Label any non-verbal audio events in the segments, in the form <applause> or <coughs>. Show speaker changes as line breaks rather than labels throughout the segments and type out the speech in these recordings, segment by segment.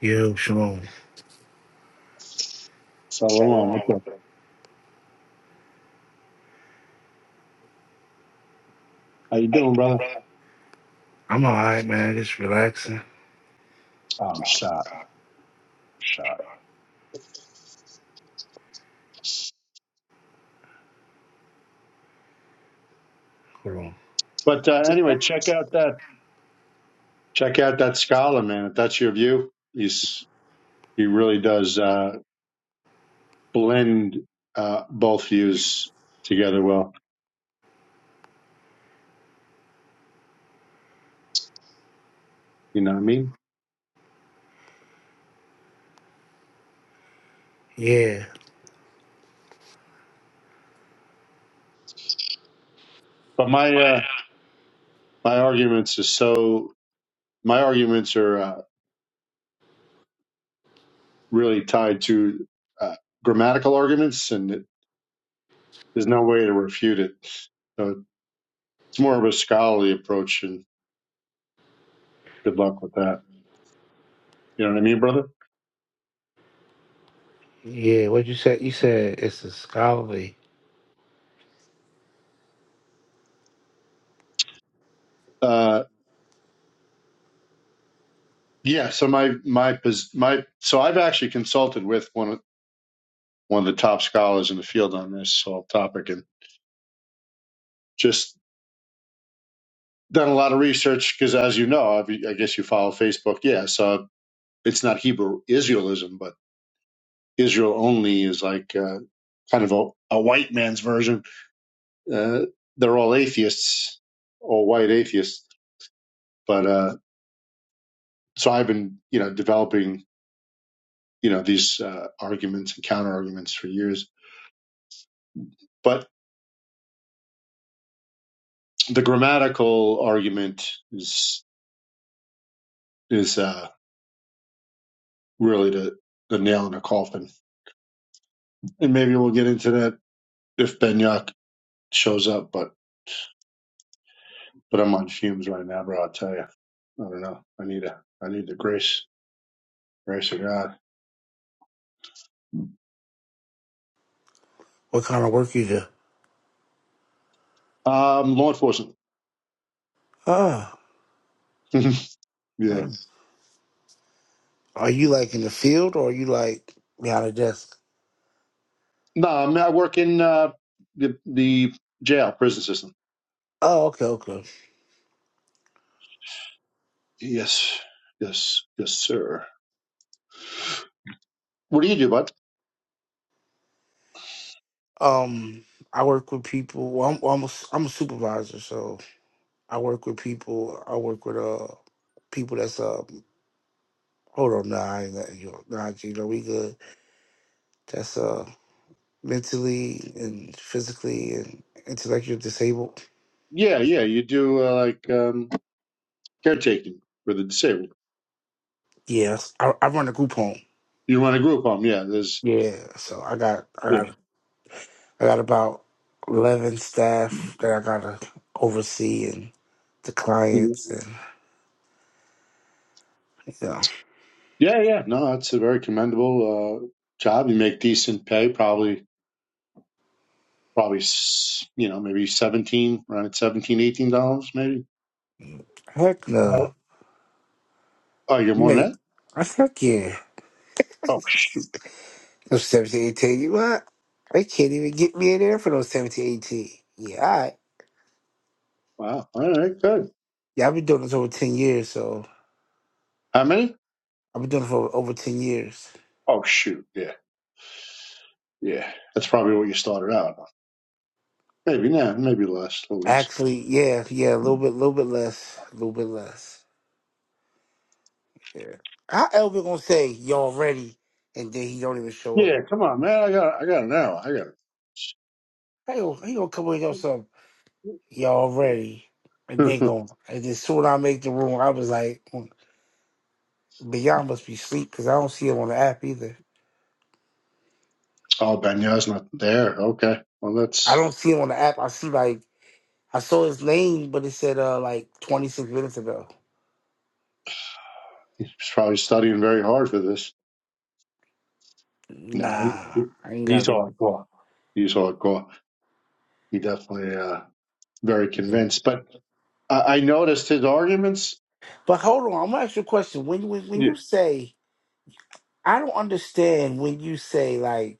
Yo, Shalom.
Shalom.
Shalom.
What's up? How you
How you
doing,
doing,
brother?
brother? I'm all right, man. Just relaxing.
Oh, I'm
Stop,
shot.
stop,
I'm shot.
stop. Hold on.
But uh, anyway, check out that check out that scholar, man. If that's your view, he's he really does uh, blend uh, both views together well. You know what I mean?
Yeah.
But my
Oh,
uh, my arguments is so my arguments are uh, really tied to uh, grammatical arguments, and it, there's no way to refute it. So it's more of a scholarly approach, and good luck with that. You know what I mean, brother?
yeah. Yeah. What you said? You said it's a scholarly.
Uh, Yeah, so my my my so I've actually consulted with one of one of the top scholars in the field on this whole topic, and just done a lot of research because, as you know, I've, I guess you follow Facebook. Yeah, so it's not Hebrew Israelism, but Israel only is like uh, kind of a, a white man's version. Uh, they're all atheists, all white atheists. But uh, so I've been, you know, developing, you know, these uh, arguments and counter arguments for years. But the grammatical argument is is uh, really the, the nail in the coffin, and maybe we'll get into that if Benyok shows up. But but I'm on fumes right now, bro. I'll tell you. I don't know. I need a I need the grace grace of God.
What kind of work you do?
Um, law enforcement.
Oh.
<laughs> yeah.
oh. Are you like in the field or are you like behind a desk?
No, I mean I work in uh, the the jail prison system.
Oh, okay, okay.
Yes, yes, yes, sir. What do you do, bud?
Um, I work with people. Well, I'm almost. I'm a supervisor, so I work with people. I work with uh people that's uh. Hold on, nah, I ain't letting you. Nah, Gino, we good. that's uh mentally and physically and intellectually disabled.
Yeah, yeah. You do uh, like um, caretaking for the disabled.
Yeah, I, I run a group home.
You run a group home. Yeah, there's
Yeah, so I got I got
Yeah.
I got about eleven staff that I gotta oversee and the
Mhm.
clients and you know
Yeah, yeah. No, that's a very commendable uh, job. You make decent pay, probably, probably, s- you know, maybe 17, around 17, 18 dollars, maybe.
heck no,
Wow. Oh, you're more than
mate,
that?
I fuck yeah.
Oh, shoot.
Those 17, 18, you what? They can't even get me in there for those 17, 18. Yeah, all right.
Wow. All right, good.
Yeah, I've been doing this over 10 years, so
How many?
I've been doing it for over 10 years.
Oh, shoot. Yeah, yeah. That's probably what you started out on. Maybe now, maybe less, a little less.
Actually, yeah, yeah, a little bit, little bit less, a little bit less. Yeah. How Elvin gonna say y'all ready, and then he don't even show up?
Yeah, come on, man. I got, I got an hour. I got
Hey, he gonna he gonna come in or something? Y'all ready? And then
it.
gonna and then soon I make the room. I was like, mm, Beyond must be asleep because I don't see him on the app either.
<laughs> oh, Benya's not there. Okay. Well,
I
that's,
don't see him on the app. I see like I saw his name, but it said uh like twenty six minutes ago.
he's probably studying very hard for this. Nah, he,
Nah, I ain't
he
got it.
saw it go. He saw it go. He definitely uh, very convinced. But I, I noticed his arguments.
But hold on, I'm gonna ask you a question. When when when
Yeah.
you say I don't understand when you say like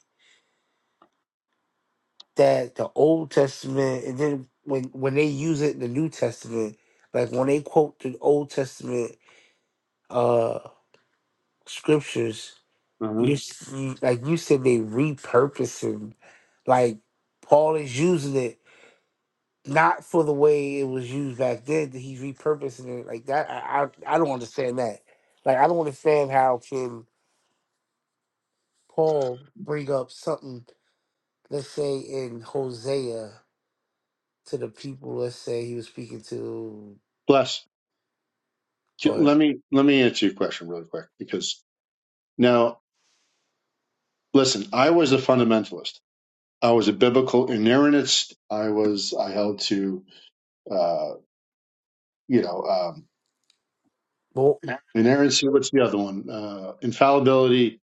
that the Old Testament, and then when when they use it in the New Testament, like when they quote the Old Testament uh scriptures,
uh
you s- you- like you said they repurposing, like Paul is using it not for the way it was used back then. That he's repurposing it like that. I, I I don't understand that. Like I don't understand how can Paul bring up something, let's say in Hosea. to the people, let's say he was speaking to.
Bless.
Go ahead.
Let me let me answer your question really quick because now listen, I was a fundamentalist. I was a biblical inerrantist. I was I held to uh, you know um,
Well,
inerrancy. What's the other one? Uh, infallibility,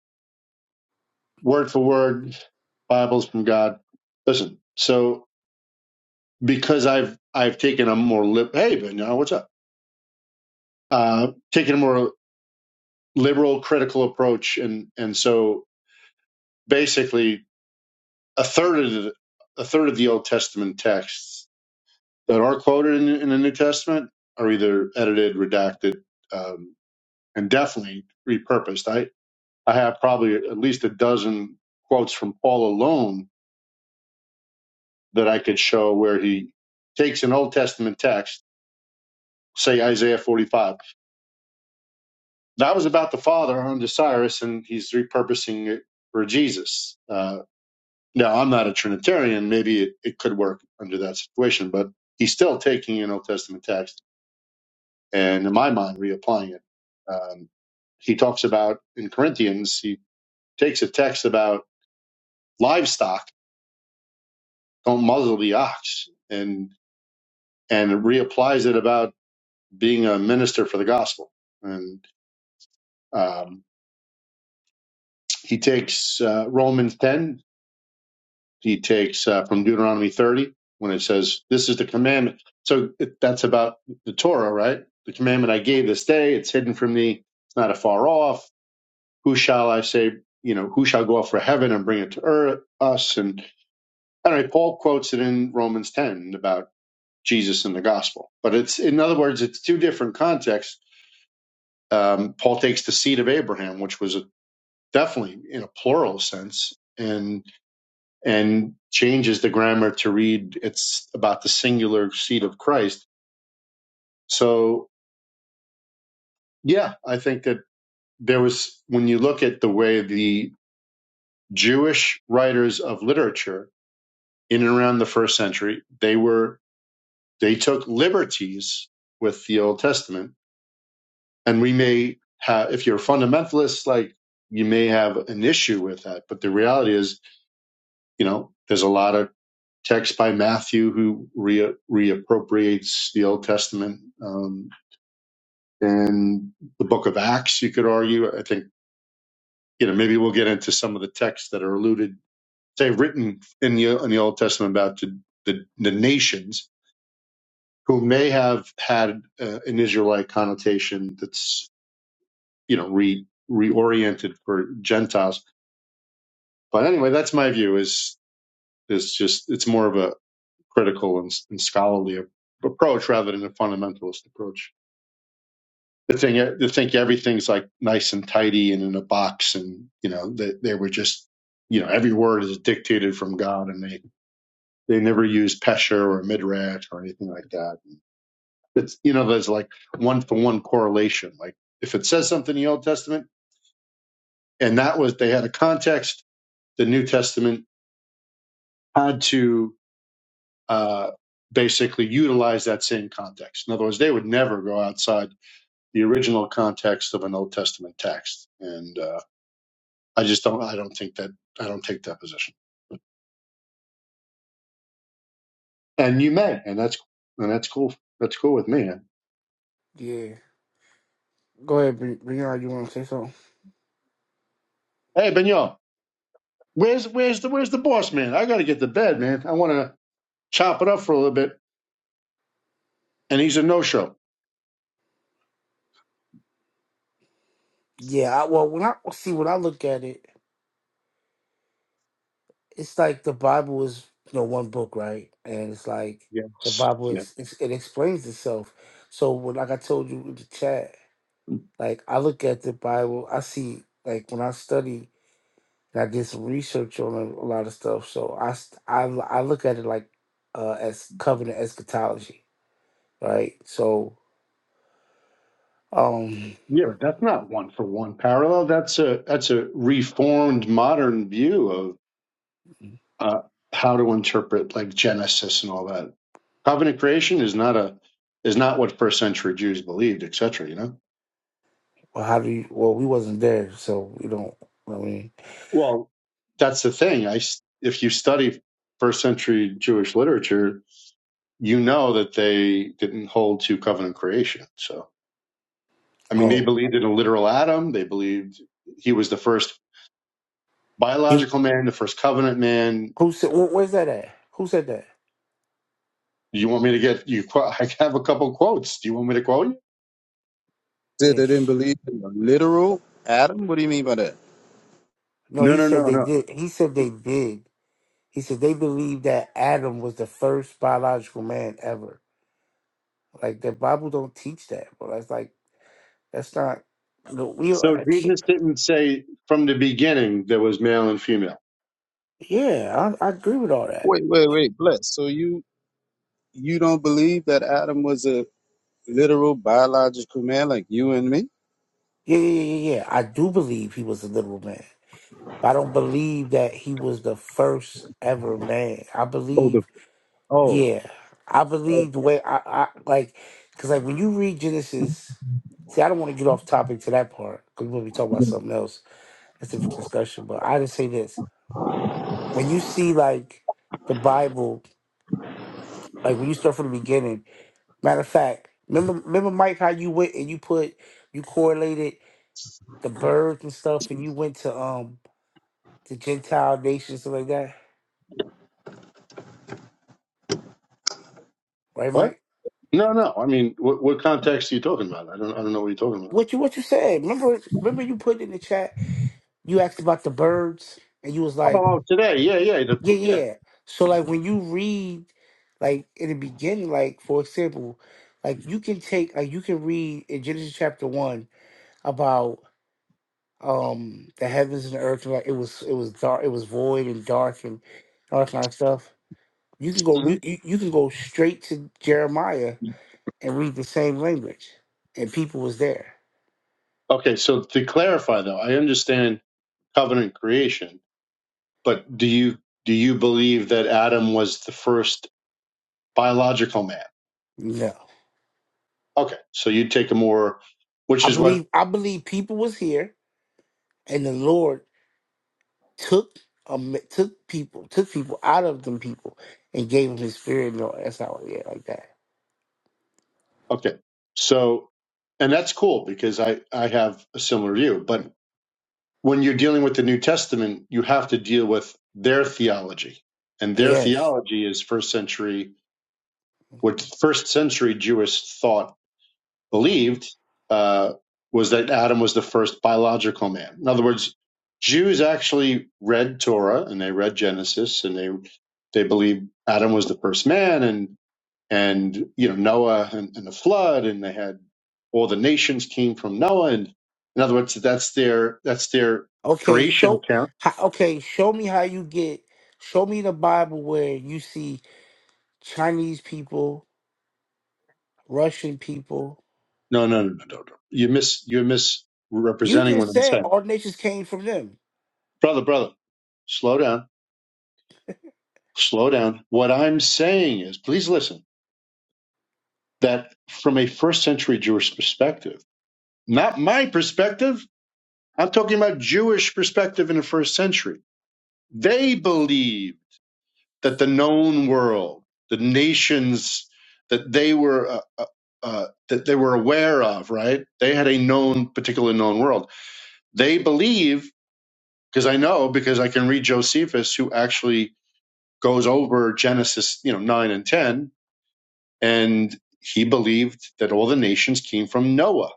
word for word, Bibles from God. Listen, so because I've I've taken a more lib hey Ben, uh, what's up? Uh, taken a more liberal critical approach, and and so basically a third of the, a third of the Old Testament texts that are quoted in, in the New Testament are either edited, redacted, um, and definitely repurposed. I I have probably at least a dozen quotes from Paul alone that I could show where he takes an Old Testament text, say Isaiah 45 that was about the Father unto Cyrus, and he's repurposing it for Jesus. Uh, now, I'm not a Trinitarian. Maybe it, it could work under that situation, but he's still taking an Old Testament text and, in my mind, reapplying it. Um, he talks about in Corinthians, he takes a text about livestock, don't muzzle the ox, and and reapplies it about being a minister for the gospel. And um, he takes uh, Romans 10 he takes uh, from Deuteronomy 30 when it says, This is the commandment. So it- that's about the Torah, right? The commandment I gave this day, it's hidden from thee, it's not afar off. Who shall I say, you know, who shall go up for heaven and bring it to earth, us? And anyway, Paul quotes it in Romans 10 about Jesus and the gospel. But it's, in other words, it's two different contexts. Um, Paul takes the seed of Abraham, which was a, definitely in a plural sense, and. and changes the grammar to read it's about the singular seed of Christ. So, yeah, I think that there was, when you look at the way the Jewish writers of literature in and around the first century, they were, they took liberties with the Old Testament. And we may have, if you're a fundamentalist, like you may have an issue with that. But the reality is You know, there's a lot of text by Matthew who re- reappropriates the Old Testament. Um, and the book of Acts, you could argue. I think, you know, maybe we'll get into some of the texts that are alluded, say, written in the, in the Old Testament about the, the, the nations who may have had uh, an Israelite connotation that's, you know, re, reoriented for Gentiles. But anyway, that's my view is, is just, it's more of a, critical and, and scholarly approach rather than a fundamentalist approach. The thing to think everything's like nice and tidy and in a box, and you know they they were just you know every word is dictated from God, and they they never use pesher or midrash or anything like that. It's you know there's like one to one correlation. Like if it says something in the Old Testament, and that was they had a context, the New Testament had to uh, basically utilize that same context. In other words, they would never go outside the original context of an Old Testament text. And uh, I just don't I don't think that I don't take that position. And you may, and that's and that's cool. That's cool with me.
yeah, Go ahead, Bre- Brianna. You want to say something?
Hey Benyon, where's where's the where's the boss man? I gotta get to bed, man. I wanna chop it up for a little bit. And he's a no show.
yeah. I, well, when I see when I look at it, it's like the Bible is you know one book, right? And it's like the
Yes.
Bible
Yeah.
ex, ex- it explains itself. So when like I told you in the chat, like I look at the Bible, I see like when I study, and I did some research on a, a lot of stuff. So I s- I l- I look at it like uh, as covenant eschatology, right? So. Um,
Yeah, but that's not one for one parallel. That's a that's a reformed modern view of uh, how to interpret like Genesis and all that. Covenant creation is not a is not what first century Jews believed, etc. You know.
well, how do you? Well, we wasn't there, so we don't. I mean,
Well, that's the thing. I s- if you study first century Jewish literature, you know that they didn't hold to covenant creation. So I mean, they
oh,
believed in a literal Adam. They believed he was the first
he,
biological man, the first covenant man.
who said? Where, where's that at? Who said that?
You want me to get you? qu- <laughs> I have a couple quotes. Do you want me to quote you?
Said
Yeah,
they didn't
sh-
believe in a literal Adam. What do you mean by that?
No,
No,
he
no,
said
no,
they
no.
did. He said they did. He said they believe that Adam was the first biological man ever. Like the Bible don't teach that, but that's like that's not. No, we.
So
I can't,
Jesus didn't say from the beginning there was male and female.
yeah, I, I agree with all that.
Wait, wait, wait, bless. So you you don't believe that Adam was a literal biological man like you and me?
Yeah, yeah, yeah, yeah. yeah. I do believe he was a literal man. But I don't believe that he was the first ever man. I
Oh, the
believe
oh,
Yeah, I
oh,
believe the way I, I like, because like when you read Genesis, see, I don't want to get off topic to that part because we'll be talking about something else. That's a different discussion. But I just say this: when you see like the Bible, like when you start from the beginning. Matter of fact, remember, remember Mike, how you went and you put you correlated the birds and stuff, and you went to um the Gentile nations stuff like that, right,
What?
Mike?
No, no. I mean, what, what context are you talking about? I don't, I don't know what you're talking about.
What you what you said? Remember, remember you put in the chat. You asked about the birds, and you was like.
Oh, today, yeah, yeah, the,
Yeah, yeah.
yeah.
yeah. So like when you read like in the beginning, like for example, like you can take like you can read in Genesis chapter one about um the heavens and the earth like it was it was dark it was void and dark and all that kind of stuff. You can go
hmm
you, you, you can go straight to Jeremiah and read the same language. And people was there.
Okay, so to clarify, though, I understand covenant creation, but do you do you believe that Adam was the first biological man?
No.
Okay, so you take a more, which
I
is what.
believe I believe people was here and the Lord took um, took people, took people out of them people, and gave them His Spirit. No, that's how. Yeah, like that.
Okay, so and that's cool because I I have a similar view, but when you're dealing with the New Testament, you have to deal with their theology, and their
Yes.
theology is first century what first century Jewish thought
uh
believed uh, was that Adam was the first biological man. In other words, Jews actually read Torah and they read Genesis and they they believed Adam was the first man and and you know Noah and, and the flood and they had all the nations came from Noah and in other words that's their that's their
Okay.
creation
Show.
account.
ho- Okay. Show me how you get. Show me the Bible where you see Chinese people, Russian people.
No no no no no. no. You miss you're
You
misrepresenting what
just
I'm
said
saying,
all nations came from them.
brother brother. Slow down slow down. What I'm saying is, please listen, that from a first century Jewish perspective, not my perspective, I'm talking about Jewish perspective in the first century. They believe that the known world, the nations that they were uh, uh, uh, that they were aware of, right? They had a known, particular known world. They believe, because I know, because I can read Josephus, who actually goes over Genesis, you know, nine and ten, and he believed that all the nations came from Noah.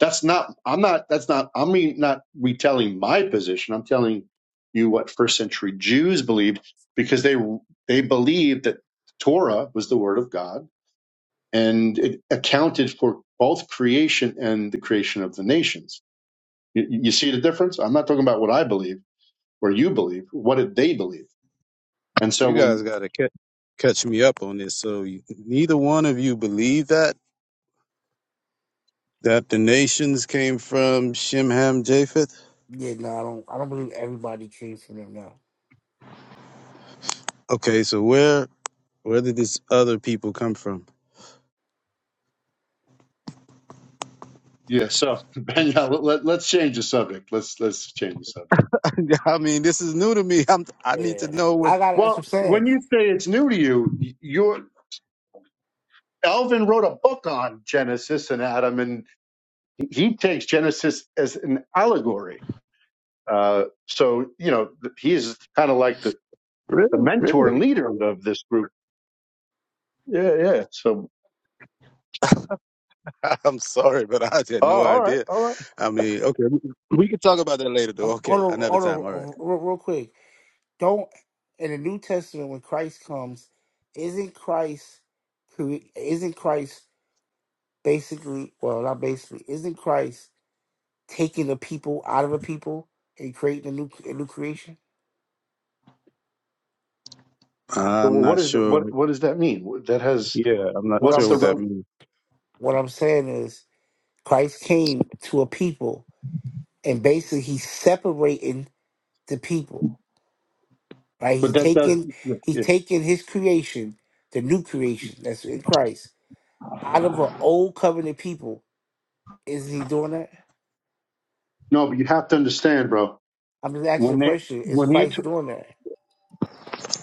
That's not I'm not that's not I'm re, not retelling my position. I'm telling you what first century Jews believed because they they believed that Torah was the word of God and it accounted for both creation and the creation of the nations. You, you see the difference? I'm not talking about what I believe or you believe. What did they believe? And so
you guys
when
got to catch catch me up on this. So you, neither one of you believe that that the nations came from Shem, Ham, Japheth.
Yeah. No, I don't. I don't believe everybody came from them. No.
Okay, so where where did these other people come from?
yeah, so <laughs> Ben, let, let, let's change the subject. Let's let's change the subject.
<laughs> I mean, this is new to me. I'm I need to
Yeah.
know what
I got. That's what
Well,
I'm saying.
when you say it's new to you, y- you're Alvin wrote a book on Genesis and Adam, and he takes Genesis as an allegory. Uh, so you know he's kind of like the, the
really
mentor and
really.
leader of this group. Yeah, yeah. So
<laughs> I'm sorry, but I had
oh,
no
all right,
idea.
all right.
I mean, okay, we, we can talk about that later, though.
I'm hold
Okay,
on.
another
Hold
time. All right.
on. Real, real quick. don't in the New Testament when Christ comes, isn't Christ cre- isn't Christ basically well not basically isn't Christ taking the people out of the people and creating a new a new creation?
So
I'm not
what is what
sure.
what does that mean? That has
Yeah, I'm not
What
what's
I'm
sure
the
what
s-
that
rel-
means.
what I'm saying is Christ came to a people and basically he's separating the people, right?
but
He's
that does
taking he's
yeah.
taking his creation, the new creation that's in Christ, out of an old covenant people. Isn't he doing that?
no. But you have to understand, bro.
I'm just asking
When
the
they
question: Is
when he
Christ
t-
doing that?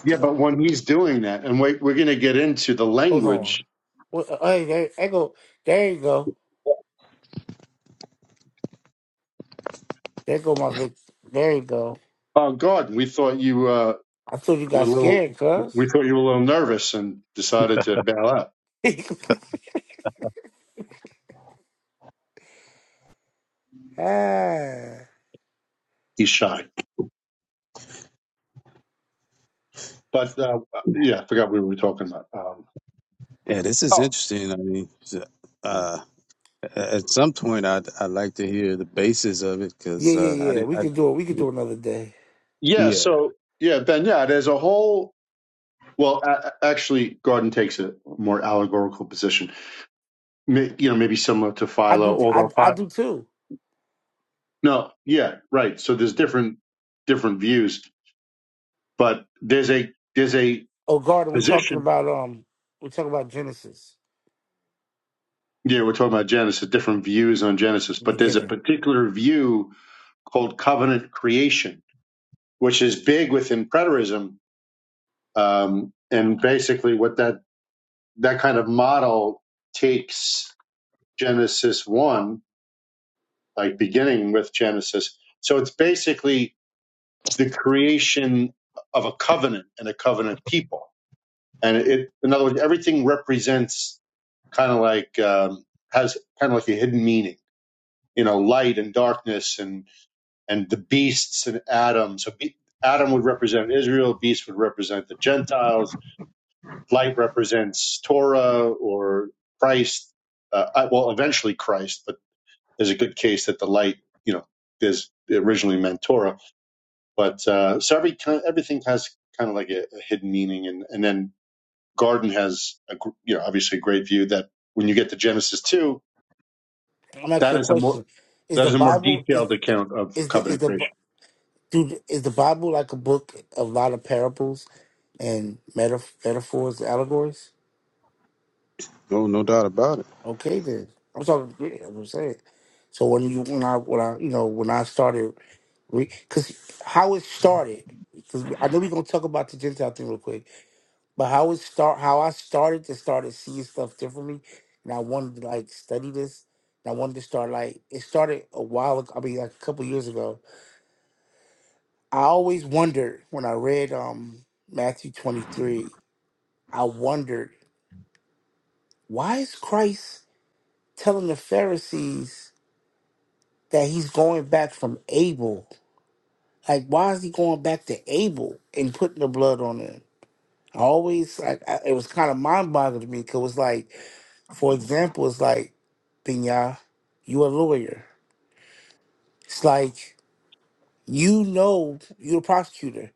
yeah, but when he's doing that, and wait, we're going to get into the
Hold
language
on. Well, uh, hey, there, there go. There you go. There go my Vic. There you go.
Oh, God, we thought you uh,
I thought you
were
got
a little.
scared, cuz.
We thought you were a little nervous and decided to bail out.
<laughs> ah.
He's shy, but uh, yeah, I forgot what we were talking about. Um,
Yeah, this is
oh,
interesting. I mean, uh, at some point, I'd I'd like to hear the basis of it
Yeah,
because uh, I
yeah, yeah.
didn't.
We
I,
can do it. We can do another day.
yeah.
yeah,
So yeah, Ben. Yeah, there's a whole. Well, a- a- actually, Gordon takes a more allegorical position. May, you know, maybe similar to
I
Philo,
do. I
although
I
Philo.
do too.
No, yeah, right. So there's different different views, but there's a there's a
Oh, Garden. We talking
position.
about um. We talking about Genesis
Yeah, we're talking about Genesis, different views on Genesis,
the
but there's a
beginning.
particular view called covenant creation, which is big within preterism. Um, and basically, what that that kind of model takes Genesis one, like beginning with Genesis. So it's basically the creation of a covenant and a covenant people. And it, in other words, everything represents kind of like um, has kind of like a hidden meaning. You know, light and darkness and. and the beasts and Adam. So be- Adam would represent Israel, beast would represent the Gentiles, light represents Torah or Christ. Uh, uh, well, eventually Christ, but there's a good case that the light, you know, is originally meant Torah. But uh, so every kind, everything has kind of like a, a hidden meaning, and and then garden has a gr- you know obviously a great view that when you get to Genesis two,
I'm
that
asking you a
is a more
question: Is
that
the
is a more
Bible is
detailed account of
is the is
covenant
the
creation.
do is the Bible like a book of a lot of parables? and metaf- metaphors, allegories.
no, no doubt about it.
Okay, then I'm talking. Yeah, I'm saying. So when you when I when I you know when I started because how it started because I know we're gonna talk about the Gentile thing real quick, but how it start how I started to started seeing stuff differently, and I wanted to like study this. And I wanted to start like it started a while ago. I mean, like a couple years ago. I always wondered when I read um Matthew twenty three. I wondered why is Christ telling the Pharisees that he's going back from Abel. Like, why is he going back to Abel and putting the blood on him? I always, like I, it was kind of mind boggling to me because it was like, for example, it's like, Binya, you a lawyer. It's like, you know, you're a prosecutor.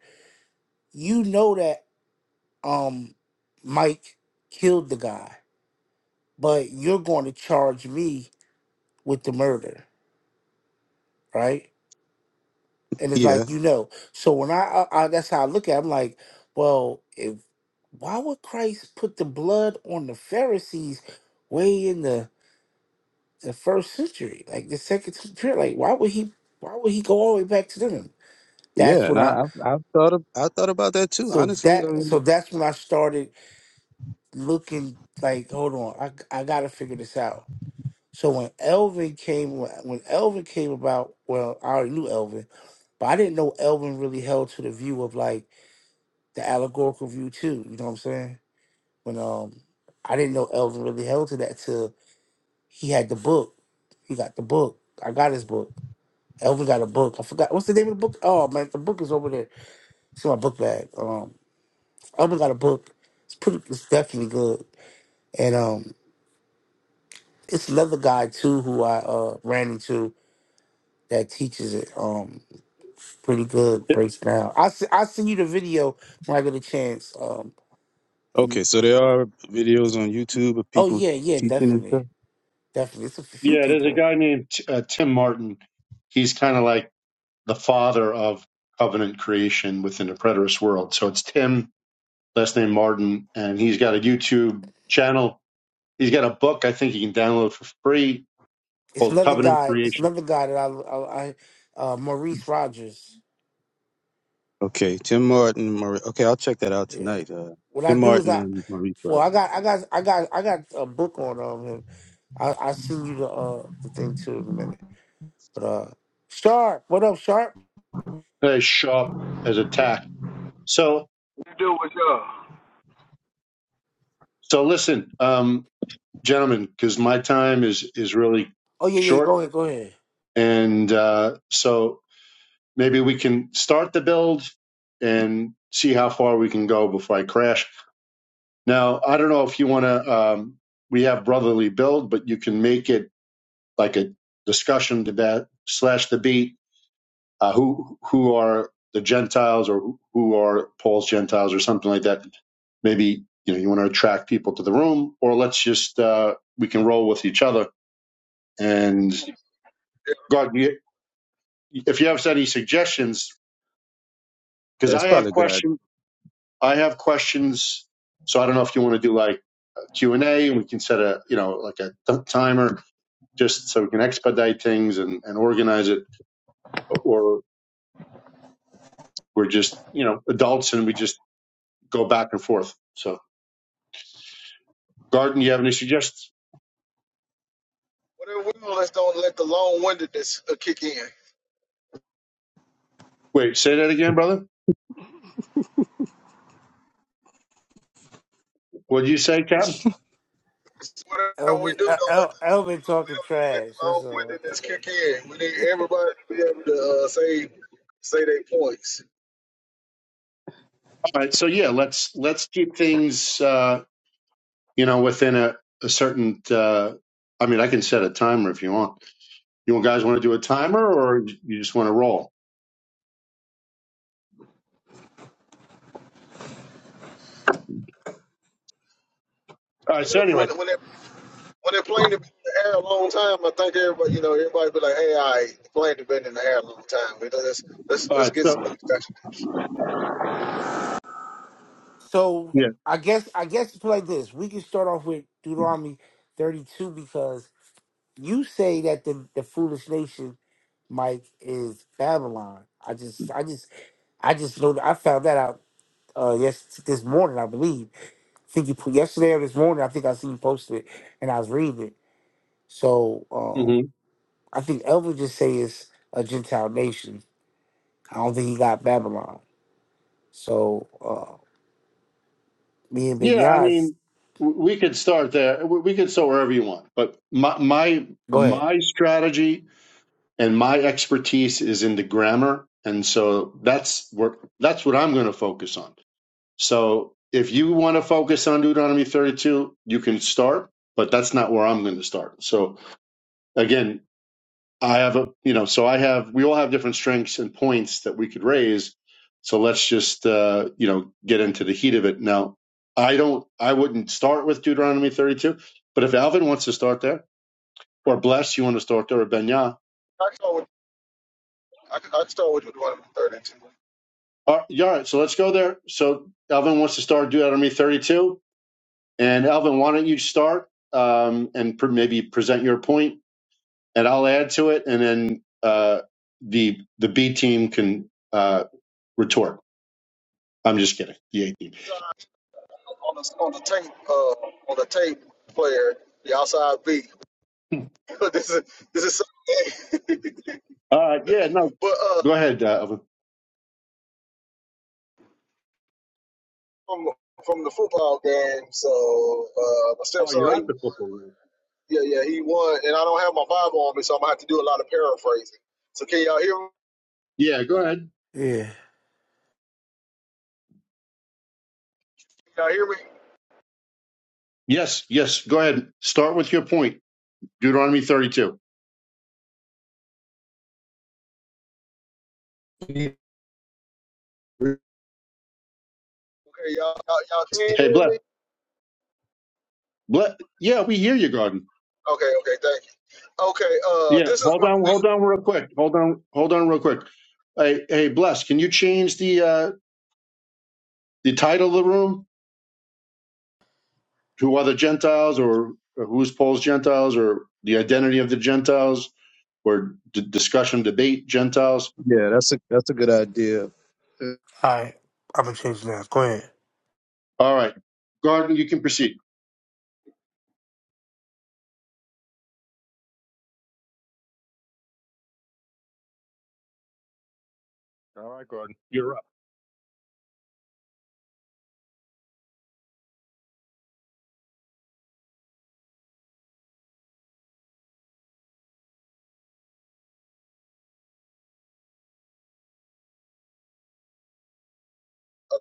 You know that um Mike killed the guy, but you're going to charge me with the murder, right? and it's
Yeah,
like you know. So when I, I, I that's how I look at. It. I'm like, well, if why would Christ put the blood on the Pharisees way in the the first century, like the second century? Like why would he? Why would he go all the way back to them?
Yeah,
That's
and
when I.
I I, I thought of, I thought about that too.
So
Honestly, I
that so
mean,
that's when I started looking like, hold on, I I gotta figure this out. So when Elvin came, when when Elvin came about, well, I already knew Elvin, but I didn't know Elvin really held to the view of like the allegorical view too. You know what I'm saying? When um, I didn't know Elvin really held to that till he had the book. He got the book. I got his book. Elvin got a book. I forgot what's the name of the book. Oh man, the book is over there. It's in my book bag. Um, Elvin got a book. It's pretty. It's definitely good. And um, it's another guy too who I uh ran into that teaches it. Um, pretty good. Breaks down. I I send you the video when I get a chance. Um, and-
okay, so there are videos on YouTube of
oh
people
yeah, yeah,
teaching and
definitely.
stuff.
Definitely, it's a few
Yeah, there's a
people.
guy named uh, Tim Martin. He's kind of like the father of covenant creation within the preterist world. So it's Tim, last name Martin, and he's got a YouTube channel. He's got a book I think you can download for free
It's
called
another
Covenant
guy. It's
Creation.
another guy that I, I, I uh, Maurice Rogers.
Okay, Tim Martin, Marie, okay, I'll check that out
Yeah.
tonight. Uh,
What I
Tim
do is
Martin
I,
and Marie
well,
Pryor.
I got, I got, I got, I got a book on um him. I, I send you the uh the thing too in a minute. But uh, Sharp, what up, Sharp?
As sharp as a tack. So,
You do with y'all.
so listen, um, gentlemen, because my time is is really
Oh yeah, yeah.
short,
Go ahead, go ahead.
and uh, so maybe we can start the build and see how far we can go before I crash. Now, I don't know if you want to. Um, we have brotherly build, but you can make it like a discussion to that slash debate. Uh, who who are the Gentiles or who are Paul's Gentiles or something like that? Maybe you know you want to attract people to the room, or let's just uh, we can roll with each other. And God, you- if you have any suggestions, because
That's
I
probably
have
a good
questions, I have questions. So I don't know if you want to do like a Q and A, and we can set a you know like a timer just so we can expedite things and, and organize it, or we're just, you know, adults and we just go back and forth. So, Garden, you have any suggestions?
Whatever we do, let's don't let the long windedness uh, kick in.
Wait, say that again, brother. What did you say, Captain?
Whatever we
Elvin,
do,
El,
don't let
El,
the,
Elvin
we
talking
don't need to let
trash.
the long
That's all.
windedness kick in. We need
<laughs>
everybody to be able to uh, say say their points.
All right, so yeah, let's let's keep things, uh, you know, within a, a certain. Uh, I mean, I can set a timer if you want. You guys want to do a timer, or you just want to roll? All right.
You
So
know,
anyway,
when when they when they're playing in the air a long time, I think everybody you know everybody be like, hey, I playing the been in the air a long time. You know, let's let's
all
let's
right.
get. Some,
So
discussion."
so I guess, I guess it's like this. We can start off with Deuteronomy thirty-two because You say that the, the foolish nation, Mike, is Babylon. I just, I just, I just know. that- I found that out uh yes this morning, I believe. I think you put yesterday or this morning. I think I seen you posted it, and I was reading it. So
yeah.
um I think Elvin just say it's a Gentile nation. I don't think he got Babylon. So uh me and Ben
Yeah, I
Yas,
mean, w- we could start there. W- We could start wherever you want. But my my
go ahead.
my strategy and my expertise is in the grammar, and so that's what that's what I'm going to focus on. So if you want to focus on Deuteronomy 32, you can start, but that's not where I'm going to start. So again, I have a, you know, so I have, we all have different strengths and points that we could raise. So let's just, uh, you know, get into the heat of it. Now, I don't, I wouldn't start with Deuteronomy 32, but if Alvin wants to start there, or Bless, you want to start there, or Benyah,
I can start with I can, I can start with you doing the third and two.
all right, all right, so let's go there. So Alvin wants to start Deuteronomy 32. And Alvin, why don't you start um, and pr maybe present your point, and I'll add to it, and then uh, the the B team can uh, retort. I'm just kidding. The A team.
So, on the on the tape uh, on the tape player, the outside beat. <laughs> this is this is something.
Uh, yeah, no.
<laughs> but uh,
Go ahead. Uh, Elvin.
from from the football game, so uh, my
oh, you're
stepson, he,
at the football room.
yeah, yeah, he won, and I don't have my Bible on me, so I'm gonna have to do a lot of paraphrasing. So can y'all hear me?
Yeah, go ahead.
Yeah.
Can y'all hear me?
Yes, yes. Go ahead. Start with your point. Deuteronomy 32.
idea.
Okay, y'all, y'all, y'all can
Hey,
hear
bless,
me.
bless. Yeah, we hear you, Garden.
Okay, okay, thank you. Okay, uh,
Yeah,
this is
hold
my.
on, hold
I
on, real quick. Hold on, hold on, real quick. Hey, hey, bless. Can you change the uh, the title of the room to other Gentiles or, or who's Paul's Gentiles or the identity of the Gentiles or d- discussion debate Gentiles?
Yeah, that's a that's a good idea.
All right. I'm gonna change now. Go ahead.
All right, Garden, you can proceed. All right, Gordon.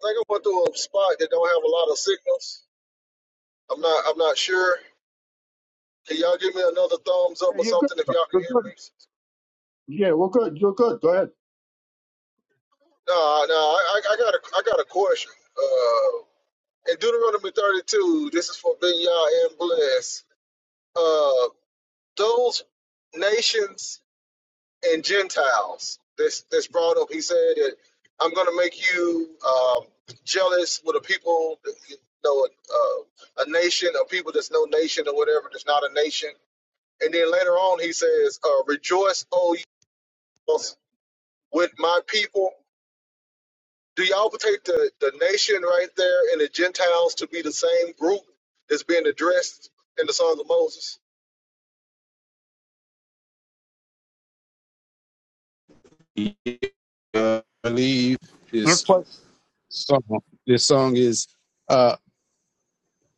think I went through a spot that don't have a lot of signals. I'm not. I'm not sure. Can y'all give me another thumbs up
Yeah,
or
you're good.
something if
bro.
y'all can
You're
hear
good.
me?
Yeah, we're good. You're good. Go ahead.
No, no, I, I I got a, I got a question. Uh. In Deuteronomy 32, this is for Ben Yah and Bless. Uh, those nations and Gentiles that's, that's brought up, he said that I'm going to make you um, jealous with a people, you know, a, uh, a nation, a people that's no nation or whatever, that's not a nation. And then later on, he says, uh, Rejoice, O you, with my people. Do y'all take the, the nation right there and the Gentiles to be the same group that's being addressed in the Song of Moses?
<laughs> Uh, I believe
Your
this
question,
song. This song is. uh,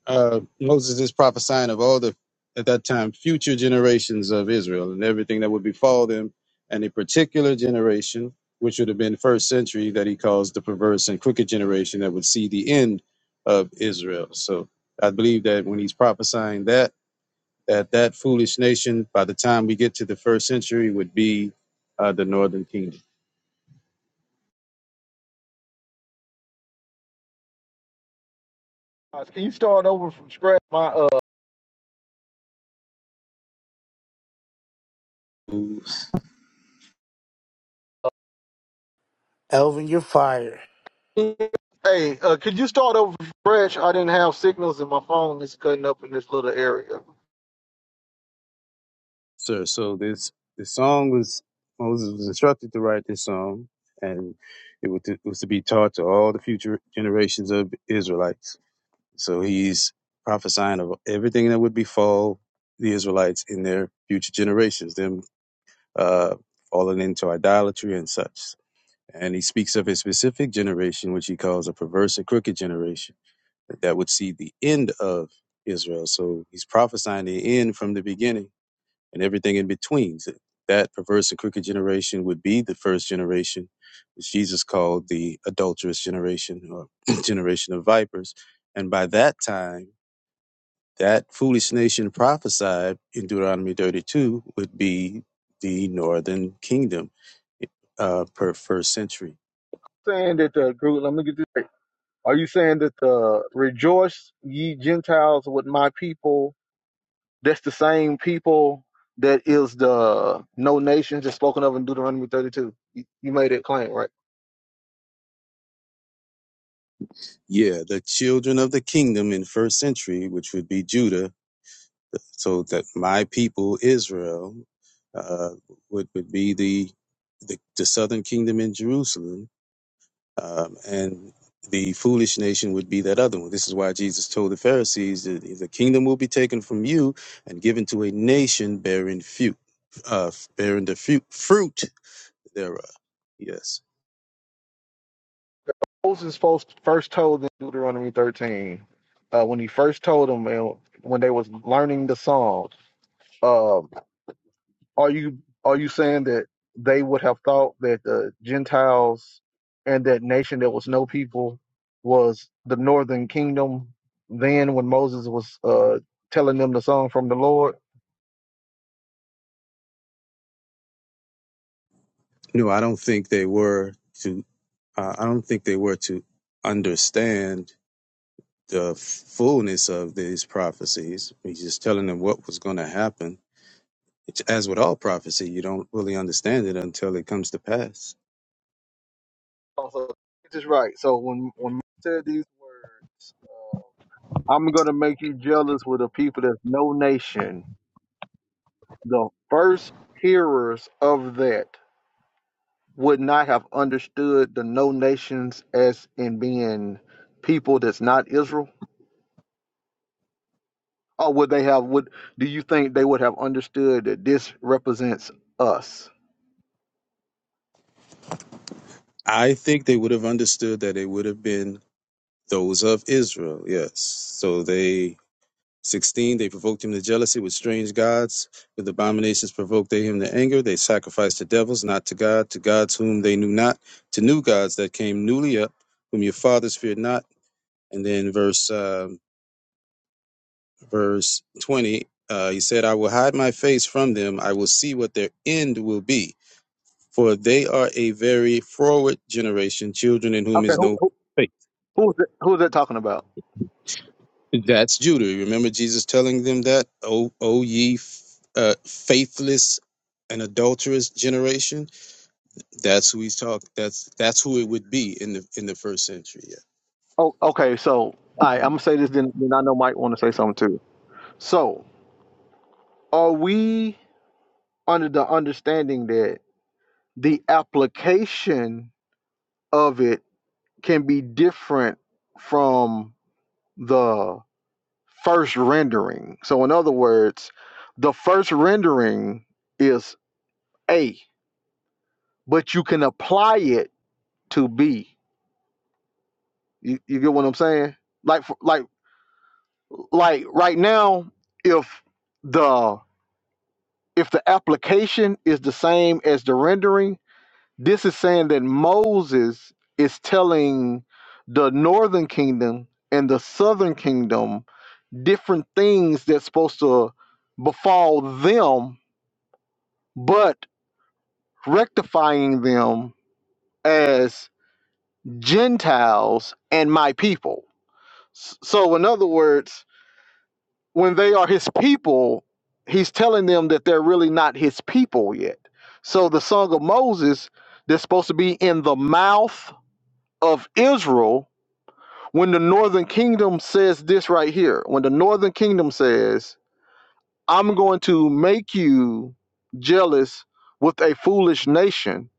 uh, Moses is prophesying of all the at that time future generations of Israel and everything that would befall them, and a particular generation which would have been first century that he calls the perverse and crooked generation that would see the end of Israel. So I believe that when he's prophesying that that that foolish nation by the time we get to the first century would be uh, the northern kingdom.
Guys, Can you start over from scratch? My uh,
Elvin. You're fired.
hey, uh, could you start over from scratch? I didn't have signals and my phone is cutting up in this little area.
So, so this the song was Moses was instructed to write this song, and it was, to, it was to be taught to all the future generations of Israelites. So he's prophesying of everything that would befall the Israelites in their future generations, them uh, falling into idolatry and such. And he speaks of a specific generation, which he calls a perverse and crooked generation, that would see the end of Israel. So he's prophesying the end from the beginning and everything in between. So That perverse and crooked generation would be the first generation, which Jesus called the adulterous generation or <clears throat> generation of vipers. And by that time, that foolish nation prophesied in Deuteronomy 32 would be the northern kingdom uh, per first century.
Saying that the group, let me get this. Are you saying that the rejoice ye Gentiles with my people? That's the same people that is the no nations that's spoken of in Deuteronomy 32. You, you made that claim, right?
Yeah, the children of the kingdom in first century, which would be Judah, so that my people Israel uh, would would be the, the the southern kingdom in Jerusalem, um, and the foolish nation would be that other one. This is why Jesus told the Pharisees that the kingdom will be taken from you and given to a nation bearing fruit, uh, bearing the fruit fruit thereof. Yes.
Moses first told them Deuteronomy 13, uh, when he first told them uh, when they was learning the song, uh, are you are you saying that they would have thought that the Gentiles and that nation that was no people was the northern kingdom then when Moses was uh, telling them the song from the Lord?
No, I don't think they were to. Uh, I don't think they were to understand the fullness of these prophecies. He's just telling them what was going to happen. It's, as with all prophecy, you don't really understand it until it comes to pass.
Also, it is right. So when when Moses said these words, uh, I'm gonna make you jealous with a people that's no nation the first hearers of that would not have understood the no nations as in being people that's not Israel? Or would they have would do you think they would have understood that this represents us?
I think they would have understood that it would have been those of Israel. Yes, so they 16 they provoked him to jealousy with strange gods with abominations provoked they him to anger they sacrificed to devils not to god to gods whom they knew not to new gods that came newly up whom your fathers feared not and then verse uh, verse 20 uh, he said i will hide my face from them i will see what their end will be for they are a very froward generation children in whom
Okay,
is
who,
no
who,
faithfulness.
who's that, who's that talking about?
That's Judah. Remember Jesus telling them that, "O, o ye f- uh, faithless and adulterous generation." That's who he's talking. That's that's who it would be in the in the first century. Yeah.
Oh, okay, so I I'm gonna say this then, then I know Mike want to say something too. So are we under the understanding that the application of it can be different from the first rendering. So, in other words, the first rendering is A, but you can apply it to B. You, you get what I'm saying? Like, for, like, like right now, if the if the application is the same as the rendering, this is saying that Moses is telling the northern kingdom and the southern kingdom different things that's supposed to befall them but rectifying them as Gentiles and my people. S- So, in other words, when they are his people, he's telling them that they're really not his people yet. So, the Song of Moses that's supposed to be in the mouth of Israel, when the northern kingdom says this right here, when the northern kingdom says, I'm going to make you jealous with a foolish nation,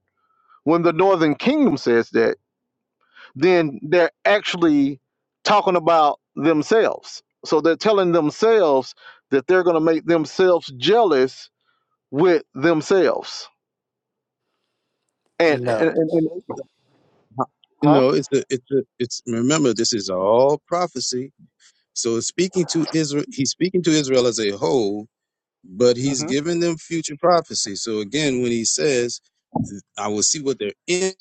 when the northern kingdom says that then they're actually talking about themselves. So they're telling themselves that they're going to make themselves jealous with themselves. And and,
No.
and, and
You
huh?
know, it's a it's a it's. Remember, this is all prophecy. So speaking to Israel, he's speaking to Israel as a whole, but he's
hmm
giving them future prophecy. So again, when he says, "I will see what they're in,"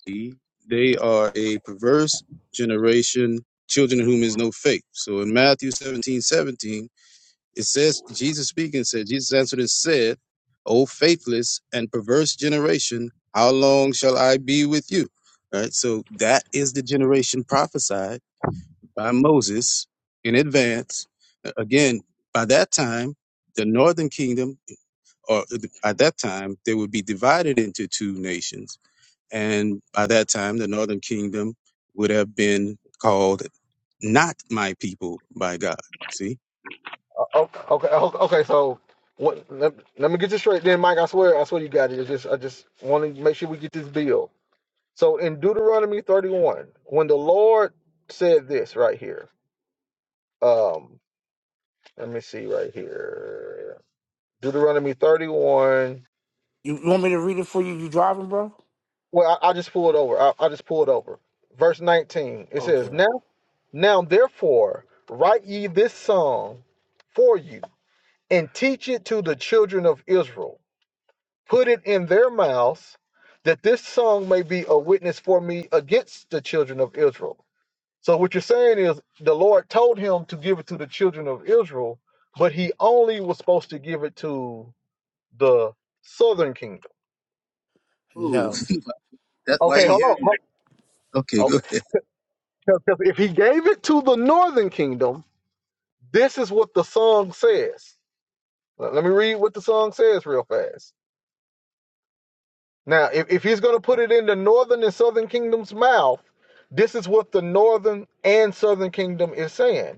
they are a perverse generation, children in whom is no faith. So in Matthew 17 17, it says, Jesus speaking said, Jesus answered and said, "O faithless and perverse generation, how long shall I be with you?" All right. So that is the generation prophesied by Moses in advance. Again, by that time, the northern kingdom, or at that time, they would be divided into two nations. And by that time, the northern kingdom would have been called not my people by God. You see?
Oh, okay, oh, okay. So, what? Let, let me get this straight, then, Mike. I swear, I swear, you got it. It's just, I just want to make sure we get this bill. So, in Deuteronomy thirty-one, when the Lord said this right here, um, let me see right here, Deuteronomy thirty-one.
You you want me to read it for you? You driving, bro?
Well, I, I just pulled over. I, I just pulled over. Verse 19. It says,
Okay.
Now now therefore write ye this song for you, and teach it to the children of Israel. Put it in their mouths, that this song may be a witness for me against the children of Israel. So what you're saying is the Lord told him to give it to the children of Israel, but he only was supposed to give it to the southern kingdom.
Oh,
No.
Okay,
you
hold
No.
on.
hear me?
Hold-
Okay,
Okay,
good.
'Cause- 'cause If he gave it to the northern kingdom, this is what the song says. Let let me read what the song says real fast. Now, if, if he's going to put it in the northern and southern kingdom's mouth, this is what the northern and southern kingdom is saying.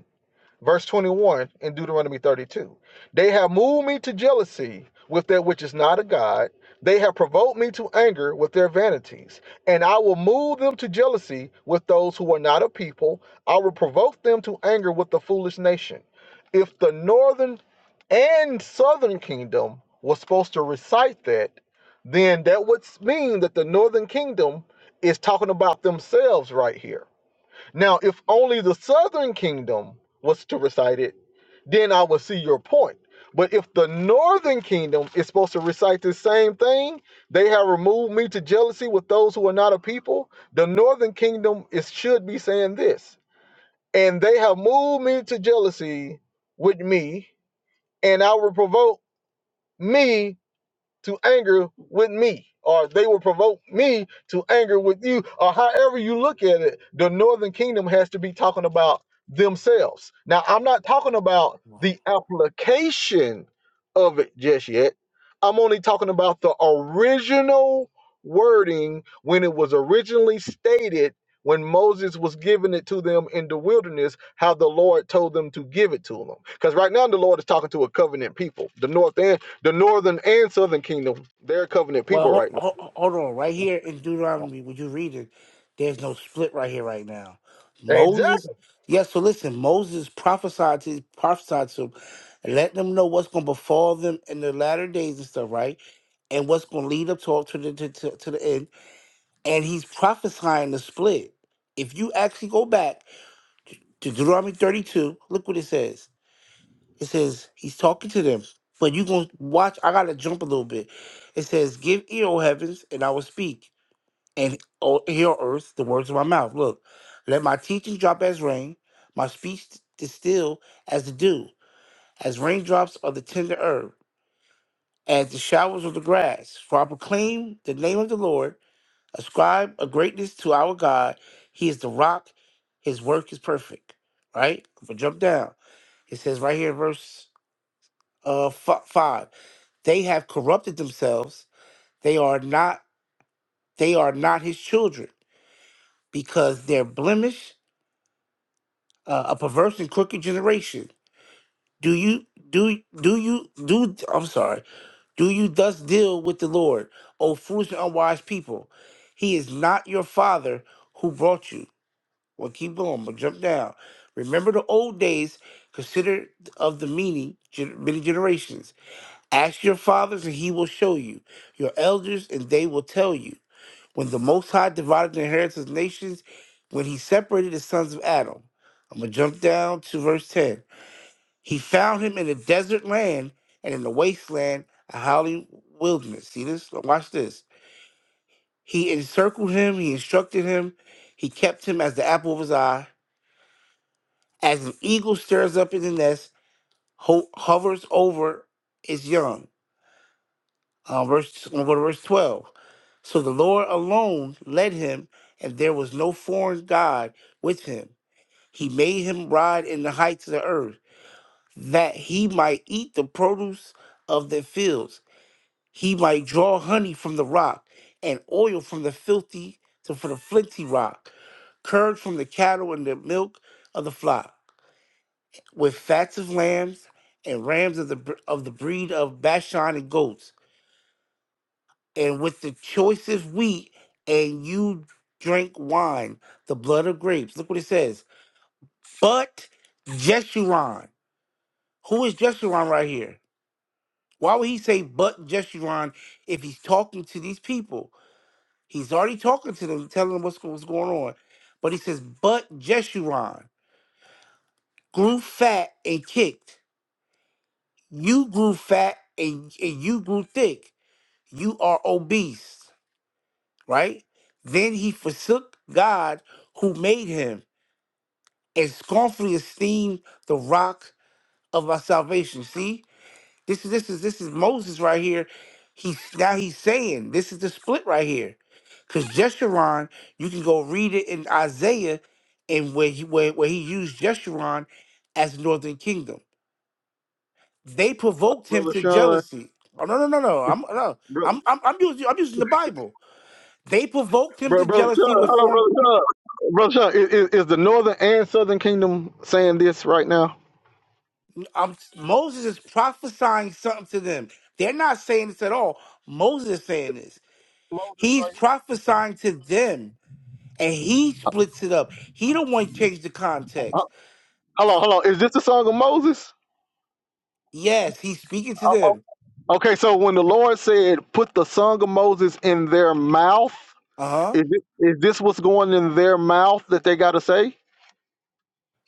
verse 21 in Deuteronomy 32. They have moved me to jealousy with that which is not a God. They have provoked me to anger with their vanities. And I will move them to jealousy with those who are not a people. I will provoke them to anger with the foolish nation. If the northern and southern kingdom was supposed to recite that, then that would mean that the northern kingdom is talking about themselves right here now, if only the southern kingdom was to recite it, then I would see your point. But if the northern kingdom is supposed to recite the same thing, they have removed me to jealousy with those who are not a people. The northern kingdom is should be saying this, and they have moved me to jealousy with me, and I will provoke me to anger with me, or they will provoke me to anger with you, or however you look at it. The northern kingdom has to be talking about themselves. Now, I'm not talking about the application of it just yet. I'm only talking about the original wording when it was originally stated when Moses was giving it to them in the wilderness, how the Lord told them to give it to them. Because right now the Lord is talking to a covenant people, the north and the northern and southern kingdom, they're covenant
Well,
people
hold,
right now.
hold, hold on. Right here in Deuteronomy, would you read it, there's no split right here, right now. Moses,
Exactly,
yes. so listen, Moses prophesied to prophesied to, him, let them know what's going to befall them in the latter days and stuff, right? And what's going to lead up to to the to, to, to the end. And he's prophesying the split. If you actually go back to Deuteronomy 32, look what it says. It says he's talking to them, but you gonna watch. I gotta jump a little bit. It says, "Give ear, O heavens, and I will speak, and o- hear, O earth, the words of my mouth." Look, let my teaching drop as rain, my speech distill as the dew, as raindrops of the tender herb, as the showers of the grass. For I proclaim the name of the Lord. Ascribe a greatness to our God. He is the rock. His work is perfect. Right? If I jump down, it says right here, verse uh fi- five they have corrupted themselves they are not they are not his children because they're blemished uh, a perverse and crooked generation do you do do you do i'm sorry do you thus deal with the lord o foolish and unwise people he is not your father who brought you well keep going but jump down remember the old days consider of the meaning gen- many generations ask your fathers and he will show you your elders and they will tell you When the Most High divided the inheritance of nations, when he separated the sons of Adam. I'm going to jump down to verse 10. He found him in a desert land and in the wasteland, a howling wilderness. See this? Watch this. He encircled him, he instructed him, he kept him as the apple of his eye. As an eagle stirs up in the nest, ho- hovers over its young. Uh, verse, I'm gonna go to verse 12. So the Lord alone led him, and there was no foreign God with him. He made him ride in the heights of the earth, that he might eat the produce of the fields. He might draw honey from the rock, and oil from the filthy to for the flinty rock, curd from the cattle and the milk of the flock, with fats of lambs and rams of the br- of the breed of Bashan and goats, and with the choicest wheat, and you drank wine, the blood of grapes. Look what it says. But Jeshurun Who is Jeshurun right here? Why would he say but Jeshurun if he's talking to these people? He's already talking to them, telling them what's, what's going on. But he says, but Jeshurun grew fat and kicked. You grew fat and, and you grew thick. You are obese, right? Then he forsook God who made him and scornfully esteemed the rock of our salvation. See? This is this is this is Moses right here. He's now he's saying this is the split right here. Cause Jeshurun, you can go read it in Isaiah and where he where, where he used Jeshurun as northern kingdom. They provoked him
brother
to
Sean.
jealousy. Oh no no no no. I'm no
Bro,
I'm I'm, I'm using I'm using the Bible. They provoked him
bro,
to
brother
jealousy
Sean.
with
Hold on,
foreign
brother Sean. Brother Sean, is, is, is the northern and southern kingdom saying this right now?
um, Moses is prophesying something to them. They're not saying this at all. Moses is saying this.
Moses
He's
right here.
prophesying to them and he splits it up. He don't want to change the
Uh,
context.
Hold on, hold on. Is this the song of Moses?
Yes, he's speaking to
Oh, oh,
them.
Okay, so when the Lord said, "Put the song of Moses in their mouth,"
Uh huh.
is this, is this what's going in their mouth that they got to say?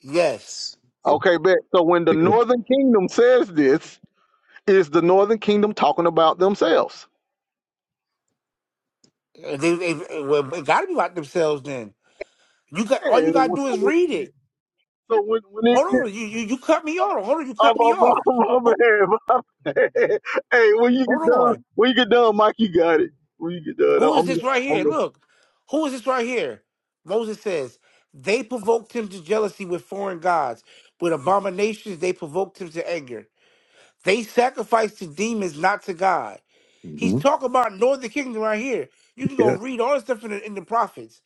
Yes,
Yeah,
Okay, bet. So when the
because,
Northern Kingdom says this, is the Northern Kingdom talking about themselves?
Uh, they, they, well, they got to be about themselves. Then you got all
Hey,
you got to
well,
do
so
is
when-
read it.
so when when it get
Hold on, you, you you cut me off. Hold on, you
I'm
cut me
I'm,
off.
<laughs> I'm, I'm, I'm,
Who,
I'm, I'm- <laughs> hey when you get
hold
done
on,
when you get done Mike you got it when you get done I'm,
who is
I'm,
this right here?
I'm
Look, who is this right here? Moses says they provoked him to jealousy with foreign gods, with abominations they provoked him to anger. They sacrificed to demons, not to God. He's
Mhm.
talking about northern kingdom right here. You can go
yeah
read all the stuff in the, in the prophets.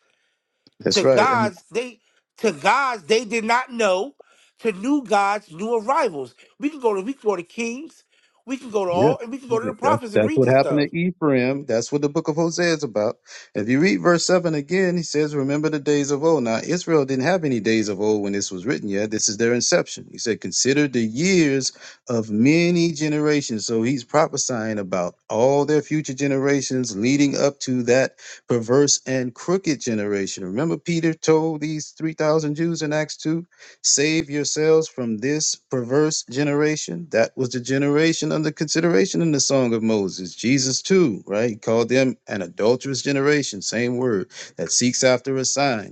To
that's right.
gods they to gods they did not know. To new gods, new arrivals. We can go to we can go to Kings. We can go to
Yeah.
all and we can go to the
That's
prophets and
that's
read
what
this
happened
stuff.
to Ephraim. That's what the book of Hosea is about. If you read verse seven again, he says, Remember the days of old. Now Israel didn't have any days of old when this was written yet. This is their inception. He said, Consider the years of many generations. So he's prophesying about all their future generations leading up to that perverse and crooked generation. Remember, Peter told these three thousand Jews in Acts 2? Save yourselves from this perverse generation. That was the generation under consideration in the Song of Moses. Jesus, too, right? He called them an adulterous generation, same word, that seeks after a sign.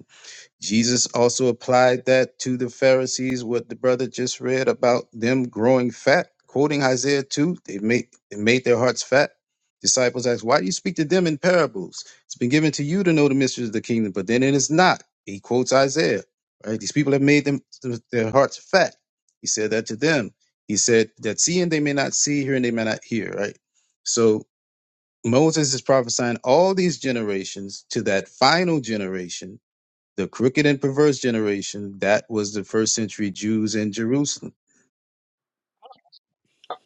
Jesus also applied that to the Pharisees, what the brother just read about them growing fat, quoting Isaiah 2, they made, they made their hearts fat. Disciples asked, Why do you speak to them in parables? It's been given to you to know the mysteries of the kingdom, but then it is not. He quotes Isaiah, right? These people have made them their hearts fat. He said that to them. He said that seeing they may not see, hearing they may not hear, right? So Moses is prophesying all these generations to that final generation the crooked and perverse generation, that was the first century Jews in Jerusalem.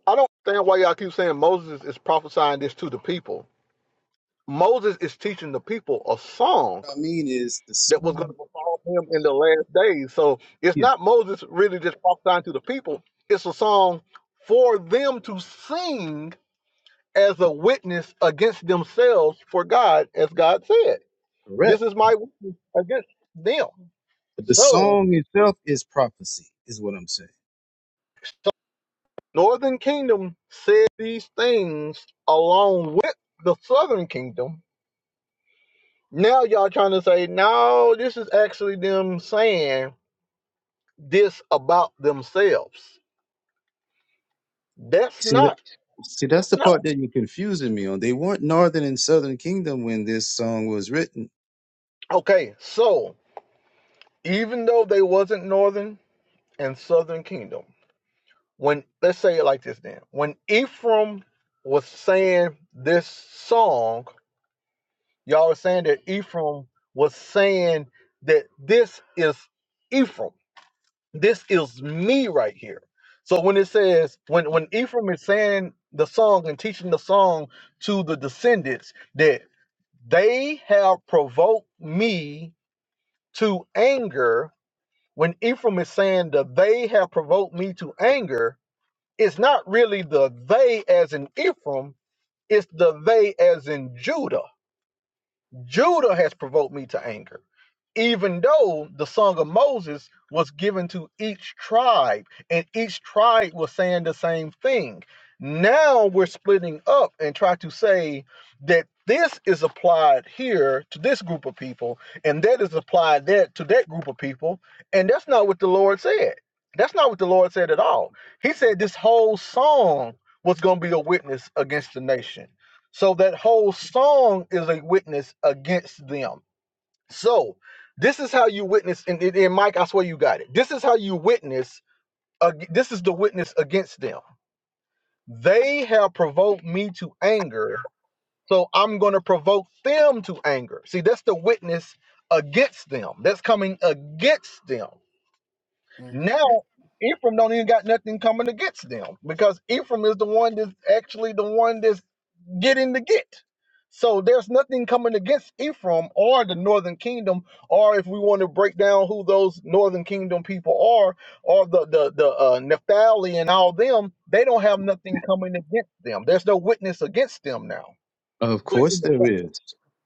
I don't understand why y'all keep saying Moses is prophesying this to the people Moses is teaching the people a song
What I mean is the
that was going to
song,
befall him in the last days so it's
yeah,
not Moses really just prophesying to the people it's a song for them to sing as a witness against themselves for God as God said
correct.
This is my witness against them.
But the
So
song itself is prophecy, is what I'm saying.
so the northern kingdom said these things along with the southern kingdom. Now y'all trying to say, no, this is actually them saying this about themselves. That's
See, that-
not.
see, that's
That's
the
not.
part that you're confusing me on. They weren't northern and southern kingdom when this song was written.
Okay, so even though they wasn't northern and southern kingdom, when let's say it like this then. When Ephraim was saying this song Y'all are saying that Ephraim was saying that this is Ephraim. This is me right here. So when it says when when Ephraim is saying the song and teaching the song to the descendants that they have provoked me to anger. When Ephraim is saying that they have provoked me to anger, it's not really the they as in Ephraim, it's the they as in Judah Judah has provoked me to anger, even though the song of Moses was given to each tribe, and each tribe was saying the same thing. Now we're splitting up and try to say that this is applied here to this group of people, and that is applied that to that group of people, and that's not what the Lord said. That's not what the Lord said at all. He said this whole song was going to be a witness against the nation so that whole song is a witness against them. So this is how you witness, and, and- Mike, I swear you got it. This is how you witness. ag- this is the witness against them. They have provoked me to anger, so I'm going to provoke them to anger. See, that's the witness against them. That's coming against them.
Mm.
Now, Ephraim don't even got nothing coming against them because Ephraim is the one that's actually the one that's getting the get. So there's nothing coming against Ephraim or the northern kingdom, or if we want to break down who those northern kingdom people are, or the the the uh, Naphtali and all them, they don't have nothing coming against them. There's no witness against them now.
Of
But
course
in the,
there is.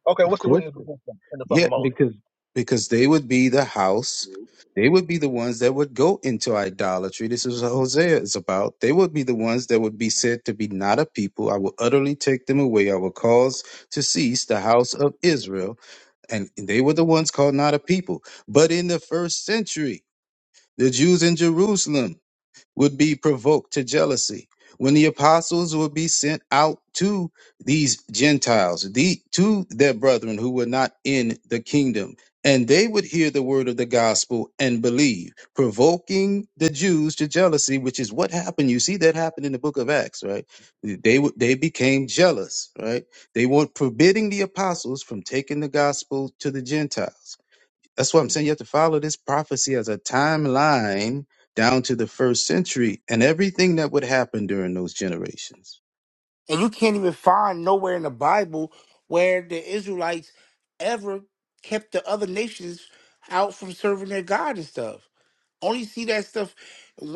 okay,
Of
what's the
course.
witness against them in the song
Yeah,
of Moses?
because because they would be the house, they would be the ones that would go into idolatry. This is what Hosea is about. They would be the ones that would be said to be not a people. I will utterly take them away. I will cause to cease the house of Israel. And they were the ones called not a people. But in the first century, the Jews in Jerusalem would be provoked to jealousy when the apostles would be sent out to these Gentiles, the, to their brethren who were not in the kingdom. And they would hear the word of the gospel and believe, provoking the Jews to jealousy, which is what happened. You see that happen in the book of Acts, right? They would they became jealous, right? They were forbidding the apostles from taking the gospel to the Gentiles. That's what I'm saying. You have to follow this prophecy as a timeline down to the first century and everything that would happen during those generations.
And you can't even find nowhere in the Bible where the Israelites ever kept the other nations out from serving their God and stuff. Only see that stuff.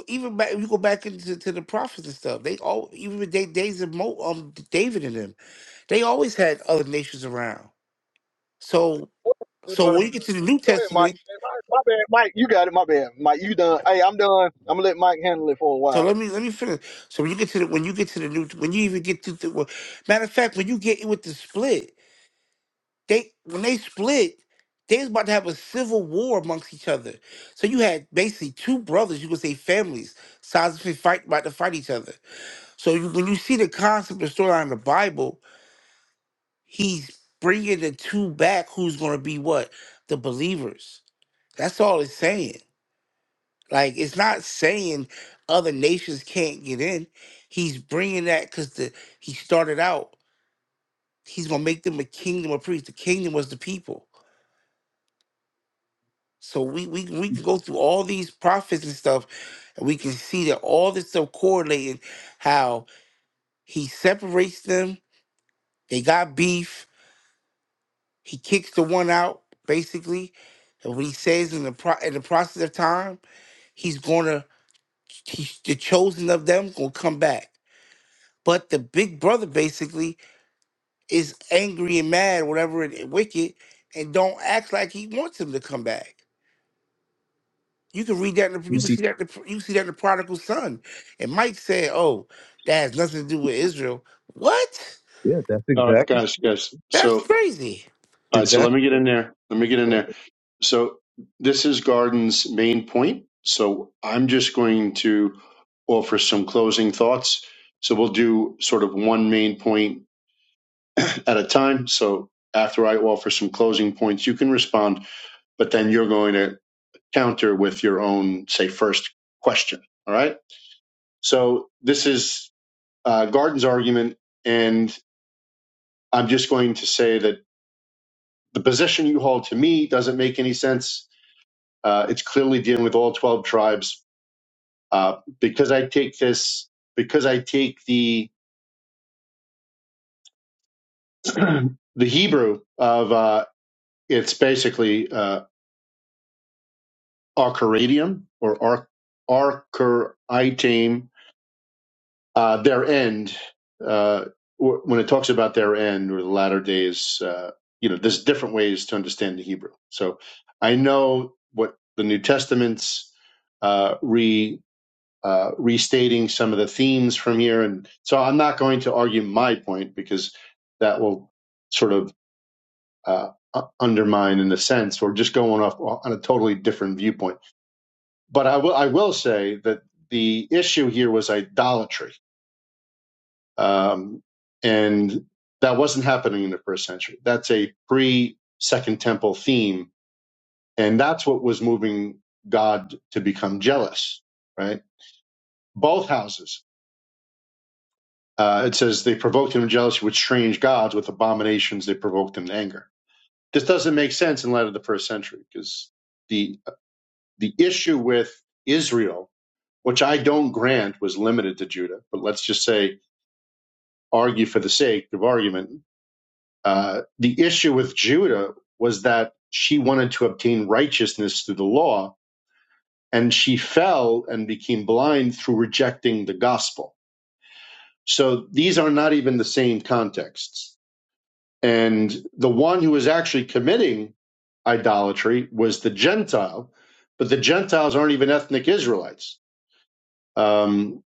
Even back, you go back into to the prophets and stuff. They all, even with they days of Mo, um, David and them, they always had other nations around. So, so when
Deuteronomy.
you get
thirty.
to the New
Go ahead, Mike.
Testament,
Hey, Mike, My bad, Mike. You got it. My bad, Mike. You done. Hey, I'm done. I'm gonna let Mike handle it for a
so
while.
let me let me finish. So when you get to the when you get to the new, when you even get to the well, matter of fact, when you get in with the split, they when they split, they was about to have a civil war amongst each other. So you had basically two brothers, you could say families, sides of fight about to fight each other. So you, when you see the concept of storyline in the Bible, he's bringing the two back who's going to be what? The believers. That's all it's saying. Like, it's not saying other nations can't get in. He's bringing that because the he started out, he's going to make them a kingdom of priests. The kingdom was the people. So we, we, we can go through all these prophets and stuff, and we can see that all this stuff correlating how he separates them. They got beef He kicks the one out, basically. And what he says in the pro- in the process of time, he's gonna he's the chosen of them gonna come back. But the big brother basically is angry and mad, whatever it it wicked, and don't act like he wants him to come back. You can read that. In the,
You
you can
see,
see that. In the, you can see that in the prodigal son. And Mike said, "Oh, that has nothing to do with Israel." What?
yeah, that's
All right,
exactly
guys,
it's
guys.
That's
So,
crazy.
all right, so let
exactly
me get in there. Let me get in
what
there. So, this is Garden's main point. So, I'm just going to offer some closing thoughts. So, we'll do sort of one main point at a time. So, after I offer some closing points, you can respond, but then you're going to counter with your own, say, first question. All right. So, this is uh, Garden's argument. and I'm just going to say that the position you hold to me doesn't make any sense. Uh, it's clearly dealing with all 12 tribes. Uh, because I take this, because I take the <clears throat> the Hebrew of uh, it's basically uh, Arcadium or Arc Uh, their end, uh, wh- when it talks about their end or the latter days, uh, you know, there's different ways to understand the Hebrew. So I know what the New Testament's uh, re uh, restating some of the themes from here, and so I'm not going to argue my point because that will sort of uh, u- undermine, in a sense, or just going off on a totally different viewpoint. But I will I will say that the issue here was idolatry Um, and that wasn't happening in the first century. That's a pre Second Temple theme. And that's what was moving God to become jealous, right? Both houses. Uh, it says they provoked him to jealousy with strange gods, with abominations, they provoked him to anger. This doesn't make sense in light of the first century because the, the issue with Israel, which I don't grant was limited to Judah, but let's just say argue for the sake of argument Uh, the issue with Judah was that she wanted to obtain righteousness through the law, and she fell and became blind through rejecting the gospel. So these are not even the same contexts. And the one who was actually committing idolatry was the Gentile, but the Gentiles aren't even ethnic Israelites. Um,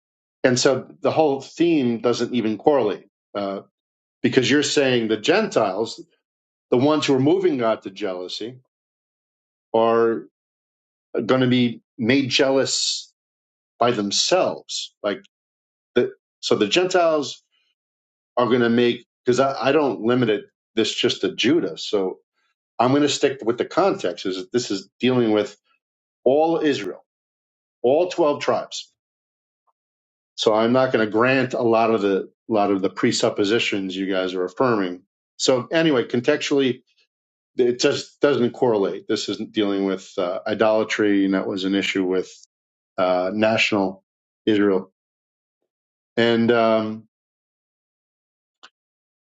and so the whole theme doesn't even correlate uh, because you're saying the Gentiles, the ones who are moving God to jealousy, are going to be made jealous by themselves. Like the, so the Gentiles are going to make, because I, I don't limit it this just to Judah. So I'm going to stick with the context is that this is dealing with all Israel, all 12 tribes. So I'm not going to grant a lot of the, a lot of the presuppositions you guys are affirming. So anyway, contextually, it just doesn't correlate. This isn't dealing with uh, idolatry, and that was an issue with uh, national Israel And um,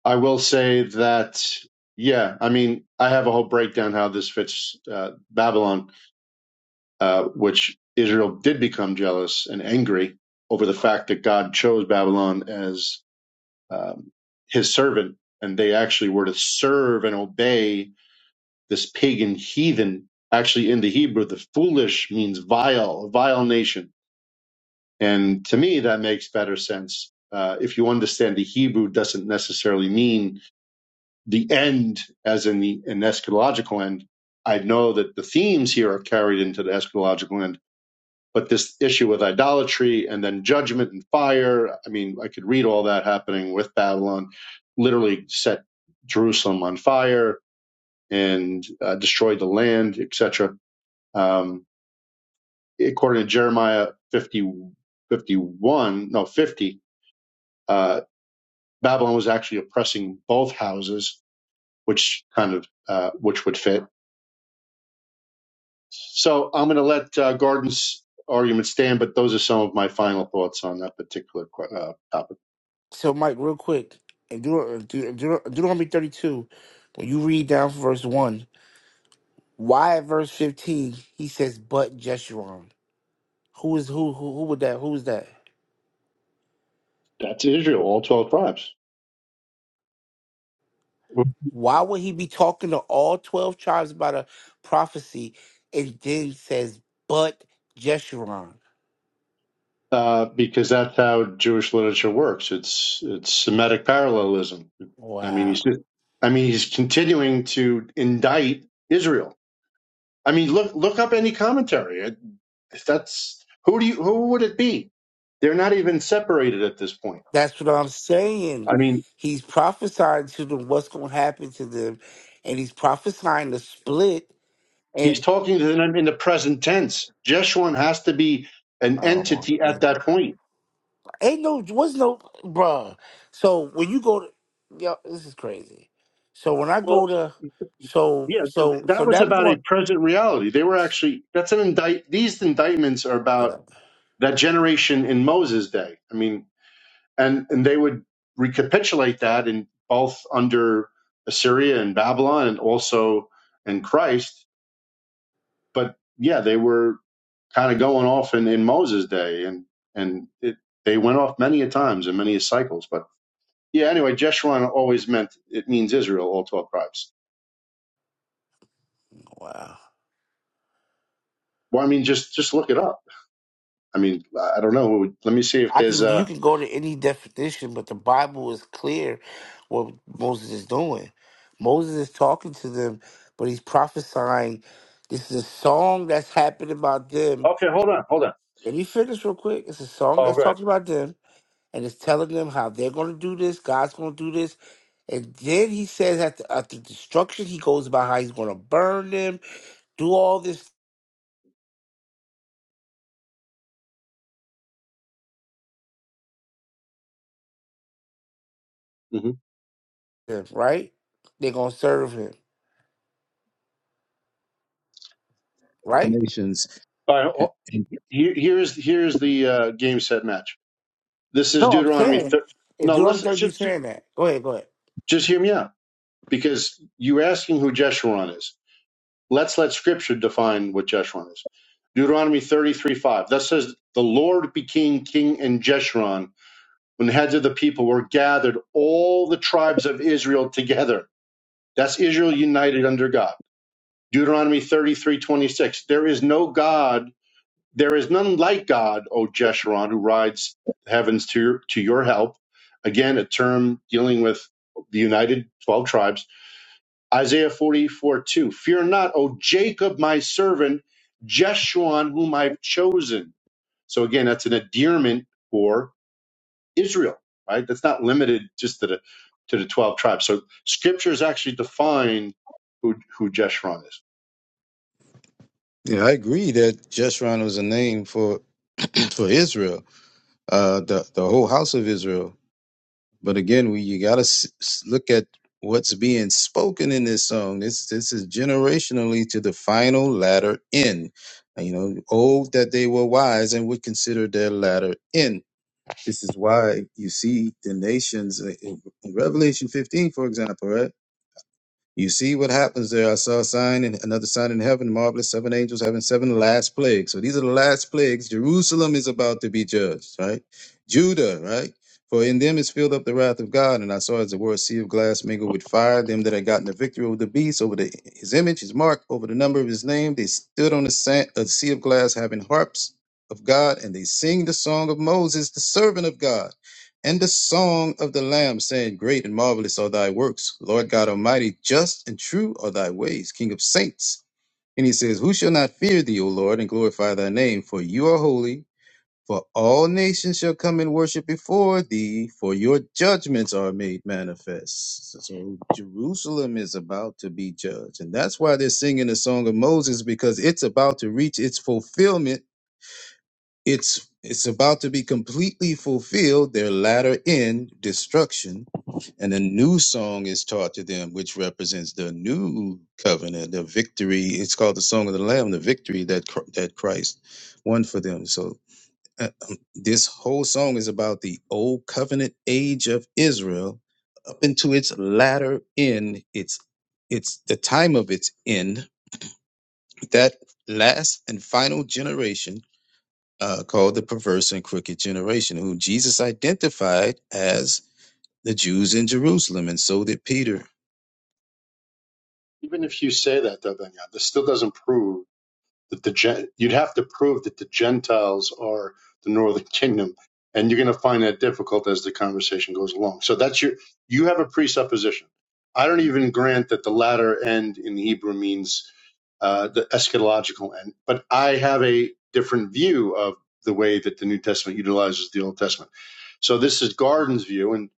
I will say that, yeah, I mean, I have a whole breakdown how this fits uh, Babylon, uh, which Israel did become jealous and angry over the fact that God chose Babylon as um, his servant, and they actually were to serve and obey this pagan heathen. Actually, in the Hebrew, the foolish means vile, a vile nation. And to me, that makes better sense. Uh, if you understand the Hebrew doesn't necessarily mean the end, as in the an eschatological end, I know that the themes here are carried into the eschatological end. But this issue with idolatry and then judgment and fire, I mean, I could read all that happening with Babylon, literally set Jerusalem on fire and uh, destroyed the land, etc. Um, according to Jeremiah 50, 51, no, 50, uh, Babylon was actually oppressing both houses, which kind of, uh, which would fit. So I'm going to let uh, Gordon's argument stand, but those are some of my final thoughts on that particular que- uh, topic.
So, Mike, real quick, in Deut- Deut- Deut- Deuteronomy 32, when you read down from verse 1, why at verse 15 he says, but Jeshurun? Who is who, who? Who would that? Who is that?
That's Israel, all 12 tribes,
Why would he be talking to all 12 tribes about a prophecy and then says, but Jeshurun?
uh, because that's how Jewish literature works. It's it's Semitic parallelism. I mean, he's
Wow.
I mean he's continuing to indict Israel. I mean, look look up any commentary. It- That's who do you who would it be? They're not even separated at this point.
That's what I'm saying.
I mean,
He's prophesying to them what's going to happen to them, and he's prophesying the split.
He's
And
talking to them in the present tense. Jeshurun has to be an
oh, my
entity at
goodness.
that point.
Ain't no was no bruh. So when you go to yo, this is crazy. So when I go
Well,
to so
yeah, th-
so
that
so
was
that was
about
going
a present reality. They were actually that's an indict. These indictments are about
okay.
that generation in Moses' day. I mean, and and they would recapitulate that in both under Assyria and Babylon, and also in Christ. But yeah, they were kind of going off in in Moses' day, and and it, they went off many a times and many a cycles. But Yeah, anyway, Jeshurun always meant it means Israel, all twelve tribes.
wow.
Well, I mean, just just look it up. I mean, I don't know. Let me see if
I
there's
can you
a.
can go to any definition, but the Bible is clear what Moses is doing. Moses is talking to them, but he's prophesying. This is a song that's happened about them.
Okay, hold on, hold on.
Let me finish real quick. It's a song
Oh,
that's
good.
talking about them, and it's telling them how they're going to do this. God's going to do this And then he says after, after destruction, he goes about how he's going to burn them, do all this,
Mm-hmm.
stuff, right? They're going to serve him,
the
right?
nations.
All right,
And,
ho-
and
here, here's here's the uh, game set match. This is
No, I'm
Deuteronomy.
saying,
Thir-
in
no,
Deuteronomy
listen,
30,
just
he's saying that. Go ahead, go ahead.
just hear me out because you're asking who Jeshurun is. Let's let Scripture define what Jeshurun is. Deuteronomy thirty three five. That says the Lord became king in Jeshurun when the heads of the people were gathered, all the tribes of Israel together. That's Israel united under God. Deuteronomy thirty-three twenty-six. There is no God, there is none like God, O Jeshurun, who rides the heavens to your, to your help. Again, a term dealing with the united 12 tribes. Isaiah 44 2. Fear not, O Jacob, my servant, Jeshurun, whom I've chosen. So again, that's an endearment for Israel, right? That's not limited just to the to the twelve tribes. So scriptures actually define who who Jeshurun is.
yeah, I agree that Jeshurun was a name for for Israel, uh, the the whole house of Israel. But again, we you got to s- s- look at what's being spoken in this song. This this is generationally to the final latter end. And, You know, oh that they were wise and would consider their latter end. This is why you see the nations uh, in in Revelation 15, for example, right? You see what happens there. I saw a sign and another sign in heaven, marvelous seven angels having seven last plagues. So these are the last plagues. Jerusalem is about to be judged, right? Judah, right? For in them is filled up the wrath of God. And I saw as it were a sea of glass mingled with fire, them that had gotten the victory over the beast, over the, his image, his mark, over the number of his name. They stood on the sand, a sea of glass having harps of God, and they sing the song of Moses, the servant of God and the song of the Lamb, saying, Great and marvelous are thy works, Lord God Almighty, just and true are thy ways, King of saints. And he says, Who shall not fear thee, O Lord, and glorify thy name? For you are holy, for all nations shall come and worship before thee, for your judgments are made manifest. So Jerusalem is about to be judged. And that's why they're singing the song of Moses, because it's about to reach its fulfillment it's it's about to be completely fulfilled, their latter end, destruction, and a new song is taught to them, which represents the new covenant, the victory. It's called the Song of the Lamb, the victory that Chr- that Christ won for them. So uh, um, this whole song is about the old covenant age of Israel up into its latter end. It's it's the time of its end. That last and final generation uh, called the perverse and crooked generation, who Jesus identified as the Jews in Jerusalem, and so did Peter.
Even if you say that, though, Daniel, this still doesn't prove that the you you'd have to prove that the Gentiles are the northern kingdom, and you're going to find that difficult as the conversation goes along. So that's your you have a presupposition. I don't even grant that the latter end in Hebrew means uh, the eschatological end, but I have a different view of the way that the New Testament utilizes the Old Testament. So this is Garden's view, and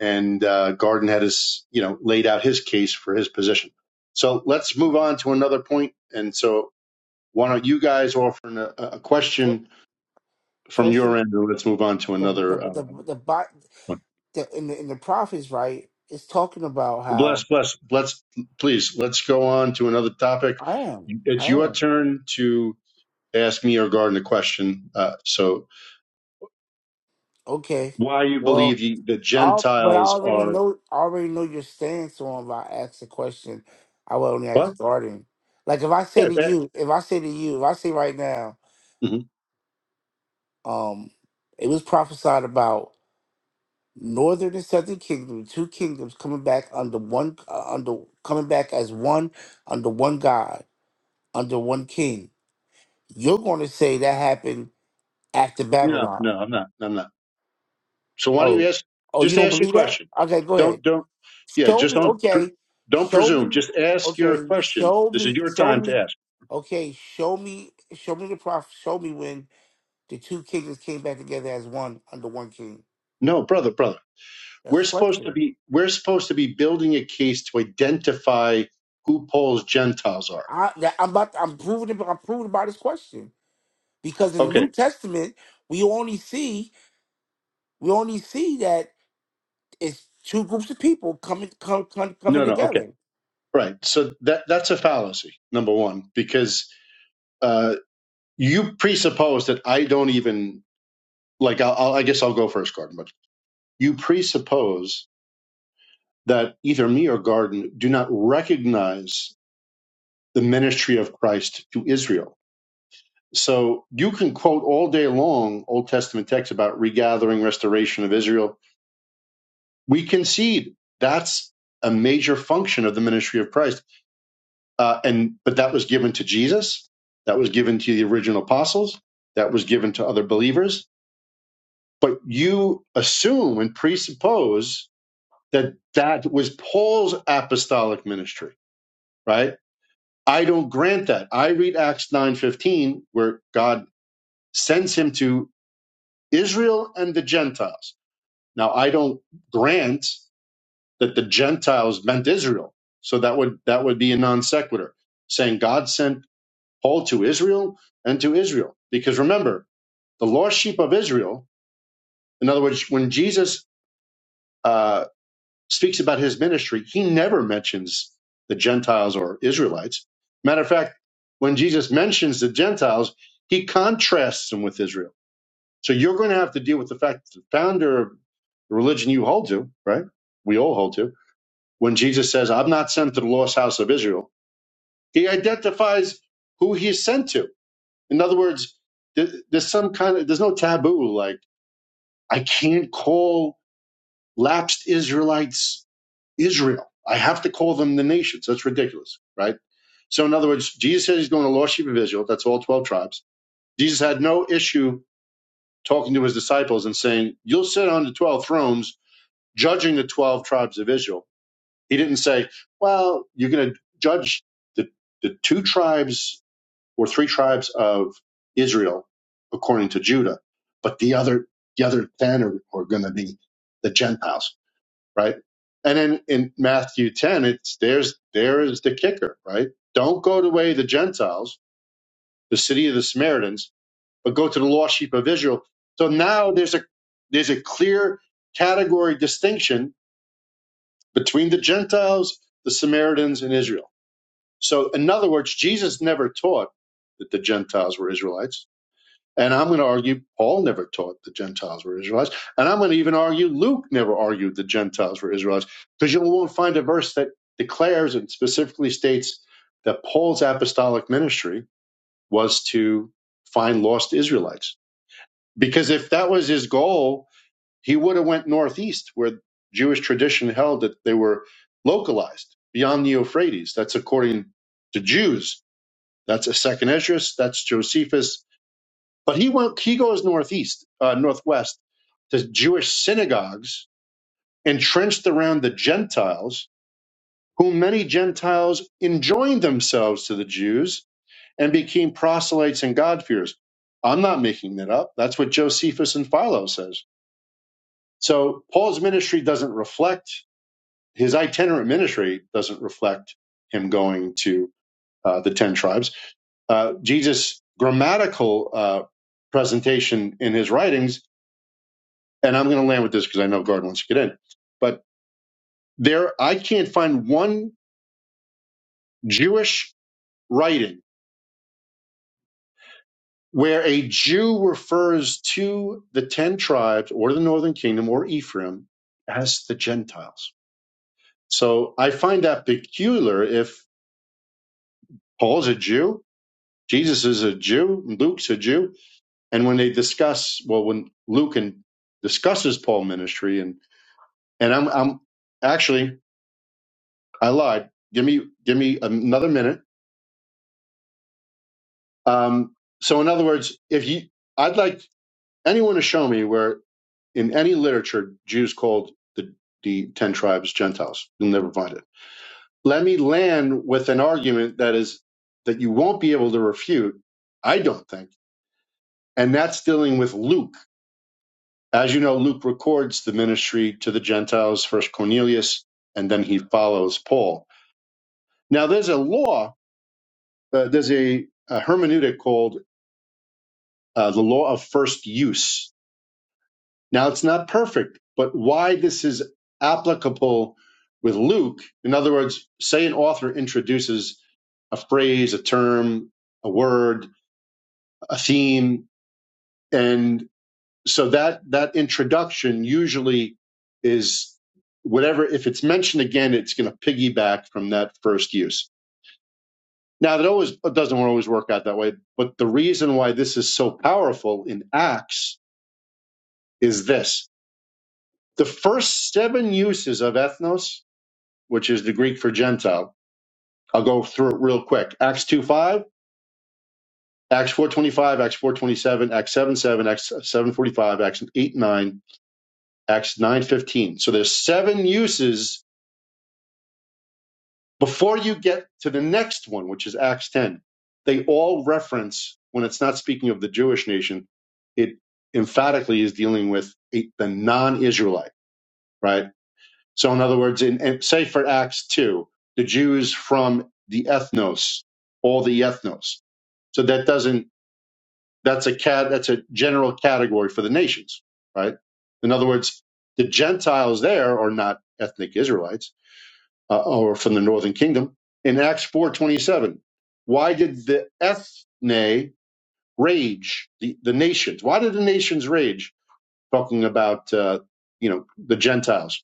and uh, Garden had his you know laid out his case for his position. So let's move on to another point. And so why don't you guys offer a, a
Fir-
question from
First,
your
the,
end, and let's move on to
the, the,
another uh,
the, the, bo-
one.
the, in the, in the prophets, right, it's talking about
Bless,
how
bless. Let's please let's go on to another topic.
I am,
It's
I
your
am.
turn to ask me or Garden a question. Uh, so,
Okay,
why you
well,
believe you, the
I'll, but I
Gentiles
already
are
know. I already know your stance on. If I ask a question, I will only
what?
ask guarding. Like if I say
Yeah,
to
that,
you, if I say to you, if I say right now,
mhm.
um, it was prophesied about northern and southern kingdom, two kingdoms coming back under one, uh, under coming back as one, under one God, under one king. You're going to say that happened after
No,
Babylon.
no, I'm not. I'm not. So why don't
Oh,
you ask?
oh, you
Just
don't
ask your
believe that?
question.
Okay, go ahead.
Don't don't. Yeah,
Show
just
me,
don't. Pre-
okay.
don't
Show
presume.
me,
Just ask your
okay.
question.
Show
This is
me,
your
show
time to
me,
ask.
okay. Show me, show me the prof. Show me when the two kingdoms came back together as one under one king.
No, brother, brother.
That's
we're
the
supposed to
question.
be we're supposed to be building a case to identify who Paul's Gentiles are.
I, that, I'm about. I'm proving. it- I'm proving by this question because in the
Okay.
New Testament we only see we only see that it's two groups of people coming come, come, coming
No, no. Okay.
together.
Right. So that that's a fallacy. Number one, because uh, you presuppose that I don't even like. I'll, I'll, I guess I'll go first, Garden. But you presuppose that either me or Garden do not recognize the ministry of Christ to Israel. So you can quote all day long Old Testament texts about regathering, restoration of Israel we concede that's a major function of the ministry of christ uh, and but that was given to jesus that was given to the original apostles that was given to other believers but you assume and presuppose that that was paul's apostolic ministry right i don't grant that i read acts 9.15 where god sends him to israel and the gentiles now i don't grant that the Gentiles meant Israel. So that would that would be a non sequitur, saying God sent Paul to Israel and to Israel. Because remember, the lost sheep of Israel. In other words, when Jesus uh, speaks about his ministry, he never mentions the Gentiles or Israelites. Matter of fact, when Jesus mentions the Gentiles, he contrasts them with Israel. So you're going to have to deal with the fact that the founder of the religion you hold to, right? We all hold to. When Jesus says, "I'm not sent to the lost house of Israel," He identifies who he's sent to. In other words, th- there's some kind of there's no taboo. Like I can't call lapsed Israelites Israel. I have to call them the nations. That's ridiculous, right? So in other words, Jesus said he's going to lost sheep of Israel. That's all twelve tribes. Jesus had no issue talking to his disciples and saying, "You'll sit on the twelve thrones, judging the twelve tribes of Israel." He didn't say, "Well, you're going to judge the the two tribes were three tribes of Israel, according to Judah, but the other the other ten are, are going to be the Gentiles, right? And then in Matthew ten, it's there's there is the kicker, right? Don't go the way of the Gentiles, the city of the Samaritans, but go to the lost sheep of Israel. So now there's a there's a clear category distinction between the Gentiles, the Samaritans, and Israel. So in other words, Jesus never taught that the Gentiles were Israelites And I'm going to argue Paul never taught the Gentiles were Israelites. And I'm going to even argue Luke never argued the Gentiles were Israelites because you won't find a verse that declares and specifically states that Paul's apostolic ministry was to find lost Israelites. Because if that was his goal, he would have went northeast where Jewish tradition held that they were localized beyond the Euphrates. That's according to Jews. That's a second Esdras. That's Josephus but he went, he goes northeast, uh, northwest to Jewish synagogues entrenched around the Gentiles, whom many Gentiles enjoined themselves to the Jews and became proselytes and God-fearers. I'm not making that up. That's what Josephus and Philo says. So Paul's ministry doesn't reflect his itinerant ministry doesn't reflect him going to uh, the ten tribes. Uh, Jesus' grammatical uh, presentation in his writings and I'm going to land with this because I know Gard wants to get in, but there, I can't find one Jewish writing where a Jew refers to the 10 tribes or the northern kingdom or Ephraim as the Gentiles. So I find that peculiar if Paul's a Jew, Jesus is a Jew, Luke's a Jew. And when they discuss, well, when Luke and discusses Paul ministry and, and I'm, I'm actually, I lied. Give me, give me another minute Um, so, in other words, if you, I'd like anyone to show me where in any literature Jews called the the ten tribes Gentiles. You'll never find it. Let me land with an argument that is that you won't be able to refute. I don't think, and that's dealing with Luke. As you know, Luke records the ministry to the Gentiles first Cornelius, and then he follows Paul. Now, there's a law. Uh, there's a, a hermeneutic called uh, the law of first use Now it's not perfect, but why this is applicable with Luke, in other words, say an author introduces a phrase, a term, a word, a theme, and so that that introduction usually is whatever if it's mentioned again, it's going to piggyback from that first use. Now that always it doesn't always work out that way, but the reason why this is so powerful in Acts is this. The first seven uses of ethnos which is the Greek for Gentile. I'll go through it real quick. Acts 2 5, Acts four twenty five, Acts four twenty seven, Acts 7 7, Acts seven forty five, Acts 8 9, Acts nine fifteen. So there's seven uses before you get to the next one, which is Acts 10. They all reference, when it's not speaking of the Jewish nation, it emphatically is dealing with a, the non Israelite, right? So, in other words, in, in say for Acts two, the Jews from the ethnos, all the ethnos. So that doesn't that's a cat that's a general category for the nations, right? In other words, the Gentiles there are not ethnic Israelites uh, or from the northern kingdom. In Acts four twenty seven, why did the ethne rage the the nations? Why did the nations rage? Talking about uh, you know the Gentiles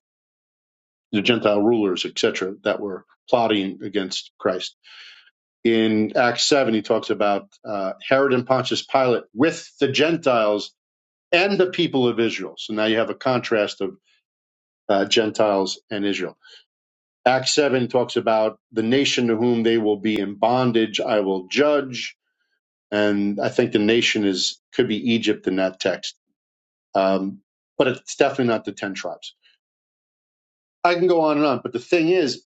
the Gentile rulers, etc., that were plotting against Christ. In Acts 7, he talks about uh, Herod and Pontius Pilate with the Gentiles and the people of Israel. So now you have a contrast of uh, Gentiles and Israel. Acts 7 talks about the nation to whom they will be in bondage, I will judge. And I think the nation is could be Egypt in that text. Um, but it's definitely not the 10 tribes. I can go on and on. But the thing is,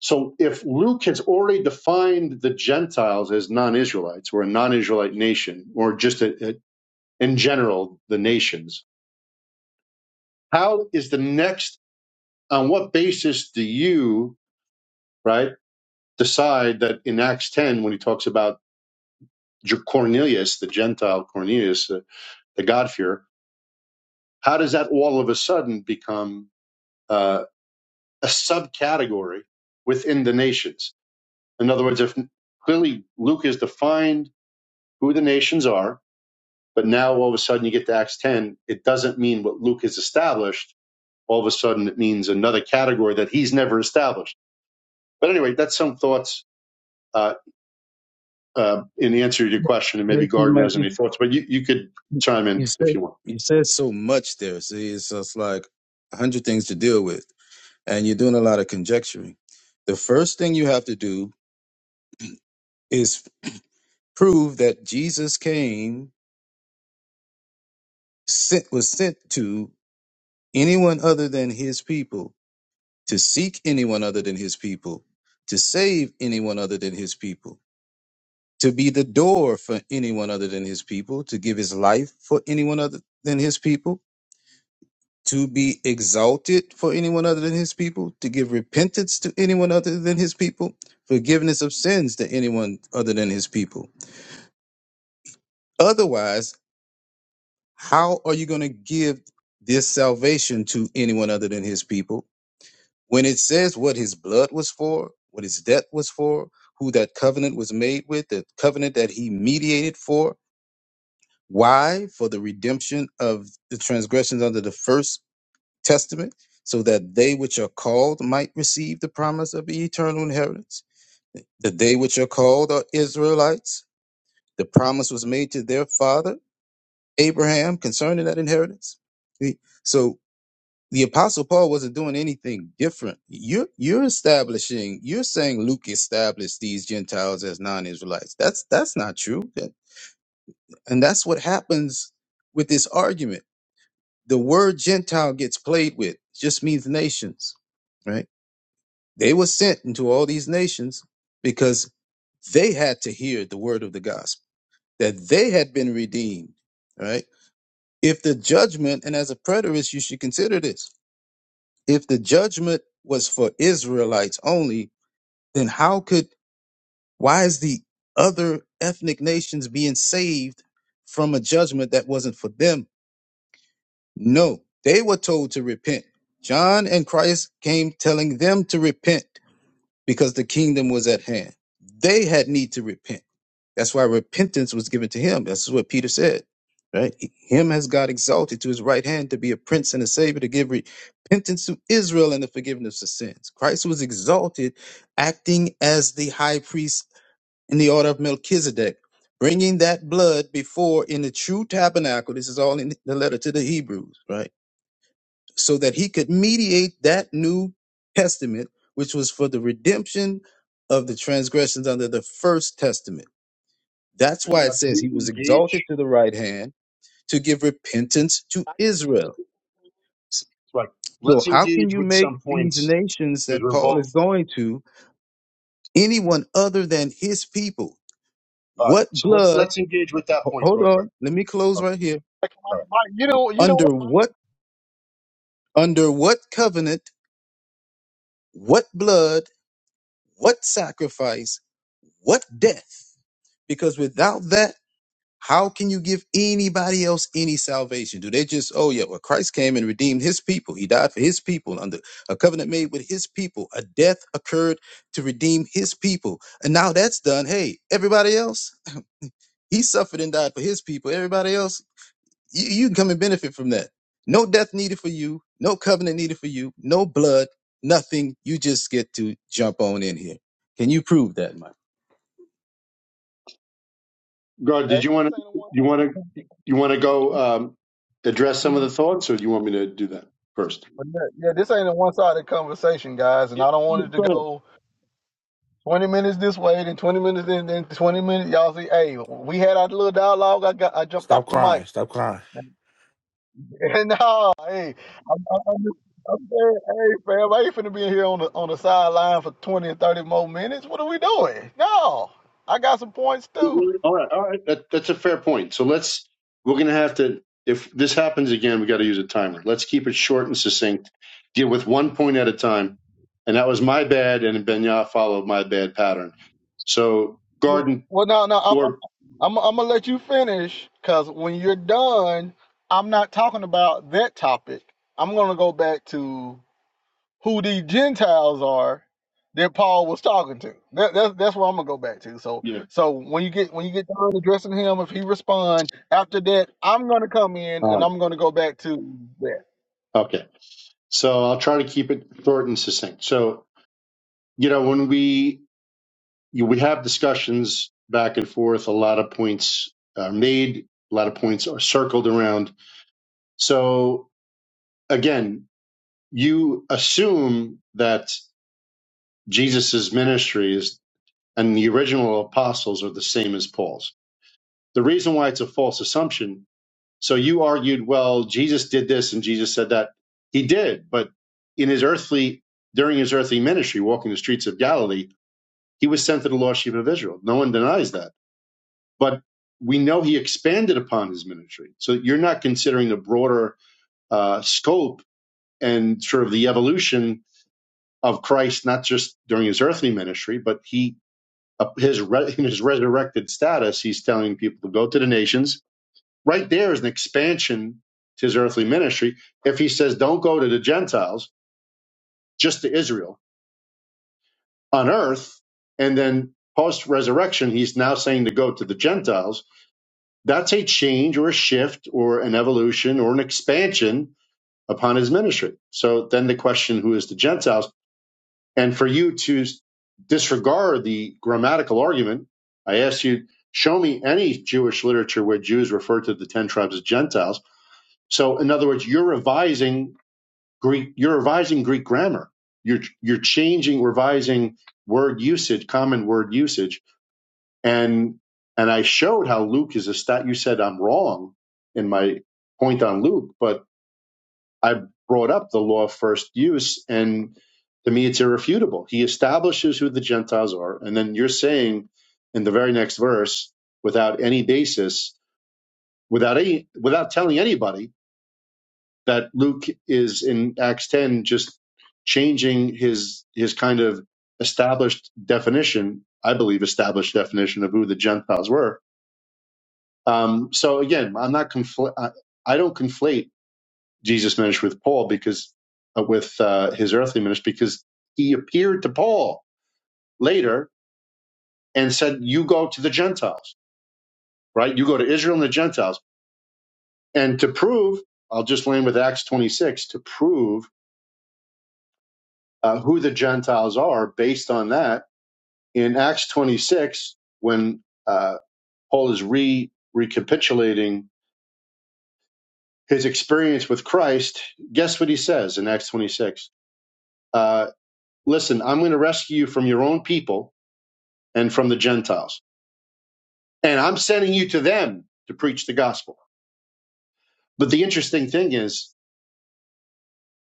So if Luke has already defined the Gentiles as non-Israelites or a non-Israelite nation or just a, a- in general the nations, how is the next? On what basis do you right decide that in Acts ten when he talks about Cornelius, the Gentile Cornelius, uh, the God-fearer, how does that all of a sudden become uh, a subcategory within the nations? In other words, if clearly Luke has defined who the nations are But now all of a sudden you get to Acts 10, it doesn't mean what Luke has established. All of a sudden it means another category that he's never established. But anyway, that's some thoughts uh, uh, in answer to your question, and
Yes,
maybe Gardner
Mike,
has
you,
any thoughts, but you, you could chime
you
in if
said
you want.
you said so much there. See, it's just like a hundred things to deal with, and you're doing a lot of conjecturing. The first thing you have to do is prove that Jesus came, sent was sent to anyone other than his people, to seek anyone other than his people, to save anyone other than his people. to be the door for anyone other than his people, to give his life for anyone other than his people, to be exalted for anyone other than his people, to give repentance to anyone other than his people, forgiveness of sins to anyone other than his people. Otherwise, how are you going to give this salvation to anyone other than his people when it says what his blood was for, what his death was for, who that covenant was made with, the covenant that he mediated for? Why? For the redemption of the transgressions under the first testament, so that they which are called might receive the promise of the eternal inheritance. The they which are called are Israelites. The promise was made to their father, Abraham, concerning that inheritance. See? So the apostle Paul wasn't doing anything different. You're you're establishing, you're saying Luke established these Gentiles as non-Israelites. That's that's not true. That- And that's what happens with this argument the word Gentile gets played with. It just means nations, right? They were sent into all these nations because they had to hear the word of the gospel, that they had been redeemed, right? If the judgment, and as a preterist, you should consider this. If the judgment was for Israelites only, then how could, why is the other ethnic nations being saved from a judgment that wasn't for them? No, they were told to repent. John and Christ came telling them to repent because the kingdom was at hand. They had need to repent. That's why repentance was given to him. That's what Peter said. Right? Him has God exalted to his right hand to be a prince and a savior to give repentance to Israel and the forgiveness of sins. Christ was exalted, acting as the high priest in the order of Melchizedek, bringing that blood before in the true tabernacle. This is all in the letter to the Hebrews, right? so that he could mediate that new testament, which was for the redemption of the transgressions under the first testament. That's
And
why
yeah,
it says
we
he was
engage,
exalted to the right hand to give repentance to
I gotta get in
Israel.
there.
like,
So,
let's
how can
engage
you
with
make
some
these
points
nations
because
that
we're
Paul is
both.
going to anyone other than his people?
All right,
What
so let,
blood?
let's engage with that
ho-
point
Hold
real quick.
on, let me close
Oh,
right here.
Mike,
All right,
Mike, Mike, you don't. You don't.
Under what? Under what covenant? What blood? What sacrifice? What death? Because without that, how can you give anybody else any salvation? Do they just, oh yeah, well, Christ came and redeemed his people. He died for his people under a covenant made with his people. A death occurred to redeem his people. And now that's done. Hey, everybody else, he suffered and died for his people. Everybody else, you, you can come and benefit from that. No death needed for you. No covenant needed for you. No blood. Nothing. You just get to jump on in here. Can you prove that, Mike?
Gard,
Hey,
did you
y'all, this
want
ain't a
to
one
you want
time.
to you want to go um, address some of the thoughts, or do you want me to do that first?
But yeah, yeah, this ain't a one-sided conversation, guys, and
Yeah,
I don't want it to
go
go 20 minutes this way, then 20 minutes, then, then 20 minutes. Y'all see, hey, we had our little dialogue. I got, I jumped
Stop
off the mic.
crying. Stop crying.
<laughs> And no, hey, I'm, I'm, I'm just- I'm saying, hey, fam, I ain't finna be in here on the on the sideline for 20 and 30 more minutes. What are we doing? No, I got some points too.
All right, all right. That, that's a fair point. So let's, we're going to have to, if this happens again, we got to use a timer. Let's keep it short and succinct, deal with one point at a time. And that was my bad, and Benyah followed my bad pattern. So
Yeah.
garden
Well, no, no, I'm,
or,
I'm, I'm, I'm gonna let you finish, cause when you're done, I'm not talking about that topic. I'm gonna go back to who the Gentiles are that Paul was talking to. That, that's that's where I'm gonna go back to. So
yeah.
so when you get when you get done addressing him, if he respond after that, I'm gonna come in
All
and I'm gonna go back to that.
right. Okay. So I'll try to keep it short and succinct. So, you know, when we, you, we have discussions back and forth, a lot of points are made, a lot of points are circled around. So again, you assume that Jesus's ministries and the original apostles are the same as Paul's. The reason why it's a false assumption, so you argued, well, Jesus did this and Jesus said that. He did, but in his earthly, during his earthly ministry, walking the streets of Galilee, he was sent to the lost sheep of Israel. No one denies that. But we know he expanded upon his ministry. So you're not considering the broader uh, scope and sort of the evolution of Christ, not just during his earthly ministry, but he uh, his re- in his resurrected status, he's telling people to go to the nations. Right there is an expansion to his earthly ministry. If he says, "Don't go to the Gentiles, just to Israel on earth," and then post resurrection, he's now saying to go to the Gentiles. That's a change or a shift or an evolution or an expansion upon his ministry. So then the question, who is the Gentiles? And for you to disregard the grammatical argument, I asked you, show me any Jewish literature where Jews refer to the 10 tribes as Gentiles. So, in other words, you're revising Greek, you're revising Greek grammar. You're, you're changing, revising word usage, common word usage. And, and I showed how Luke is a stat. You said I'm wrong in my point on Luke, but I brought up the law of first use, and to me, it's irrefutable. He establishes who the Gentiles are, and then you're saying in the very next verse, without any basis, without any, without telling anybody that Luke is in Acts 10 just changing his his kind of established definition. I believe established definition of who the Gentiles were. Um, so again, I'm not confl- I, I don't conflate Jesus' ministry with Paul because uh, with uh, his earthly ministry because he appeared to Paul later and said, "You go to the Gentiles, right? You go to Israel and the Gentiles." And to prove, I'll just land with Acts 26 to prove uh, who the Gentiles are. Based on that, in Acts 26, when uh, Paul is re recapitulating his experience with Christ, guess what he says in Acts 26? Uh, Listen, I'm going to rescue you from your own people and from the Gentiles. And I'm sending you to them to preach the gospel. But the interesting thing is,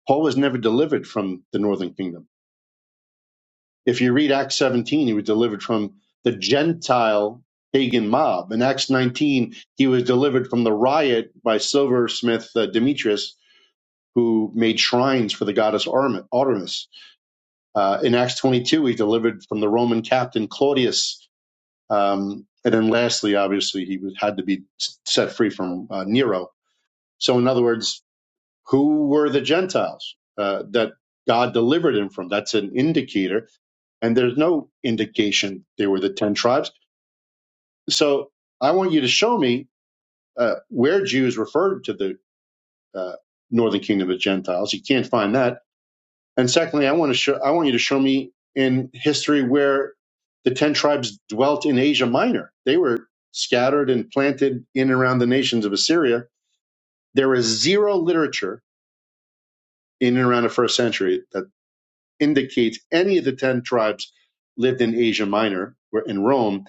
Paul was never delivered from the northern kingdom. If you read Acts 17, he was delivered from the Gentile pagan mob. In Acts 19, he was delivered from the riot by silversmith uh, Demetrius, who made shrines for the goddess Artemis. Uh, in Acts 22, he delivered from the Roman captain Claudius. Um, and then lastly, obviously, he was, had to be set free from uh, Nero So, in other words, who were the Gentiles uh, that God delivered him from? That's an indicator. And there's no indication they were the 10 tribes. So, I want you to show me uh, where Jews referred to the uh, northern kingdom as Gentiles. You can't find that. And secondly, I want to show, I want you to show me in history where the 10 tribes dwelt in Asia Minor. They were scattered and planted in and around the nations of Assyria. There is zero literature in and around the first century. indicates any of the 10 tribes lived in Asia Minor, or in Rome.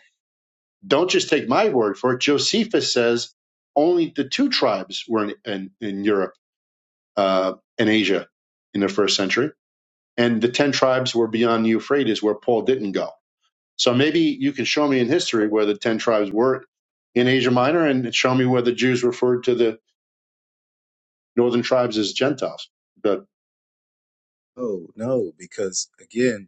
Don't just take my word for it. Josephus says only the two tribes were in, in, in Europe uh, and Asia in the first century. And the 10 tribes were beyond the Euphrates, where Paul didn't go. So maybe you can show me in history where the 10 tribes were in Asia Minor and show me where the Jews referred to the northern tribes as Gentiles. But
Oh no, because again,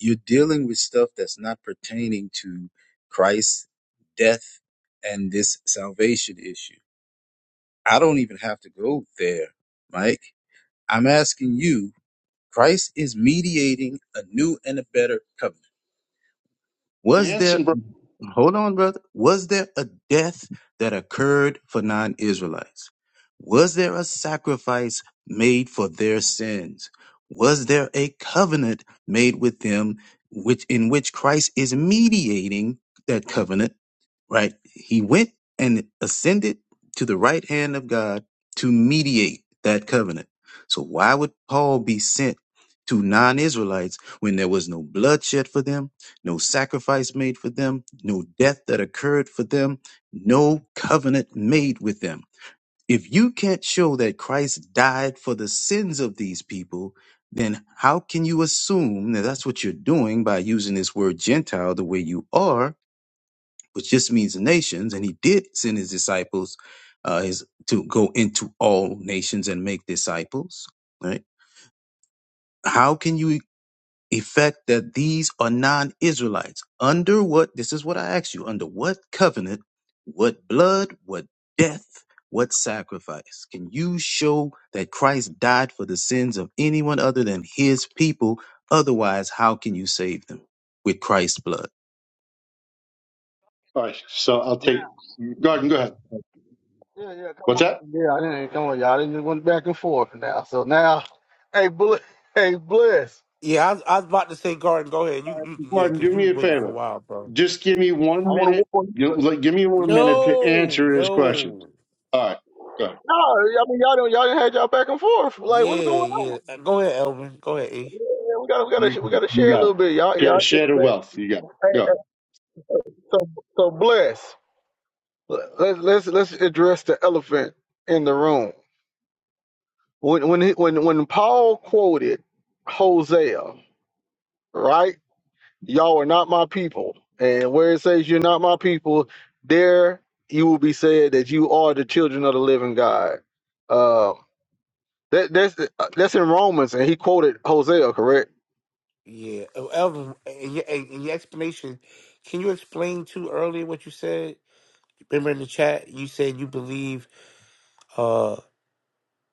you're dealing with stuff that's not pertaining to Christ's death and this salvation issue. I don't even have to go there, Mike. I'm asking you, Christ is mediating a new and a better covenant. Was there
Jansenberg.
Hold on, brother. Was there a death that occurred for non Israelites? Was there a sacrifice made for their sins? Was there a covenant made with them which in which Christ is mediating that covenant, right? He went and ascended to the right hand of God to mediate that covenant. So why would Paul be sent to non-Israelites when there was no bloodshed for them? no sacrifice made for them, no death that occurred for them, no covenant made with them. If you can't show that Christ died for the sins of these people, then how can you assume that that's what you're doing by using this word Gentile the way you are, which just means nations? And he did send his disciples uh, his, to go into all nations and make disciples, right? How can you? effect that these are non-Israelites. Under what? This is what I ask you. Under what covenant? What blood? What death? What sacrifice? Can you show that Christ died for the sins of anyone other than His people? Otherwise, how can you save them with Christ's blood?
All right, so I'll
Now,
take Gordon. Go ahead.
yeah, yeah, come
What's
on,
that?
yeah, I didn't come on, y'all. I didn't went back and forth now. So now, hey, bl- hey, bless.
Yeah, I, was- I was about to say, Garden. Go ahead. You, you yeah,
Gordon, do
because you
me
was
a
waiting
favor.
for a while, bro.
Just give me one
I want to
minute.
work on.
You- like, Give me one minute to
No,
answer his
no.
questions. All right, go ahead.
No, I mean y'all don't y'all didn't had y'all back and forth. Like what's going
Yeah, yeah.
on?
Uh, Go ahead, Elvin. Go ahead, E.
Yeah, we gotta we
You
gotta we gotta
you
share a
got
little bit. Y'all y'all
it. Sh-
get
share
it
the
back.
wealth. You got it.
Hey,
Go.
hey, so so bless. let's let's let's address the elephant in the room. When when he, when when Paul quoted Hosea, right? Y'all are not my people, and where it says you're not my people, there you will be said that you are the children of the living God. Uh, that that's that's in Romans, and he quoted Hosea, correct?
Yeah, Oh, Elvin. uh, In your, in in your explanation, can you explain to earlier what you said? Remember in the chat, you said you believe. Uh,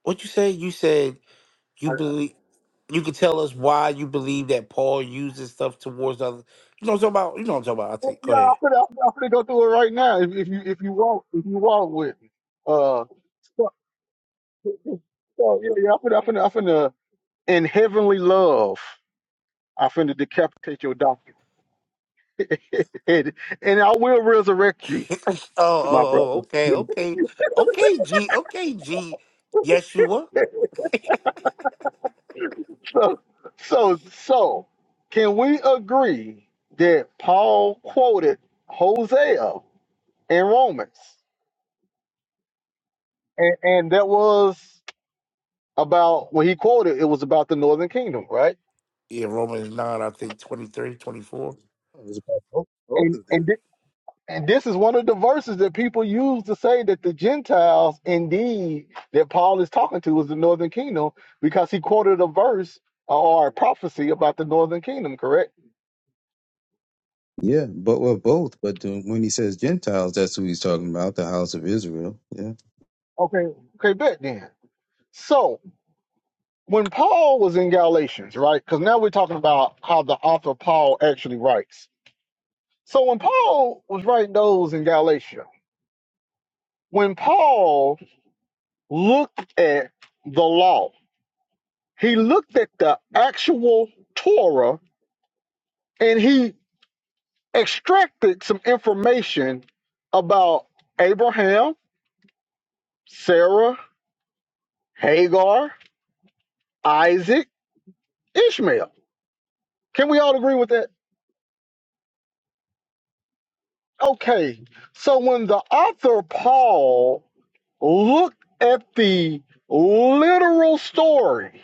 what you said? You said
I-
you believe. You can tell us why you believe that Paul uses stuff towards others. You know what I'm talking about? You know what I'm talking about? I
I-
think. Go
Yeah, I'm
ahead.
gonna, I'm gonna I'm gonna go through it right now. If, if you if you walk if you walk with me, uh, so, so yeah, yeah, I'm gonna, I'm finna, I'm finna, in heavenly love, I finna decapitate your donkey, <laughs> and, and I will resurrect you,
<laughs> oh, oh,
my
oh.
brother. <laughs>
Okay, okay, okay. G. Okay, G. Yeshua.
So, so, so, can we agree that Paul quoted Hosea in Romans, and, and that was about when he quoted it was about the northern kingdom, right?
Yeah, Romans 9, I think 23, 24.
It was about both, both
And
of
and
them.
And this is one of the verses that people use to say that the Gentiles, indeed, that Paul is talking to is the northern kingdom because he quoted a verse or a prophecy about the northern kingdom, correct?
Yeah, but well, both. But the- when he says Gentiles, that's who he's talking about, the house of Israel. Yeah,
Okay, okay, bet then. So when Paul was in Galatians, right? Because now we're talking about how the author Paul actually writes. So when Paul was writing those in Galatia, when Paul looked at the law, he looked at the actual Torah and he extracted some information about Abraham, Sarah, Hagar, Isaac, Ishmael. Can we all agree with that? Okay. So when the author Paul looked at the literal story,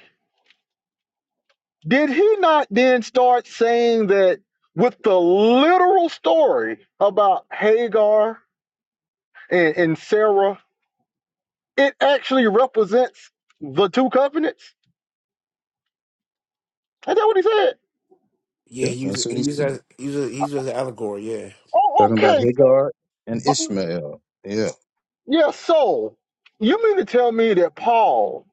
did he not then start saying that with the literal story about Hagar and, and Sarah, it actually represents the two covenants? Is that what he said?
Yeah,
yeah,
he
that's
used he
what he's
used that he used, he used as an allegory, yeah.
Oh,
talking about.
okay.
Hagar and
So-
Ishmael. Yeah,
Yeah, so you mean to tell me that Paul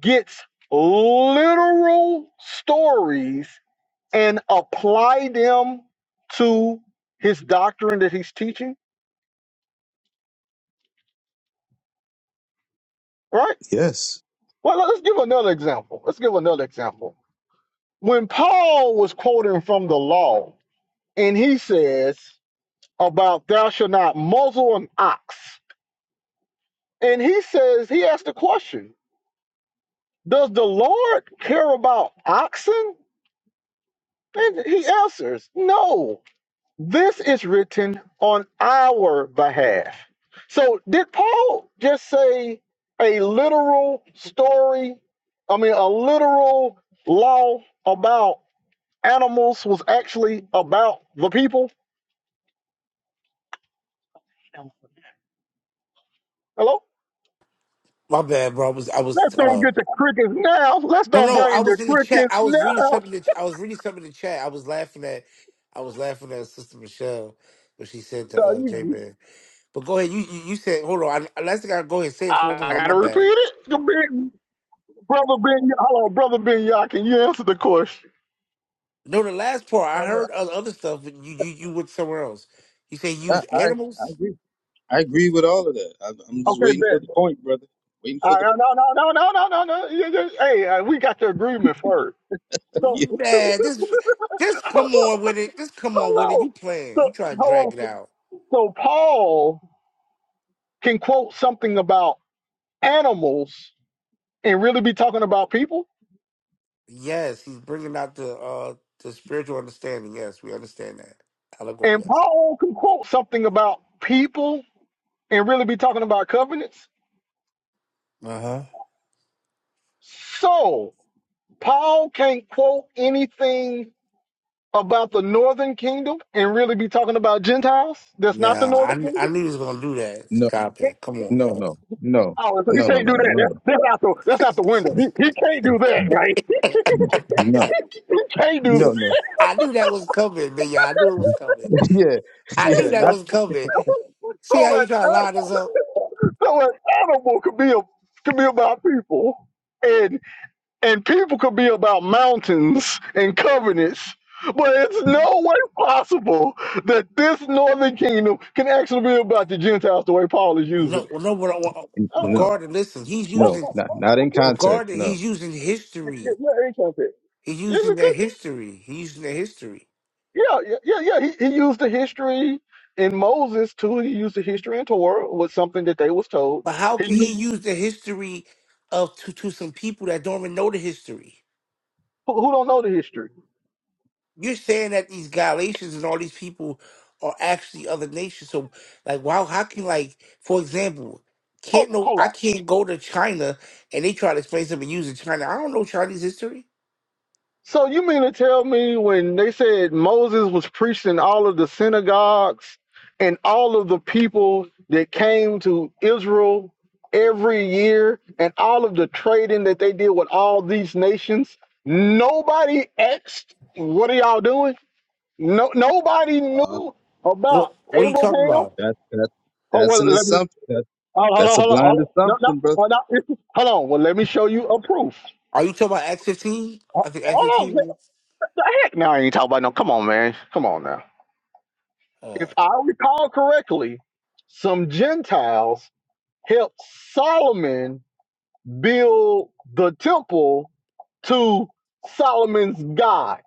gets literal stories and apply them to his doctrine that he's teaching, right?
yes.
Well, let's give another example. Let's give another example. When Paul was quoting from the law, and he says about thou shalt not muzzle an ox, and he says he asked the question, does the Lord care about oxen? And he answers, No, this is written on our behalf. So did Paul just say a literal story? I mean, a literal law about animals was actually about the people? Hello?
My bad, bro. I was I
Let's
was
don't
uh
get the crickets now. Let's
no
don't
no, I
bring the
was in the chat.
crickets
I was reading
now.
something that I was reading something in the chat. I was laughing at I was laughing at Sister Michelle what she said
No,
to uh J
you,
Man. But go ahead, you you, you said hold on, I last thing I go ahead and say it so one more
I
time, my
gotta repeat
bad.
it. Brother Ben, hello, brother Ben Yah, can you answer the question?
No, the last part I
I'm a-
heard other other stuff but you you, you went somewhere else. You say
I,
use
I,
animals?
I agree. I agree with all of that. I, I'm just
Okay,
waiting for
Ben.
the point, brother. Waiting for
Uh,
the
no, no, no, no, no, no, no, no. You- you- Hey, uh, we got the agreement first.
<laughs>
So,
yeah.
Man, this
<laughs>
just come on with it. Just come on with it.
hello.
You
So,
playing. You trying to drag
hello.
it out.
So, Paul can quote something about animals and really be talking about people.
Yes, he's bringing out the uh the spiritual understanding. Yes, we understand that. Allegorical.
And
Yes.
Paul can quote something about people and really be talking about covenants.
Uh huh.
So, Paul can't quote anything about the northern kingdom and really be talking about Gentiles. That's not the
Now, I
northern kingdom.
I knew he was gonna do that.
No,
Stop it. Come on,
no,
cuz.
no, no,
Oh, so he
no, no,
can't do
no, no,
that.
no,
That's, that's out the that's out the window. He, he can't do that, right?
no,
He can't do
no,
that.
no, no.
I knew that was coming, man. I knew it was
<laughs>
coming.
Yeah,
I knew
yeah,
that
not
was coming.
<laughs>
See
so
how
an
you try to line this
an-
up?
<laughs> so an animal could be a, could be about people, and and people could be about mountains and covenants. But it's no way possible that this northern kingdom can actually be about the Gentiles the way Paul is using
No,
it.
well, no. What I want, uh,
<laughs>
no,
regarding, listen, he's
Oh,
no,
using
oh,
not
oh,
not
oh,
in
oh.
context.
regarding.
No,
He's using
Yeah, yeah,
history.
ain't that
He's using
it?
their
could
history. He's using their history.
Yeah, yeah, yeah, yeah. He, he used the history in Moses too. He used the history in Torah was something that they was told.
But how
He
can he
used,
use the history of to, to some people that don't even know the history?
who, who don't know the history?
You're saying that these Galatians and all these people are actually other nations. So like wow, how can like for example,
Oh,
can't no
hold
I
on.
can't go to China and they try to explain something using China. I don't know Chinese history.
So you mean to tell me when they said Moses was preaching all of the synagogues and all of the people that came to Israel every year and all of the trading that they did with all these nations, nobody asked, "What are y'all doing?" No, nobody
Uh,
knew about
What what are you talking
Abraham.
about?
that that
Oh
that's
well,
an
let me.
assumption. that
Hold on, hold on,
That's a
hold on. hold
blind
on. No, no,
assumption, brother.
hold on. <laughs> Hold on. Well, let me show you a proof.
Are you talking about Act fifteen?
Ho-
I think Act
Hold on. The
fifteen
the heck? Now I ain't talking about no. Come on, man. Come on now.
uh
If I recall correctly, some Gentiles helped Solomon build the temple to Solomon's God.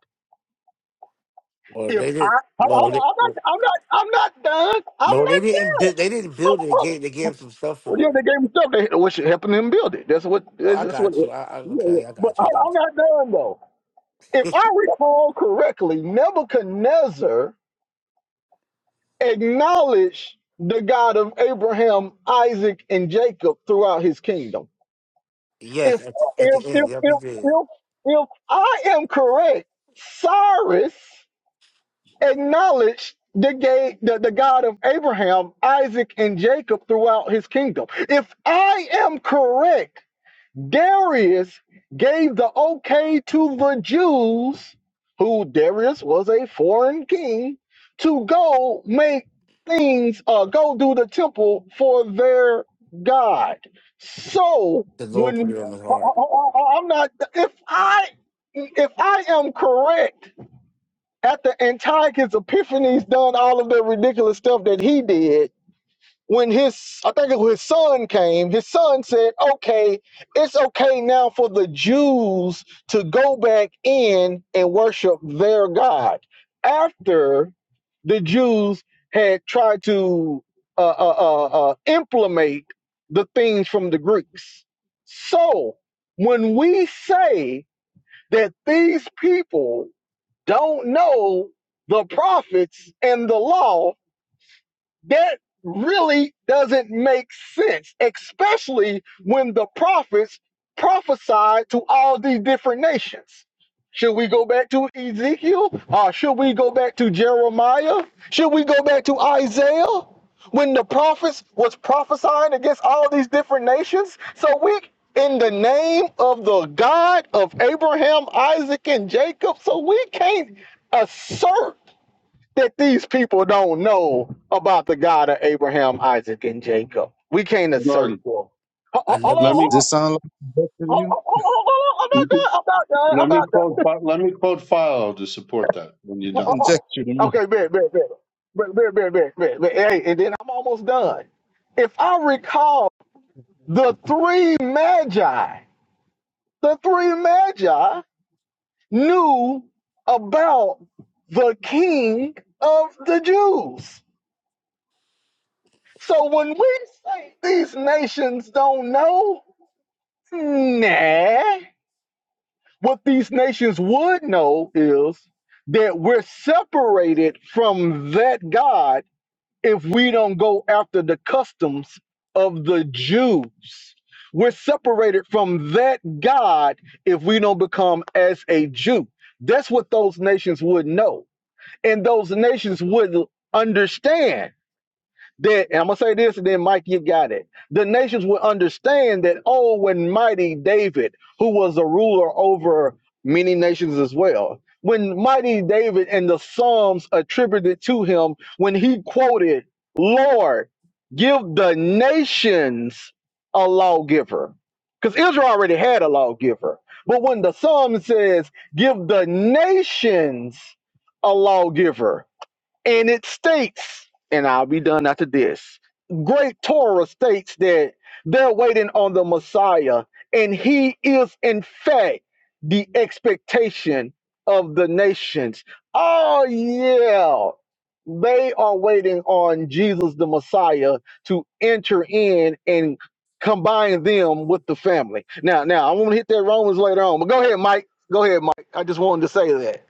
well
If
they
I
did well
hold on,
they,
hold on, I'm not, I'm not, I'm not done. I'm
no they didn't bu-
not
they didn't build it, they
done.
gave they gave them some stuff
Well, yeah,
for it.
they gave him stuff. They which helping him build it. That's what.
Well,
That's
I
just what.
got
Yeah,
you. I, I
yeah.
okay, I
But
got
I,
you. I got
I'm not done though. If
you.
I recall correctly, Nebuchadnezzar acknowledged the God of Abraham, Isaac, and Jacob throughout his kingdom.
<laughs> yes,
If
at the, at
if
the end,
if
yep, he
if
did.
if, if I am correct, Cyrus acknowledged the, ga- the the God of Abraham, Isaac, and Jacob throughout his kingdom. If I am correct. Darius gave the okay to the Jews, who Darius was a foreign king, to go make things, uh, go do the temple for their God. So
The Lord put
when
it on his heart.
I, am not, if I if I am correct, after Antiochus Epiphanes done all of the ridiculous stuff that he did, when his I think it was his son came, his son said, "Okay, it's okay now for the Jews to go back in and worship their God." After the Jews had tried to uh, uh, uh, uh, implement the things from the Greeks, so when we say that these people don't know the prophets and the law that really doesn't make sense, especially when the prophets prophesied to all these different nations. Should we go back to Ezekiel? Uh, should we go back to Jeremiah? Should we go back to Isaiah? When the prophets was prophesying against all these different nations? So we in the name of the God of Abraham, Isaac, and Jacob, so we can't assert that these people don't know about the God of Abraham, Isaac, and Jacob. We can't assert
Garden.
for. them. Ho-
I
ho- Hold
never. <laughs>
on,
Let
hold
me
Does
so
on.
this sound like conjecture to
Hold
you?
on, hold on, hold on. I'm not done. I'm
let me
not done.
quote Fi- let me quote Philo to support that when you're
I'm not
done.
Conjecture to
done.
me.
Okay, bet, bet, bet. Bet, bet, bet, bet, bet, bet. Hey, and then I'm almost done. If I recall, the three magi, the three magi knew about the king of the Jews So when we say these nations don't know, nah. What these nations would know is that we're separated from that God if we don't go after the customs of the Jews. We're separated from that God if we don't become as a Jew. That's what those nations would know. And those nations would understand that and I'm gonna say this, and then Mike, you got it. The nations will understand that, oh, when mighty David, who was a ruler over many nations as well, when mighty David and the Psalms attributed to him, when he quoted, Lord, give the nations a lawgiver. Because Israel already had a lawgiver. But when the psalm says, give the nations a lawgiver, and it states, and I'll be done after this. Great Torah states that they're waiting on the Messiah, and he is, in fact, the expectation of the nations. Oh, yeah. They are waiting on Jesus the Messiah to enter in and combine them with the family. Now, now I want to hit that Romans later on, but go ahead, Mike. Go ahead, Mike. I just wanted to say that.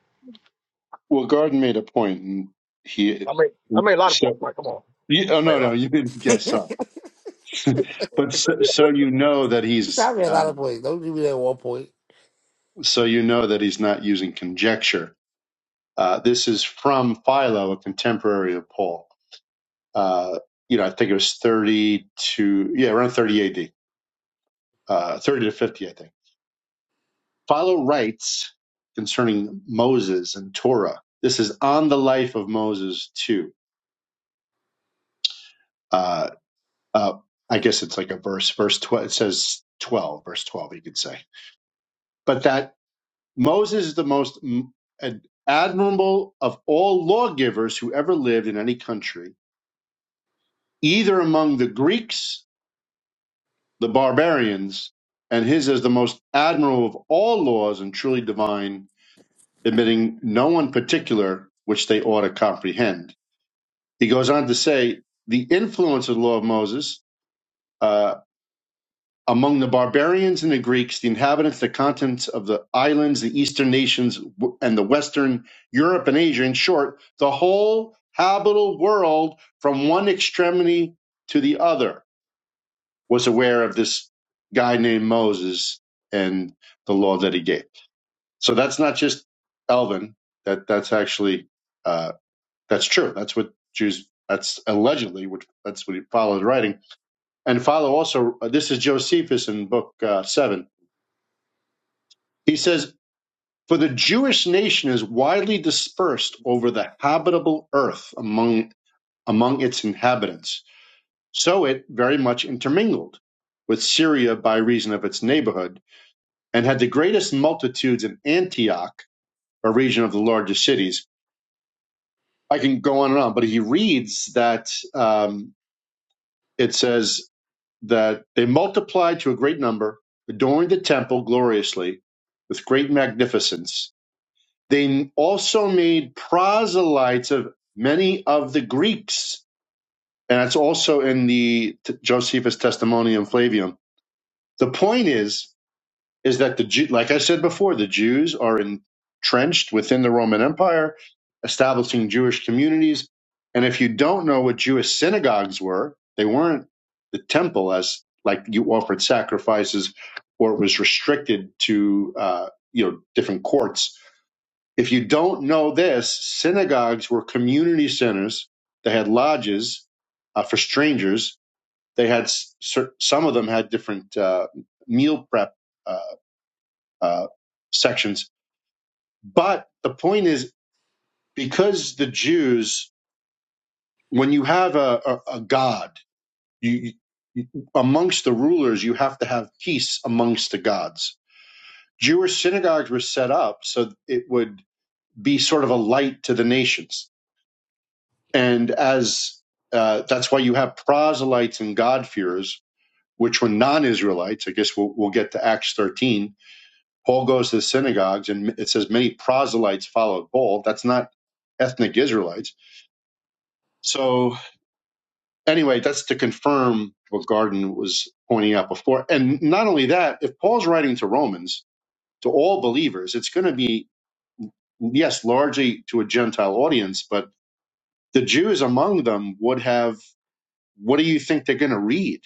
Well, Garden made a point, and he
I made I made a lot of points.
so
Mike, come on.
you, oh
I made
no
a lot. of
no you didn't guess so.
I
But so, so you know that he's
made a lot of
um,
points. Don't give me that one point,
so you know that he's not using conjecture. Uh, this is from Philo, a contemporary of Paul. Uh, you know, I think it was 30 to, yeah, around 30 AD, uh, 30 to 50, I think. Philo writes concerning Moses and Torah. This is on the life of Moses, too. Uh, uh, I guess it's like a verse, verse 12, it says 12, verse 12, you could say. But that Moses is the most mm, ad- admirable of all lawgivers who ever lived in any country, either among the Greeks the barbarians, and his is the most admirable of all laws and truly divine, admitting no one particular which they ought to comprehend. He goes on to say the influence of the law of Moses uh, among the barbarians and the Greeks, the inhabitants, the continents of the islands, the eastern nations, w- and the western Europe and Asia, in short, the whole habitable world from one extremity to the other was aware of this guy named Moses and the law that he gave. So that's not just Elvin. That that's actually uh, that's true. That's what Jews. That's allegedly what that's what he followed writing and follow also. uh, This is Josephus in book uh, seven. He says. For the Jewish nation is widely dispersed over the habitable earth among among its inhabitants, so it very much intermingled with Syria by reason of its neighborhood, and had the greatest multitudes in Antioch, a region of the largest cities. I can go on and on, but he reads that um, it says that they multiplied to a great number, adorned the temple gloriously with great magnificence. They also made proselytes of many of the Greeks. And that's also in the T- Josephus Testimonium Flavium. The point is is that the Jew, like I said before, the Jews are entrenched within the Roman Empire, establishing Jewish communities. And if you don't know what Jewish synagogues were, they weren't the temple as like you offered sacrifices, or it was restricted to uh, you know different courts. If you don't know this, synagogues were community centers. They had lodges uh, for strangers. They had s- cer- some of them had different uh, meal prep uh, uh, sections. But the point is, because the Jews, when you have a, a, a god, you, you amongst the rulers, you have to have peace amongst the gods. Jewish synagogues were set up so it would be sort of a light to the nations, and as uh, that's why you have proselytes and God-fearers, which were non-Israelites. I guess we'll, we'll get to Acts 13 Paul goes to the synagogues and it says many proselytes followed Paul. That's not ethnic Israelites. So anyway, that's to confirm what Garden was pointing out before. And not only that, if Paul's writing to Romans, to all believers, it's going to be, yes, largely to a Gentile audience, but the Jews among them would have, what do you think they're going to read?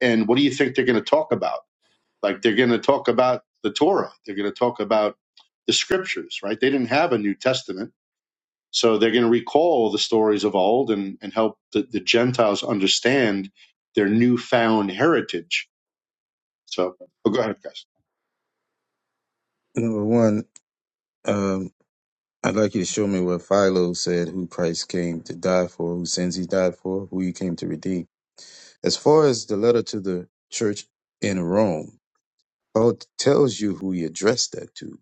And what do you think they're going to talk about? Like they're going to talk about the Torah. They're going to talk about the scriptures, right? They didn't have a New Testament So they're going to recall the stories of old and, and help the, the Gentiles understand their newfound heritage. So oh, go ahead, guys.
Number one. Um. I'd like you to show me what Philo said, who Christ came to die for, who sins he died for, who he came to redeem. As far as the letter to the church in Rome, Paul tells you who he addressed that to.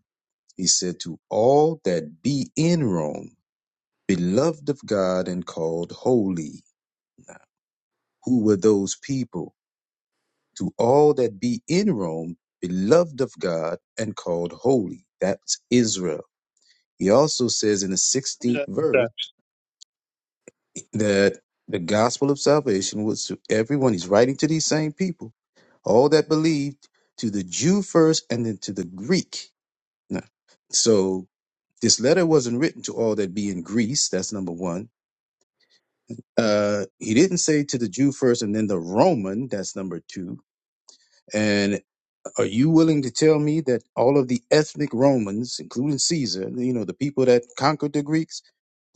He said, To all that be in Rome, beloved of God and called holy. Who were those people? To all that be in Rome, beloved of God and called holy. That's Israel. He also says in the
Let
16th verse, that the gospel of salvation was to everyone. He's writing to these same people, all that believed, to the Jew first and then to the Greek. Now, So this letter wasn't written to all that be in Greece. That's number one. Uh, he didn't say to the Jew first and then the Roman. That's number two. Are you willing to tell me that all of the ethnic Romans, including Caesar, you know, the people that conquered the Greeks,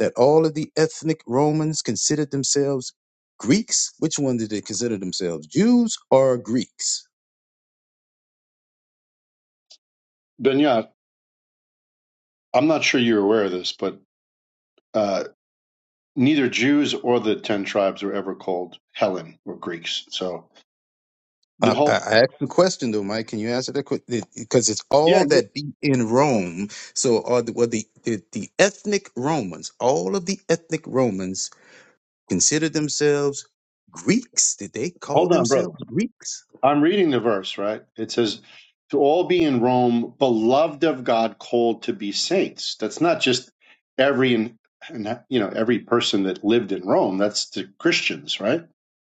that all of the ethnic Romans considered themselves Greeks? Which one did they consider themselves, Jews or Greeks?
Benyat, I'm not sure you're aware of this, but uh, neither Jews or the 10 tribes were ever called Helen or Greeks. So the
Uh, I
whole.
I asked the question though, Mike. Can you answer that question? Because it's
Yeah,
all
you,
that be in Rome. So, are the, were the, the the ethnic Romans, all of the ethnic Romans, considered themselves Greeks? Did they call
hold on, bro.
themselves Greeks?
I'm reading the verse, right? It says, to all be in Rome, beloved of God, called to be saints. That's not just every, and you know, every person that lived in Rome. That's the Christians, right?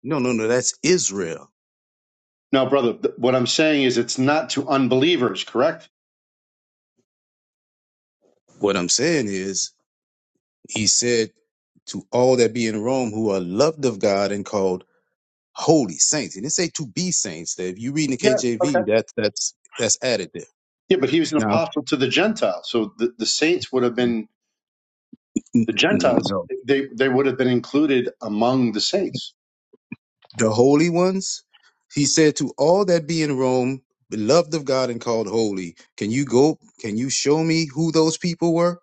No, no, no. That's Israel.
No, brother, th- what I'm saying is it's not to unbelievers, correct?
What I'm saying is, he said to all that be in Rome who are loved of God and called holy saints. He didn't say to be saints. That if you read in the
Yeah, okay.
KJV, that's that's that's added there.
Yeah, but he was an
Now,
apostle to the Gentiles. So the, the saints would have been,
n-
the
n-
Gentiles,
no,
they, they would have been included among the saints.
the holy ones. He said to all that be in Rome, beloved of God and called holy. Can you go? Can you show me who those people were?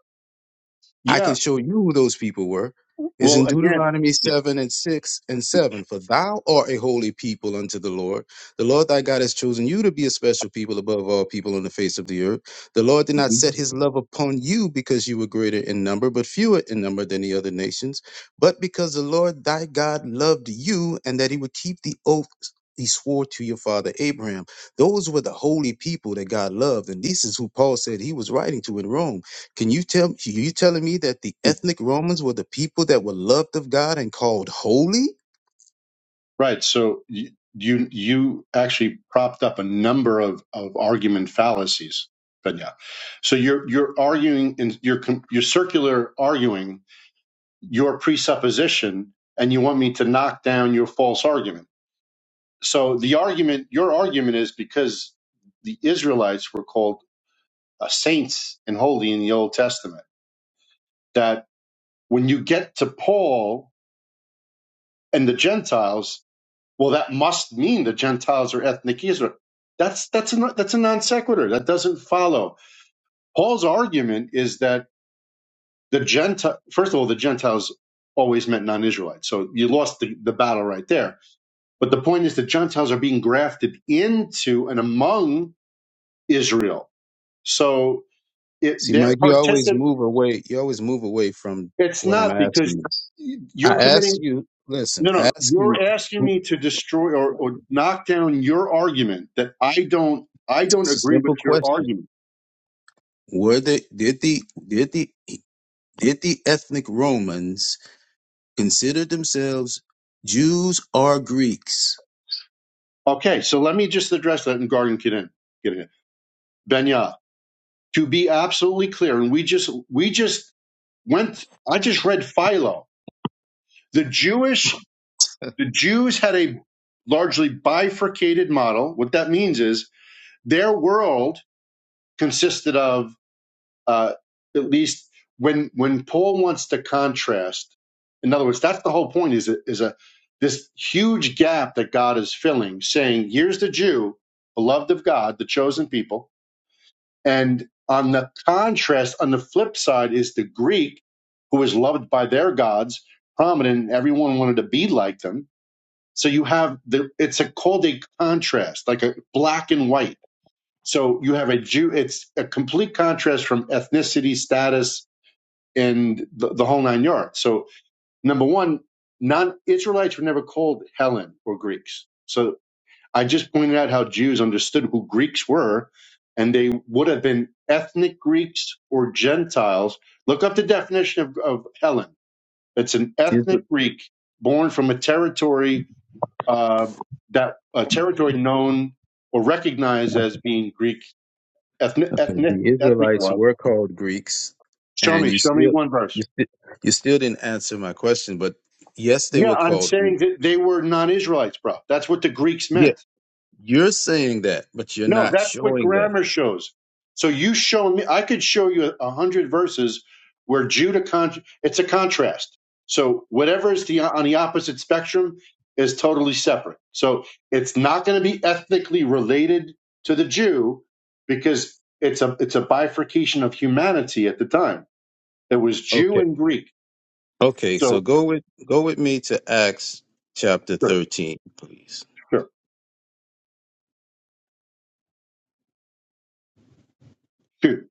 I can
Yeah.
show you who those people were. It's
Well,
in
again,
Deuteronomy
yeah.
7 and 6 and 7. For thou art a holy people unto the Lord. The Lord thy God has chosen you to be a special people above all people on the face of the earth. The Lord did not
Mhm.
set his love upon you because you were greater in number, but fewer in number than the other nations, but because the Lord thy God loved you and that he would keep the oath he swore to your father Abraham. Those were the holy people that God loved. And this is who Paul said he was writing to in Rome can you tell you telling me that the ethnic Romans were the people that were loved of God and called holy?
Right. So y- you you actually propped up a number of, of argument fallacies, But yeah, So you're you're arguing in your com- your circular arguing your presupposition, and you want me to knock down your false argument. So the argument your argument is because the Israelites were called uh, saints and holy in the Old Testament. That when you get to Paul and the Gentiles, well, that must mean the Gentiles are ethnic Israel. That's that's a that's a non sequitur. That doesn't follow. Paul's argument is that the Gentile, first of all, the Gentiles always meant non-Israelites, so you lost the, the battle right there. But the point is that Gentiles are being grafted into and among Israel, so it,
See,
they're
Mike, you always
particip.
move away. You always move away from
It's
what I'm
not
asking
because
you. I
you're
ask
committing
you, listen,
No,
I
no.
ask you
You're asking
who-
me to destroy or, or knock down your argument that I don't I don't
it's a
agree with
simple
your
question.
argument.
Were the did the did the did the ethnic Romans consider themselves Jews or Greeks?
Okay, so let me just address that and Garden get in get in. Benya, to be absolutely clear, and we just we just went I just read Philo. The Jewish
<laughs>
the Jews had a largely bifurcated model. What that means is their world consisted of uh, at least when when Paul wants to contrast. In other words, that's the whole point. Is a, is a this huge gap that God is filling, saying, "Here's the Jew, beloved of God, the chosen people," and on the contrast, on the flip side, is the Greek, who is loved by their gods, prominent. and Everyone wanted to be like them. So you have the it's a called a contrast, like a black and white. So you have a Jew. It's a complete contrast from ethnicity, status, and the, the whole nine yards. So number one, non Israelites were never called Helen or Greeks. So I just pointed out how Jews understood who Greeks were, and they would have been ethnic Greeks or Gentiles. Look up the definition of, of Helen. It's an
Yes.
ethnic Greek born from a territory uh, that a territory known or recognized as being Greek ethnic
Okay,
ethnic
the
ethnic
Israelites
was.
were called Greeks,
Show
and
me,
you
show me
still
one verse.
you still you still didn't answer my question. But yes, they
Yeah,
were
I'm
called Greeks.
saying that they were non-Israelites, bro. That's what the Greeks
Yeah,
meant.
you're saying that, but you're
No,
not
that's what
showing that.
grammar shows. So you show me, I could show you a hundred verses where Judah, con- it's a contrast. So whatever is the on the opposite spectrum is totally separate. So it's not going to be ethnically related to the Jew because it's a it's a bifurcation of humanity at the time. It was Jew
Okay,
and Greek.
okay. So
So
go with go with me to Acts chapter
sure,
thirteen, please.
sure, Jew.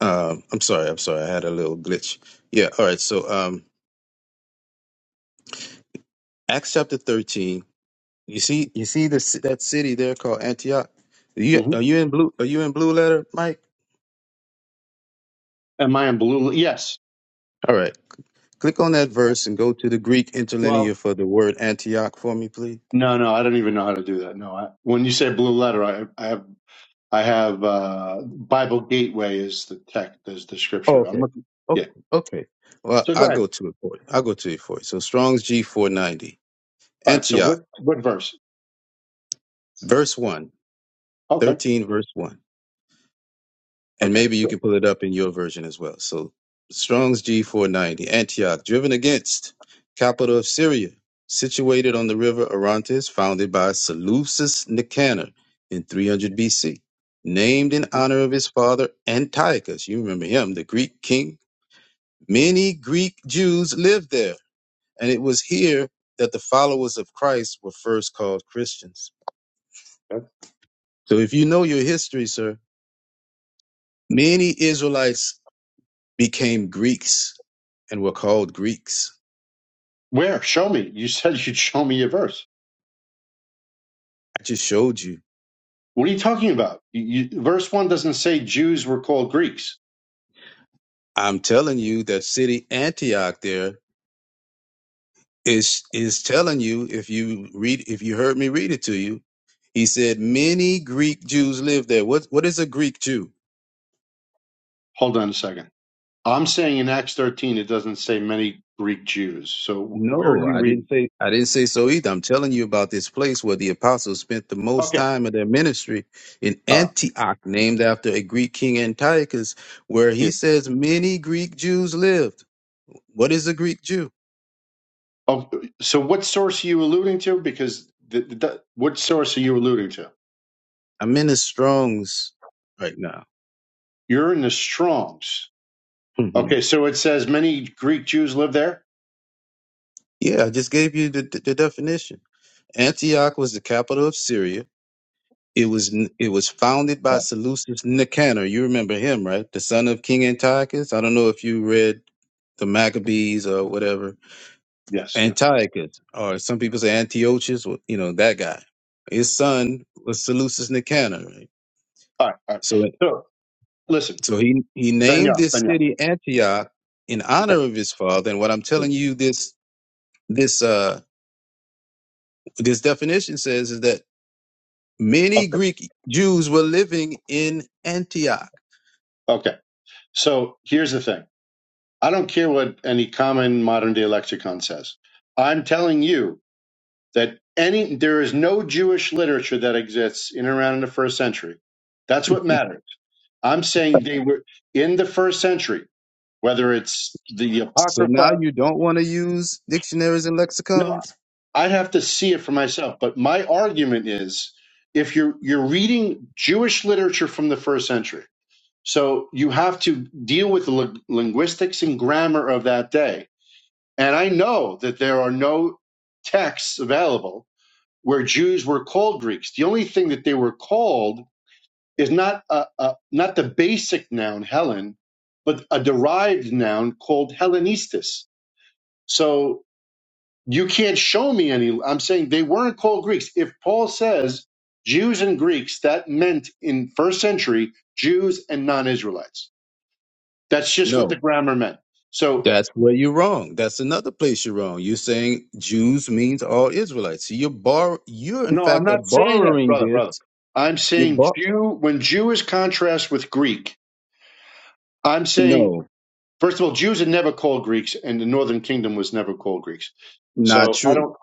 Um, I'm sorry, I'm sorry. I had a little glitch. Yeah. All right. So um, Acts chapter thirteen. You see, you see this that city there called Antioch. Are you
hmm
are you in blue? Are you in blue letter, Mike?
Am I in blue? Yes.
All right. Click on that verse and go to the Greek
Well.
interlinear for the word Antioch for me, please.
No, no, I don't even know how to do that. No, I, when you say blue letter, I, I have, I have uh, Bible Gateway is the text, is the
Oh,
scripture. I'm
okay.
looking. Yeah.
Okay. Okay. Well,
So go
I'll go
ahead.
to it for you. I'll go to it for you. So Strong's G490.
All right. So
Antioch,
what, what verse?
verse one,
Okay.
13 verse 1. and
Okay.
maybe you
Sure.
can pull it up in your version as well. So Strong's G490, Antioch, driven against, capital of Syria, situated on the river Orontes, founded by Seleucus Nicanor in 300 BC, named in
Mhm.
honor of his father Antiochus. You remember him, the Greek king. Many Greek Jews lived there, and it was here that the followers of Christ were first called Christians.
Okay.
So if you know your history, sir, many Israelites became Greeks and were called Greeks.
Where? Show me. You said you'd show me a verse.
I just showed you.
What are you talking about? You, you, verse one doesn't say Jews were called Greeks.
I'm telling you that city Antioch there is is telling you if you read if you heard me read it to you, he said many Greek Jews live there. What what is a Greek Jew?
Hold on a second. I'm saying in Acts 13 it doesn't say many Greek Jews. So where
No,
are you
I didn't
reading?
say I didn't say so either. I'm telling you about this place where the apostles spent the most
Okay.
time of their ministry in
All right.
Antioch, named after a Greek king Antiochus, where
Yeah.
he says many Greek Jews lived. What is a Greek Jew?
Oh, so, what source are you alluding to? Because the, the, what source are you alluding to?
I'm in the Strong's right now.
You're in the Strong's.
hmm
Okay, so it says many Greek Jews live there.
Yeah, I just gave you the, the, the definition. Antioch was the capital of Syria. It was it was founded by
Right.
Seleucus Nicanor. You remember him, right? The son of King Antiochus. I don't know if you read the Maccabees or whatever.
Yes, yes.
Antiochus, or some people say Antiochus. Well, you know that guy. His son was Seleucus Nicanor. Right?
All right, all right.
So
So listen,
so he he named
Benya,
this
Benya.
city Antioch in honor
Okay,
of his father. And what I'm
yeah,
telling you this this uh this definition says is that many
okay,
Greek Jews were living in Antioch.
okay. So here's the thing. I don't care what any common modern day lexicon says. I'm telling you that any there is no Jewish literature that exists in and around in the first century. That's
<laughs>
what matters. I'm saying they were in the first century whether it's the
So now
apocrypha
you don't want to use dictionaries and
no
lexicons?
i'd have to see it for myself but my argument is if you're you're reading jewish literature from the first century so you have to deal with the lin- linguistics and grammar of that day and i know that there are no texts available where jews were called greeks the only thing that they were called is not a, a, not the basic noun helen but a derived noun called hellenistus so you can't show me any i'm saying they weren't called greeks if paul says jews and greeks that meant in first century jews and non-israelites that's just what the
No.
grammar meant so
That's where you're wrong. That's another place you're wrong. You're saying Jews means all Israelites. So you're bor- you're in
no i'm
fact are
not saying that
borrowing
brother
this.
brother i'm
You
saying
bor-
jew when jew is contrast with greek i'm saying
no,
first of all jews are never called greeks and the northern kingdom was never called greeks
not
so i
true.
don't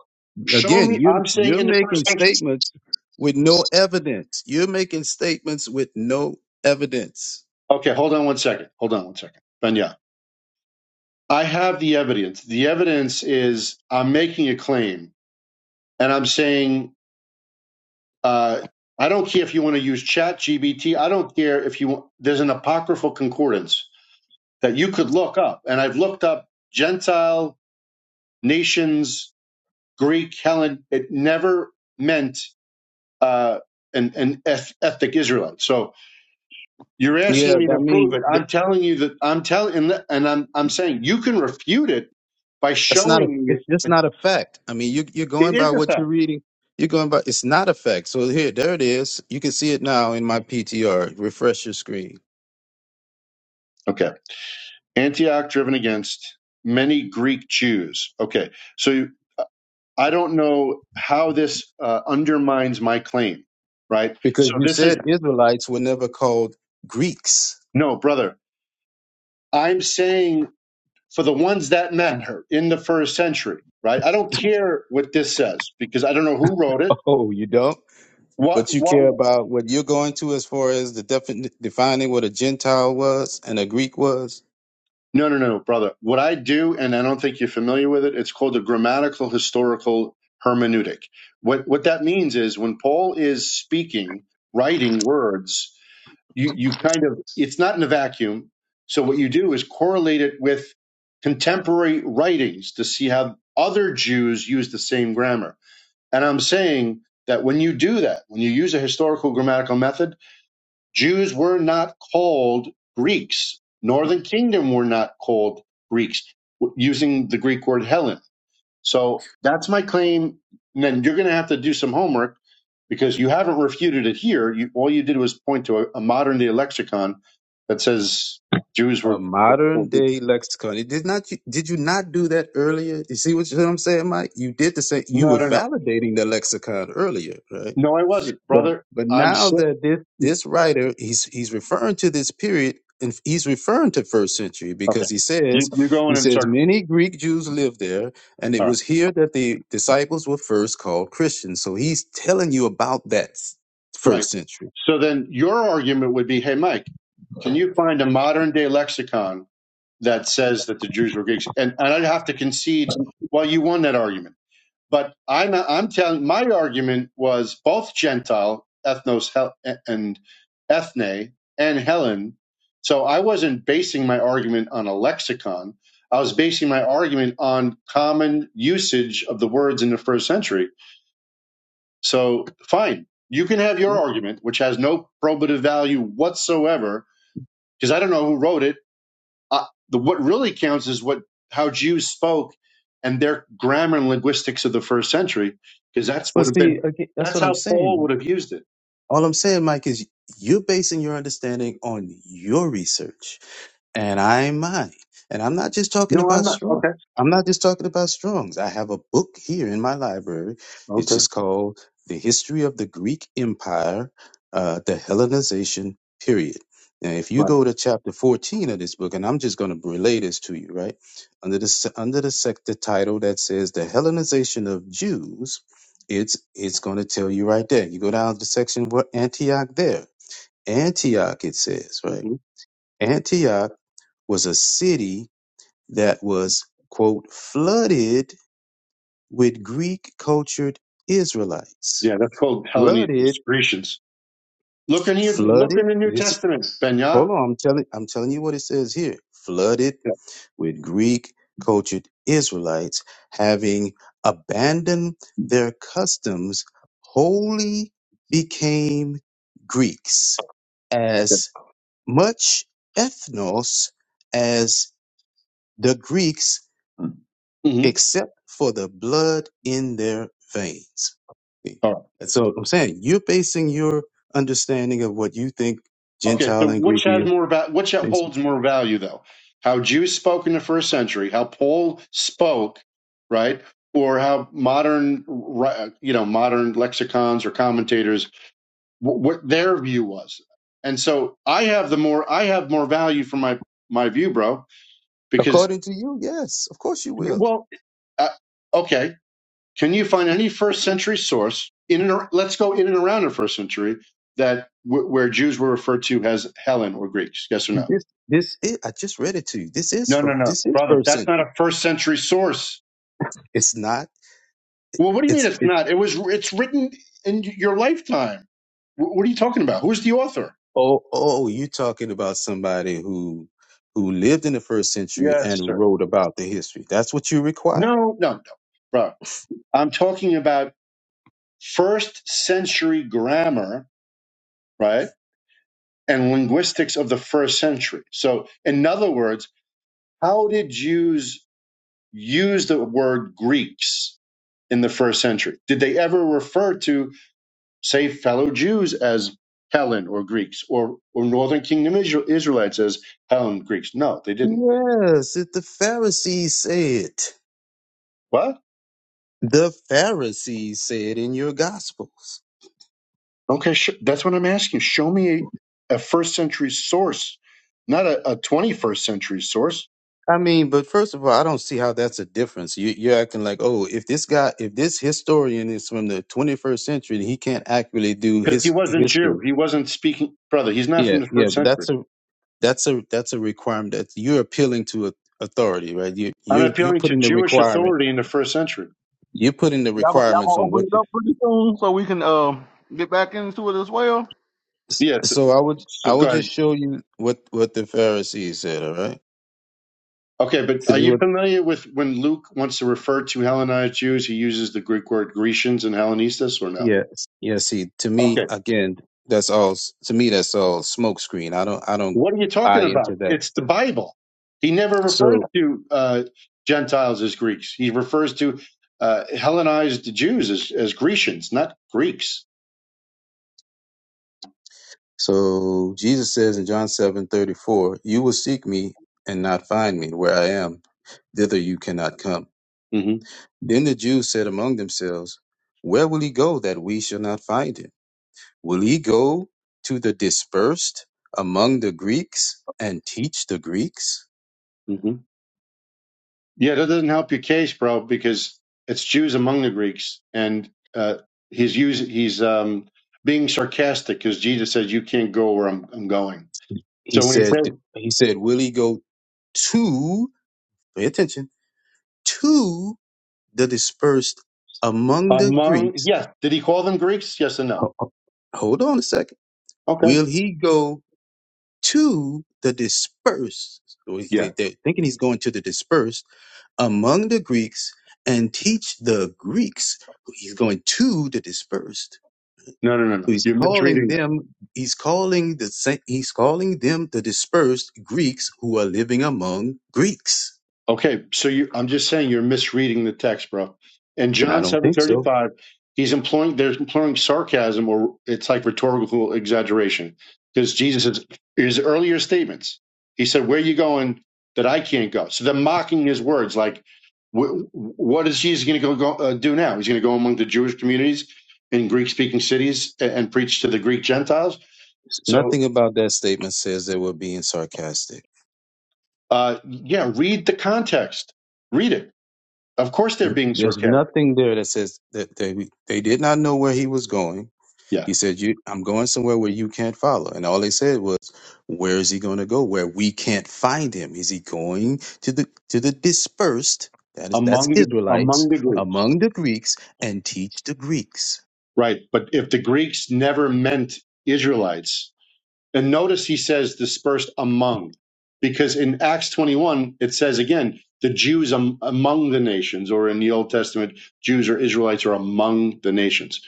show
Again,
me
you
i'm saying
you're
in the first
making
century
statements with no evidence. You're making statements with no evidence.
okay hold on one second hold on one second ben I have the evidence. The evidence is I'm making a claim and I'm saying, uh, I don't care if you want to use chat GBT. I don't care if you, want. there's an apocryphal concordance that you could look up. And I've looked up Gentile nations, Greek, Helen. It never meant, uh, an, an ethnic Israelite. So you're
Yeah,
asking me
I
to prove
mean,
it.
th-
I'm telling you that I'm telling, and, and I'm, I'm saying you can refute it by
it's not a.
showing
It's just
it.
not a fact. I mean, you you're going
It
by
is a
what you're
fact.
reading. You're going by. It's not a fact. So here, there it is. You can see it now in my PTR. Refresh your screen
Okay. Antioch driven against many Greek Jews. Okay, so I don't know how this uh, undermines my claim, right?
because
So
you
this is
said Israelites were never called Greeks.
no, brother. I'm saying for the ones that matter in the first century, right? I don't care what this says because I don't know who wrote
<laughs>
it.
Oh, you don't.
What?
But you
What?
care about what you're going to as far as the defin- defining what a Gentile was and a Greek was
No, no, no, brother. What I do, and I don't think you're familiar with it. It's called the grammatical historical hermeneutic. What what that means is when Paul is speaking, writing words you you kind of it's not in a vacuum so what you do is correlate it with contemporary writings to see how other jews use the same grammar and i'm saying that when you do that when you use a historical grammatical method jews were not called greeks northern kingdom were not called greeks w- using the greek word helen so that's my claim. And then you're going to have to do some homework because you haven't refuted it here. You, all you did was point to a, a modern day lexicon that says Jews
A
were. were were-
modern day lexicon. It did not. Did you not do that earlier? You see what, you, what I'm saying, Mike? You did the same. You
no,
were
no, no.
validating the lexicon earlier, right?
No, I wasn't,
But
brother.
but
I'm
now
sick.
that this this writer he's he's referring to this period and he's referring to first century
Okay.
because he says
You, you're
he
going in
says
circles.
many Greek Jews lived there and it
All right.
was here that the disciples were first called Christians. So he's telling you about that s-
Right.
first century.
So then your argument would be hey, Mike, can you find a modern day lexicon that says that the Jews were Greeks? And, and I'd have to concede, well, you won that argument But I'm I'm telling my argument was both Gentile ethnos hel, and ethne and Helen. So I wasn't basing my argument on a lexicon. I was basing my argument on common usage of the words in the first century. So fine, you can have
Hmm?
your argument, which has no probative value whatsoever, because I don't know who wrote it uh, the what really counts is what how Jews spoke and their grammar and linguistics of the first century, because that's
Well,
would have
see,
been
again, that's
that's
what I'm
how Paul
saying.
would have used it.
All I'm saying, Mike, is you're basing your understanding on your research and I mine. And I'm not just talking
No, I'm
about
not.
Strong's.
Okay,
I'm not just talking about Strong's. I have a book here in my library. It's
okay,
just called The History of the Greek Empire, uh, the Hellenization Period. Now, if you
right.
go to chapter 14 of this book, and I'm just going to relay this to you, right? Under the, se- under the sector title that says The Hellenization of Jews, it's, it's going to tell you right there. You go down to the section where Antioch there. Antioch, it says, right?
hmm
Antioch was a city that was, quote, flooded with Greek cultured Israelites.
Yeah, that's called Hellenistic
Flooded,
Grecians. Look in here. Look
flooded.
in the New
It's,
Testament, Benya.
hold on, I'm telling, I'm telling you what it says here. Flooded
Yeah.
with Greek cultured Israelites having abandoned their customs, wholly became Greeks
Okay.
as much ethnos as the Greeks
Mhm.
except for the blood in their veins. See?
All right.
And so I'm saying you're basing your understanding of what you think
Okay, so
Gentile and Greek
which has
is
more about which
based on.
holds more value though? How Jews spoke in the first century, how Paul spoke, right? Or how modern, ri- you know, modern lexicons or commentators wh- what their view was. And so I have the more I have more value for my my view, bro, because
According to you, yes, of course you will.
well, uh, okay, can you find any first century source in and ar- let's go in and around the first century that wh- where Jews were referred to as Helen or Greeks? Yes or no?
This, this, is, I just read it to you. This is
No,
for
no, no,
this is
brother.
first
That's not
century.
a first century source.
It's not.
Well, what do you mean
It's
it's not? It was. It's written in your lifetime. Wh- What are you talking about? Who's the author?
Oh, oh, you talking about somebody who who lived in the first century
Yes,
and
sir.
wrote about the history. That's what you require?
No, no, no, bro. I'm talking about first century grammar, right? And linguistics of the first century. So, in other words, how did Jews use the word Greeks in the first century? Did they ever refer to say fellow Jews as Helen or Greeks or, or Northern Kingdom Israel, Israelites as Helen Greeks. No, they didn't.
Yes, it the Pharisees said.
What?
The Pharisees said in your gospels.
Okay, sh- that's what I'm asking. Show me a, a first century source, not a, a 21st century source.
I mean, but first of all, I don't see how that's a difference. You, you're acting like, oh, if this guy, if this historian is from the 21st century, he can't accurately do
Because he
his
wasn't Jew.
history.
He wasn't speaking, brother, he's not
Yeah,
from the
yeah,
first
but
century.
that's a that's a that's a requirement that you're appealing to a, authority, right? You
I'm
you you're
appealing to
putting the
Jewish
requirement.
authority in the first century.
You're putting the
Y'all gonna, y'all
requirements
gonna
on
open
what's.
it up for this? one?
ex-
Yeah,
So I would I
so go
would just
ahead.
show you what what the Pharisees said. All right,
Okay, but
this
are
is what
you familiar with when Luke wants to refer to Hellenized Jews, he uses the Greek word Grecians and Hellenistas or no?
Yeah, yeah. See, to
Okay.
me, again, that's all. s- To me, that's all smoke screen. I don't, I don't
What are you
buy
talking
into
about?
that.
It's the Bible. He never refers
So,
to uh, Gentiles as Greeks. He refers to uh, Hellenized Jews as, as Grecians, not Greeks.
so Jesus says in John seven thirty four, "You will seek me and not find me. Where I am, thither you cannot come."
hmm
Then the Jews said among themselves, "Where will he go that we shall not find him? Will he go to the dispersed among the Greeks and teach the Greeks?"
hmm Yeah, that doesn't help your case, bro, because it's Jews among the Greeks, and uh, he's use, he's um, being sarcastic because Jesus says you can't go where I'm, I'm going.
He
So when he
said.
says
He said, "Will he go to?" Pay attention to the dispersed among the
among,
Greeks.
yes, did he call them Greeks? Yes and no.
Ho- ho- Hold on a second.
Okay.
Will he go to the dispersed? So he- they-
Yeah.
They're thinking he's going to the dispersed among the Greeks and teach the Greeks. He's going to the dispersed.
No, no, no,
So
no.
He's
You're
calling
misreading
them. He's calling the. sa- He's calling them the dispersed Greeks who are living among Greeks.
Okay, so you I'm just saying you're misreading the text, bro. In
I
John
don't think so.
7:35, he's employing they're employing sarcasm or it's like rhetorical exaggeration because Jesus is his earlier statements. He said, "Where you going that I can't go?" So they're mocking his words like wh- what is Jesus going to go, go uh, do now? He's going to go among the Jewish communities in Greek-speaking cities and, and preach to the Greek Gentiles. So,
Nothing about that statement says they were being sarcastic.
uh, yeah, read the context. Read it. Of course, they're being
There's
sarcastic.
nothing there that says that they they did not know where he was going.
Yeah.
He said, "You, I'm going somewhere where you can't follow." And all they said was, "Where is he going to go? Where we can't find him? Is he going to the to the dispersed? That is, that's
among the
Israelites
among the Greeks.
among the Greeks, and teach the Greeks."
Right. But if the Greeks never meant Israelites, and notice he says dispersed among, because in Acts 21 it says again the Jews am, among the nations, or in the Old Testament Jews or Israelites are among the nations.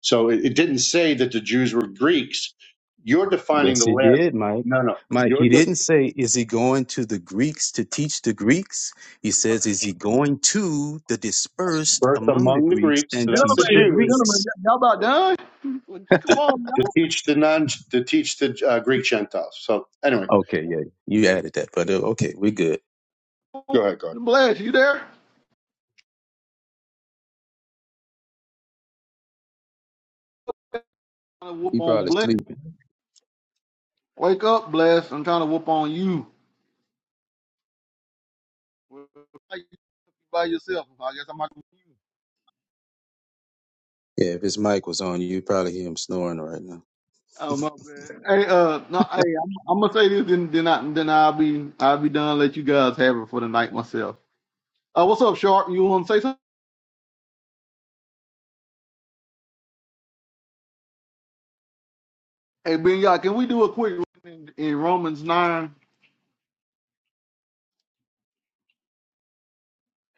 So it, it didn't say that the Jews were Greeks. You're defining
Yes,
the
he
last.
did, Mike.
No, no.
Mike,
You're
he
the
didn't say, "Is he going to the Greeks to teach the Greeks?" He says, "Is he going to the dispersed
birth
among the
among the
Greeks
Greeks. So
and
that's the
teach the
Jews
Greeks?"
to,
Come on, y'all.
to teach the non to teach the uh, Greek Gentiles. So anyway,
Okay, yeah, you added that, but uh, okay, we good.
go ahead. Go ahead.
I'm trying to whoop
He
on
probably
Bless.
sleeping.
Wake up, Bless. I'm trying to whoop on you. Well, why you By yourself. I guess I'm not with you.
Yeah, if his mic was on, you probably hear him snoring right now.
Oh my bad. Hey, uh, no, hey, I'm, I'm gonna say this, then then I then I'll be I'll be done. Let you guys have it for the night myself. Uh, what's up, Sharp? You want to say something? Hey, Ben, y'all, can we do a quick reading in, in Romans nine?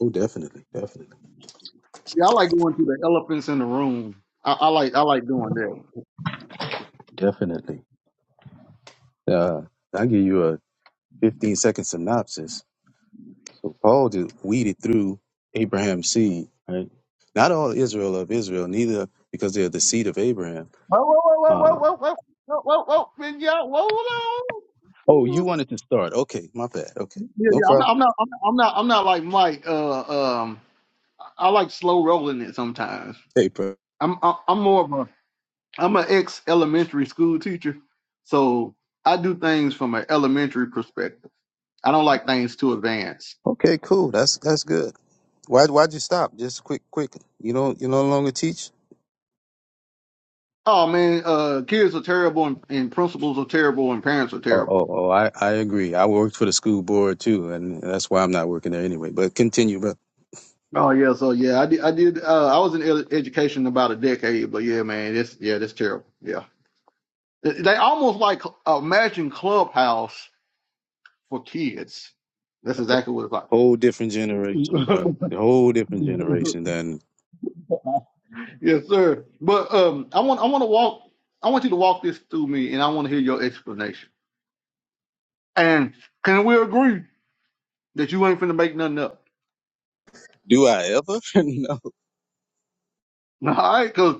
Oh, definitely, definitely,
See, I like going through the elephants in the room. I, I like I like doing that.
definitely. Uh, I'll give you a 15 second synopsis. So Paul just weeded through Abraham's seed, right? Not all Israel of Israel, neither because they're the seed of Abraham.
Whoa, whoa, whoa, whoa, whoa,
Uh,
whoa, whoa, whoa, whoa, whoa, y'all, whoa,
oh, you
hold on.
wanted to start. Okay, my bad. Okay,
Yeah,
no
yeah, I'm not,
problem.
I'm not, I'm not, I'm not, I'm not like Mike. Uh, um, I like slow rolling it sometimes.
Hey, bro.
I'm, I- I'm more of a, I'm an ex elementary school teacher, so I do things from an elementary perspective. I don't like things too advanced.
Okay, cool. That's that's good. Why why'd you stop? Just quick, quick. You don't you no longer teach?
Oh man, uh, kids are terrible, and, and principals are terrible, and parents are
Oh,
terrible.
oh, oh, I, I agree. I worked for the school board too, and that's why I'm not working there anyway. But continue, bro.
Oh yeah, so yeah, I did, I did. Uh, I was in ed- education about a decade, but yeah, man, this, yeah, that's terrible. yeah. They almost like uh, imagine Clubhouse for kids. That's exactly what
Whole different generation,
it's
bro. The whole different generation than
like. <laughs> yes, sir. But um, I want I want to walk. I want you to walk this through me, and I want to hear your explanation. And can we agree that you ain't finna make nothing up?
do I ever? <laughs> no.
<laughs> All right, because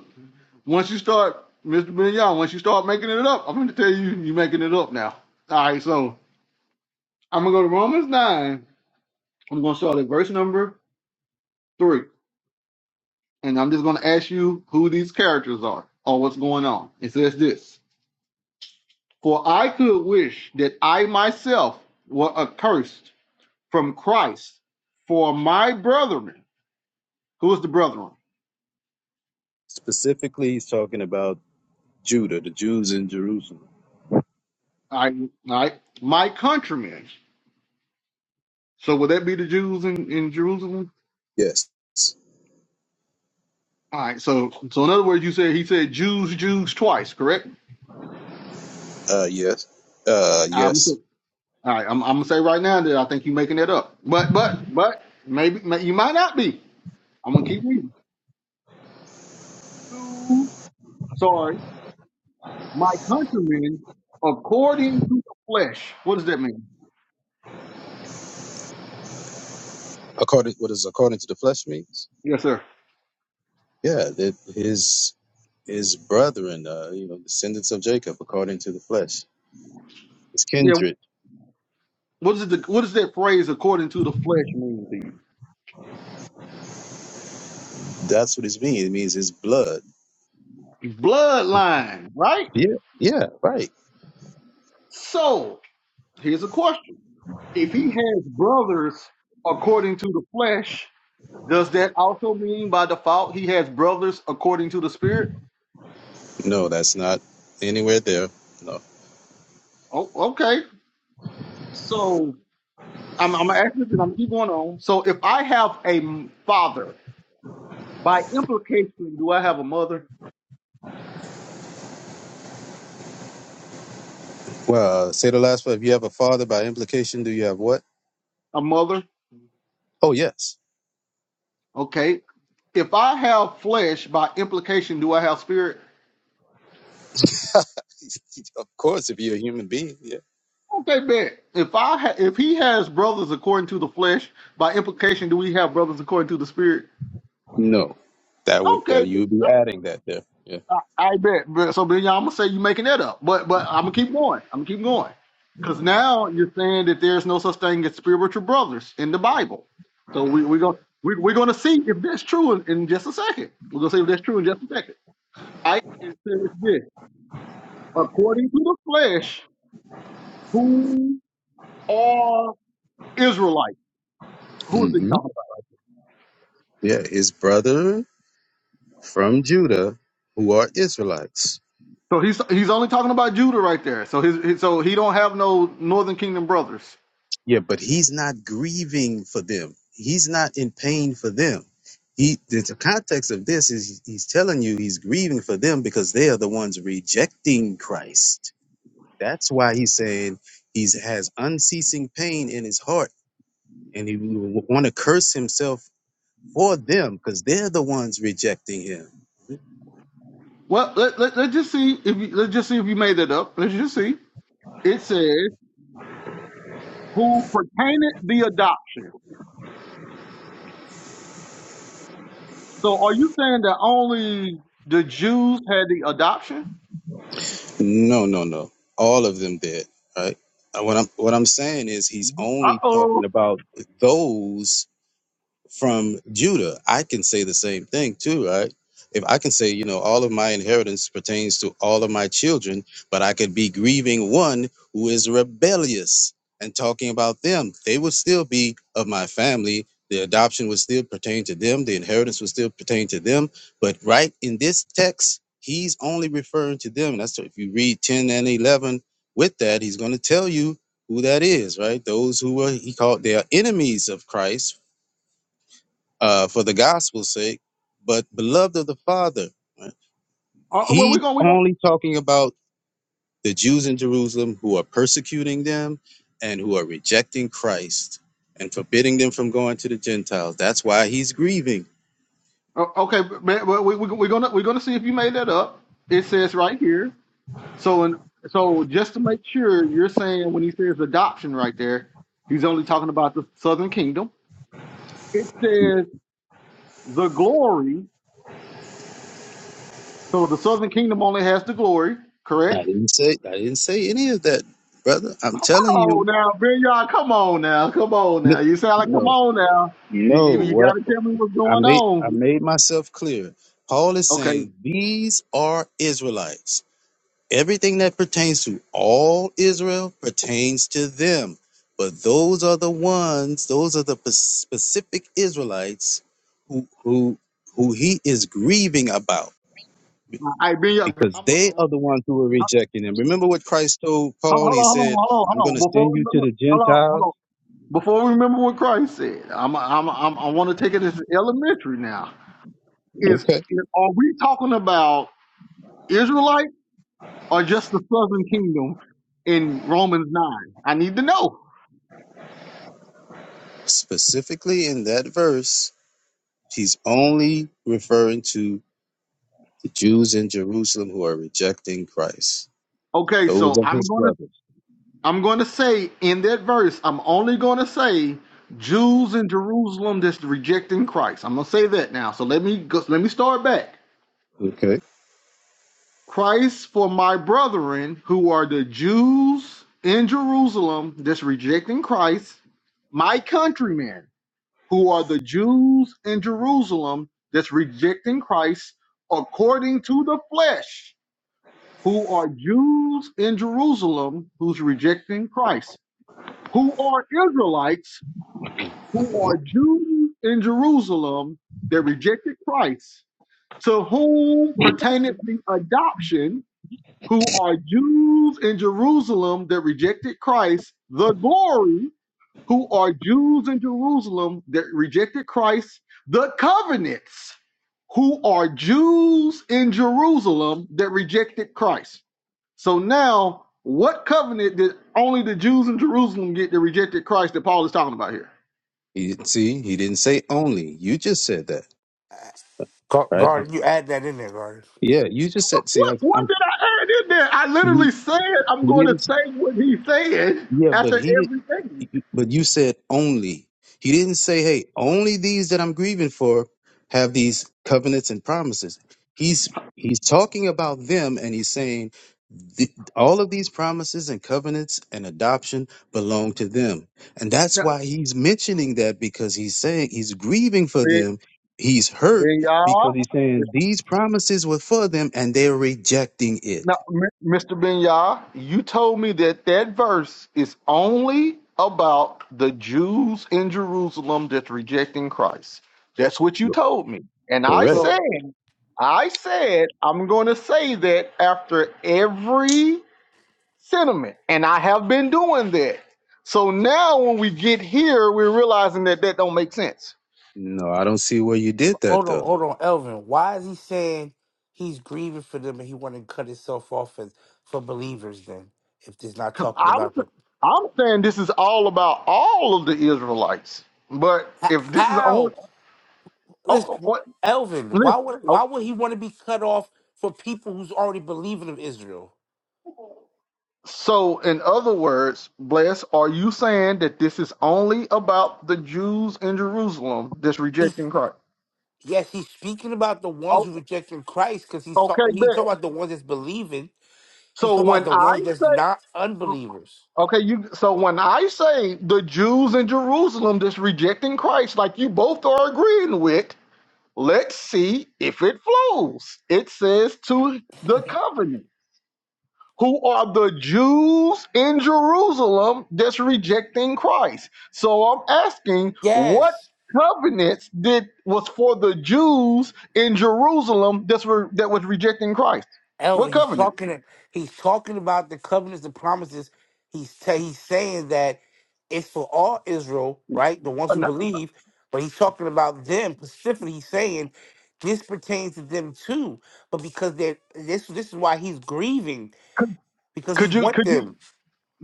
once you start, Mister Bignon, once you start making it up, I'm gonna tell you you making it up now. All right, so I'm gonna go to Romans nine. I'm gonna start at verse number three. and I'm just going to ask you who these characters are or what's going on. It says this For I could wish that I myself were accursed from Christ for my brethren. Who is the brethren?
Specifically, he's talking about Judah, the Jews in Jerusalem.
All right, all right, my countrymen. So would that be the Jews in, in Jerusalem?
Yes.
All right. So, so in other words, you said he said Jews, Jews twice, correct?
Uh, yes. Uh,
I'm, all
yes.
right. I'm, I'm gonna say right now that I think you're making that up, but but but maybe, maybe you might not be. I'm gonna keep reading. Sorry, my countrymen, according to the flesh. What does that mean?
According, what does according to the flesh means?
Yes, sir.
Yeah, that his his brethren, uh, you know, descendants of Jacob according to the flesh, his
Yeah.
kindred.
What is the what does that phrase according to the flesh mean to you?
That's what it means. It means his blood.
Bloodline, right?
Yeah, yeah, right.
So here's a question. If he has brothers according to the flesh, does that also mean by default he has brothers according to the spirit?
No, that's not anywhere there. No.
Oh, okay. So I'm I'm gonna ask this and I'm gonna keep going on. So if I have a m- father, by implication, do I have a mother?
Well, uh, say the last part. If you have a father, by implication, do you have what?
A mother?
Oh, yes.
Okay. If I have flesh, by implication, do I have spirit?
Of course, if you're a human being. Yeah.
Okay, bet. If I ha- if he has brothers according to the flesh, by implication, do we have brothers according to the spirit?
No, that would uh,
Okay,
you
then.
would be
I,
adding that there. Yeah.
I, I bet. But- So then, y'all, I'm gonna say you're making that up, but but I'm gonna keep going. I'm gonna keep going because now you're saying that there's no such thing as spiritual brothers in the Bible. So we we're gonna we, we're gonna see if that's true in, in just a second. We're gonna see if that's true in just a second. I it says this. according to the flesh, who are Israelites. Who is he
hmm
talking about?
Yeah, his brother from Judah, who are Israelites.
So he's he's only talking about Judah right there. So his, his so he don't have no Northern Kingdom brothers.
Yeah, but he's not grieving for them. He's not in pain for them. He the the context of this is he's telling you he's grieving for them because they are the ones rejecting Christ. That's why he's saying he's has unceasing pain in his heart and he would want to curse himself for them because they're the ones rejecting him.
Well, let, let, let's just see if you, let's just see if you made that up. Let's just see. It says who pertaineth the adoption. So are you saying that only the Jews had the adoption?
No, no, no. All of them did. Right. Uh, What I'm what I'm saying is he's
Uh
only talking
oh.
about those from Judah, I can say the same thing too, right? If I can say, you know, all of my inheritance pertains to all of my children, but I could be grieving one who is rebellious and talking about them, they would still be of my family. The adoption would still pertain to them, the inheritance would still pertain to them. But right in this text, he's only referring to them. That's if you read 10 and 11 with that, he's going to tell you who that is, right? Those who are, he called, they are enemies of Christ uh, for the gospel's sake, but beloved of the Father. right?
Uh, well, we're
He
gonna we're gonna.
only talking about the Jews in Jerusalem who are persecuting them and who are rejecting Christ and forbidding them from going to the Gentiles. That's why he's grieving.
Uh, okay, man, well, we, we, we're gonna we're gonna see if you made that up. It says right here So and so just to make sure, you're saying when he says adoption right there, he's only talking about the southern kingdom. It says the glory. So the southern kingdom only has the glory, correct?
I didn't say I didn't say any of that, brother. I'm telling
Oh
you,
now, Ben y'all, come on now, come on
n-
now. You sound like come
no,
on now. You
no.
you, you
What
gotta tell me what's
I
going
made I
on.
made myself clear. Paul is
Okay.
saying these are Israelites. Everything that pertains to all Israel pertains to them. But those are the ones, those are the p- specific Israelites who who who he is grieving about
I Ben y'all,
because
I'm a,
they
hold
are the
on,
ones who are rejecting him. Remember what Christ told
hold
Paul? He said,
on,
I'm going
hold on, hold
to
on. Before
send
we
you to
remember,
the
hold on, hold
Gentiles.
on. Before we remember what Christ said, I'm, i I'm, a, I'm I want to take it as elementary now. is,
Okay.
is are we talking about Israelite or just the southern kingdom in Romans 9? I need to know.
Specifically in that verse, he's only referring to the Jews in Jerusalem who are rejecting Christ,
Okay,
those
so
of
I'm
his
going to
brothers.
I'm going to say in that verse, I'm only going to say Jews in Jerusalem that's rejecting Christ. I'm going to say that now. So let me go, let me start back.
Okay.
Christ for my brethren who are the Jews in Jerusalem that's rejecting Christ, my countrymen who are the Jews in Jerusalem that's rejecting Christ according to the flesh, who are Jews in Jerusalem who's rejecting Christ, who are Israelites, who are Jews in Jerusalem that rejected Christ, to whom pertaineth the adoption, who are Jews in Jerusalem that rejected Christ, the glory who are Jews in Jerusalem that rejected Christ, the covenants who are Jews in Jerusalem that rejected Christ. So now, what covenant did only the Jews in Jerusalem get that rejected Christ that Paul is talking about here?
He didn't see. He didn't say only. You just said that,
Gar-
right? uh,
Garden. You add that in there, Garden.
Yeah, you just said. See,
What,
I,
what
I'm.
did I add in there? I
You,
literally said I'm
you
going to
didn't
say what he said
Yeah, but
after
he
everything.
did. But you said only. He didn't say, "Hey, only these that I'm grieving for have these covenants and promises." He's he's talking about them, and he's saying "Th- all of these promises and covenants and adoption belong to them, and that's why he's mentioning that because he's saying he's grieving for them. He's hurt because he's saying these promises were for them, and they're rejecting
Now,
it.
M- Mr. Binyah, you told me that that verse is only about the Jews in Jerusalem that's rejecting Christ. That's what you told me. And I
Correct.
said,
So
I said, I'm going to say that after every sentiment. And I have been doing that. So now when we get here, we're realizing that that don't make sense.
No, I don't see where you did that
hold on,
though.
hold on, Elvin. Why is he saying he's grieving for them and he want to cut himself off as for believers? Then, if there's not
Because
talking
I'm,
about them,
I'm saying this is all about all of the Israelites. But
H-
if this is only
how? This-
Oh, what?
Elvin, why
Listen.
would
Oh,
why would he want to be cut off for people who's already believing of Israel?
so in other words, bless. Are you saying that this is only about the Jews in Jerusalem that's rejecting Christ?
Yes, he's speaking about the ones
Oh,
who rejected Christ because he's
okay,
talking. He's
bet.
talking about the ones that's believing. He's
So
talking about
when
the ones
I
that's
say,
not unbelievers.
okay, you. So when I say the Jews in Jerusalem that's rejecting Christ, like you both are agreed. Let's see if it flows. It says to the covenant. who are the Jews in Jerusalem that's rejecting Christ. So I'm asking, what
Yes,
covenants did was for the Jews in Jerusalem that's were, that was rejecting Christ? What
Elvin. He's
covenant?
talking. He's talking about the covenants, the promises. He's ta- he's saying that it's for all Israel, right? The ones
Uh,
who
no-
believe. But he's talking about them specifically. He's saying this pertains to them too. But because they're this, this is why he's grieving because he
Could you
wants
could you
them.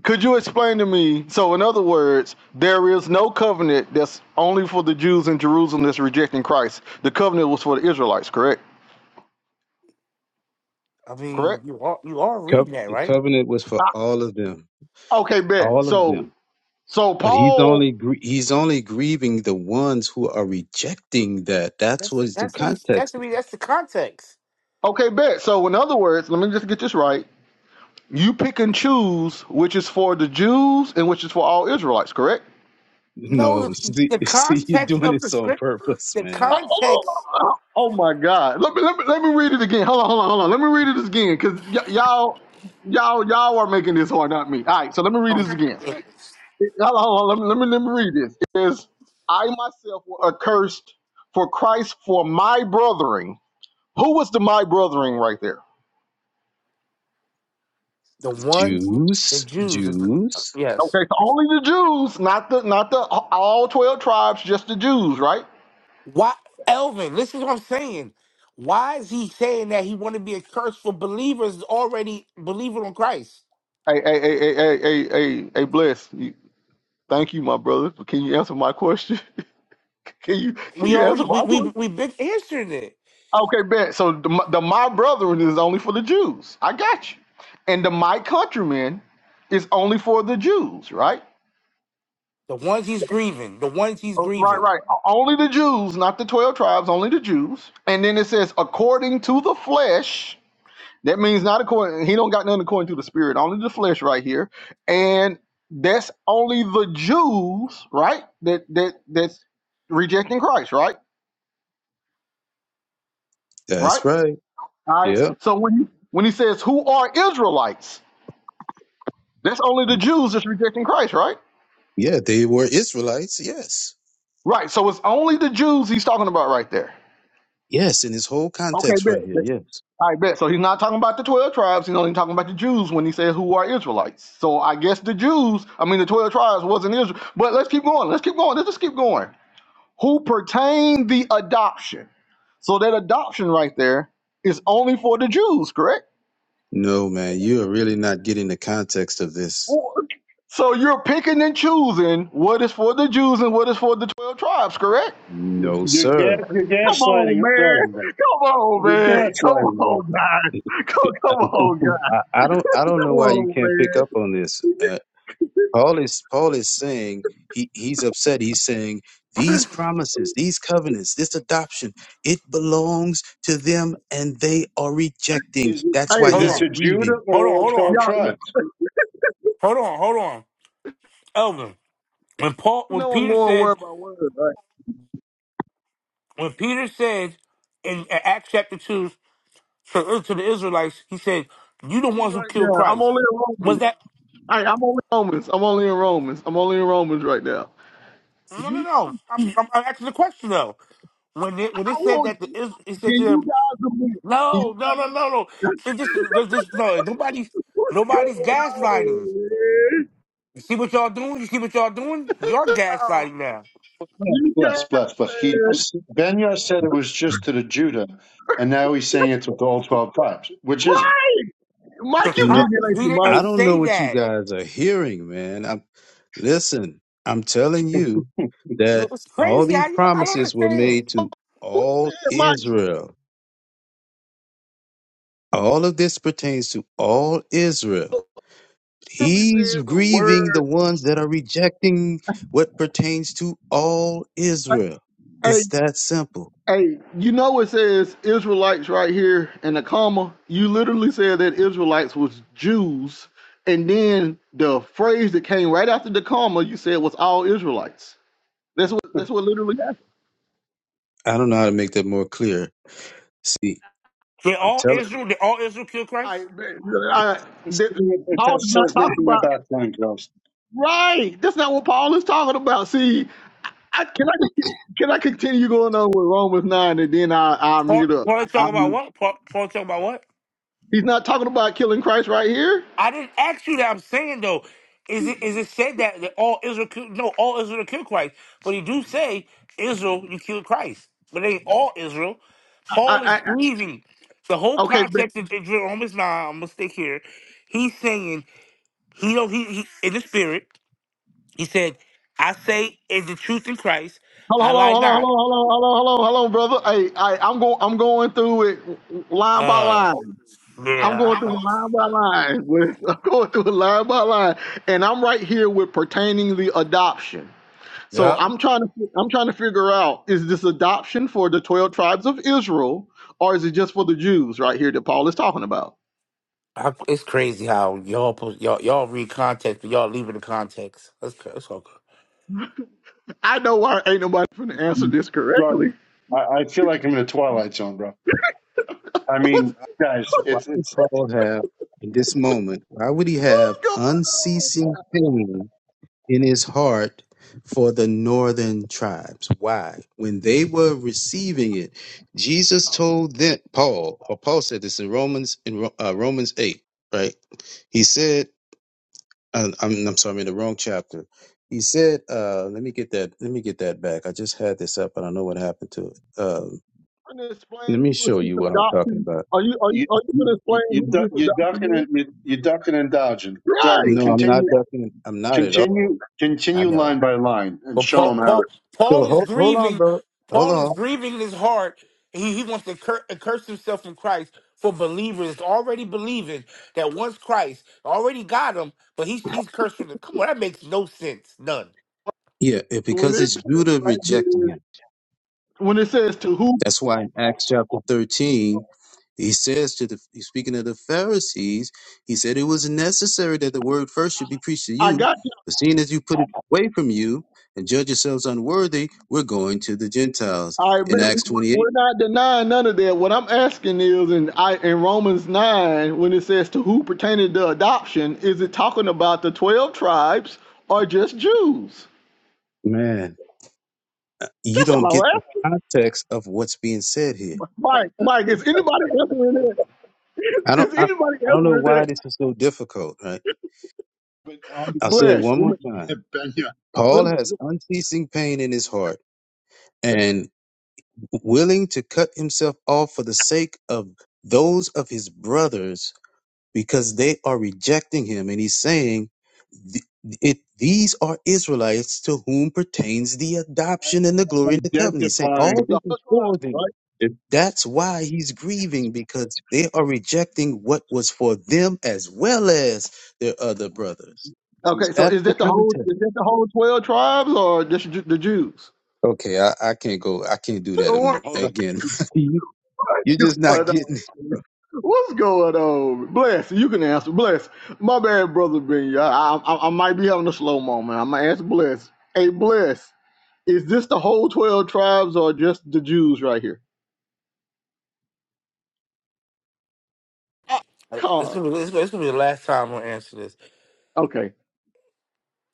could you explain to me? So in other words, there is no covenant that's only for the Jews in Jerusalem that's rejecting Christ. The covenant was for the Israelites, correct?
I mean,
Correct.
you are you are
Cov-
reading that,
the
right?
covenant was for
Ah,
all of them,
okay, bet.
all of
So
them.
so
But he's
Paul
only gr- he's only grieving the ones who are rejecting that. That's
That's
what's the
that's what he's that's
context.
what he, that's the context.
Okay, bet. So, in other words, let me just get this right. You pick and choose which is for the Jews and which is for all Israelites, correct?
No,
No, <laughs>
the,
see,
the
see, you're
context
doing
of the
this on
script,
purpose,
the
man.
Oh,
context
oh, oh oh my God! Let me, let me let me read it again. Hold on, hold on, hold on. Let me read it again, cause y- y'all y'all y'all are making this hard, not me. All right, so let me read
of
this again.
it is
It- Hold on, hold on. Let me let me, let me read this. It says, "I myself were accursed for Christ for my brothering." Who was the my brothering right there?
the ones the
Jews,
Jews. is- the-
Jews.
Yes.
Okay, so only the Jews, not the not the all twelve tribes, just the Jews, right?
Why, Elvin? This is what I'm saying. Why is he saying that he want to be a curse for believers already believing on Christ?
Hey, hey, hey, hey, hey, hey, hey, hey, bless. You, thank you, my brother. Can you answer my question? <laughs> can you can
We
you answer
already we
my
we
question?
we big answered it.
Okay, bet. So the, my- the my brethren is only for the Jews. I got you. And the my countrymen is only for the Jews, right?
The ones he's grieving, the ones he's
Oh, Right,
grieving.
right. O- Only the Jews, not the twelve tribes. Only the Jews. And then it says, according to the flesh. That means not according. He don't got nothing according to the spirit, only the flesh, right here. And that's only the Jews, right? That that that's rejecting Christ, right? Right.
That's right.
All right.
Yeah,
So when he, when he says, "Who are Israelites?" That's only the Jews that's rejecting Christ, right?
yeah. They were Israelites. Yes,
Right. So it's only the Jews he's talking about right there.
yes. In this whole
Okay,
context
bet.
right here.
bet.
Yes.
I bet. So he's not talking about the 12 tribes. He's only talking about the Jews when he says who are Israelites. So I guess the Jews, I mean, the 12 tribes wasn't Israel. But let's keep going. Let's keep going. Let's just keep going. who pertain the adoption. So that adoption right there is only for the Jews, correct?
No, man. You are really not getting the context of this.
So you're picking and choosing what is for the Jews and what is for the 12 tribes, correct?
No,
You're, gas,
sir.
you're
Come on,
gaslighting Garden, bro.
man. Come on,
You're
man. Come
gaslighting, bro.
on, guys. Come, come
<laughs>
on, guys.
I, I don't I don't
Come
know why you
on,
can't pick
man.
up on this. uh, Paul is Paul is saying he, he's upset. He's saying these promises, these covenants, this adoption, it belongs to them and they are rejecting.
is, it,
That's why
Hey,
Hold
is it
he's
to
on,
Judah
grieving.
or
hold on,
all
hold on,
12
y'all, y'all
tribes?
hold on, hold on, Elvin. When Paul,
you
when
know I'm
Peter
going
said
word by word, right?
when Peter said in Acts chapter 2 to, uh, to the Israelites, he said, You the ones who
Right
killed
now. I'm
Christ.
only in
Was
Romans.
that?
Hey, I'm only in Romans. I'm only in Romans. I'm only in Romans right now.
No, no, no. I'm, I'm, I'm asking the question though. When it, when
I
it said
want
that,
you,
the Is- it said to
can you
them,
guys admit?
No, no, no, no, no. They just, they just, no, nobody's,
Let's go.
nobody's gaslighting. You see what y'all doing? You see what y'all doing? You're gaslighting now.
You
Bless,
got,
bless, bless. He Benya said it was just to the Judah, and now he's saying it's with all twelve tribes, which is it?
The
Mike, you getting
No,
cop,
it, ain't
he
you,
didn't
Mike?
I don't know
say
what you
that.
guys are hearing, man. I'm listen, I'm telling you
Yo,
that
It's
all
crazy. I,
these
I don't
promises were
understand.
made to
What you
all
said, Mike?
Israel. All of this pertains to all Israel.
Literally
He's
said the
grieving
word.
the ones that are rejecting what pertains to all Israel.
Hey,
It's that simple.
hey, you know it says Israelites right here in the comma. You literally said that Israelites was Jews, and then the phrase that came right after the comma, you said was all Israelites. That's what that's what literally happened.
I don't know how to make that more clear. See,
They
I'm
all
telling
Israel, They all Israel killed Christ?
I, I,
He's
that,
saying It it
Paul is
just
not
says
talking
nothing
about
about clan girls.
right. That's not what Paul is talking about. See, I, can I just- can I continue going on with Romans nine and then I I
Paul,
mute up.
Paul
I,
talking about
mute.
what? Paul, Paul talking about what?
he's not talking about killing Christ right here.
I didn't ask you that. I'm saying though, is it is it said that, that all Israel killed, no all Israel killed Christ, but he do say Israel you killed Christ, but it ain't all Israel.
I, I
Paul is
I-
grieving. The whole
okay, but
context of of Romans nine. I'm gonna stick here. He's saying he know he, he in the spirit. He said, "I say is the truth in Christ. I
hold on,
lie
hold on, hold
not."
on, hold on, hold on, hold on, hold on, brother. Hey, I, I'm going I'm going through it line by
Uh,
line. I'm going
yeah.
through
I-
it line by line. With, <laughs> I'm going through it line by line, and I'm right here with pertaining the adoption. So
Yeah.
I'm trying to I'm trying to figure out is this adoption for the twelve tribes of Israel or is it just for the Jews right here that Paul is talking about?
I, it's crazy how y'all post, y'all y'all read context, but y'all leave it in context. That's cra- that's okay.
I know why ain't nobody finna answer this correctly.
Jordan, I, I feel like I'm in a twilight zone, bro. I
<laughs> What's
mean, guys,
you, why
it's
would
it's
Paul have, in this moment, why would he
what's
have
going on?
unceasing pain in his heart for the northern tribes? Why? When they were receiving it, Jesus told them, Paul, or Paul said this in Romans, in Ro- uh, Romans 8, right? He said, I, I'm, I'm sorry, I'm in the wrong chapter. He said, uh, let me get that, let me get that back. I just had this up and I know what happened to it. Um,
I'm gonna explain
let me
who is
show
this
you what I'm talking
adoption.
about.
Are you are you
you
are you gonna explain
you you,
who this
you ducking
adoption is?
and you, you ducking and dodging. Garden,
Right.
No, I'm not
continue
ducking. I'm not at all.
Continue,
I
continue
know.
line by line and
But
show
Paul
them how.
Paul
So
Paul is
hold, hold on,
grieving.
bro. Hold
Paul is
on.
grieving in his heart. He he wants to cur- curse himself in Christ for believers that's already believing that once Christ already got him, but he's he's cursed for the. Come on, that makes no sense. None.
Yeah, it,
When
because
it
it's
says
Judah
right
rejecting him.
there, when it says to who
That's why in Acts chapter 13, he says to the, he's speaking of the Pharisees, he said it was necessary that the word first should be preached to
I
you,
got you.
but seeing as you put it away from you and judge yourselves unworthy, we're going to the Gentiles.
I bet
In Acts 28,
we're not denying none of that. What I'm asking is, in I in Romans nine, when it says to who pertaining to adoption, is it talking about the twelve tribes or just Jews?
man, uh, you
That's
don't
all
get
I'm
the
asking.
context of what's being said here.
Mike, Mike, is anybody answering that? <laughs>
I don't,
Is
I,
anybody
I don't know
answering
why
that?
this is so difficult, right?
But um,
I'll say it
<laughs>
Blessed.
one
Let
more
me,
time.
Ben, yeah,
Paul
let me,
has unceasing pain in his heart and. willing to cut himself off for the sake of those of his brothers because they are rejecting him. And he's saying, "Th- it, These are Israelites to whom pertains the adoption and the glory and the covenant. He's saying, All
identifying
this
the
is
whole tribe,
for them.
right?
it.
That's why he's grieving because they are rejecting what was for them as well as their other brothers.
Okay, so
That's
is
the
that the whole
context.
is that the whole twelve tribes or just Ju- the Jews?
Okay, I, I can't go. I can't do
What's
that anymore-
Hold on.
again. <laughs> you, you're just not
going
getting.
on? What's going on? Bless. You can answer. Bless. My bad, brother Ben. I, I I might be having a slow moment. I'm gonna ask Bless. Hey, Bless. Is this the whole twelve tribes or just the Jews right here?
Uh, It's
God.
gonna be it's gonna, it's gonna be the last time I'm gonna answer this.
Okay.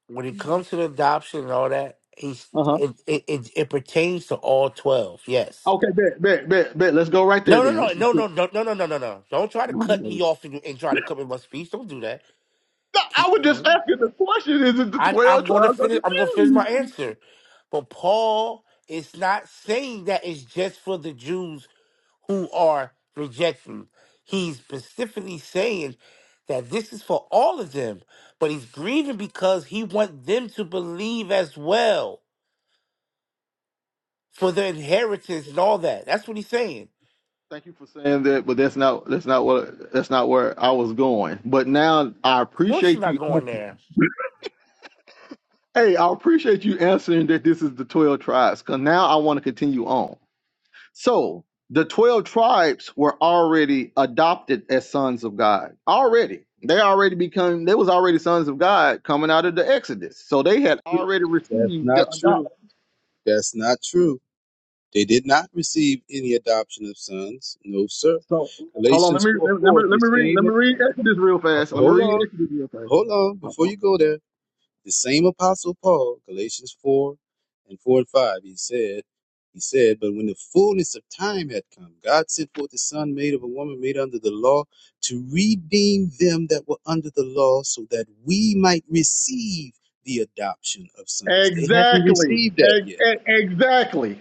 When it comes to the adoption and all that, he's
Uh huh.
it it, it, it pertains to all twelve. Yes.
Okay. Bet. Bet. Bet. Bet. Let's go right there
No, no,
then.
no,
Let's. let's
no, no, no, no, no, no, no, no. Don't try to cut
go.
me off and, and try to cut me my speech. Don't do that.
No, I
Keep.
was just asking the question: Is it the
I'm,
twelve
I'm going to
tribes of
finish.
the
I'm going to finish
Jews?
my answer. But Paul is not saying that it's just for the Jews who are rejecting. He's specifically saying that this is for all of them. But he's grieving because he wants them to believe as well for the inheritance and all that. That's what he's saying.
Thank you for saying that, but that's not that's not what that's not where I was going. But now I
Of course, you're
appreciate
not
you.
going there.
Hey, I appreciate you answering that this is the twelve tribes. Because now I want to continue on. So the twelve tribes were already adopted as sons of God. Already, they already become they was already sons of God coming out of the Exodus. So they
Not
had
true.
already
That's
received
not
the adoption.
true. That's not true. They did not receive any adoption of sons. No, sir.
So hold on, let
Galatians
me
4
let me let
4, the
me read let
same.
me read Exodus real
uh,
fast. Let me
Hold
read
on.
Exodus real
Hold on. Before
fast.
you go there, the same apostle Paul, Galatians 4 and 4 and 5, he said, he said, but when the fullness of time had come, God sent forth his son made of a woman made under the law to redeem them that were under the law so that we might receive the adoption of sons. They hadn't
Exactly,
received that
Ex-
yet.
ex- exactly,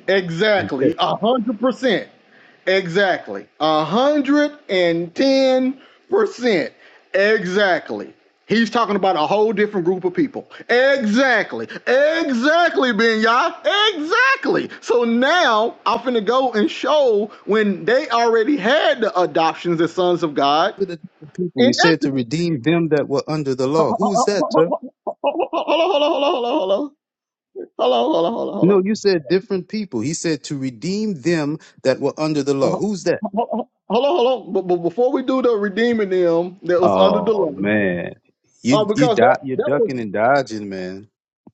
Okay.
exactly, a hundred percent, exactly, a hundred and ten percent, exactly. He's talking about a whole different group of people. Exactly, exactly, Benya, exactly. So now I'm finna go and show when they already had the adoptions as sons of God.
To the different people, he said to
Inequitable.
redeem them that were under the
Hold
law.
on, hold
Who is that,
on,
sir?
hold on, hold on, hold on. Hold on, hold on, hold on, hold
No,
on.
you said different people. He said to redeem them that were under the law. Who's that?
Hold on, hold on. But, but before we do the redeeming them that was under the
Oh
law,
man,
uh,
you you
because that
di- you're
that was
ducking and dodging, man.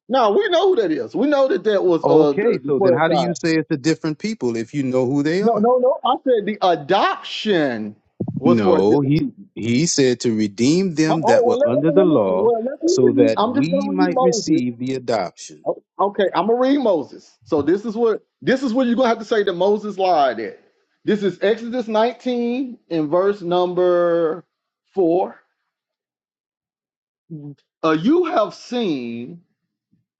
now we know who that is. We know that that was uh the,
Okay,
the
so then
twelve
how do you
tribes.
say it's to different people if you know who they
No,
are?
no, no. I said the adoption was for a
No,
different
he
people.
he said to redeem
Oh,
them
oh,
that
well,
were
let,
under
let,
the
let me
law,
well let me
so
read.
that
I'm just
we
gonna read
might
Moses
receive the adoption.
O- Okay, I'm gonna read Moses. So this is what this is what you're gonna have to say that Moses lied at. This is Exodus 19 in verse number four. Uh, you have seen.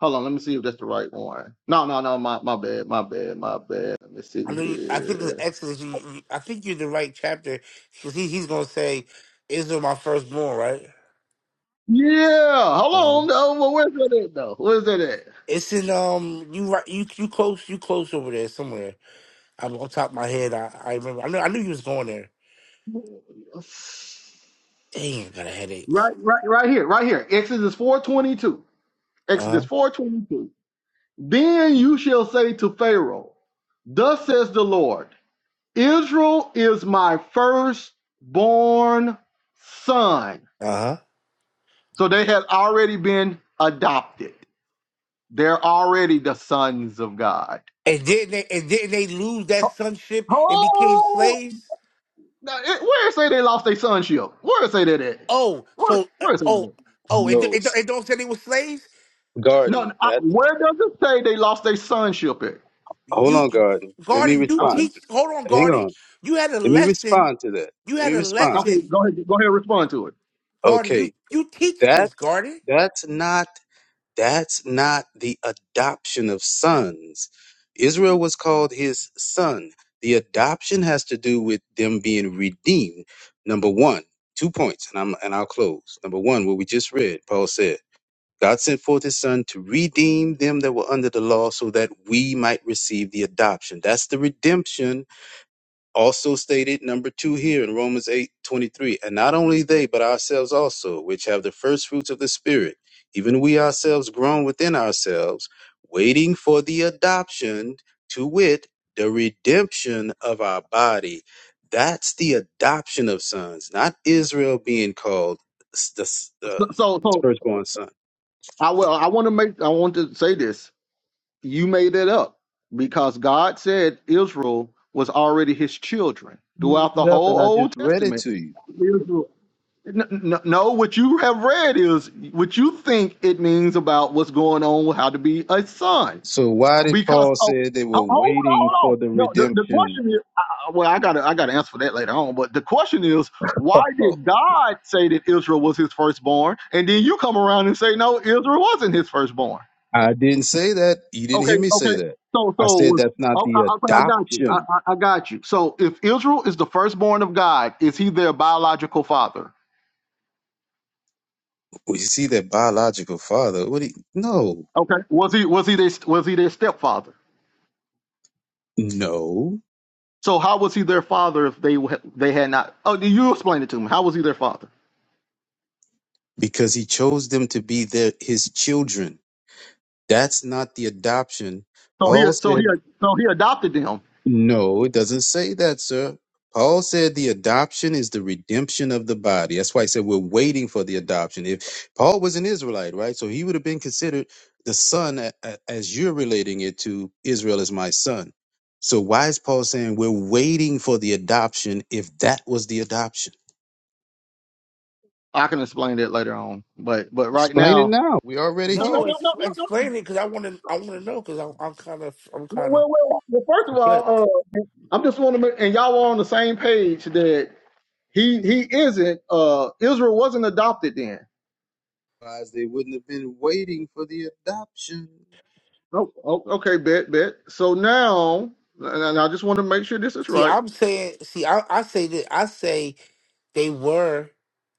Hold on, let me see if that's the right one. No, no, no, my my bad, my bad, my bad. Let me
I
see
know. You, I think it's
here.
Exodus. You, you, I think you're the right chapter because he, he's gonna say, "Israel, my firstborn." Right?
Yeah, hold
Uh-huh.
on though. Well, where's that at though? Where's that at?
It's in um. You right? You you close? You close over there somewhere? I'm on top of my head. I, I remember. I knew. I knew you was going there. Dang, I got a headache.
Right, right, right here, right here. Exodus 422.
Uh-huh.
Exodus 422. Then you shall say to Pharaoh, Thus says the Lord, Israel is my firstborn son.
Uh-huh.
So they had already been adopted. They're already the sons of God.
And didn't they? And didn't they lose that sonship and became
Oh,
slaves?
now, it- where it say they lost their sonship? Where it say that at?
Oh,
Where,
so uh,
where it say that?
oh
At?
oh. It, it,
Rose
it don't say they were slaves.
No,
Garden,
no, I,
that's
where does it say they lost their sonship at?
hold
You,
on, Garden. Let me
Garden. You
respond.
Okay,
teach. Hold on,
Hang
Garden.
on.
You had a
Let me
lesson
respond to that.
You
Let
had
me
a
respond.
okay,
lesson,
go ahead, go ahead, and respond to it.
Garden. You
Okay,
you teach this,
that's
Garden.
that's not. That's not the adoption of sons. Israel was called his son. The adoption has to do with them being redeemed. Number one, two points, and I'm and I'll close. Number one, what we just read, Paul said, God sent forth his son to redeem them that were under the law so that we might receive the adoption. That's the redemption also stated number two here in Romans eight twenty three, and not only they, but ourselves also, which have the first fruits of the Spirit, even we ourselves grown within ourselves, waiting for the adoption, to wit, the redemption of our body. That's the adoption of sons, not Israel being called s- the s- the
So, so, so
firstborn son.
I will. I want to make. I want to say this You made it up because God said Israel was already his children
You
throughout
looked
the
it Up,
whole
and I
Old
just read it
Testament.
to you.
Israel. No, no, no, what you have read is what you think it means about what's going on with how to be a son.
So why did
Because
Paul
oh,
say they were
ho- hold on,
waiting
hold on.
for the
No, the, the
redemption?
question is, uh, well, I gotta I gotta answer for that later on. But the question is, why did
<laughs>
God say that Israel was His firstborn, and then you come around and say no, Israel wasn't His firstborn?
I didn't say that. You didn't
Okay,
hear me
okay.
say that.
So,
I said
so
that's not
oh,
the
I- okay, I got you. I,
adoption.
I, I got you. So, if Israel is the firstborn of God, is he their biological father?
We see that biological father. What? He, no,
Okay. Was he was he their was he their stepfather?
no,
So how was he their father if they wa- they had not? Oh, you explain it to me. How was he their father?
because he chose them to be their his children. That's not the adoption.
So he
Paul
so he
said.
so he adopted them.
No, it doesn't say that, sir. Paul said the adoption is the redemption of the body. That's why he said we're waiting for the adoption. If Paul was an Israelite, right? So he would have been considered the son a- a- as you're relating it to Israel as my son. So why is Paul saying we're waiting for the adoption if that was the adoption?
I can explain that later on, but but right
Explain it
now.
now. We're already
No, no,
No,
here.
no, no,
ex-
no, no.
explain it because I want to. I want to know because I'm I'm kind of I'm kind of
Well, well, well, well, first of
perplexed.
all, uh, I'm just want to make, and y'all are on the same page that He he isn't. Uh, Israel wasn't adopted then.
Otherwise, they wouldn't have been waiting for the adoption.
Oh, oh okay, bet bet. So now, and I just want to make sure this is
See,
right.
I'm saying. See, I I say that I say they were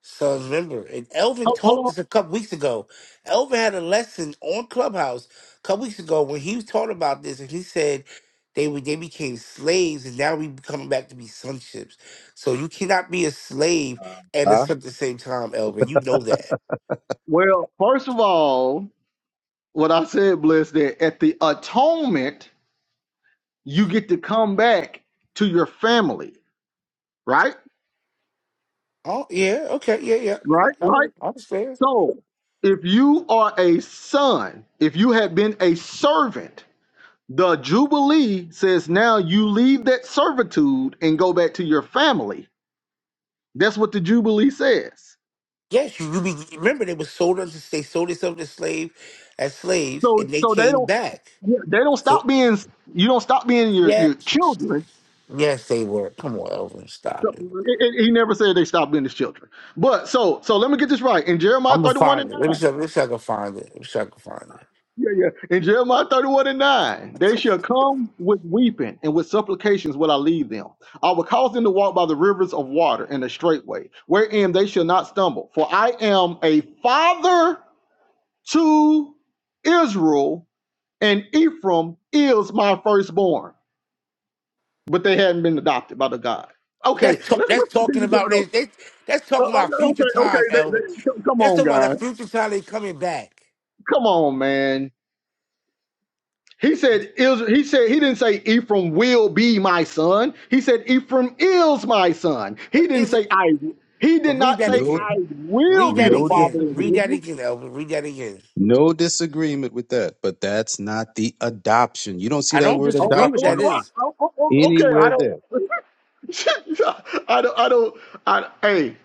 sons. Remember, and Elvin
Hold, hold
taught
on.
this a couple weeks ago. Elvin had a lesson on Clubhouse a couple weeks ago when he was taught about this, and he said they were they became slaves, and now we coming back to be sonships. So you cannot be a slave and a
Huh?
son at the same time, Elvin. You know that.
Well, first of all, what I said, Bliss, that at the atonement you get to come back to your family, right?
Oh yeah, okay, yeah, yeah.
Right,
I,
right.
I understand.
So if you are a son, if you had been a servant, the Jubilee says now you leave that servitude and go back to your family. Jubilee says.
Yes, you, you be, remember they were sold under they sold themselves as slave as slaves
So
and they
so they
came
don't
back.
yeah, they don't
So
stop being you don't stop being your
yeah,
your children.
yes they were. Come on, Elvin,
So,
stop it.
it- it- he never said they stop being his children. But so so let me get this right. In Jeremiah
I'm gonna
31 and
find it.
9.
Let me see. Let me see. If I can find it. Let me see. If I can find it.
Yeah, yeah. In Jeremiah 31 and 9, they shall come with weeping and with supplications will I lead them. I will cause them to walk by the rivers of water in a straight way, wherein they shall not stumble. For I am a father to Israel, and Ephraim is my firstborn. but they hadn't been adopted by the God. Okay,
That's talk,
let's
that's
let's
talking
continue
about
going
they,
on.
they. That's
Uh,
talking
uh,
about
okay, okay,
future
okay,
time,
they,
Elvin.
they, come
That's
on,
talking about the
guys,
future time they coming back.
come on, man. He said, Israel, he said, he didn't say Ephraim will be my son. He said Ephraim is my son. He
But
didn't
is it?
say I. He
But
did
read
not
that
say
No,
again.
I will
Read
be
that
the
no
again.
father of
disagreement.
Read that
Israel.
again, Elvin. Read that again.
No disagreement with that, but that's not the adoption. You don't see
I
that
don't
word
Oh,
disagree
oh,
with
oh,
that
adoption
oh,
is.
oh, oh, oh, oh, okay,
anywhere
I
there.
don't, <laughs> I don't, I don't. I, hey,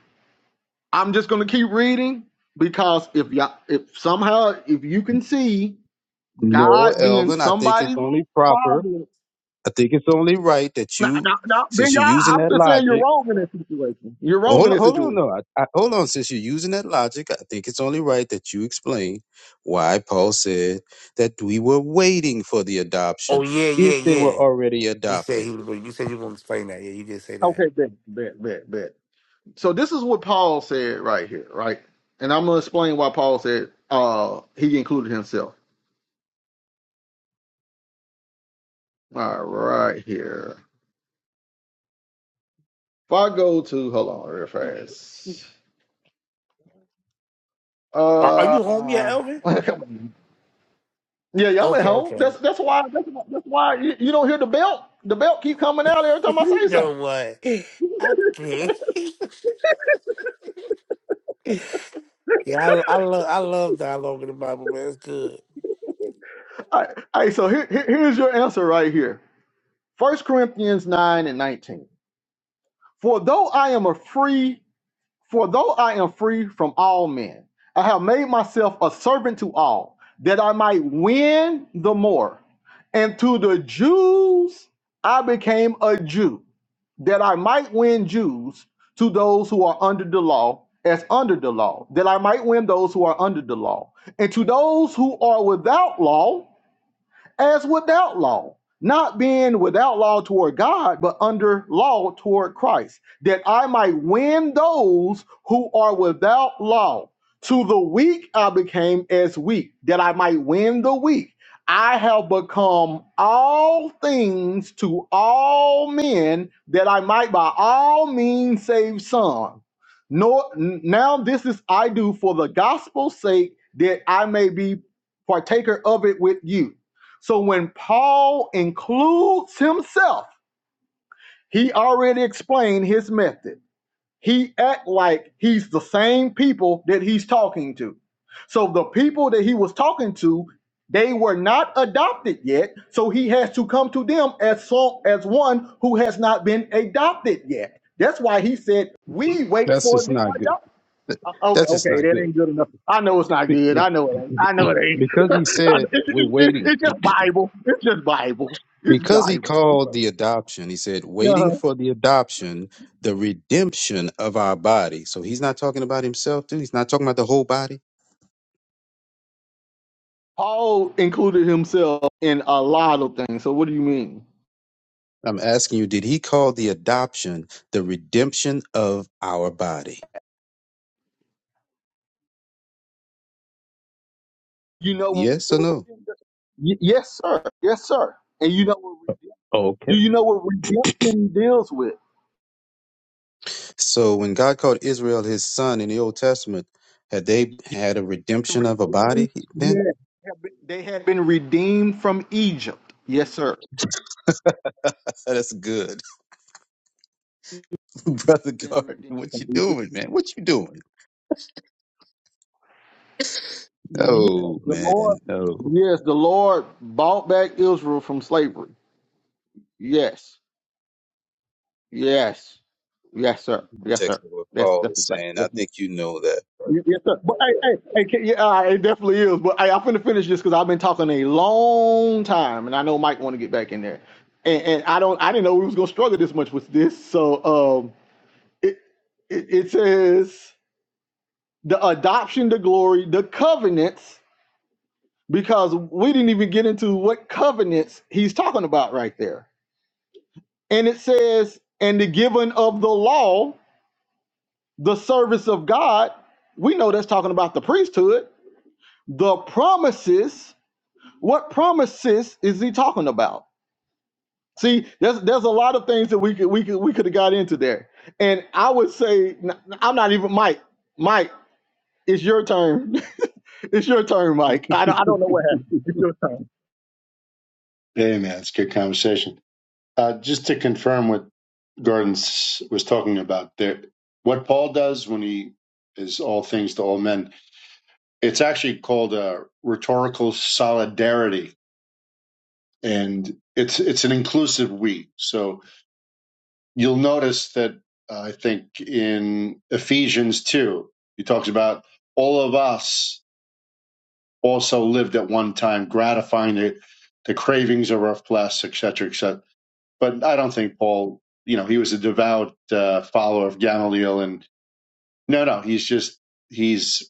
I'm just gonna keep reading because if y'all, if somehow, if you can see
No,
God being
Elvin, I think it's
somebody.
only proper. I think it's only right that
Now,
you,
now, now, Ben,
since you're
y'all,
using
I'm
that
just saying you're
logic,
wrong in that situation. You're
well,
wrong in
hold on,
that
hold on,
situation.
no, I, I, hold on. Since you're using that logic, I think it's only right that you explain why Paul said that we were waiting for the
Oh
adoption
yeah, yeah,
if they were
yeah.
already
He said
adopted.
he was. gonna- You said you were gonna explain that. Yeah, you did say that.
Okay, bet, bet, bet, bet. So this is what Paul said right here, right? And I'm gonna explain why Paul said uh he included himself. All right, right here. If I go to hold on real fast.
Are, are you home yet,
Uh,
Elvin?
<laughs> yeah, y'all at
Okay,
home.
okay.
That's that's why that's, why- that's why you, you don't hear the belt. The belt keep coming out every time
<laughs>
I
you
say something.
know what? I can't. <laughs> yeah, I, I love I love dialogue in the Bible, man. It's good.
All right, all right so here, here- here's your answer right here. First Corinthians 9 and 19. For though I am a free, for though I am free from all men, I have made myself a servant to all, that I might win the more. And to the Jews I became a Jew, that I might win Jews to those who are under the law, as under the law, that I might win those who are under the law. And to those who are without law, as without law, not being without law toward God, but under law toward Christ, that I might win those who are without law. To the weak I became as weak, that I might win the weak. I have become all things to all men, that I might by all means save some. Nor n- now this is I do for the gospel's sake, that I may be partaker of it with you. So when Paul includes himself, he already explained his method. He like he people that he's to. So the people that he was talking to, they were not adopted yet. So he has to come to them as so, as one who has not been adopted yet. That's why he said, "We wait
That's just
for
not good.
adoption."
Th-
Okay,
That's just
okay,
not good.
I
Be- No,
know it
<clears throat>
ain't. I know it ain't. <laughs>
because he
it,
said
it,
we're
it-
waiting.
it's just Bible. It's just Bible. It's
Because he
Bible. It's
called
Bible.
the adoption, he said waiting for the adoption, the redemption of our body. So he's not talking about himself, too. He's not talking about the whole body.
Paul included himself in a lot of things. So what do you mean?
I'm asking you, did he call the adoption the redemption of our body?
You know,
Yes or no?
y- yeah, yes, sir. And you know what? re- Do
Okay.
you know what redemption deals with?
So when God called Israel his son in the Old Testament, had they had a redemption of a body then?
Had been redeemed, Yes, sir.
<laughs> That's good. <laughs> Brother Garden, what you doing, man? What you doing?
Yes,
Oh
the
man,
Lord.
no.
Yes, the Lord bought back Israel from slavery. Yes, yes, yes, sir. Yes, sir.
Context of what
That's
Paul
that's
is saying. I
right.
think you know that.
Y- Yes, sir. But hey, hey, hey, can, yeah, uh, it definitely is. But hey, I'm finna finish this because I've been talking a long time, and I know Mike want to get back in there. And, and I don't, I didn't know we was gonna struggle this much with this. So, um, it it, it says the adoption, the glory, the covenants, because we didn't even get into what covenants he's talking about right there. And it says, and the giving of the law, the service of God. We know that's talking about the priesthood, the promises What promises is he talking about? See, there's there's a lot of things that we could we could we could have got into there. And I would say n- I'm not even Mike. Mike, it's your turn. <laughs> it's your turn, Mike. I don't I don't know what happened. It's your turn.
Hey, man, it's a good conversation. Uh, just to confirm what Gordon s- was talking about there, what Paul does when he is all things to all men, it's actually called a rhetorical solidarity, and it's it's an inclusive we. So you'll notice that uh, I think in Ephesians 2, he talks about all of us also lived at one time, gratifying the, the cravings of our flesh, etc., cetera, etc. Cetera. But I don't think Paul, you know, he was a devout uh, follower of Gamaliel, and no, no, he's just he's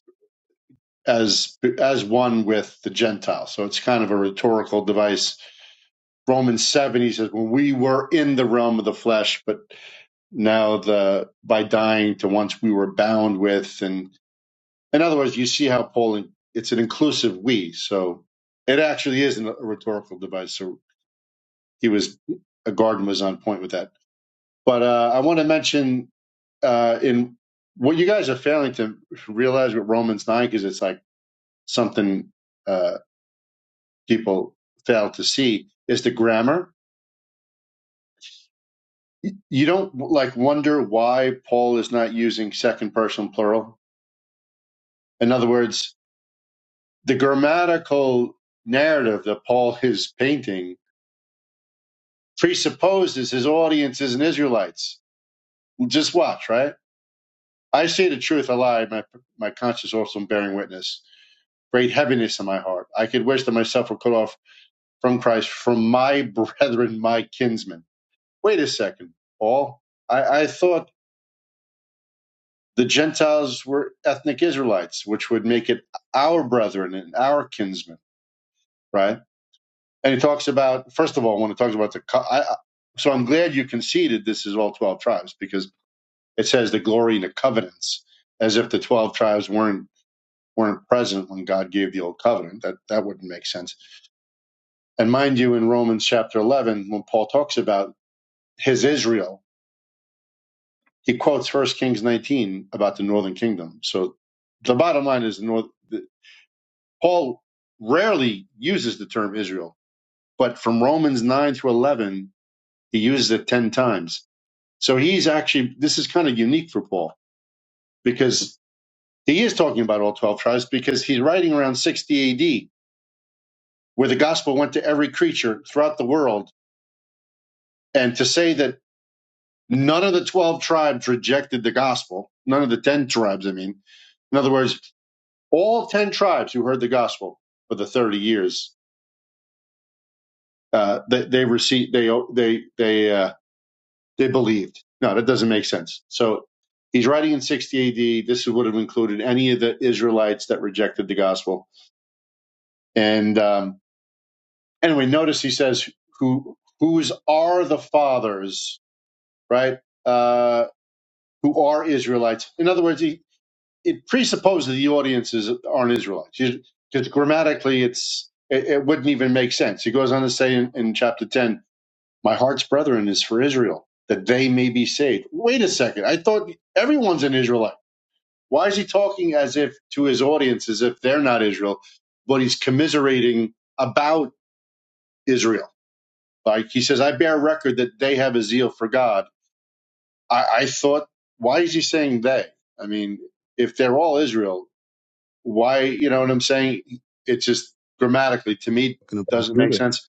as as one with the Gentiles. So it's kind of a rhetorical device. Romans seven, he says, when we were in the realm of the flesh, but now the by dying to once we were bound with and in other words you see how paul it's an inclusive we so it actually is a rhetorical device so he was a garden was on point with that but uh, i want to mention uh, in what you guys are failing to realize with romans 9 because it's like something uh, people fail to see is the grammar you don't like wonder why paul is not using second person plural in other words the grammatical narrative that Paul is painting presupposes his audience is an Israelites. Just watch, right? I say the truth, I lie. My my conscience also bearing witness. Great heaviness in my heart. I could wish that myself were cut off from Christ, from my <laughs> brethren, my kinsmen. Wait a second, Paul. I, I thought the Gentiles were ethnic Israelites, which would make it our brethren and our kinsmen, right? and it talks about first of all when it talks about the co- I, I- so i'm glad you conceded this is all 12 tribes because it says the glory and the covenants as if the 12 tribes weren't weren't present when god gave the old covenant that that wouldn't make sense and mind you in romans chapter 11 when paul talks about his israel he quotes first kings 19 about the northern kingdom so the bottom line is the north the, paul rarely uses the term israel but from romans 9 through 11 he uses it 10 times So he's actually, this is kind of unique for Paul because he is talking about all 12 tribes because he's writing around 60 AD where the gospel went to every creature throughout the world. And to say that none of the 12 tribes rejected the gospel, none of the 10 tribes, I mean, in other words, all 10 tribes who heard the gospel for the 30 years, uh, they, they received, they, they, they, uh, They believed. No, that doesn't make sense. So he's writing in 60 AD. This would have included any of the Israelites that rejected the gospel. And um, anyway, notice he says, "Who whose are the fathers, right? Uh, who are Israelites?" In other words, he, it presupposes the audiences aren't Israelites because grammatically, it's it, it wouldn't even make sense. He goes on to say in, in chapter 10 My heart's brethren is for Israel, that they may be saved. Wait a second. I thought everyone's an Israelite. Why is he talking as if to his audience as if they're not Israel, but he's commiserating about Israel? Like he says, I bear record that they have a zeal for God. I, I thought, why is he saying they? I mean, if they're all Israel, why, you know what I'm saying? It just grammatically to me
Talking about
doesn't make
Judah.
sense.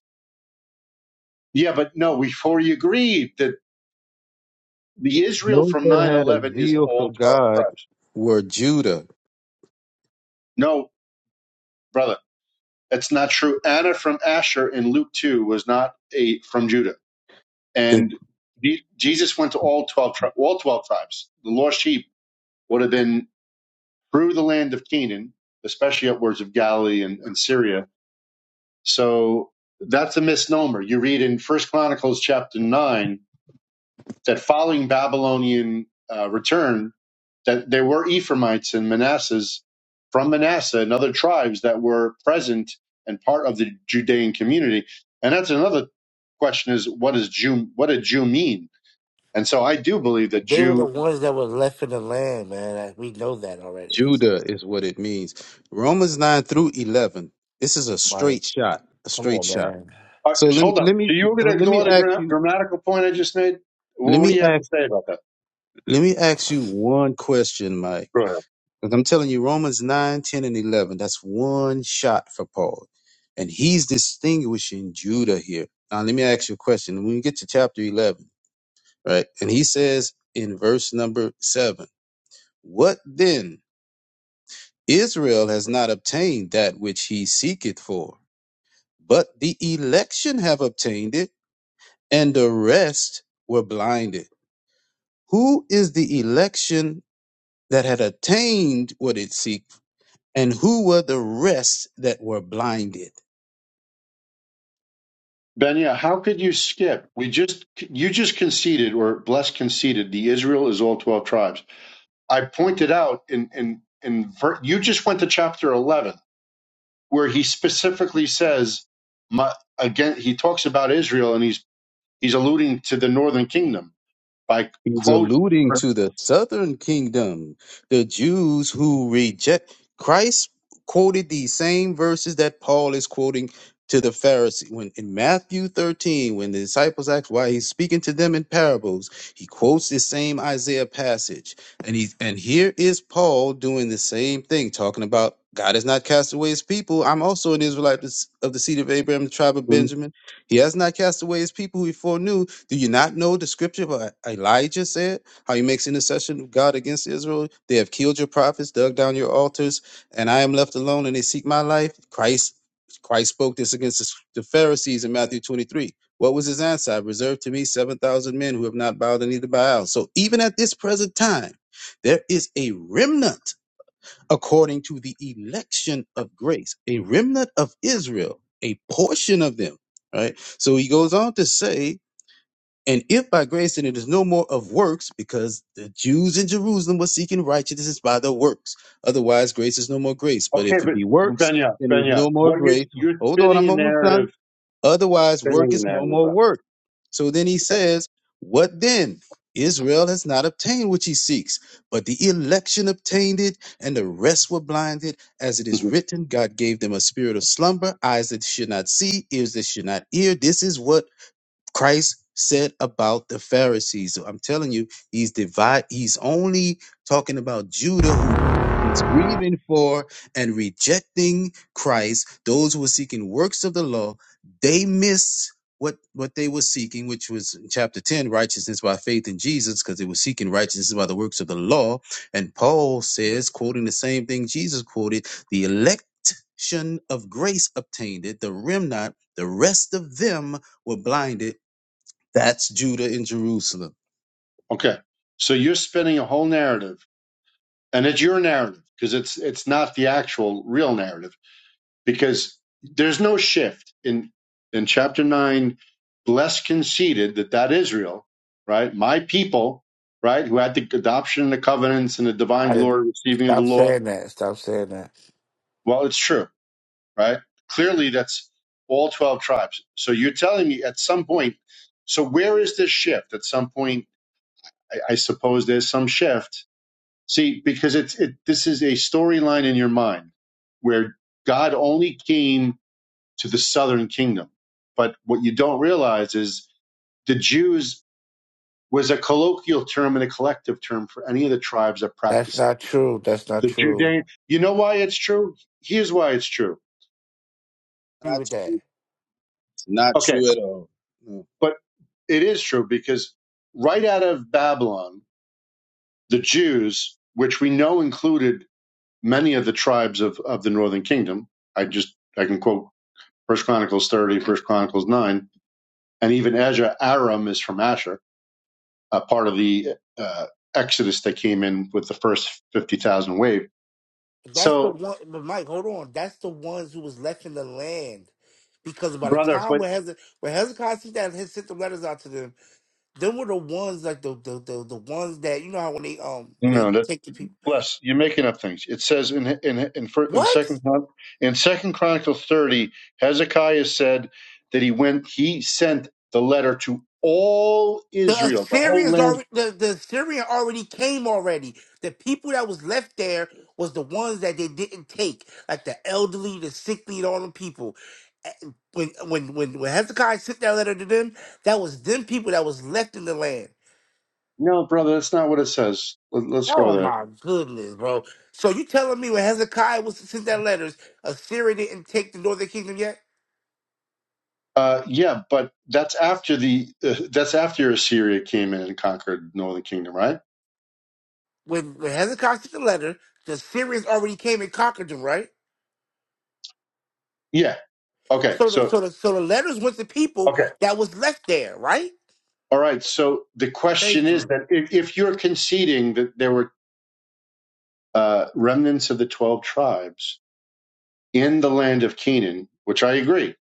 Yeah, but no, we've already agreed that the Israel
Those
from
that had a
9-11 is
zeal for
all 12
God
tribes.
were Judah.
No, brother, that's not true. Anna from Asher in Luke 2 was not a from Judah.
The
And Je- Jesus went to all 12, tri- all 12 tribes. The lost sheep would have been through the land of Canaan, especially upwards of Galilee and, and Syria. So that's a misnomer. You read in First Chronicles chapter 9 that following Babylonian uh, return, that there were Ephraimites and Manassas from Manasseh and other tribes that were present and part of the Judean community. And that's another question is what does Jew what did Jew mean? And so I do believe that
They were the
Jew
ones that were left in the land, man. Like, We know that already.
Judah is what it means. Romans nine through eleven. This is a
Right?
straight shot. A
Come
straight
on,
shot.
man.
uh,
So let me
hold up.
let
So
me
you were
uh,
going to
let me
ignore the
ask
gra-
you
grammatical point I just made? What,
let
what do
me
you have
ask
to say about that?
let me ask you one question, Mike.
Go ahead.
Because I'm telling you, Romans 9, 10, and 11, that's one shot for Paul. And he's distinguishing Judah here. Now, let me ask you a question. When we get to chapter 11, right? And he says in verse number 7, What then? Israel has not obtained that which he seeketh for, but the election have obtained it, and the rest were blinded. Who is the election that had attained what it seeked, and who were the rest that were blinded?
Ben, yeah, how could you skip? We just you just conceded or blessed conceded the Israel is all 12 tribes. I pointed out in in in ver- you just went to chapter 11 where he specifically says, my, again, he talks about Israel and he's he's alluding to the northern kingdom by
He's
quoting.
alluding to the southern kingdom, the Jews who reject Christ quoted these same verses that Paul is quoting to the Pharisees. When in Matthew 13, when the disciples asked why he's speaking to them in parables, he quotes this same Isaiah passage. And he and here is Paul doing the same thing, talking about God has not cast away his people. I'm also an Israelite of the seed of Abraham, the tribe of
Okay,
Benjamin. He has not cast away his people who he foreknew do you not know the scripture about Elijah said, how he makes intercession of God against Israel? They have killed your prophets, dug down your altars, and I am left alone and they seek my life. Christ Christ spoke this against the the Pharisees in Matthew 23. What was his answer? I reserved to me 7,000 men who have not bowed the knee to Baal. So even at this present time, there is a remnant according to the election of grace, a remnant of Israel, a portion of them, right? So he goes on to say, and if by grace, then it is no more of works, because the Jews in Jerusalem were seeking righteousness by their works. Otherwise, grace is no more grace. But if it
but
be works,
Benya,
then it is
Benya,
no more
what you're
grace.
you're
Hold on,
spinning
I'm
a
almost done.
narrative,
Otherwise, work
spinning a
is no
narrative.
more
bro.
work. So then he
Okay.
says, What then? Israel has not obtained what he seeks, but the election obtained it, and the rest were blinded. As it is
Mhm.
written, God gave them a spirit of slumber, eyes that should not see, ears that should not hear. This is what Christ said about the Pharisees. So I'm telling you, he's divide. He's only talking about Judah, who he's grieving for and rejecting Christ. Those who were seeking works of the law, they missed what what they were seeking, which was in chapter 10, righteousness by faith in Jesus, because they were seeking righteousness by the works of the law. And Paul says, quoting the same thing Jesus quoted, the election of grace obtained it, the remnant, the rest of them were blinded that's Judah and Jerusalem.
Okay. So you're spinning a whole narrative, and it's your narrative because it's it's not the actual real narrative because there's no shift in in chapter 9 blessed conceded that that israel right my people right who had the adoption and the covenants and the divine
I,
glory receiving of the
stop
law
saying that. Stop saying that.
well it's true right clearly that's all 12 tribes so you're telling me at some point so where is this shift at some point i, I suppose there's some shift see because it's it, this is a storyline in your mind where god only came to the southern kingdom. But what you don't realize is the Jews was a colloquial term and a collective term for any of the tribes that
That's
practiced
not true. That's not
the
true.
Judean. You know why it's true? Here's why it's true.
Agree
Not
with that.
true. Not
Okay,
true at all. No.
but it is true because right out of Babylon, the Jews, which we know included many of the tribes of, of the northern kingdom, I just I can quote First Chronicles 30, First Chronicles 9, and even Ezra, Aram is from Asher uh, part of the uh, exodus that came in with the first 50,000 wave.
That's the
So,
one, but Mike, hold on. That's the ones who was left in the land. Because by the
brother,
time
but
when Hezekiah, when Hezekiah see that he sent the letters out to them, them were the ones like the the, the, the ones that you know how when they um
you
when
know,
they
that,
take the people
bless, you're making up things. It says in in in, fir- in
what
second Chron- in second Chronicles 30, Hezekiah said that he went he sent the letter to all
the
Israel, the whole
Assyrians
land.
already the, the Assyrian already came already. The people that was left there was the ones that they didn't take, like the elderly, the sickly, and all them people. Eh, When when when when Hezekiah sent that letter to them, that was them people that was left in the land.
No, brother, that's not what it says. Let, let's go
Oh
there.
my goodness, bro. So you telling me when Hezekiah was sent that letters, Assyria didn't take the northern kingdom yet?
Uh, yeah, but that's after the uh, that's after Assyria came in and conquered Northern Kingdom, right?
When when Hezekiah sent the letter, the Syrians already came and conquered them, right?
Yeah. Okay.
So the
So
so the so the letters went to people
okay.
that was left there, right?
All right. So the question
Thank
is
you.
that if, if you're conceding that there were uh, remnants of the 12 tribes in the land of Canaan, which I agree,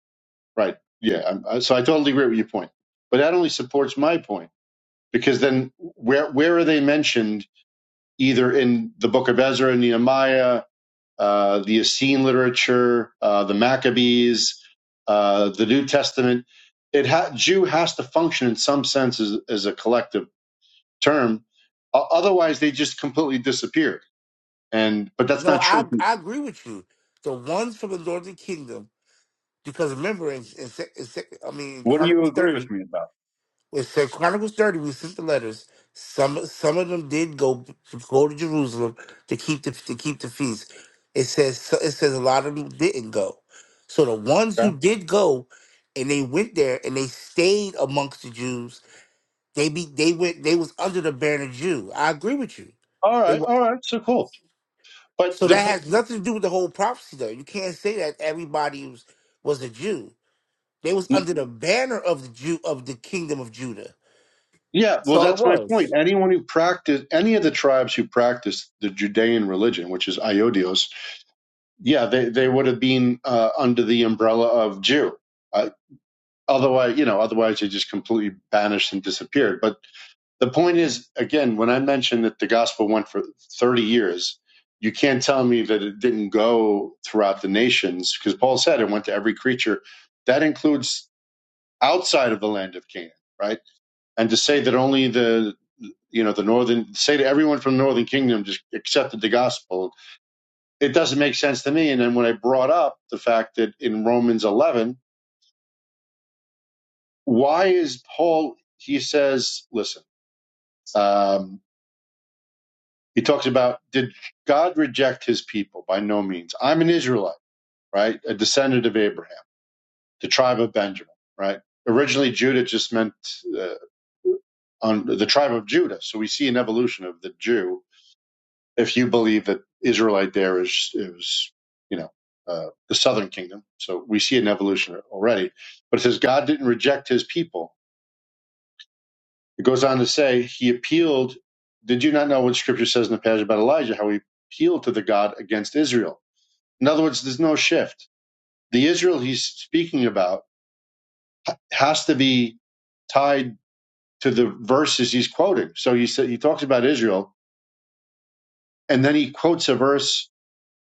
right? Yeah. I'm, I- so I totally agree with your point. But that only supports my point because then where, where are they mentioned either in the book of Ezra and Nehemiah, uh, the Essene literature, uh, the Maccabees, uh, the New Testament? It ha- Jew has to function in some sense as, as a collective term. Otherwise, they just completely disappeared. And but that's
No,
not
I
true.
I agree with you. The ones from the northern kingdom, because remember in, in, Se- in Se- I mean in
What do you
Chronicles
agree
thirty,
with me about?
It said Chronicles 30, we sent the letters. Some some of them did go go to Jerusalem to keep the to keep the feast. It says so- it says a lot of them didn't go. So the ones
Okay.
who did go and they went there and they stayed amongst the Jews, they be they went they was under the banner Jew. I agree with you.
All
They
right.
were,
All right. So cool. But
so
the
that
po-
has nothing to do with the whole prophecy though. You can't say that everybody was, was a Jew. They was under the banner of the Jew of the kingdom of Judah.
yeah.
That's
Well,
all it
that's my
was.
point. Anyone who practiced any of the tribes who practiced the Judean religion, which is Iodios, yeah, they they would have been uh, under the umbrella of Jew. Uh, otherwise, you know, otherwise they just completely banished and disappeared. But the point is again when i mentioned that the gospel went for 30 years you can't tell me that it didn't go throughout the nations because paul said it went to every creature that includes outside of the land of canaan right and to say that only the you know the northern say that everyone from the northern kingdom just accepted the gospel it doesn't make sense to me and then when i brought up the fact that in romans 11 why is paul he says listen um, He talks about did God reject his people? By no means. I'm an Israelite, right? A descendant of Abraham, the tribe of Benjamin, right? Originally, Judah just meant uh, on the tribe of Judah. So we see an evolution of the Jew. If you believe that Israelite there is is you know uh, the southern kingdom, so we see an evolution already. But it says God didn't reject His people It goes on to say, he appealed. Did you not know what scripture says in the passage about Elijah, how he appealed to the God against Israel? In other words, there's no shift. The Israel he's speaking about has to be tied to the verses he's quoting. So he said he talks about Israel, and then he quotes a verse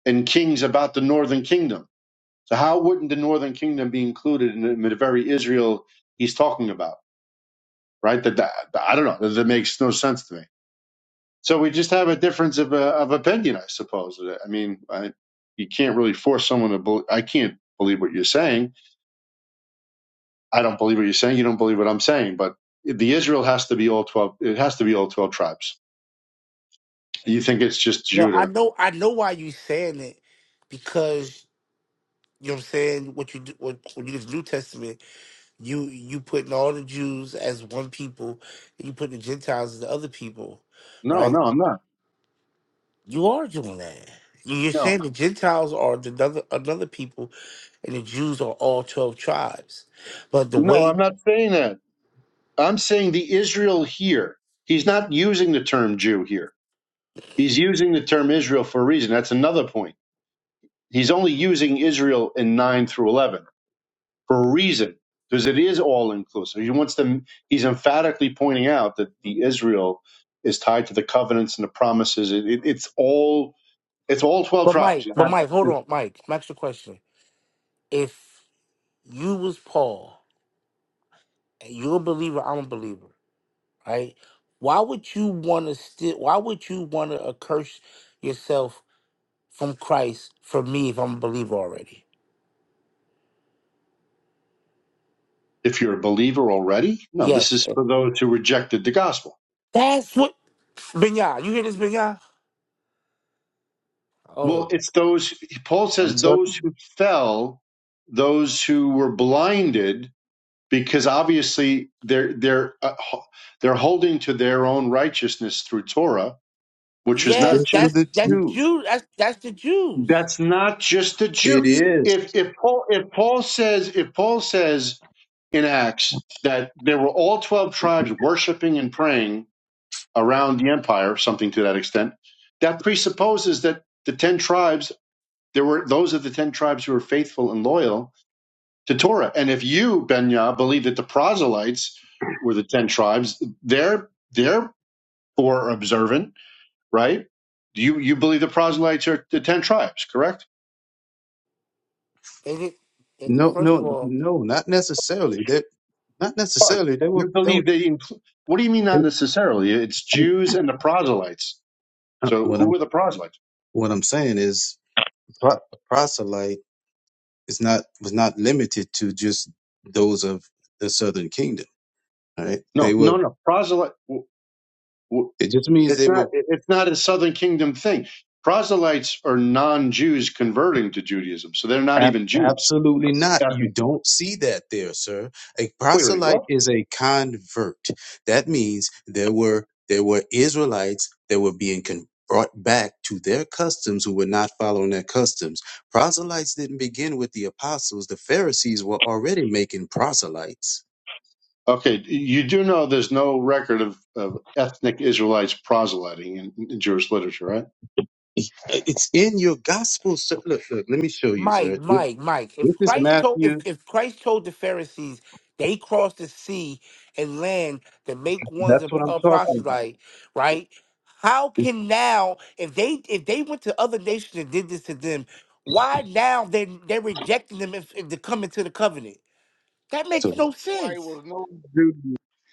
in Kings about the northern kingdom. So how wouldn't the northern kingdom be included in the, in the very Israel he's talking about? Right? That, that I don't know. that makes no sense to me. So we just have a difference of, uh, of opinion, I suppose. I mean, I, you can't really force someone to. Bel- I can't believe what you're saying. I don't believe what you're saying. You don't believe what I'm saying. But the Israel has to be all twelve. It has to be all twelve tribes. You think it's just
No, I
Judah?
know, I know why you saying it because you know what I'm saying. What you do when, when you do the New Testament, you you putting all the Jews as one people, and you putting the Gentiles as the other people,
No,
right?
no, I'm not.
You are doing that. You- You're
No,
saying the Gentiles are the another another people, and the Jews are all twelve tribes. But the
no, I'm
way,
not saying that. I'm saying the Israel here. He's not using the term Jew here. He's using the term Israel for a reason. That's another point. He's only using Israel in nine through eleven for a reason because it is all inclusive. He wants them. He's emphatically pointing out that the Israel is tied to the covenants and the promises. It, it, it's all it's all twelve
but
tribes.
Mike,
You're
but
not,
Mike, hold on, Mike. Max, the question: If you was Paul and you're a believer, I'm a believer. right? Why would you want to still? Why would you want to curse yourself from Christ for me if I'm a believer already?
if you're a believer already, no, this
Yes,
is for those who rejected the gospel.
that's what Binyah. You hear this, Binyah?
Well,
Oh,
it's those. Paul
I'm
says
telling
those who fell, those who were blinded, because obviously they're they're uh, ho- they're holding to their own righteousness through Torah, which is not
yes,
you, those
just
that's
are the
that's
Jews.
Jew. That's that's the Jews.
That's not just a Jew.
It is.
If if Paul if Paul says if Paul says in Acts that there were all twelve tribes worshiping and praying around the empire, something to that extent, that presupposes that the ten tribes there were those of the ten tribes who were faithful and loyal to Torah. And if you, Benya, believe that the proselytes were the ten tribes, they're they're poor observant, right? You you believe the proselytes are the ten tribes, correct?
And did- they-
No,
first of
no,
all.
no, not necessarily. That not
Sorry.
necessarily. They were.
You
They were
believe they? Incl- what do you mean?
they,
Not necessarily. It's
I'm-
Jews and the proselytes.
uh,
So
what
who
I'm
were the proselytes?
what I'm saying is pro- proselyte is not was not limited to just those of the Southern Kingdom. Right?
No,
They were.
no, no. Proselyte. w- w-
It just means they
It's
were
not. It's not a Southern Kingdom thing. Proselytes are non-Jews converting to Judaism, so they're not
Ab-
even Jews.
absolutely
That's
not. You
Ethnically.
don't see that there, sir. A
Wait, wait,
proselyte
what?
is a convert. That means there were there were Israelites that were being con- brought back to their customs who were not following their customs. Proselytes didn't begin with the apostles. The Pharisees were already making proselytes.
Okay, you do know there's no record of, of ethnic Israelites proselyting in, in Jewish literature, right?
It- It's in your gospel, sir. Look, look. Let me show you,
Mike,
sir. This,
Mike, Mike.
this
If
is
Christ told if,
Matthew.
if Christ told the Pharisees they crossed the sea and land to make ones a,
That's what I'm
a
talking about.
proselyte, right? How
This-
can now if they if they went to other nations and did this to them, why now they they're rejecting them if, if to come into the covenant? That makes
so.
no
Like
sense.
was no Jew.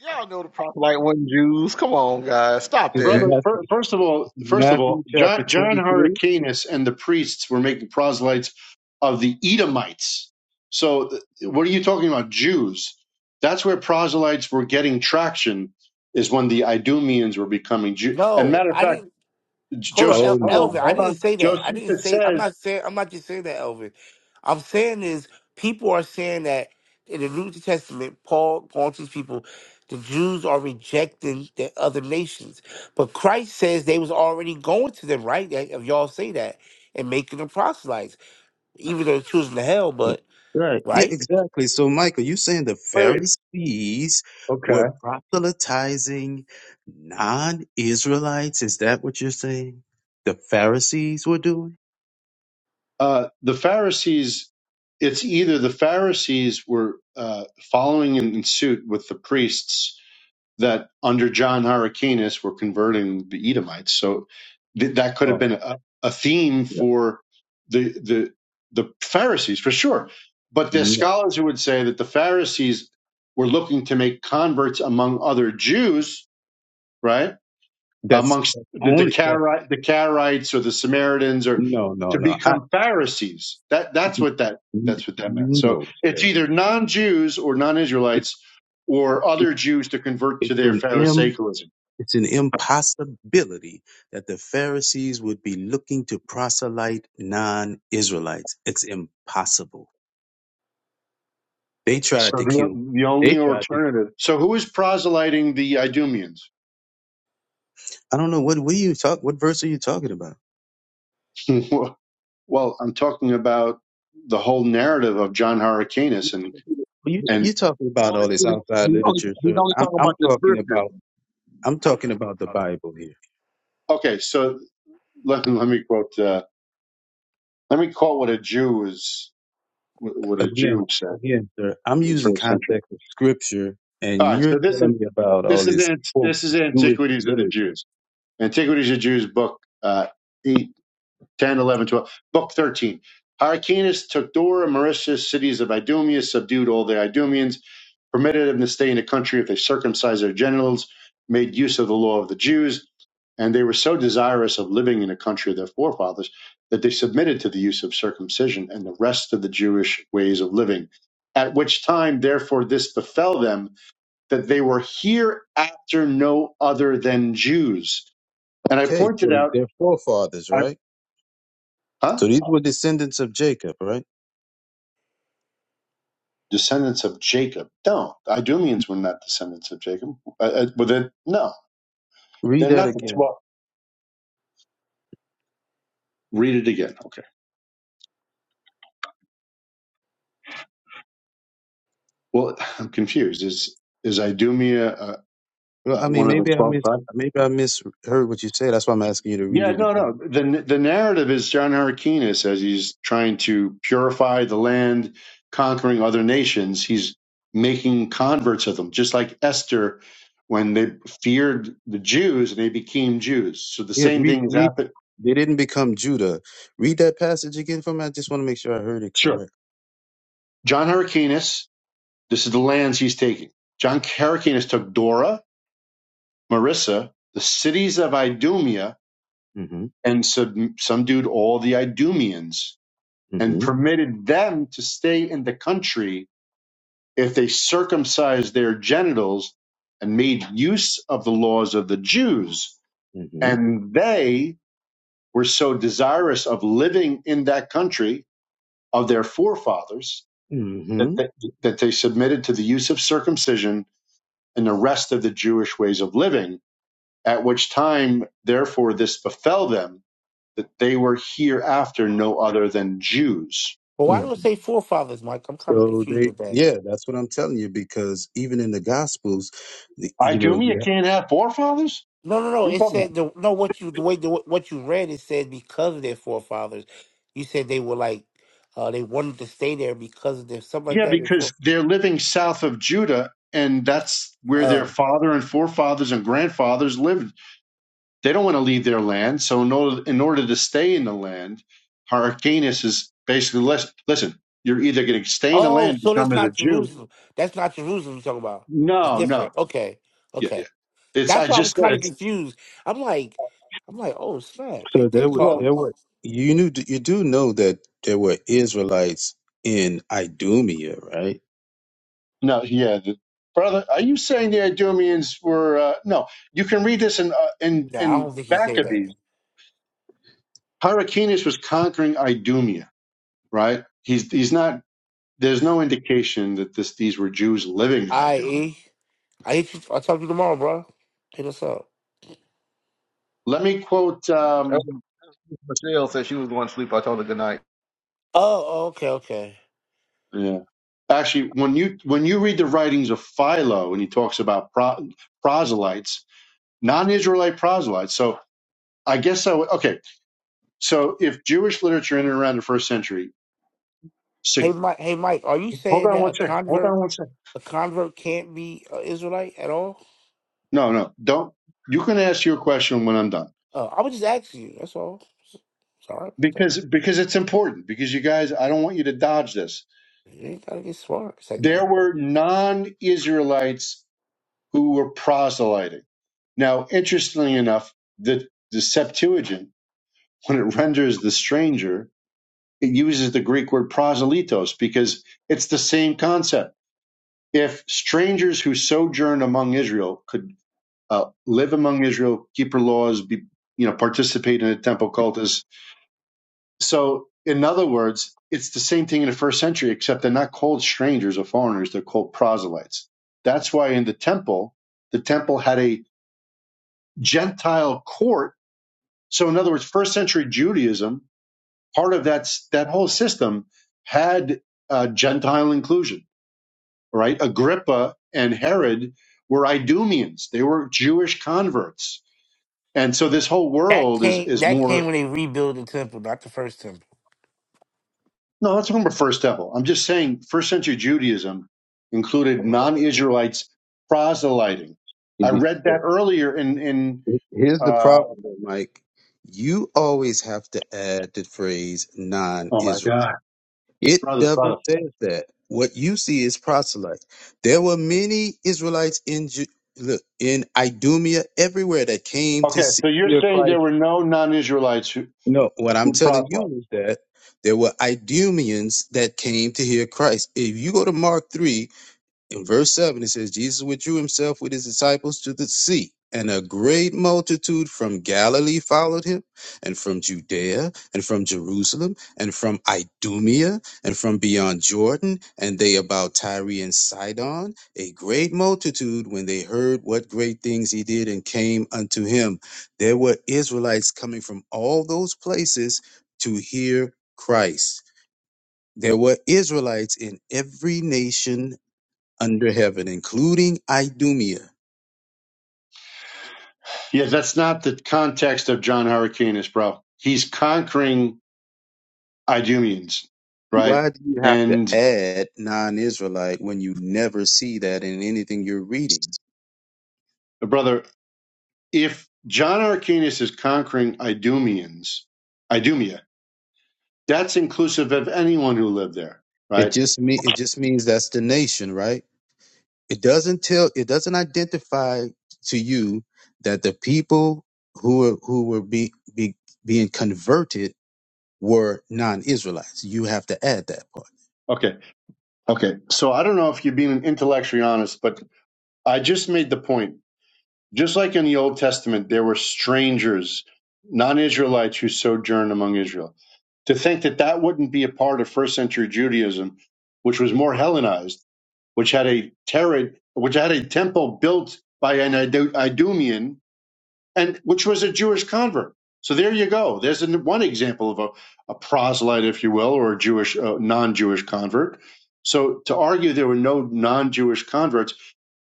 Y'all know the proselyte wasn't Jews. Come on, guys, stop
It's
that.
brother.
Matthew,
fir- First of all, first of
Matthew
all,
chapter
John, John
23.
Hyrcanus and the priests were making proselytes of the Edomites. So, th- what are you talking about, Jews? That's where proselytes were getting traction. Is when the Idumeans were becoming Jew. And
No,
matter of
I
fact,
didn't
J-
Hold on,
Joseph,
Oh
El-
my.
hold
Elvin.
on,
I
hold
didn't
on.
say that. I didn't
Josephus
say. I'm
says,
not saying. I'm not just saying that, Elvin. I'm saying is people are saying that in the New Testament, Paul Paul teaches people the Jews are rejecting the other nations, but Christ says they was already going to them, right? That- If y'all say that and making them proselytes, even though the children of hell, but
Right. Yeah,
right.
exactly. So, Michael, you saying the
wait, wait,
Pharisees were
okay.
proselytizing non Israelites? Is that what you're saying? The Pharisees were doing?
Uh, the Pharisees. It's either the Pharisees were uh, following in suit with the priests that under John Hyrcanus were converting the Edomites. So th- that could have
Oh,
been a, a theme
yeah.
for the the the Pharisees for sure. But there's
no.
scholars who would say that the Pharisees were looking to make converts among other Jews, right?
That's
amongst
that's
the, the,
only, that's,
Cari- the Karaites or the Samaritans or
no, no,
to
no.
become
I,
Pharisees. That that's what that
N-
that's what that meant. So
No,
it's
sir.
either non-Jews or
It,
non-Israelites or
it,
other Jews to convert to
it's
their
an im,
Pharisaicalism.
it's an impossibility that the Pharisees would be looking to proselyte non-Israelites. It's impossible. They
So
tried to kill.
the the
They
only
tried to.
alternative. So who is proselyting the Idumeans?
I don't know what what are you talk. What verse are you talking about?
<laughs> well, I'm talking about the whole narrative of John Hyrcanus and
Well, You t-
and
you talking about all this outside literature, sir. I'm I'm talking about I'm talking about the Bible here.
okay, so let, let me quote uh, let me quote what a Jew is what a
Again,
Jew said.
again, sir. I'm
in the
using
first century.
context of Scripture,
All
and
right,
you're
so this is
telling me about all
this is
this
in,
quote
this is
Jewish
Antiquities of the
literature.
Jews. Antiquities of the Jews, book uh, 8, ten, eleven, twelve, book 13. Hyrcanus took Dora, Mauritius, cities of Idumea, subdued all the Idumeans, permitted them to stay in the country if they circumcised their genitals, made use of the law of the Jews, and they were so desirous of living in the country of their forefathers that they submitted to the use of circumcision and the rest of the Jewish ways of living. At which time, therefore, this befell them that they were here after no other than Jews. And I
Okay,
pointed
so
out,
they're forefathers,
I,
right?
huh?
So these were descendants of Jacob, right?
Descendants of Jacob. No, Idumeans were not descendants of Jacob. Uh, uh, well, then, no,
Read
they're
that
not the
again.
12. Read it again. Okay. Well, <laughs> I'm confused. Is is Idumea uh,
Well,
uh,
I mean,
one of the
maybe I
12
mis
tribes?
maybe I misheard what you said. That's why I'm asking you to read
Yeah,
it
no,
again.
no. The the narrative is John Hyrcanus as he's trying to purify the land, conquering other nations. He's making converts of them, just like Esther when they feared the Jews and they became Jews. So the
Yeah,
same
read
thing is
read.
happening.
They didn't become Judah. Read that passage again for me. I just want to make sure I heard it
Sure.
correct.
John Hyrcanus, this is the lands he's taking. John Hyrcanus took Dora, Marissa, the cities of Idumea,
Mm-hmm.
and sub- subdued all the Idumeans and
Mm-hmm.
permitted them to stay in the country if they circumcised their genitals and made use of the laws of the Jews,
Mm-hmm.
and they were so desirous of living in that country of their forefathers that
Mm-hmm.
they, that they submitted to the use of circumcision and the rest of the Jewish ways of living, at which time, therefore, this befell them that they were hereafter no other than Jews.
But why
hmm
do it say forefathers, Mike? I'm kind of
So
confused
they,
with that.
yeah, that's what I'm telling you because even in the Gospels, the-
I
you know,
do me, you
you
can't have forefathers?
No, no, no.
What are you
It
talking about?
said the no. What you the way the, what you read it said because of their forefathers. You said they were like uh they wanted to stay there because of their something like
Yeah,
that
because
before.
they're living south of Judah, and that's where
Uh
their father and forefathers and grandfathers lived. They don't want to leave their land, so in order, in order to stay in the land, Hyrcanus is basically listen. Listen, you're either going to stay in the
oh,
land, and
so that's
become as a
not
Jew.
Jerusalem. That's not Jerusalem. You're talking about that's
No, no,
different. Okay,
yeah,
okay.
yeah. It's
That's
I
why I
just
was
said
kind of
it's
confused. I'm like, I'm like, oh snap! They
So
they
there were
call
well,
it.
there were You knew you do know that there were Israelites in Idumea, right?
no, yeah, the, brother. Are you saying the Idumeans were uh, no? You can read this in uh, in
No, I
in
don't think he said that.
Maccabees. Hyrcanus was conquering Idumea right? He's he's not. There's no indication that this these were Jews living in
I
Idumea.
e I hit you. I will talk to you tomorrow, bro. Hit us up.
Let me quote.
Oh,
Um,
Michelle said she was going to sleep. I told her good night.
Oh, oh, okay, okay.
yeah. Actually, when you when you read the writings of Philo and he talks about pro, proselytes, non-Israelite proselytes. So I guess I would, okay. So if Jewish literature in and around the first century,
Hey
sig-
Mike, hey Mike, are you
hold
saying
on
that a
one second. Hold
convert,
on one second.
a convert can't be an Israelite at all?
No, no, don't. You can ask your question when I'm done
Uh, I was just asking you. That's all. Sorry about that.
because because it's important because you guys. I don't want you to dodge this
You ain't gotta get smart. It's like, no.
there were non Israelites who were proselyting. Now, interestingly enough, the, the Septuagint, when it renders the stranger, it uses the Greek word proselytos because it's the same concept. If strangers who sojourn among Israel could uh, live among Israel, keep her laws, be you know, participate in the temple cultus, So, in other words, it's the same thing in the first century, except they're not called strangers or foreigners, they're called proselytes. That's why in the temple, the temple had a Gentile court. So, in other words, first century Judaism, part of that, that whole system had uh, Gentile inclusion, right? Agrippa and Herod were Idumeans, they were Jewish converts. And so, this whole
That
world is,
came.
is
That
more
came when they rebuilt the temple, not the first temple.
No, that's from the first temple. I'm just saying first century Judaism included non Israelites proselyting.
If
I
you-
read that earlier in, in
Here's the
uh,
problem, though, Mike. You always have to add the phrase
oh my
non-Israel.
God,
It
brother,
never
brother.
says that. What you see is proselyte. There were many Israelites in Ju- look in Idumea everywhere that came to
Okay,
see.
so you're
your
saying
Christ.
there were no non Israelites who,
No, what I'm
who
telling
proselyted.
you is that there were Idumeans that came to hear Christ. If you go to Mark 3, in verse 7, it says, Jesus withdrew himself with his disciples to the sea, and a great multitude from Galilee followed him, and from Judea, and from Jerusalem, and from Idumea, and from beyond Jordan, and they about Tyre and Sidon, a great multitude when they heard what great things he did and came unto him. There were Israelites coming from all those places to hear Christ. There were Israelites in every nation under heaven, including Idumea.
Yeah, that's not the context of John Hyrcanus, bro. He's conquering Idumeans, right?
Why do you have to
And
add non-Israelite when you never see that in anything you're reading?
brother, if John Hyrcanus is conquering Idumeans, Idumea, That's inclusive of anyone who lived there,
It
right?
just me it just means that's the nation, right? It doesn't tell it doesn't identify to you that the people who were who were be, be being converted were non-Israelites. You have to add that part.
Okay. Okay. So I don't know if you're being intellectually honest, but I just made the point. Just like in the Old Testament, there were strangers, non Israelites who sojourned among Israel. To think that that wouldn't be a part of first century Judaism, which was more Hellenized, which had a terror, which had a temple built by an Idu- Idumean, and which was a Jewish convert. So there you go. There's an, one example of a, a proselyte, if you will, or a Jewish uh, non-Jewish convert. So to argue there were no non-Jewish converts,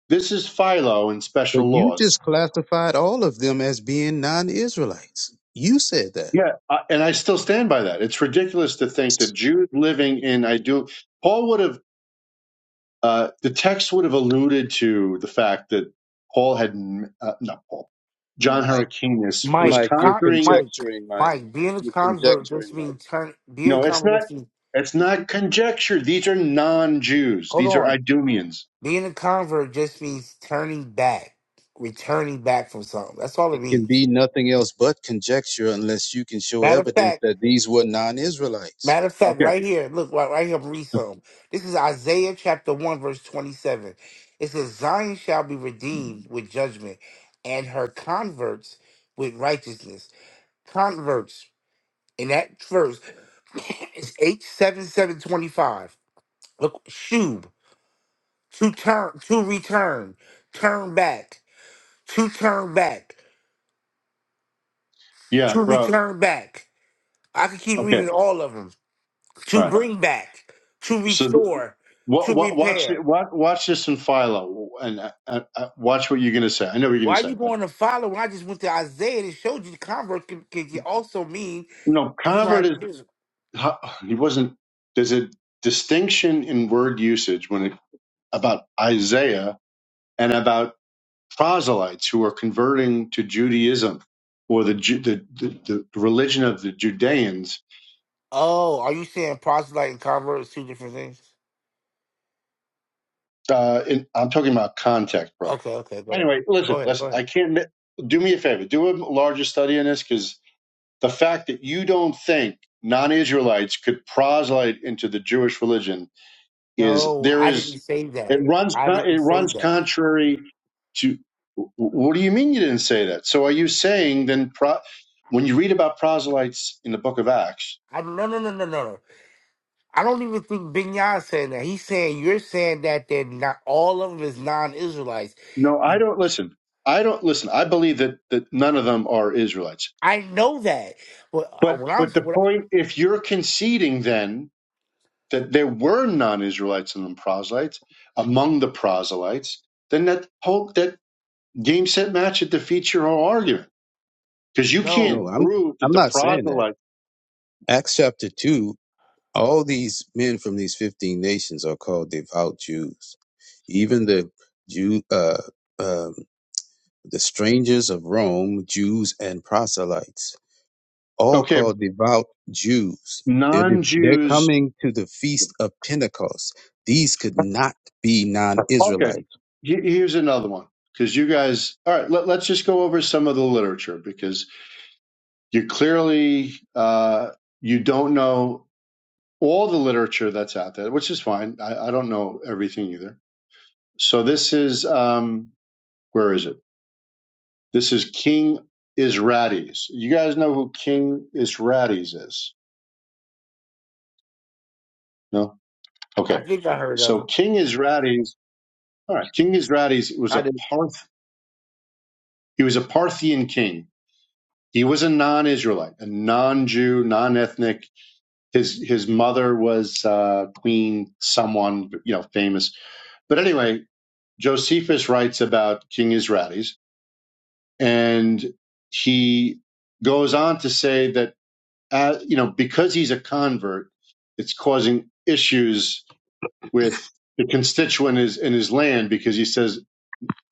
this is Philo in
But
special
you
laws.
just classified all of them as being non-Israelites. You said that.
Yeah, I, and I still stand by that. It's ridiculous to think that Jews living in I do Paul would have uh, the text would have alluded to the fact that Paul had uh, not Paul John
My
Hyrcanus was
Mike,
Mike, you're
con-
conquering
Mike,
conjecturing, Mike.
Mike. Being a
You're
convert just
conjecturing, Mike.
means turn.
You
Being a
know, it's
convert
not
just means
it's not conjecture. These are non-Jews.
hold
These are
on.
Idumeans.
Being a convert just means turning back, returning back from something. That's all it
It can
means.
be nothing else but conjecture unless you can show
Matter of fact,
evidence that these were non-Israelites.
Matter of fact,
Okay.
right here, look, right, right here, I'm read some. This is Isaiah chapter 1, verse 27. It says, Zion shall be redeemed with judgment, and her converts with righteousness. Converts, in that verse, <coughs> it's 87725. Look, shub, to turn, to return, turn back, to turn back, to
Yeah, bro.
return back. I could keep
Okay.
reading all of them.
All
To
right.
bring back, to
So th-
restore,
what,
to
what, watch
repair.
it. What, watch this in Philo, and uh, uh, uh, watch what you're going to say. I know what you're going
Why
to
are
say,
you
but
going to follow? When I just went to Isaiah and it showed you the convert can, can you also mean.
no,
So I,
convert is ho- he wasn't. There's a distinction in word usage when it about Isaiah and about proselytes who are converting to Judaism or the Ju- the, the, the religion of the Judeans
oh, are you saying proselyte and convert is two different things?
Uh, in, I'm talking about context, bro.
Okay, okay, go ahead.
Anyway, listen,
Go ahead, go
listen. I
ahead.
can't. Do me a favor. Do a larger study on this because the fact that you don't think non-Israelites could proselyte into the Jewish religion is
No,
there
I didn't
is
say that.
it runs
I
it
didn't say
runs
that.
contrary to. What do you mean you didn't say that? So are you saying then pro, when you read about proselytes in the Book of Acts?
I no no no no no no. I don't even think Binyan said that. He's saying you're saying that they're not all of them is non-Israelites.
No, I don't listen. I don't listen. I believe that that none of them are Israelites.
I know that, but uh,
But
when I'm
but the
what,
point, if you're conceding then that there were non-Israelites among proselytes, among the proselytes, then that whole that game set match it defeats your whole argument because you can't
No,
no,
I'm
prove that
I'm
the
not saying that.
proselytes,
Acts chapter two, all these men from these fifteen nations are called devout Jews. Even the Jew, uh, um, the strangers of Rome, Jews and proselytes. all
okay,
called devout Jews. They're, de- they're
non-Jews,
coming to the feast of Pentecost. These could not be non
okay.
Israelites.
he- Here's another one because you guys, all right, let, let's just go over some of the literature because you clearly uh, you don't know all the literature that's out there, which is fine. I, I don't know everything either So this is um, where is it? This is King Isrades. You guys know who King Isrades is? No.
I
Okay.
think I heard of it.
So King Isrades. All right. King Isrades was
I
a
didn't.
Parth. He was a Parthian king. He was a non-Israelite, a non-Jew, non-ethnic. His his mother was uh, Queen someone, you know, famous. But anyway, Josephus writes about King Isrades, and he goes on to say that uh, you know, because he's a convert, it's causing issues with the constituent is in his land because he says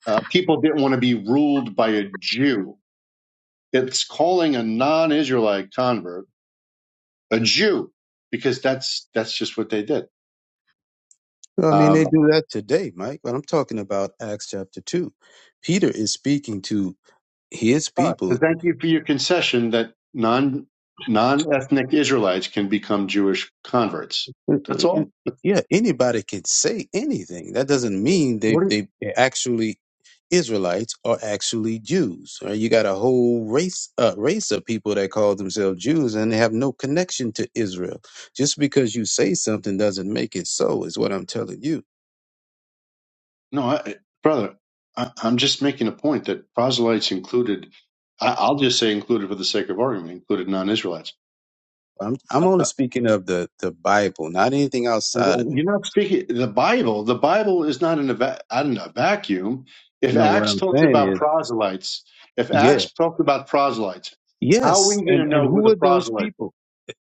uh, people didn't want to be ruled by a Jew. It's calling a non-Israelite convert a Jew because that's that's just what they did.
I mean, they
Um,
do that today, Mike, but I'm talking about Acts chapter 2. Peter is speaking to his
all right. So
people
thank you for your concession that non non-ethnic Israelites can become Jewish converts. That's
it-
all.
it- yeah, anybody can say anything. That doesn't mean they
What
they they're actually Israelites are actually Jews. Right? You got a whole race uh, race of people that call themselves Jews and they have no connection to Israel. Just because you say something doesn't make it so. Is what I'm telling you.
No, I, brother, I, I'm just making a point that proselytes included, I, I'll just say included for the sake of argument, included non-Israelites.
I'm I'm only
Uh,
speaking of the the Bible, not anything outside of it.
You're not speaking the Bible. The Bible is not in a, va- not in a vacuum. If
No, what
Acts
I'm
talks
saying
about
is,
proselytes, if
yeah,
Acts talks about proselytes, how are we
yes,
going
and
to
and
know who
who
the
are those
proselytes were?
people?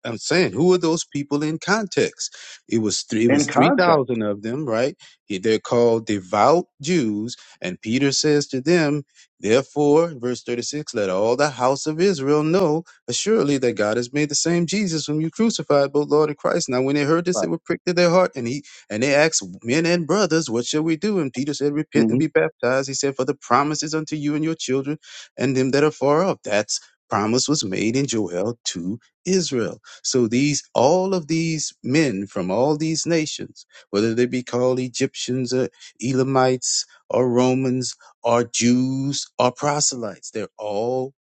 I'm saying, who are those people in context? It was three, it
In
was three
context.
thousand of them, right? He- They're called devout Jews, and Peter says to them, therefore, verse thirty six, let all the house of Israel know assuredly that God has made the same Jesus whom you crucified, both Lord and Christ. Now, when they heard this, they
Right.
were pricked to their heart, and he and they asked men and brothers, what shall we do? And Peter said, repent
Mm-hmm.
and be baptized. He said, for the promise is unto you and your children, and them that are far off. That's promise was made in Joel 2 Israel. So these, all of these men from all these nations, whether they be called Egyptians or Elamites or Romans or Jews or proselytes, they're all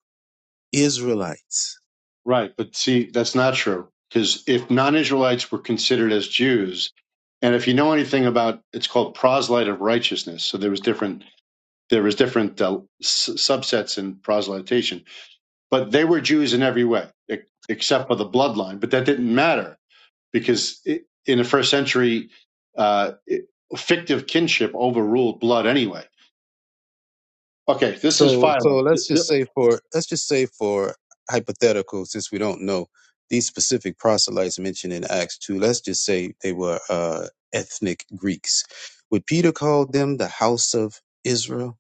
Israelites.
Right, but see, that's not true because if non-Israelites were considered as Jews, and if you know anything about, it's called proselyte of righteousness. So there was different there was different uh, s- subsets in proselytization, but they were Jews in every way e- except for the bloodline. But that didn't matter because it, in the first century, uh, it, fictive kinship overruled blood anyway. Okay, this is
So, so
Philo.
let's just say for, let's just say for hypothetical, since we don't know these specific proselytes mentioned in Acts 2, let's just say they were, uh, ethnic Greeks. Would Peter call them the house of Israel?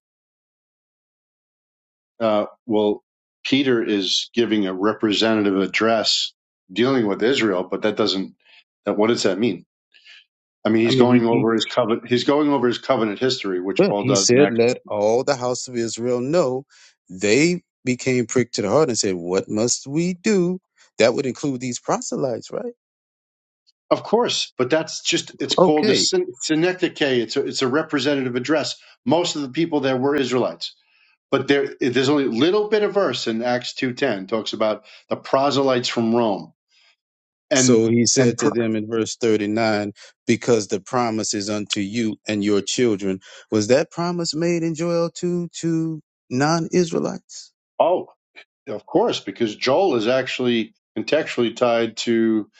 uh, well, Peter is giving a representative address dealing with Israel, but that doesn't. That what does that mean? I mean,
I
he's
mean,
going
he, he
over his covenant. He's going over his covenant history, which
But
Paul
he
does
said,
next,
Let all the house of Israel know. They became pricked to the heart and said, What must we do? That would include these proselytes, right?
of course. But that's just it's called a
Okay.
syn- synecdoche. It's a it's a representative address. Most of the people there were Israelites, but there there's only a little bit of verse in Acts two ten talks about the proselytes from Rome and
So he
and
said to
pr-
them in verse 39, Because the promise is unto you and your children. Was that promise made in Joel 2 to non Israelites?
oh. Of course, because Joel is actually contextually tied to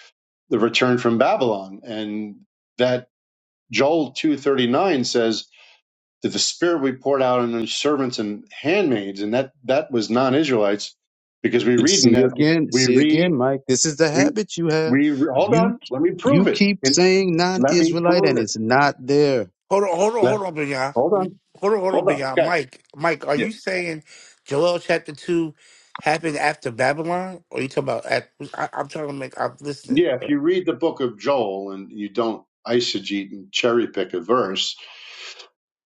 the return from Babylon. And that Joel 2.39 says that the spirit we poured out on his servants and handmaids, and that, that was non-Israelites, because we read in
See
that,
again,
we
see again,
read,
Mike. This is the
we,
habit you have.
we, hold
You
on, let me
you
prove it.
keep
And
saying
let me
non-Israelite, and
prove it.
it's not there.
Hold on, hold on,
Let,
hold on, Big Eye.
hold on,
Hold on, hold on,
hold
Big
on,
Eye.
guys.
Mike, Mike, are
Yeah.
you saying Joel chapter two happened after Babylon, or you talking about? At, I, I'm trying to make. I'm listening.
Yeah, if you read the book of Joel and you don't eisegete and cherry pick a verse,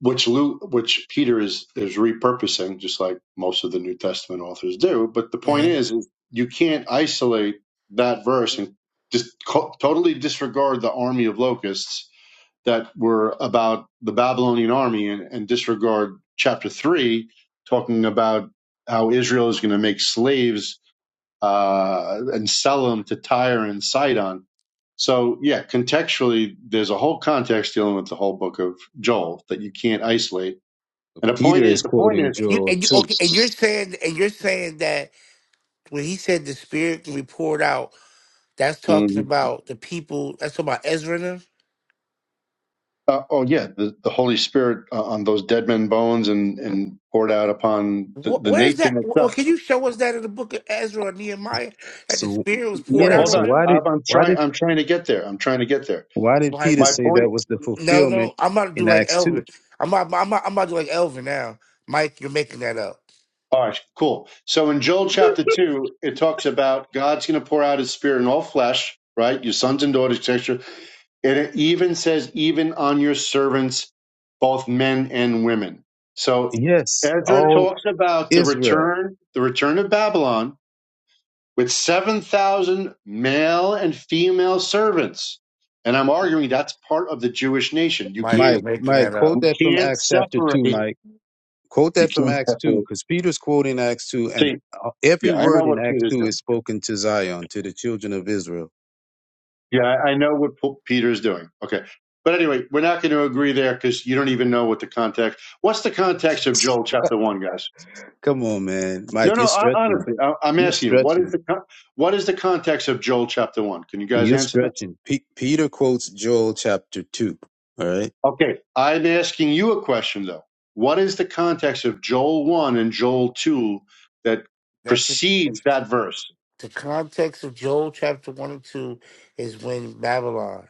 which Luke, which Peter is is repurposing, just like most of the New Testament authors do. But the point
Mhm.
is, is you can't isolate that verse and just co- totally disregard the army of locusts that were about the Babylonian army, and, and disregard chapter three, talking about how Israel is going to make slaves uh, and sell them to Tyre and Sidon. So yeah, contextually, there's a whole context dealing with the whole book of Joel that you can't isolate and the point
Peter
is,
is
the point
quoting
is,
And you
Joel
and you
too.
okay? And you're saying and you're saying that when he said the spirit can be poured out, that's talking
Mhm.
about the people. That's talking about Ezra. And them?
uh, oh yeah, the, the Holy Spirit uh, on those dead men bones and, and poured out upon the,
Wh-
the
where is that?
nation
Well,
itself.
can you show us that in the book of Ezra or Nehemiah that the
So
spirit was
Yeah,
poured
yeah,
out
hold
on
so
on,
them?
why did
I'm, I'm
why
trying.
did
I'm trying to get there. I'm trying to get there.
why did Peter
Like,
My
say
point.
that was the
No,
fulfillment
no, I'm about to do
in
like
Acts
Elvin.
two?
I'm about, I'm about, I'm about to do like Elvin now. Mike, you're making that up.
All right, cool. So in Joel chapter two, it talks about God's going to pour out His Spirit in all flesh, right? Your sons and daughters, etc. And it even says, even on your servants, both men and women. So
Yes,
Ezra
all
talks about the
Israel.
return, the return of Babylon with 7,000 male and female servants. And I'm arguing that's part of the Jewish nation. You
Mike, you're
can't,
Mike,
making
Mike,
that
quote
up.
you
that from
can't
Acts chapter two,
separate,
Mike. Quote
you
that from
can't
Acts two,
separate.
because Peter's quoting Acts two, and
See,
uh, every
yeah, I know
word in
what
Acts
Peter's
two is
doing.
spoken to Zion, to the children of Israel.
Yeah, I I know what P- Peter's doing. Okay. But anyway, we're not going to agree there because you don't even know what the context. What's the context of Joel chapter one, guys?
Come on, man,
No,
Mike,
no.
you're
I,
stretching,
honestly, I, I'm
you're
asking you. What is
stretching,
the con- what is the context of Joel chapter one? Can you guys
you're
answer that?
stretching. Pe- Peter quotes Joel chapter two. All right
Okay. I'm asking you a question though. What is the context of Joel 1 and Joel 2 that
That's it.
precedes that verse?
The context of Joel chapter one and two is when Babylon.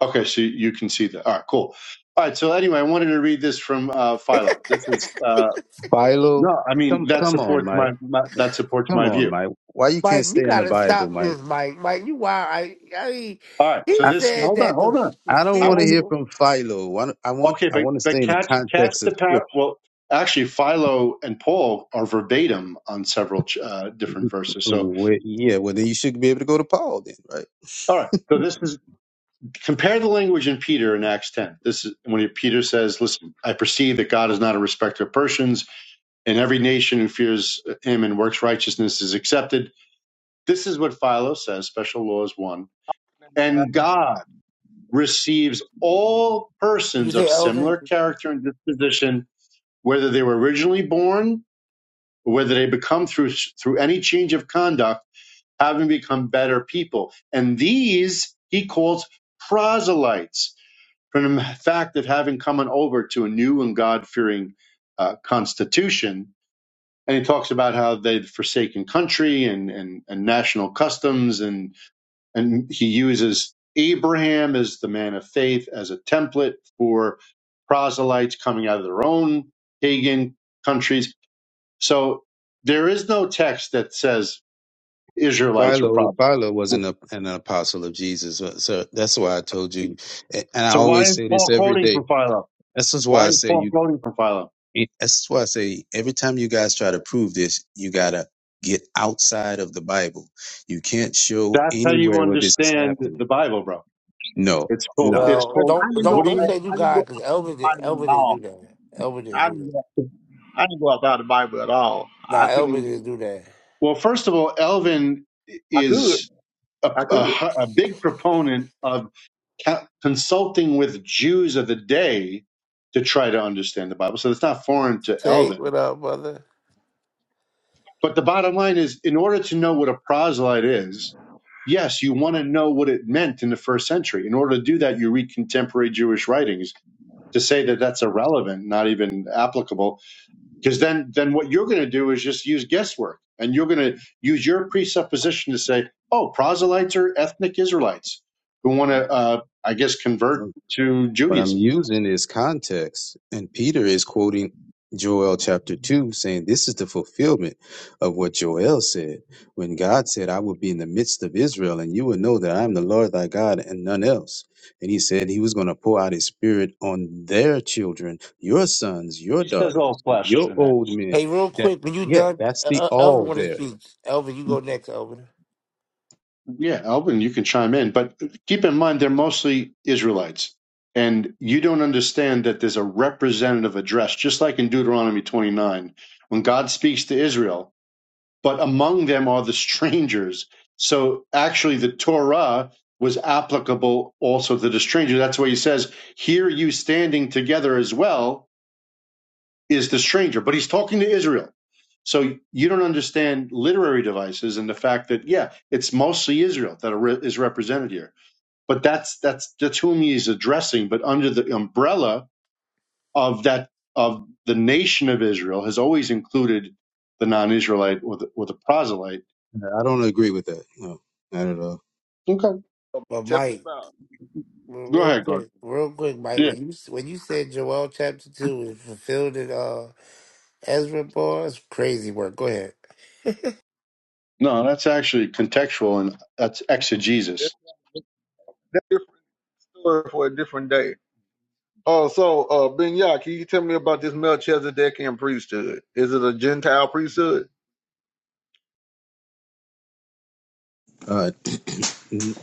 Okay, so you can see that. All right, cool. All right, so anyway, I wanted to read this from uh, Philo.
<laughs>
This is uh,
Philo,
no, I mean
come
that
come on,
supports my,
Mike.
my that supports
Come
my
on,
view.
Mike. Why you can't
Mike, you
stay in the
gotta
Bible,
stop
Mike?
this, Mike. Mike, you wild. I, I mean,
All right,
he
so
I,
this
said
hold on,
that
hold
the
on.
the
I don't
I
want
spirit.
to
want
hear
you-
You
from Philo. I, don't- I want
okay,
I
but
want to stay
but
in the
catch catch
context
the
of
power.
Scripture.
Well, actually, Philo and Paul are verbatim on several uh, different verses. So
Where, yeah, well then you should be able to go to Paul then, right?
all right. So this is Compare the language in Peter in Acts 10. This is when Peter says, Listen, I perceive that God is not a respecter of persons, and every nation who fears him and works righteousness is accepted. This is what Philo says special law is one. And God receives all persons
say
of
Elvin?
similar character and disposition, whether they were originally born or whether they become through, through any change of conduct, having become better people. And these he calls proselytes from the fact of having come on over to a new and God fearing uh, constitution. And he talks about how they'd forsaken country and, and, and national customs. And, and he uses Abraham as the man of faith as a template for proselytes coming out of their own pagan countries. So there is no text that says Israelites were
Philo,
proselytes.
Philo was an, ap- an apostle of Jesus. uh, So that's why I told you. a- And I
So why
always
is
say this
Paul
every
quoting
day.
from Philo?
This is why
Why
I
is
say
Paul
you,
quoting from Philo?
it- this is why I say every time you guys try to prove this, you got to get outside of the Bible. You can't show
That's how you
anywhere where this is
understand the
happening.
Bible, bro.
No,
It's called.
no.
It's
Well,
called.
I
don't
didn't
don't
What
go.
do
don't
you?
say you
I didn't go
God because Elvin did,
at
Elvin didn't
all.
do that. Elvin didn't
I
do
didn't
that.
go. I didn't go outside the Bible at all. I
Nah,
couldn't.
Elvin
Even,
didn't do that.
Well, first of all, Elvin
I could.
is a,
I
a
could.
hu- a big proponent of ca- consulting with Jews of the day to try to understand the Bible. So it's not foreign to
Say
Elvin.
what up, brother?
But the bottom line is, in order to know what a proselyte is, yes, you want to know what it meant in the first century. In order to do that, you read contemporary Jewish writings to say that that's irrelevant, not even applicable, because then then what you're going to do is just use guesswork and you're going to use your presupposition to say oh proselytes are ethnic israelites who want to uh, i guess convert to
What I'm
judaism
using is context. And Peter is quoting Joel chapter 2, saying, This is the fulfillment of what Joel said. When God said, I will be in the midst of Israel, and you will know that I am the Lord thy God and none else. And he said he was going to pour out his spirit on their children, your sons, your
He says all
daughters,
flesh
your
in that.
old men.
Hey, real
That,
quick, when you
yeah,
done,
that's
uh,
the
uh, Elvin
all
want to
there.
speak. Elvin, you go next, Elvin.
yeah alvin you can chime in but keep in mind they're mostly israelites and you don't understand that there's a representative address just like in deuteronomy 29 when god speaks to israel but among them are the strangers. So actually, the Torah was applicable also to the stranger. That's why he says, Here you standing together as well is the stranger. But he's talking to Israel. So you don't understand literary devices and the fact that, yeah, it's mostly Israel that are re- is represented here. But that's, that's, that's whom he is addressing. But under the umbrella of that, of the nation of Israel has always included the non Israelite or the, or the proselyte
I don't agree with that. No, not at all.
Okay.
But Mike, real
Go
real
ahead, God.
quick, real quick, Mike,
Yeah.
when you when you said Joel chapter two is fulfilled in uh, Ezra, boy, it's crazy work. Go ahead.
No, that's actually contextual and that's exegesis.
Except story for a different day. Oh, so uh, Ben can you tell me about this Melchizedek priesthood? Is it a Gentile priesthood?
Uh, n-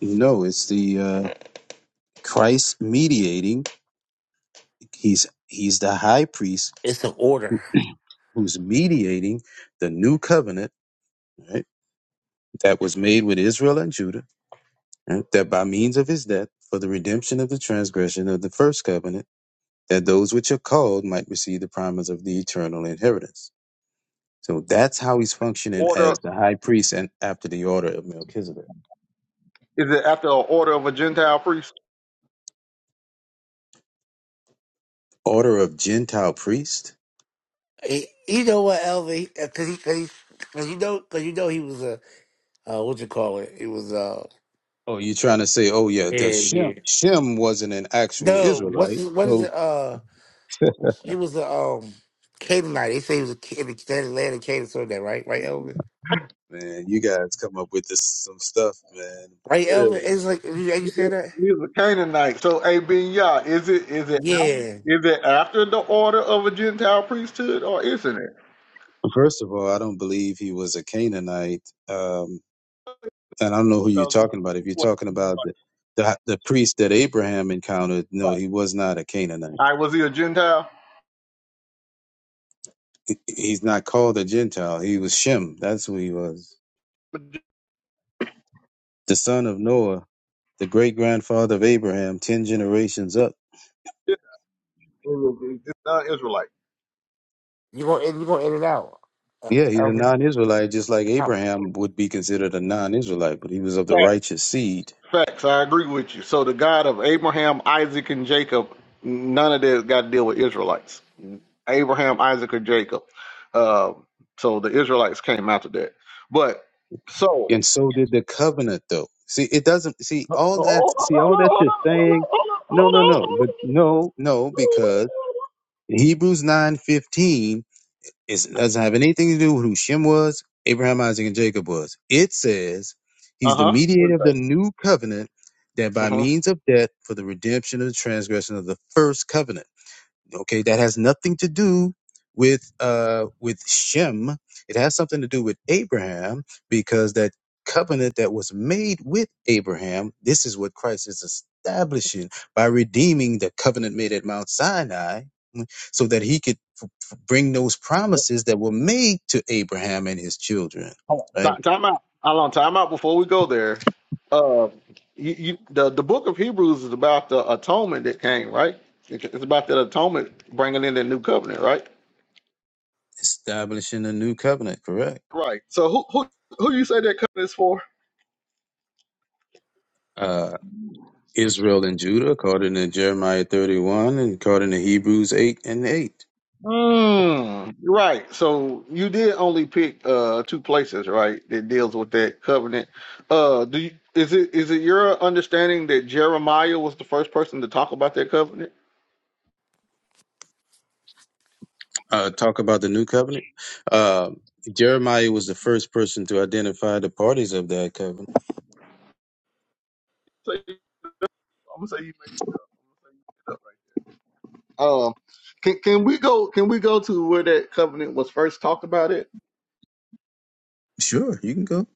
no, it's the uh, Christ mediating He's he's the high priest
It's an order.
who's mediating the new covenant right, that was made with Israel and Judah, right, that by means of his death for the redemption of the transgression of the first covenant, that those which are called might receive the promise of the eternal inheritance. So that's how he's functioning
Order?
as the high priest and after the order of Melchizedek.
Is it after an order of a Gentile priest?
Order of Gentile priest?
Eh, you know what, Elvin? Because he, cause he, cause you know, cause you know, he was a uh, what you call it? It was uh,
Oh, you're trying to say, oh yeah, the
yeah,
Shem
yeah.
Shem wasn't an actual
No, what's
Israelite.
his, what is
So
it? Uh,
<laughs>
he was a um Canaanite. They say he was a Ca- in the Atlantic Canaan, so that right, right, Elvin?
Man, you guys come up with this some stuff, man. For
Right,
real.
Elvin? It's like you, you said that.
He's a Canaanite. So, hey, Ben is it is it
Yeah,
is it after the order of a Gentile priesthood, or isn't it?
First of all, I don't believe he was a Canaanite, um, and I don't know who you're talking about. If you're
All
talking about the the, the priest that Abraham encountered, no, he was not a Canaanite.
right, was he a Gentile?
He- He's not called a Gentile. He was Shem. That's who he was, the son of Noah, the great grandfather of Abraham, ten generations up.
It's not Israelite.
you gonna you gonna in and out, uh,
Yeah, he's a
Elvin.
non-Israelite, just like
Oh.
Abraham would be considered a non-Israelite, but he was of the righteous seed.
Facts, I agree with you. So the God of Abraham, Isaac, and Jacob, none of this got to deal with Israelites. Abraham, Isaac, or Jacob. Uh, so the Israelites came after that. But so,
and so did the covenant though see it doesn't see
oh,
all that see all that
hold
you're
on, hold
saying
on, hold on,
no no no but no no because hebrews nine fifteen. It doesn't have anything to do with who Shem was, Abraham, Isaac, and Jacob was. It says he's the
hold on, hold on. Uh huh.
mediator
What's
of the new covenant that by
that? Uh
means of death for the redemption of the transgression of the first covenant. Okay, that has nothing to do with uh with Shem. It has something to do with Abraham because that covenant that was made with Abraham, this is what Christ is establishing by redeeming the covenant made at Mount Sinai mm, so that he could f- f- bring those promises that were made to Abraham and his children,
huh.
right?
Time out. How long? Time out before we go there. Uh, you, you, the the book of Hebrews is about the atonement that came, right? It- It's about that atonement bringing in the new covenant, right?
Establishing a new covenant, correct?
Right. So who who who you say that covenant is for?
Uh, Israel and Judah, according to Jeremiah 31 and according to Hebrews 8 and 8.
Mm, right. So you did only pick uh two places, right, that deals with that covenant. Uh do you, is it is it your understanding that Jeremiah was the first person to talk about that covenant?
uh, talk about the new covenant. Uh, Jeremiah was the first person to identify the parties of that covenant.
So I'm gonna say you um can, can we go can we go to that co- talk about it?
Sure, you can go.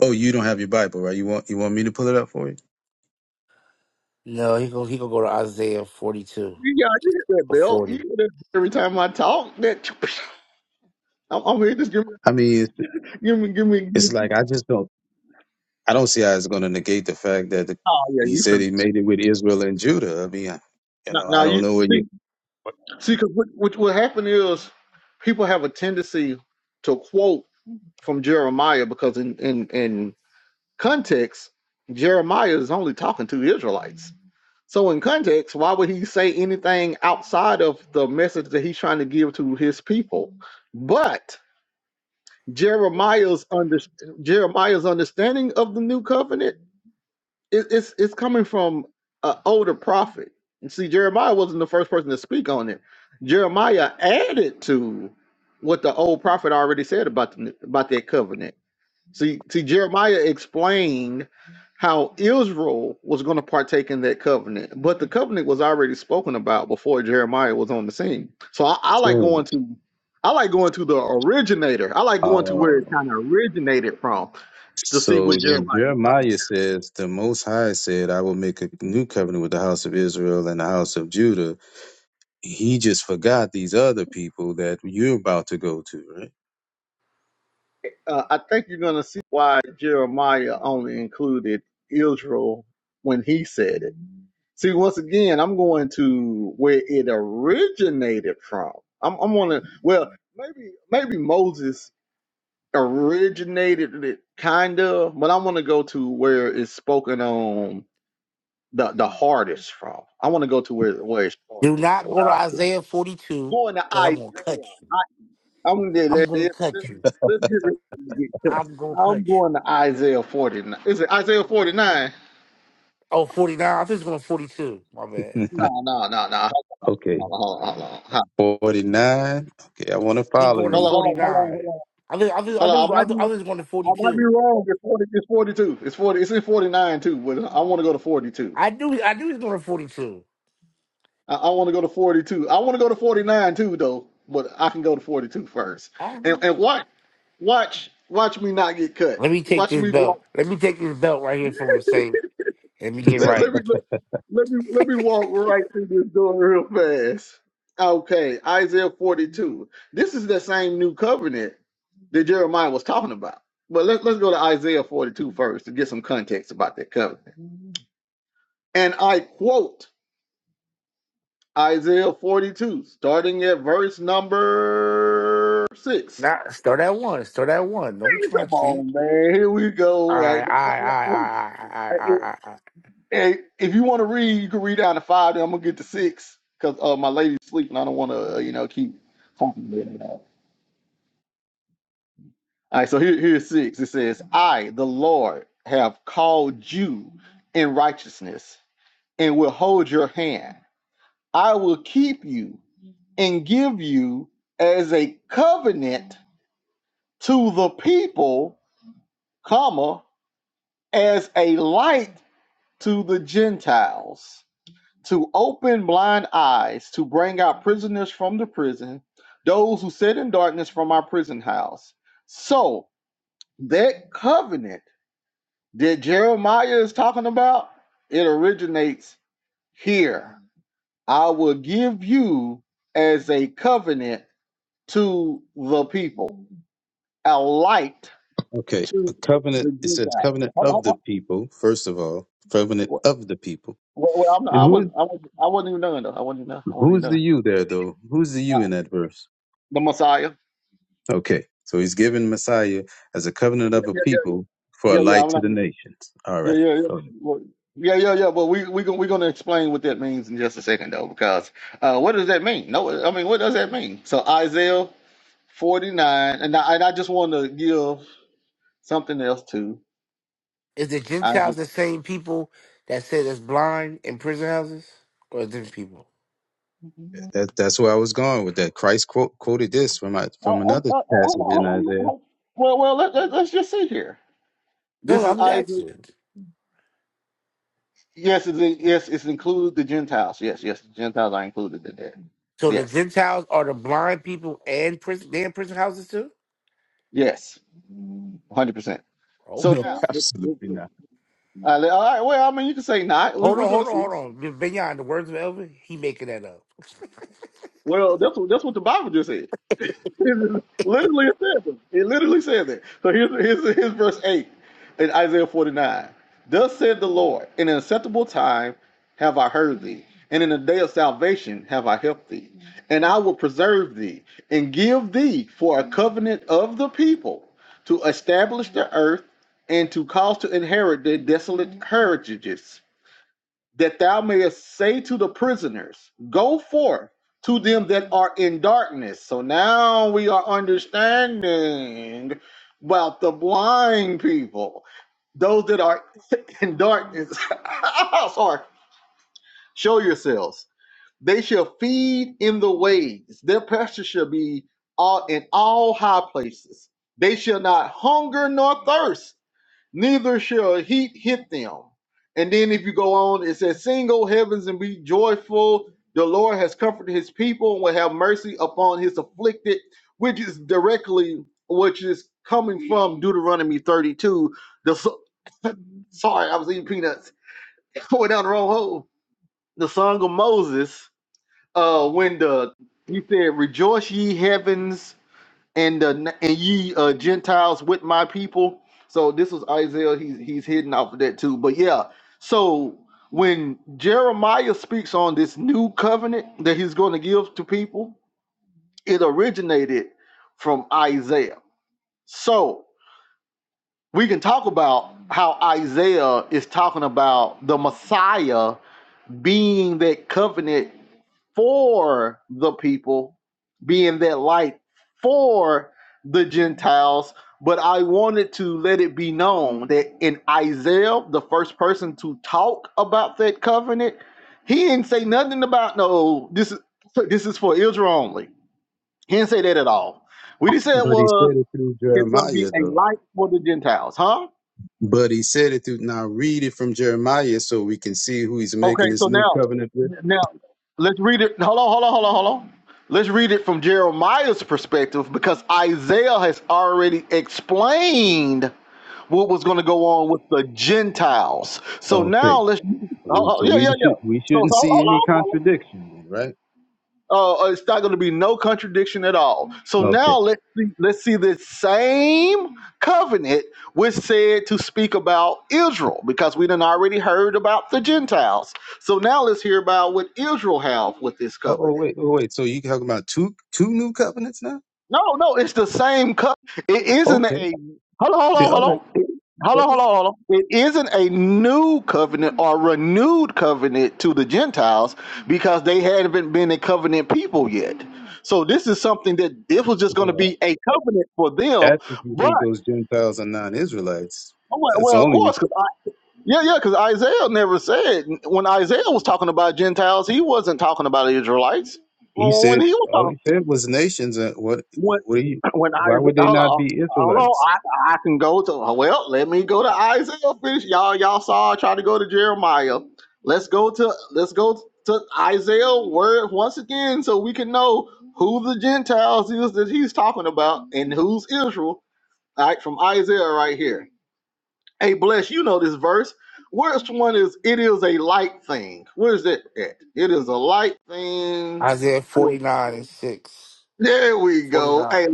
Oh, you don't have your Bible, right? You want you want me to pull it up for you?
No, he going he gonna go to Isaiah forty two
You
or forty.
get it every time. I'm, I'm just give me
I mean, it's,
give me give me give me-
it's like I just don't. I don't see how it's going to negate the fact that the, he said he made it with Israel and Judah. I mean, I- you
now,
know,
now
I
you
don't know what you
see because what, what what happened is people have a tendency to quote from Jeremiah because in in in context, Jeremiah is only talking to Israelites. So, in context, why would he say anything outside of the message that he's trying to give to his people? But Jeremiah's under, Jeremiah's understanding of the new covenant is it's it's coming from an older prophet. And see, Jeremiah wasn't the first person to speak on it. Jeremiah added to what the old prophet already said about the about that covenant. See, see, Jeremiah explained how Israel was going to partake in that covenant, but the covenant was already spoken about before Jeremiah was on the scene. So I, I
assume.
like to very
Uh,
kind of just
so
Jer-
when Jeremiah says, "The Most High said, I will make a new covenant with the house of Israel and the house of Judah." He just forgot these other people that you're about to go to,
uh, I- when he said it. See, once again, I'm going to where it originated from. I'm, I'm going to well, maybe maybe Moses originated it kind of, but I want to go to where it's spoken on the the hardest from. I want to go to where where it's hard.
Do not go to Isaiah forty two
going to
because I'm
Isaiah.
gonna cut you.
I'm there.
I'm
let
gonna
let's,
cut you.
let's get ready to get cut.
I'm gonna
I'm
cut you.
going to Isaiah 49. Is it Isaiah 49?
Oh, 49. I think it's going to 42. My bad.
right?
No, no, no, no.
<laughs> okay.
Hold on, hold on, hold on, hold on,
49. Okay, I want to
He
follow
going to
hold on,
you.
hold on, hold on.
49.
Hold on.
I think I think I
Hold on,
think
I
I
might
think I
be,
was going to
I might be
42.
wrong. It's 40. It's 42. It's 40. It's in 49 too. But I want to go to 42.
I knew I knew he's going to 42.
I, I want to go to 42. I want to go to 49 too, though. But I can go to 42 first.
I don't
And
know.
and watch, watch, watch me not get cut.
Let me take
Watch
this
me walk.
belt. Let me take this belt right here from him. Say, let me get
Let, let
right.
me let, let me let me walk right through this door real fast. Okay, Isaiah 42. This is the same new covenant that Jeremiah was talking about. But let, let's go to Isaiah 42 first to get some context about that covenant. And I quote Isaiah 42, starting at verse number six.
Nah, start at one. Start at one. Don't be trying
Come
to cheat.
on, man. Here we
All
go,
right, all right,
right?
all right, all right, all right,
<laughs>
all right, all right.
Hey, if you want to read, you can read down to five. Then I'm gonna get to six because uh, my lady's sleeping. I don't want to, uh, you know, keep. talking to her. All right, so here, here's six. It says, "I, the Lord, have called you in righteousness, and will hold your hand. I will keep you and give you as a covenant to the people, comma, as a light to the Gentiles." to open blind eyes, to bring out prisoners from the prison, those who sit in darkness from our prison house. So that covenant that Jeremiah is talking about, it originates here. I will give you as a covenant to the people, a light.
Okay. A covenant, it says covenant of the people, first of all, covenant of the people.
Well,
And who is
I want, I want to know. I want to know. I want to
who's the
know.
you there though? Who's the you in that verse? Okay. So he's given Messiah as a covenant
Yeah,
of a
yeah, yeah, yeah,
people for a
yeah. yeah,
light
I'm
to
not,
the nations. All
yeah,
right.
yeah, yeah.
So
Well, yeah, yeah, yeah. But we we gonna we because uh, what does that mean?
Is the Gentiles the same people that say that's blind in prison houses, or different people?
that, that's where I was going with that. Christ quote, quoted this from my,
Oh,
from
oh,
another
oh,
passage in
oh,
Isaiah.
oh. Well, well, let, let, let's just sit here. This
No,
is
I'm
I.
just asking.
Yes, it's in, yes, it's included the Gentiles. Yes, yes, the Gentiles are included in there.
So the
Yes,
Gentiles are the blind people and prison. They in prison houses too.
yes, one hundred percent. So
No,
Okay.
now,
<laughs>
let- let-
absolutely not.
all right, all right, well, I mean, you can say not. We,
Hold
we're
on,
going to
hold on,
see.
hold on. Beyond the words of Elvin, he making that up.
Well, that's what that's what the Bible just said. <laughs> It literally said that. It literally said that. So here's, here's, here's verse 8, Isaiah 49. Thus said the Lord, have I heard, have I, I will preserve the covenant of the people to establish the earth and to cause to inherit their desolate heritage, that thou mayest say to the prisoners, Go forth to them that are in darkness. So now we are understanding about the blind people, those that are <laughs> in darkness. <laughs> Sorry, show yourselves. They shall feed in the ways, their pasture shall be all in all high places. They shall not hunger nor thirst neither shall heat hit them. And then if you go on, it says, Sing, O heavens, and be joyful. The Lord has comforted his people and will have mercy upon his afflicted, which is directly, which is coming from Deuteronomy 32. The so- <laughs> Sorry, I was eating peanuts. <laughs> I went down the wrong hole. The song of Moses, uh, when the, you said, Rejoice ye heavens and the and ye uh, Gentiles with my people. So this was Isaiah. He's he's hidden off of that too. But yeah, so when Jeremiah speaks on this new covenant that he's going to give to people, it originated from Isaiah. So we can talk about how Isaiah is talking about the Messiah being that covenant for the people, being that light for the Gentiles. But I wanted to let it be known that in Isaiah, the first person to talk about that covenant, he didn't say nothing about no, this is this is for Israel only. He didn't say that at all. What he said
But he
was
said it through
it's gonna be
Jeremiah,
a
though.
light for the Gentiles, huh?
But he said it through. Now read it from Jeremiah so we can see who he's
Okay,
making this
so
new
now
covenant with.
now Let's read it. Hold on, hold on, hold on, hold on. Let's read it from Jeremiah's perspective because Isaiah has already explained what was going to go on with the Gentiles. So now
Okay.
let's, oh, oh,
So
yeah, yeah,
we
yeah.
should we shouldn't see any contradiction then, right?
Uh, uh, it's not going to be no contradiction at all. So
Okay.
now let's see, let's see this same covenant was said to speak about Israel because we done already heard about the Gentiles. So now let's hear about what Israel have with this
Oh, oh
covenant.
wait, oh wait. So you talking about two two new covenants now?
No, no, it's the same cup. It isn't
Okay.
a hold on, hold on,
The
hold
all
on,
right.
hold
Well,
on, hold on, hold on. It isn't a new covenant or renewed covenant to the Gentiles because they haven't been a covenant people yet. So this is something that this was just going to
well,
be a covenant for them.
that's if you
But
think those Gentiles are non-Israelites. That's
of
only if
course, yeah, yeah. Now he's talking about Gentiles. He wasn't talking about Israelites.
he
Well,
said.
he was talking
All he said was nations. And what?
when
What do you?
<clears throat> when I
Why would they
hold
not
on.
be
Hold on,
Israelites?
I, I can go to well. Let me go to Isaiah. First. Y'all, y'all saw I tried to go to Jeremiah. Let's go to let's go to Isaiah word once again, so we can know who the Gentiles is that he's talking about and who's Israel. All right, from Isaiah right here. Hey, bless you know this verse. Worst one is it is a light thing. Where is it at? It is a light
<laughs>
thing.
Isaiah
for-
49 and 6.
There we go.
49.
Hey.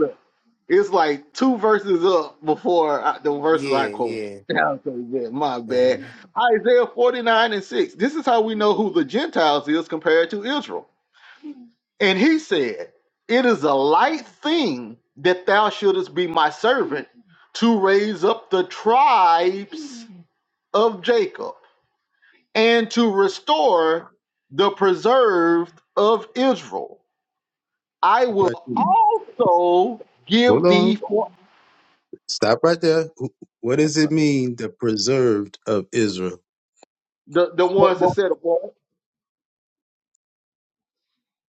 It's like two verses up before I, the
Yeah,
verses I quote.
yeah.
I'm so bad. My
yeah.
bad. Isaiah 49 and 6. This is how we know who the Gentiles is compared to Israel. And he said, It is a light thing that thou shouldest be my servant to raise up the tribes of Jacob and to restore the preserved of Israel. I will
Right.
also give
Hold on.
thee for
Stop right there. Wh- What does it mean, the preserved of Israel?
the, the ones that set apart.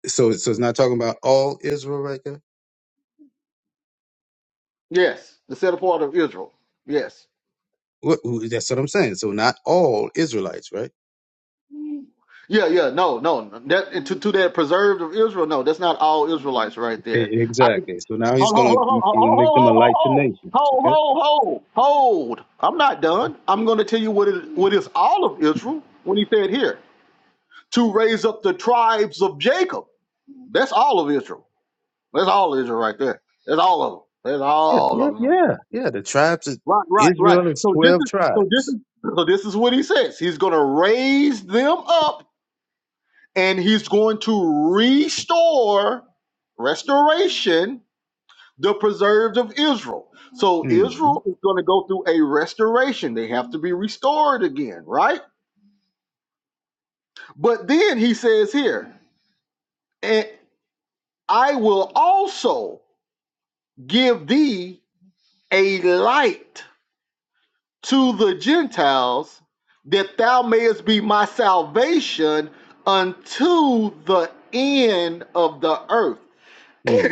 So, so it's not talking about all Israel right there.
Yes, the set apart of Israel. Yes.
What, who- that's what I'm saying. So not all Israelites, right?
Yeah, yeah, no, no. That and to, to that preserved of Israel, no, that's not all Israelites right
E-
there. I can
Exactly. So now he's
hold
gonna
hold
he's gonna
hold
make them a
hold
light to
hold
nations.
hold
Okay.
hold hold hold. hold. I'm not done. I'm gonna tell you what it what is all of Israel when he said here to raise up the tribes of Jacob. That's all of Israel. That's all of Israel right there. That's all of them. That's
Yeah,
all
yeah,
of them.
yeah, yeah. The tribes of
Right.
Israel is
So this
twelve
is so this
tribes.
is them up to restore the preserved of Israel.
hmm
They have to, right? But I'll give thee a light to the Gentiles that thou mayest be my salvation unto the end of the earth.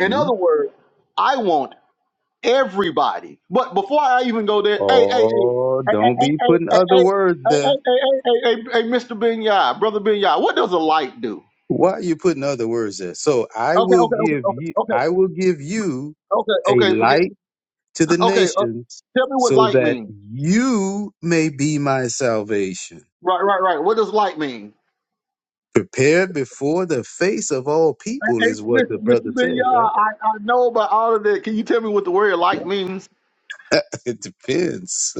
In other words, I want everybody. But before I even go there, hey, hey, hey, hey,
Oh,
hey, hey, hey,
don't be putting
hey,
other
hey, hey,
words there.
hey, hey, hey, hey, Mr. Binyai, brother Binyai, what does a light do?
Why are you putting other words there? So I
Okay,
will
okay, okay,
give
okay,
you
okay,
I will give you
okay,
a
okay, forget,
light to the
okay, uh,
nations
tell me what
so
light
that
means.
you may be my salvation.
Right, right, right. What does light mean?
Prepared before the face of all people
Hey,
is what
Mr.
the brother
Mr. Benya,
said, right?
I, I know about all of that. Can you tell me what the word light means?
<laughs> It depends.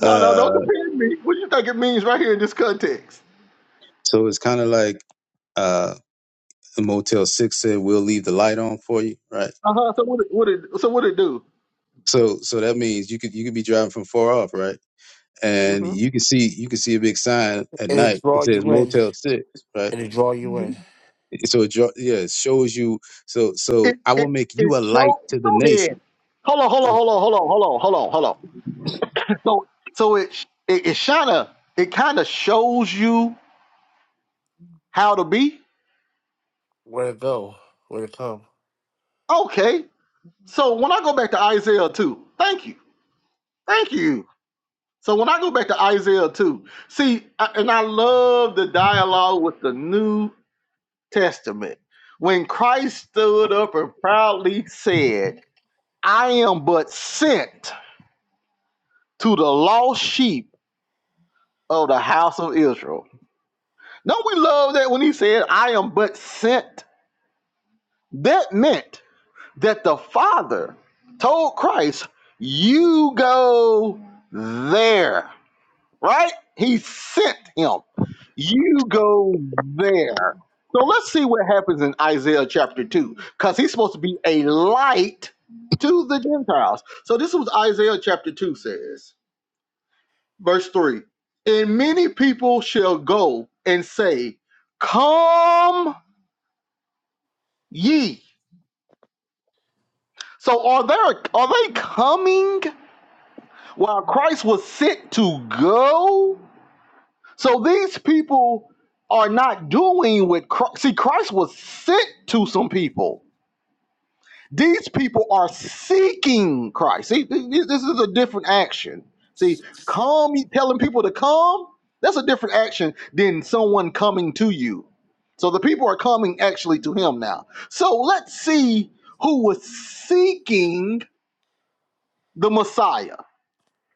No, no, don't
Uh,
depend me. What do you think it means right here in this context?
so it's kind of like uh, Motel Six said, "We'll leave the light on for you," right?
Uh huh. So what? It, what? It, so what it do?
So, so that means you could you could be driving from far off, right? And
hmm
you can see you can see a big sign at
It'll
night
draw
that says
you in.
Motel Six, right?
It'll draw you in.
So it draw, yeah, it shows you. So so
It
I will
it
make
it
you a light
show.
to the
Go
nation
ahead. Hold on. Hold on. So so it sh- it, it kinda it kind of shows you how to be.
Where it go? Where it come?
Okay. So when I go back to Isaiah two, thank you, thank you. So when I go back to Isaiah 2, see, I- and I love the dialogue with the New Testament. When Christ stood up and proudly said, I am but sent. That's you there, right? He sent him. You there. So let's see what's in I chapter 2, because he's supposed to be a light. So these people are not doing what Christ, see, Christ people. These people are seeking Christ. See, th- th- this is a different action. See, come telling people to come, that's a different action than someone coming to you. So the people are coming actually to him now. So let's see who was seeking the Messiah.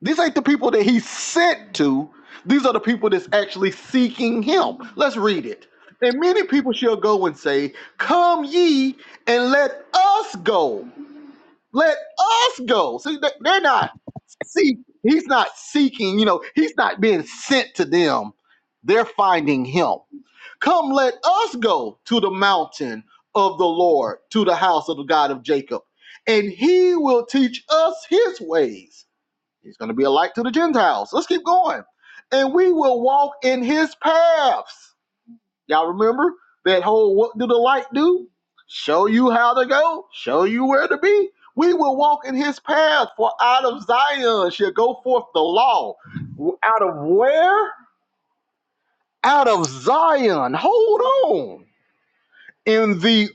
These ain't the people that he sent to. These are the people that's actually seeking him. Let's read it. And many people shall go and say, Come ye and let us go let us go. See, they- they're not seek. He's not seeking. You know, he's not being sent to them. They're finding him. Come, let us go to the mountain of the Lord, to the house of the God of Jacob, and He will teach us His ways. He's going to be a light to the Gentiles. Let's keep going, and we will walk in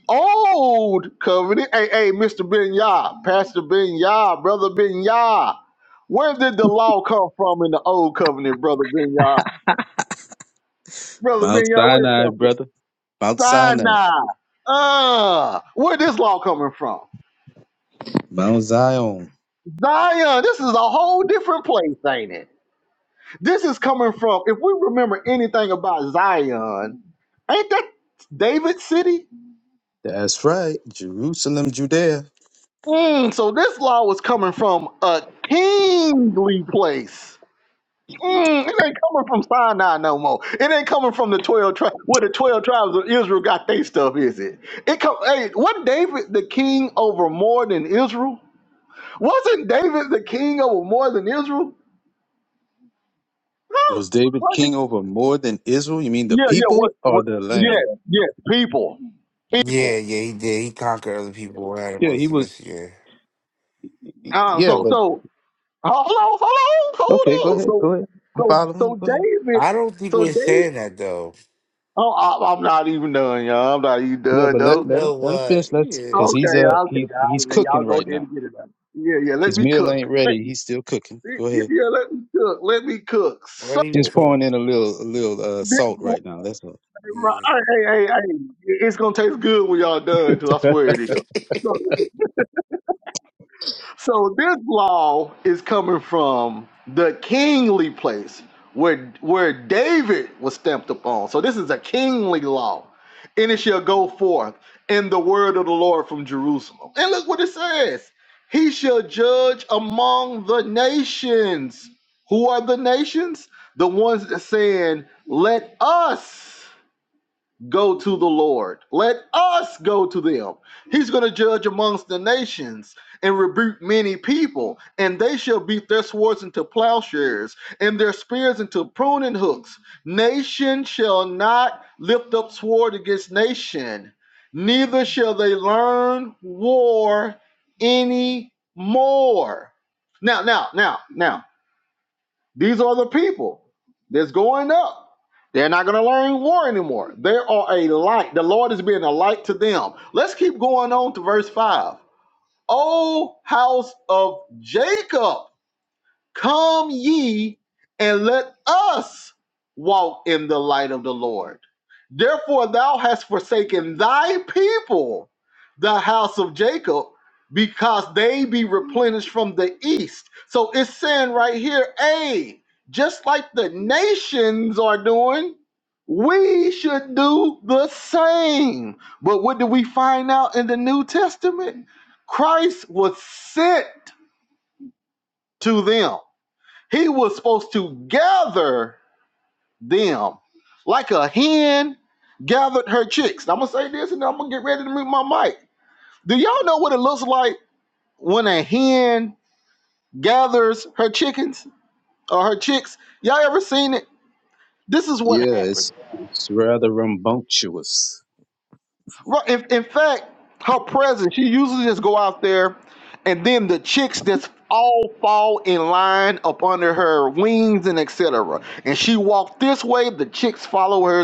all come from in the old covenant, brother Binyah. Brother
Mount
Binyah, where it
Sinai,
come from?
brother. Mount Sinai.
Sinai. Uh, where this law coming from?
Mount Zion.
Zion, this is a whole different place, ain't it? This is coming from, if we remember anything about Zion, ain't that David's city?
That's right. Jerusalem, Judea.
Mm, so this law was coming.
Was David king over more than Israel? You mean the people or the land?
Yeah, yeah, he did. He conquered other people who Had him
Yeah,
on
he was.
submission. Yeah.
Uh,
Yeah,
so,
but
so, hold on, hold on,
okay, go
hold on.
ahead.
So,
Go ahead. I'm
so,
following you.
so
Go ahead.
David,
I don't think
so
we're
David,
saying that though.
oh, I, I'm not even done, y'all. I'm not even
Yeah,
done,
but let
You
though.
let him
know
let him
what?
finish. Let's
Yeah.
because
Oh,
he's uh he he's cooking right now.
yeah, yeah, let
His
me
meal
cook.
ain't
Let,
ready. He's still cooking.
yeah,
Go ahead.
yeah, let me cook. Let me cook.
Let him
Just
So,
cook.
pouring in a little a little uh, salt
this.
right now. That's all.
Yeah.
Hey, hey, hey, hey. It's gonna taste good when y'all done, too. I swear it is. So,
<laughs>
so this law is coming from the kingly place where where David was stamped upon. So this is a kingly law. And it shall go forth in the word of the Lord from Jerusalem. And look what it says. He shall judge among the nations. Who are the nations? The ones that saying, Let us go to the Lord. Let us go to them. He's going to judge amongst the nations and rebuke many people, and they shall beat their swords into plowshares and their spears into pruning hooks. Nation shall not lift up sword against nation, neither shall they learn war any more. Now, now, now, now. These are the people that's going up. They're not going to learn war anymore. They are a light. The Lord is being a light to them. Let's keep going on to verse 5. O house of Jacob, come ye and let us walk in the light of the Lord. Therefore, thou hast forsaken thy people, the house of Jacob, because they be replenished from the east. So it's saying right here, hey, just like the nations are doing, we should do the same. But what do we find out in the New Testament? Christ was sent to them, he was supposed to gather them like a hen gathered her chicks. Now, I'm gonna say this and then I'm gonna get ready to mute my mic. Do y'all know what it looks like when others,
Yeah, it's it's rather rambunctious.
if her presidents go out there and then all fall this way to her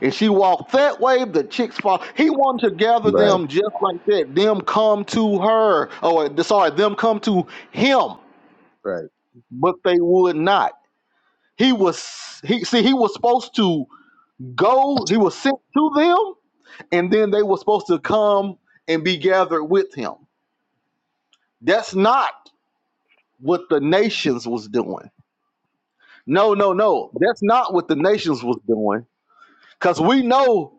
and she walked that way? fall- He wanted to gather
Right.
them just like that. Them come to her, or sorry, them come to him,
Right.
but they would not. He was, he see, he was supposed to go, he was sent to them, and then they were supposed to come and be gathered with him. That's not what the nations was doing. No, no, no. That's not what the nations was doing. Cause we know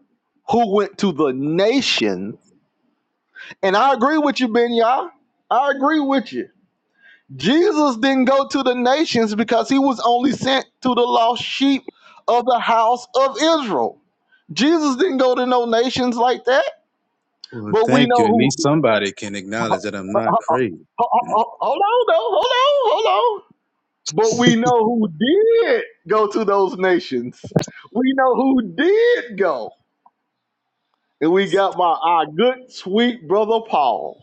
who went to the nation. And I agree with you, Ben I agree with you. Jesus didn't go to the nations because he was only sent to the lost sheep of the house of Israel. Jesus didn't go to no nations like that.
Well,
But we
thank
know
you. At
who.
least somebody can acknowledge that I'm not crazy.
Hold on, though. Hold on. But we know who did go to those nations. We know who did go. And we got my our good sweet brother Paul.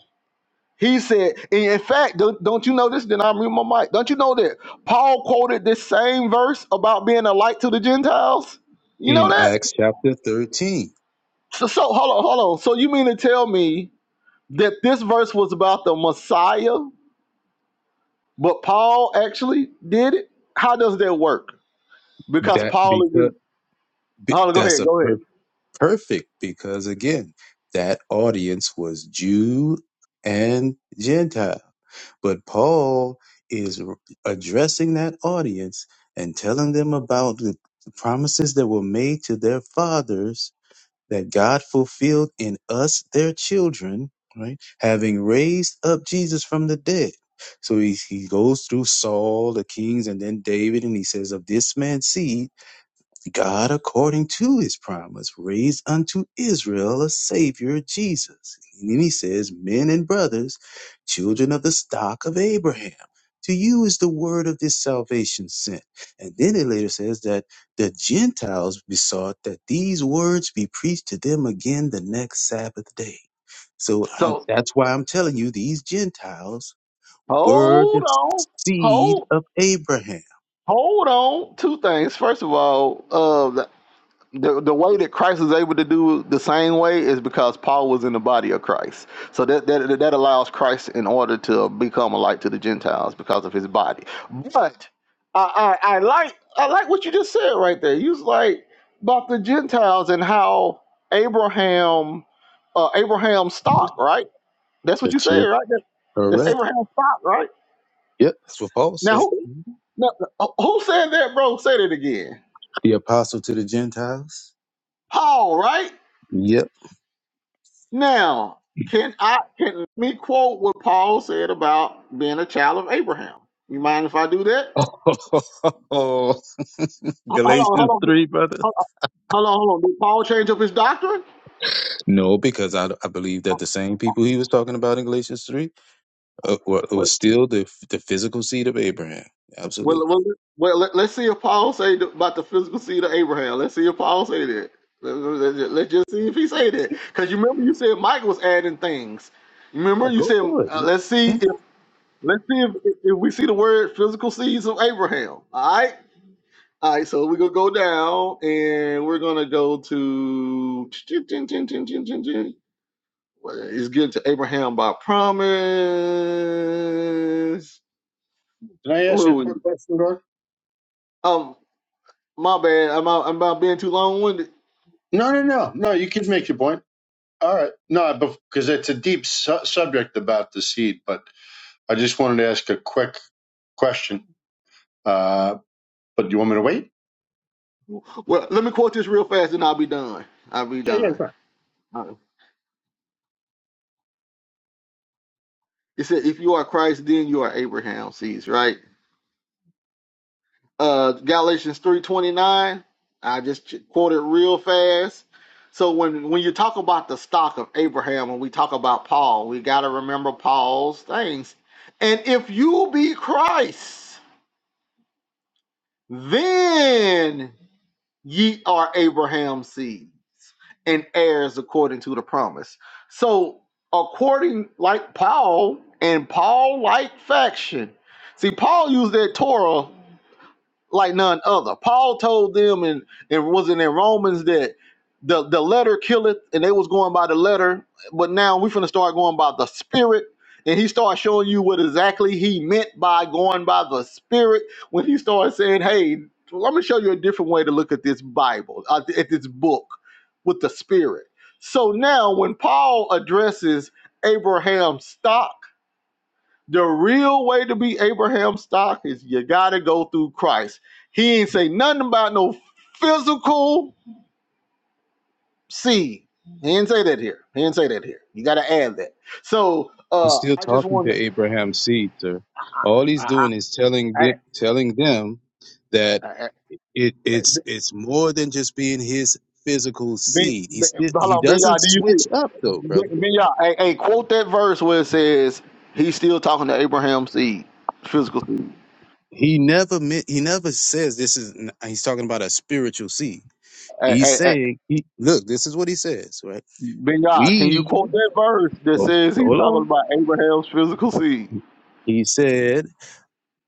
He said, and in fact, don't, don't you know this? Then I'm reading my mic. Don't you know that Paul quoted this same verse about being a light to the Gentiles? You know
In
that?
Acts chapter 13,
So, so hold on, hold on. So you mean to tell me that this verse was about the Messiah, but Paul actually did it? How does that work? Because
that
Paul is
because
in,
be-
hold on, go
that's
ahead,
a
go ahead.
per- perfect because again, that audience was Jew and Gentile. But Paul is r- addressing that audience and telling them about the promises that were made to their fathers that God fulfilled in us, their children, right? Having raised up Jesus from the dead. So he, he goes through Saul, the kings, and then David, and he says, Of this man's seed God, according to his promise, raised unto Israel a Savior, Jesus. And then he says, Men and brothers, children of the stock of Abraham, to you is the word of this salvation sent. And then it later says that the Gentiles besought that these words be preached to them again the next Sabbath day. So I- that's why I'm telling you, these Gentiles were
Hold
the
on.
seed
Hold
of Abraham.
hold on. Two things. First of all, uh the, the the way that Christ is able to do the same way is because Paul was in the body of Christ. So that that, that allows Christ in order to become a light to the Gentiles because of his body. But I, I I like I like what you just said right there. You was like about the Gentiles and how Abraham uh Abraham's stock, right? That's what
The
you said,
children,
right? That- that's Abraham's stock, right?
Yep, that's what Paul
Now
said.
who No, no, who said that, bro? Say that again.
The apostle to the Gentiles.
Paul, right?
Yep.
Now, can I can me quote what Paul said about being a child of Abraham? You mind if I do that?
<laughs>
Hold on, hold
Galatians
on,
3, brother.
hold on, hold on. Did Paul change up his doctrine?
No, because I, I believe that the same people he was talking about in Galatians 3 uh, were, was still the, the physical seed of Abraham.
Well,
Absolutely.
well, well let, us see if Paul say th- about the physical seed of Abraham. Let's see if Paul say that. Let- let- let- Let's just see if he say that. Because you remember you said Mike was adding things. Remember
Yeah,
you
go
said,
through
uh, let's see.
it.
Let's see if, if we see the word physical seeds of Abraham. All right. All right. So we're going to go down and we're going to go to. Well, It's given to Abraham by promise.
Can I ask
Where
a
we-
quick question, God?
Um, my bad. I'm out, I'm about being too long winded.
No, no, no. No, you can make your point. All right. No, because it's a deep su- subject about the seed, but I just wanted to ask a quick question. Uh, but do you want me to wait?
Well, let me quote this real fast and I'll be done. I'll be
Yeah, yeah,
done.
go ahead.
All right. It says, You are Christ, then you are Abraham's seeds, right? uh Galatians 3:29. I just quoted real fast. So when when you talk about the stock of Abraham when we talk about Paul, we got to remember Paul's things. And if you be Christ, then ye are Abraham's seeds and heirs according to the promise. So according like Paul and Paul like faction. See Paul used that Torah like none other. Paul told them, and it wasn't in Romans that the the letter killeth, and they was going by the letter, but now we are finna start going by the spirit. And he started showing you what exactly he meant by going by the spirit when he started saying, "Hey, well, I'm gonna show you a different way to look at this Bible, uh, at this book, with the spirit." So now, when Paul addresses Abraham's stock the real way to be Abraham stock is you gotta go through Christ. He ain't say nothing about no physical seed. He here. He here. You gotta add that. So uh
He's still talking to Abraham's seed, sir. All he's doing is telling
I,
them, telling them that it, it's it's more than just being his physical seed. He still he doesn't
do you
switch
think
up though, brother.
Ben- Ben- yeah, hey, hey, quote that verse where it says he's still talking to Abraham's seed, physical seed.
He never mi- he never says this is. He's talking about a spiritual seed.
Hey,
He's
hey, hey,
saying he look. This is what he says, right?
ben Yah, can you
We
quote that verse that says he's
hold
talking
on.
about Abraham's physical seed?
He said.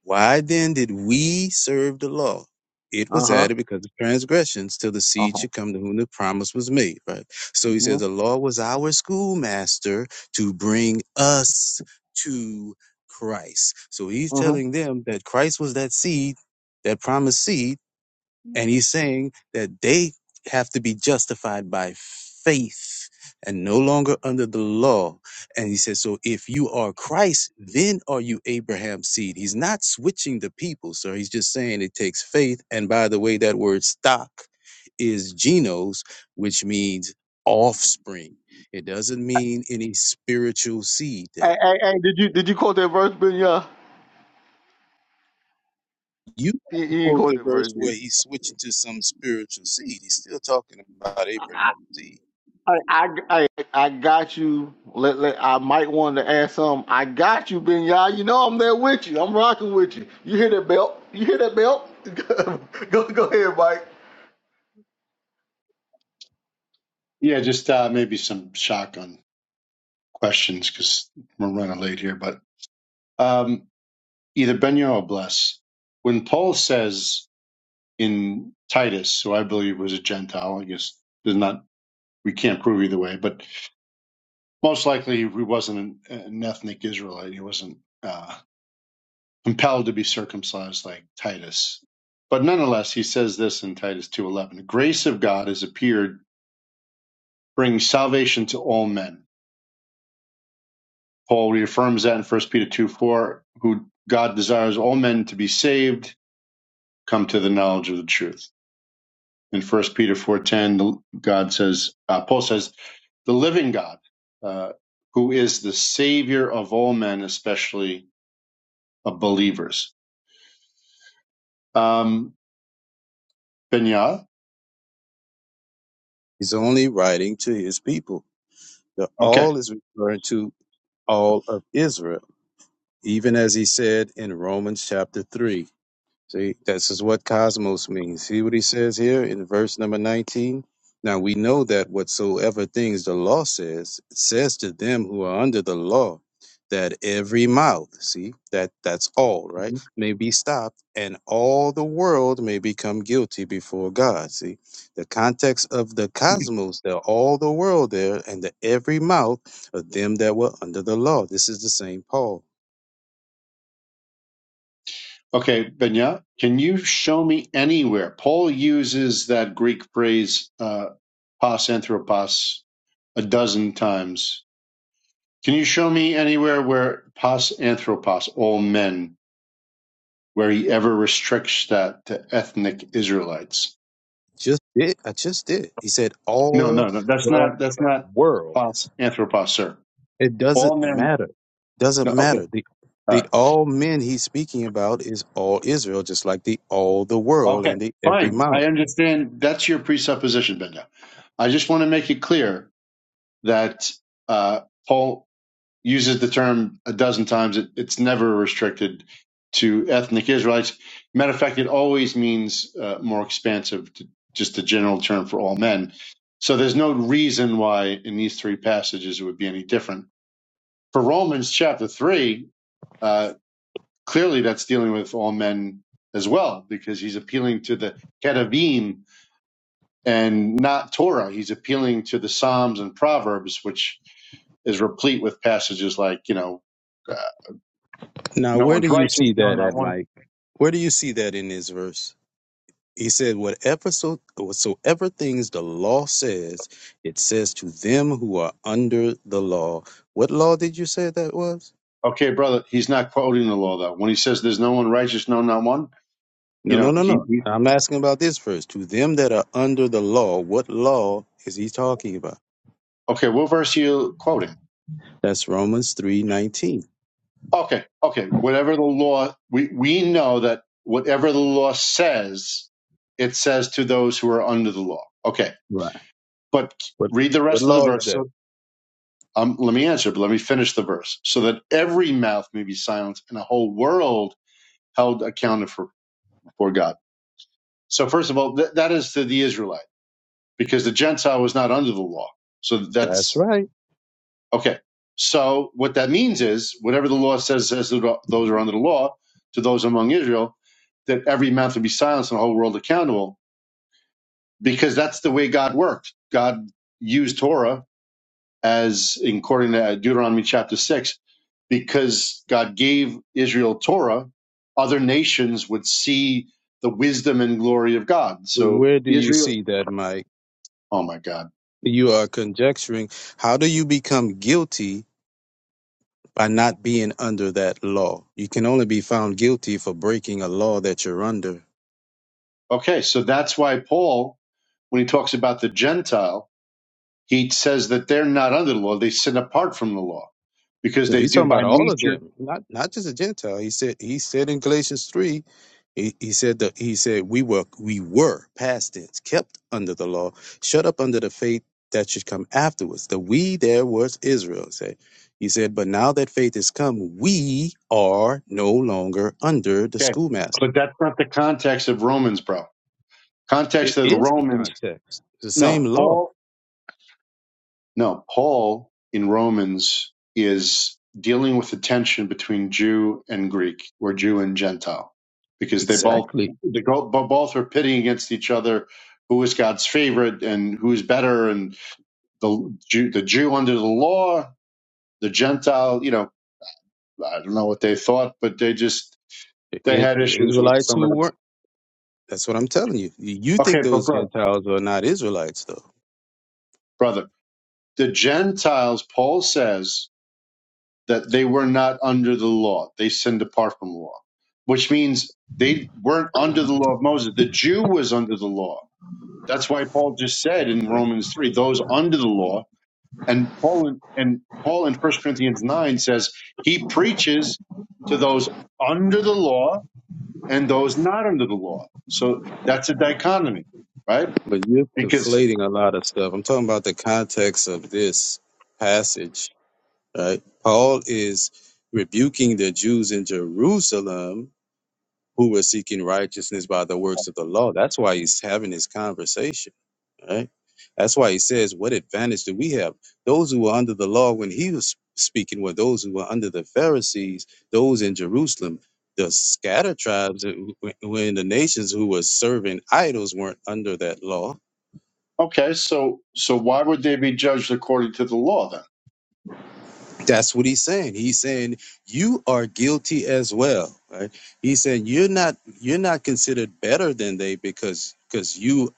Why then did we serve the law? It was
Uh-huh.
added because of transgressions till the seed
Uh-huh.
should come to whom the promise was made, right? So he says the
Mm-hmm.
law was our schoolmaster to bring us to Christ. So he's
Mm-hmm.
telling them that Christ was that seed, that promised seed and he's saying that they have to be justified by faith and no longer under the law. And he says, So if you are Christ, then are you Abraham's seed? He's not switching the people, sir. He's just saying it takes faith. And by the way, that word stock is genos, which means offspring. It doesn't mean any spiritual seed
Hey,
there.
hey, hey, did you did you quote that verse, Ben Yah?
You
You, you
quote
quote
the
it verse.
verse
dude.
where he's switching to some spiritual seed. He's still talking about Abraham's seed.
I, I I I got you. Let, let I might want to add something. I got you, Ben Yah. You know I'm there with you. I'm rocking with you. You hear that belt? You hear that belt? <laughs> go go ahead, Mike.
Yeah, just uh, maybe some shotgun questions because we're running late here. But um, either Benyo or Bless. When Paul says in Titus, who I believe was a Gentile, I guess there's not we can't prove either way, but most likely he wasn't an, an ethnic Israelite. He wasn't uh, compelled to be circumcised like Titus. But nonetheless, he says this in Titus 2.11, the grace of God has appeared, bringing salvation to all men. Paul reaffirms that in First Peter two four. who God desires all men to be saved, come to the knowledge of the truth. In First Peter 4.10, God says, uh, Paul says, the living God, uh, who is the Savior of all men, especially of believers. Um, Benya,
He's only writing to his people. The
okay,
all is referring to all of Israel, even as he said in Romans chapter 3. See, this is what cosmos means. See what he says here in verse number 19? Now we know that whatsoever things the law says, it says to them who are under the law that every mouth, see, that that's all, right,
Mm-hmm.
may be stopped and all the world may become guilty before God. See, the context of the cosmos, the all the world there and the every mouth of them that were under the law. This is the same Paul.
okay, Benya, can you show me anywhere? Paul uses that Greek phrase uh, "pas anthropos" a dozen times. Can you show me anywhere where "pas anthropos" all men, where he ever restricts that to ethnic Israelites?
Just did. I just did. He said
No,
all
no, no. That's not. That's not
world.
"pas anthropos," sir.
It doesn't
All men.
matter. Doesn't
No. Okay.
matter. The
All right.
the all men he's speaking about is all Israel, just like the all the world
Okay,
and the every
fine.
mouth.
I understand that's your presupposition, Benda. I just want to make it clear that uh, Paul uses the term a dozen times. It, it's never restricted to ethnic Israelites. Matter of fact, it always means uh, more expansive, to, just a general term for all men. So there's no reason why in these three passages it would be any different. For Romans chapter three, uh, clearly that's dealing with all men as well, because he's appealing to the Kedavim and not Torah. He's appealing to the Psalms and Proverbs, which is replete with passages like, you know, uh,
Now,
no
where
one's
do you
righteous,
see
no,
that
not
at,
one.
Mike? Where do you see that in this verse? He said, Whatever so whatsoever things the law says, it says to them who are under the law. What law did you say that was?
Okay, brother, he's not quoting the law though. When he says there's no one righteous, no, not one, you
No, no,
know,
no,
he,
no.
he
I'm asking about this verse. To them that are under the law, what law is he talking about?
okay, what verse are you quoting?
That's Romans three nineteen.
Okay, okay, whatever the law, we, we know that whatever the law says, it says to those who are under the law. Okay,
Right.
but
What
read the
what
rest of the
law is
verse. So
that?
Um, let me answer, but let me finish the verse. So that every mouth may be silenced and a whole world held accounted for before God. So first of all, th- that is to the Israelite because the Gentile was not under the law. So
That's
that's
right.
okay. So what that means is whatever the law says says to those who are under the law to those among Israel, that every mouth would be silenced and the whole world accountable because that's the way God worked. God used Torah as according to Deuteronomy chapter 6, because God gave Israel Torah, other nations would see the wisdom and glory of God.
So
So
Where do you
Israel,
see that, Mike?
oh my God.
You are conjecturing. How do you become guilty by not being under that law? You can only be found guilty for breaking a law that you're under.
Okay, so that's why Paul, when he talks about the Gentile, he says that they're not under the law, they sin apart from the law because
No,
they
he's
do
talking about
by
all of
nature.
them, not not just a Gentile. He said he said in Galatians three, he, he said that he said we were we were past tense, kept under the law, shut up under the faith that should come afterwards. The we there was Israel. Say, he said, but now that faith has come, we are no longer under the
Okay,
schoolmaster.
but that's not the context of Romans, bro.
It
Context of
is the
Romans,
context. It's the
no.
same law.
Paul No, Paul in Romans is dealing with the tension between Jew and Greek, or Jew and Gentile, because they both
Exactly.
they go- both are pitting against each other. Who is God's favorite and who's better? And the Jew, the Jew under the law, the Gentile. You know, I don't know what they thought, but they just
It
they
is
had issues with
Israelites
some of
who
the.
weren't. That's what I'm telling you. You you
Okay,
think
but
those
brother,
Gentiles are not Israelites though?
brother, the Gentiles. Paul says that they were not under the law. They sinned apart from law, which means they weren't under the law of Moses. The Jew was under the law. That's why Paul just said in Romans 3, those under the law. And Paul in, and Paul in First Corinthians 9 says he preaches to those under the law and those not under the law. So that's a dichotomy, right?
But you're
Because
conflating a lot of stuff. I'm talking about the context of this passage, right? Paul is rebuking the Jews in Jerusalem who were seeking righteousness by the works of the law. That's why he's having this conversation, right? That's why he says, What advantage do we have? Those who were under the law when he was speaking were those who were under the Pharisees, those in Jerusalem. The scattered tribes who who were in the nations who were serving idols weren't under that law
okay, so so why would they be judged according to the law then?
That's what he's saying. He's saying you are guilty as well, right? He's saying you're not you're not considered better than they because because you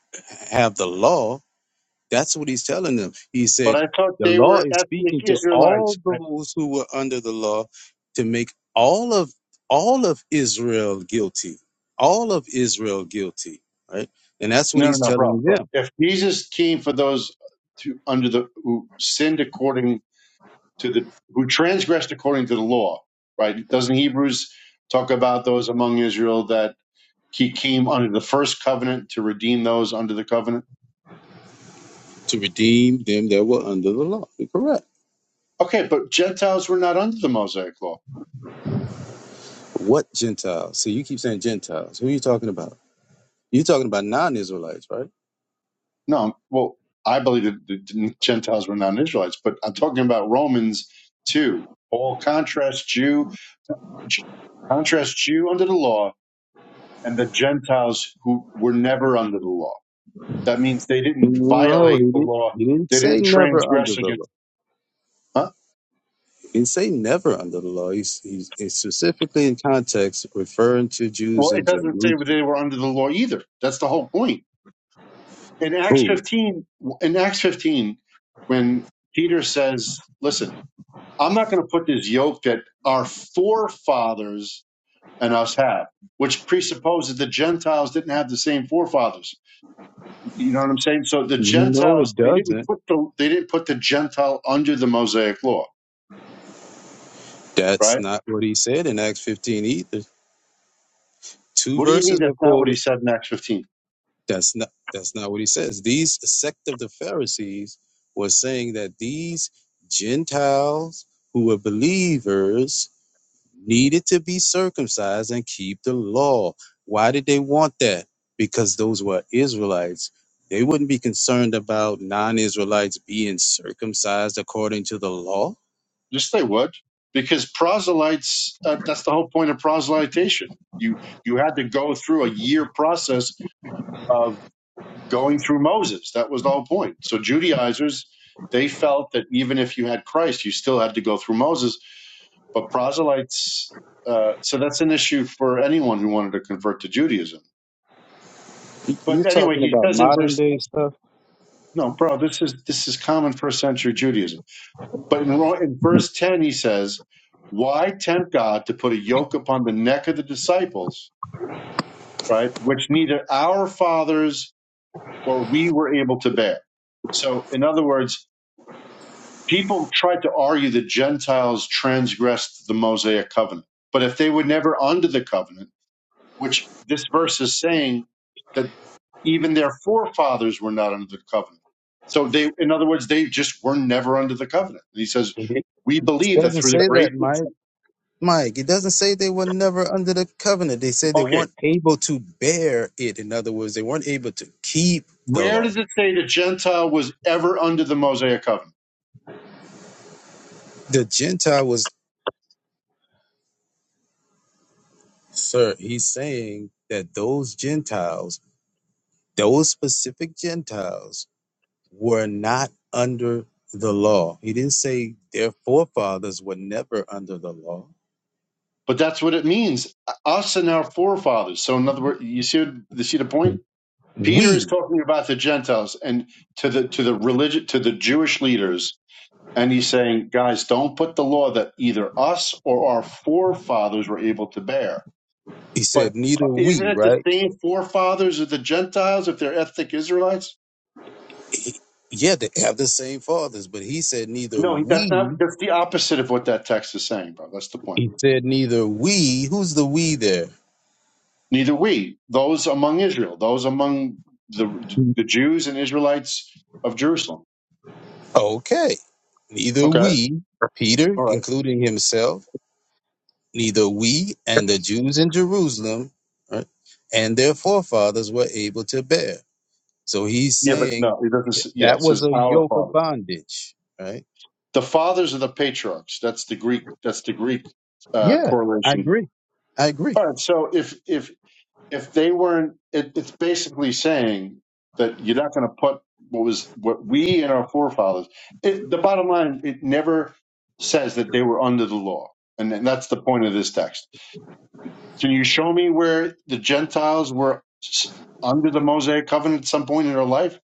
have the law. That's what he's telling them. He
But
said
I thought
the
they
law
were
is
ethnic
speaking to all
Israelites. right?
those who were under the law to make all of all of Israel guilty. All of Israel guilty, right? And that's what
No, no,
he's
no, bro,
telling
bro.
them
If Jesus came for those to, under the who sinned according to the who transgressed according to the law, right? Doesn't Hebrews talk about those among Israel that he came under the first covenant to redeem those under the covenant?
to redeem them that were under the law. Correct.
Okay, but Gentiles were not under the Mosaic law.
What Gentiles? See, you keep saying Gentiles. Who are you talking about? You're talking about non-Israelites, right?
No, well, I believe that the Gentiles were not Israelites, but I'm talking about Romans two. All contrast Jew, J- contrast Jew under the law and the Gentiles who were never under the law. That means they didn't
No, he
violate the
didn't.
law.
He didn't
They
say
didn't
never under
transgress
the law.
against. Huh?
He didn't say never under the law. He's, he's, he's specifically in context referring to
Well,
Jews
it
in
doesn't say that
Jerusalem.
they were under the law either. That's the whole point. In Acts
Who?
15, in Acts 15, when Peter says, "Listen, I'm not going to put this yoke that our forefathers and us have." Which presupposes the Gentiles didn't have the same forefathers. You know what I'm saying? So the
No, it
Gentiles they didn't
doesn't.
put the they didn't put the Gentile under the Mosaic law
That's
right?
not what he said in Acts 15 either. Two
What do you mean
verses are
that's not what he
quoted.
said in Acts 15?
That's not that's not what he says. These sect of the Pharisees was saying that these Gentiles who were believers needed to be circumcised and keep the law. Why did they want that? Because those were Israelites. They wouldn't be concerned about non Israelites being circumcised according to the law.
Yes, they would, because proselytes, uh, that's the whole point of proselytization. You, you had to go through a year process of going through Moses. That was the whole point. So Judaizers, they felt that even if you had Christ, you still had to go through Moses. But proselytes, uh, so that's an issue for anyone who wanted to convert to Judaism.
You- You're
But anyway,
talking
he
about
says in
modern
verse,
day stuff.
no, bro, this is this is common first century Judaism But in, in verse 10, he says, Why tempt God to put a yoke upon the neck of the disciples, right? Which neither our fathers or we were able to bear. So, in other words, people tried to argue that Gentiles transgressed the Mosaic covenant. But if they were never under the covenant, which this verse is saying that even their forefathers were not under the covenant. So they, in other words, they just were never under the covenant. And he says,
It it-
we
it
believe that
doesn't
through the
say
grace
that,
of
Mike. Mike, it doesn't say they were never under the covenant. They say they
Okay.
weren't able to bear it. In other words, they weren't able to keep the
Where
law.
does it say the Gentile was ever under the Mosaic covenant?
The Gentile was, sir, he's saying that those Gentiles Those specific Gentiles were not under the law. He didn't say their forefathers were never under the law.
But that's what it means. Us and our forefathers. So in other words, you see, you see the point? Peter is
We,
talking about the Gentiles and to the to the religion to the Jewish leaders, and he's saying, guys, don't put the law that either us or our forefathers were able to bear.
he
But
said, neither
isn't
we,
it the
right?
same forefathers of the Gentiles if they're ethnic Israelites?
He- yeah, they have the same fathers, but he said neither
No, that's not.
we.
That's the opposite of what that text is saying, bro. That's the point.
He said neither we. Who's the we there?
Neither we, those among Israel, those among the, the Jews and Israelites of Jerusalem.
Okay. Neither
Okay.
we, Peter,
All right.
including himself, neither we and the Jews in Jerusalem right, and their forefathers were able to bear. So he's
Yeah, but
saying
no, it
th-
doesn't. s- Yeah,
that
it
was
says
a
our
yoke of
father.
bondage, right?
The fathers of the patriarchs. That's the Greek. That's the Greek uh,
Yeah, I
correlation.
agree. I agree.
All right. So if if if they weren't, it, it's basically saying that you're not going to put what was what we and our forefathers. It, the bottom line, it never says that they were under the law, and, and that's the point of this text Can you show me where the Gentiles were s- under the Mosaic covenant at some point in their life?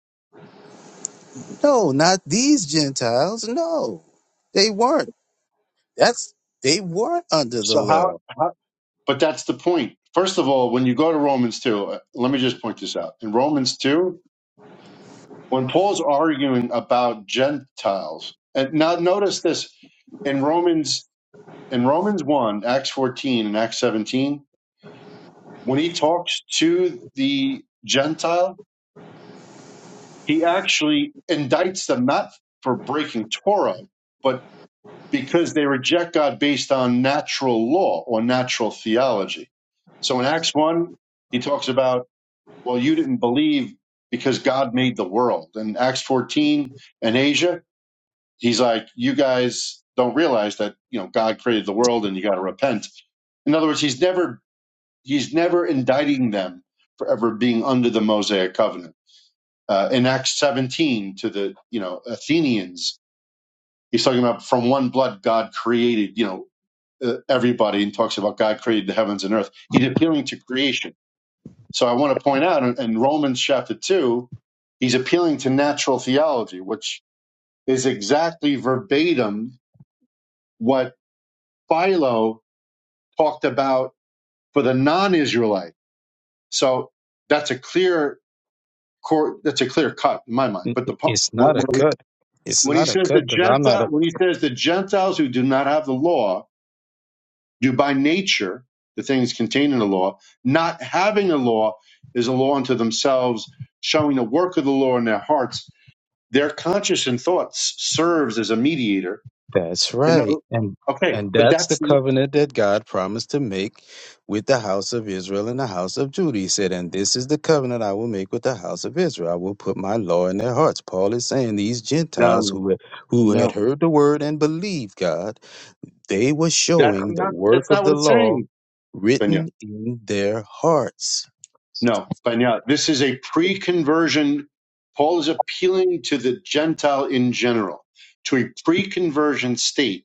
No, not these Gentiles. No, they weren't. That's they weren't under the
So how,
law.
how? But that's the point. First of all, when you go to Romans two, uh, let me just point this out. In Romans two, when Paul's arguing about Gentiles, and now notice this in Romans in Romans one, Acts fourteen, and Acts seventeen, when he talks to the Gentile, he actually indicts them not for breaking Torah, but because they reject God based on natural law or natural theology. So in Acts 1, he talks about, well, you didn't believe because God made the world. In Acts 14 and Asia, he's like, you guys don't realize that, you know, God created the world and you got to repent. In other words, he's never, he's never indicting them for ever being under the Mosaic covenant. Uh, in Acts 17 to the, you know, Athenians, he's talking about from one blood God created, you know, uh, everybody and talks about God created the heavens and earth. He's appealing to creation. So I want to point out in, in Romans chapter 2, he's appealing to natural theology, which is exactly verbatim what Philo talked about for the non-Israelite. So that's a clear cor- that's a clear cut in my mind.
N-
But the pu-
It's
when
not a
when he
cut. It's
when he
not a
says the
cut because I'm not a
Gentile, when he says the Gentiles who do not have the law, do by nature, the things contained in the law, not having a law is a law unto themselves, showing the work of the law in their hearts. Their conscience and thoughts serves as a mediator.
That's
And
right.
no,
And
okay,
and
but
that's the
that's no,
covenant that God promised to make with the house of Israel and the house of Judah. He said, And this is the covenant I will make with the house of Israel. I will put my law in their hearts. Paul is saying these Gentiles
no,
who, who had
no.
heard the word and believed God, they were
that's
showing the
not
work
that's
of
not
the
what it's
law
saying, Benya.
written in their hearts.
No, Benya. This is a pre-conversion. Paul is appealing to the Gentile in general, to a pre-conversion state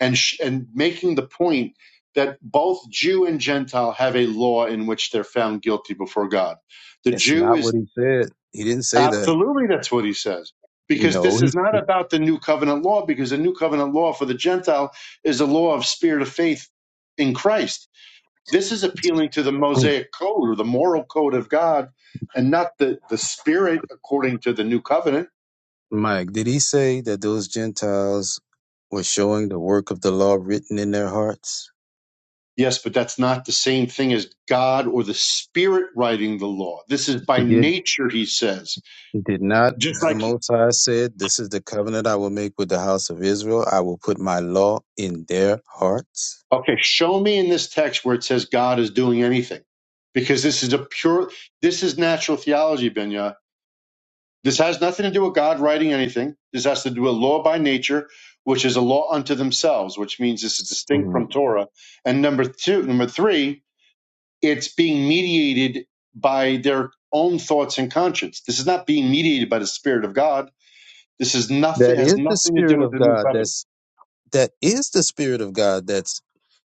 and sh- and making the point that both Jew and Gentile have a law in which they're found guilty before God. The
It's
Jew
not what
is
he said. He didn't say that.
absolutely that's what he says because
No,
this is not
he
about the new covenant law because the new covenant law for the Gentile is the law of spirit of faith in Christ. This is appealing to the Mosaic code or the moral code of God and not the the spirit according to the new covenant
Mike, did he say that those Gentiles were showing the work of the law written in their hearts?
Yes, but that's not the same thing as God or the Spirit writing the law. This is by
It did.
nature, he says.
It did not.
Just
The
like,
Most High said, This is the covenant I will make with the house of Israel. I will put my law in their hearts.
okay, show me in this text where it says God is doing anything. Because this is a pure, this is natural theology, Benya. This has nothing to do with God writing anything. This has to do with law by nature, which is a law unto themselves, which means this is distinct
Mm.
from Torah. And number two, number three, it's being mediated by their own thoughts and conscience. This is not being mediated by the Spirit of God. This is nothing
That
has
is the
nothing to do
Spirit
with
of
the new
God.
covenant.
That's that is the Spirit of God that's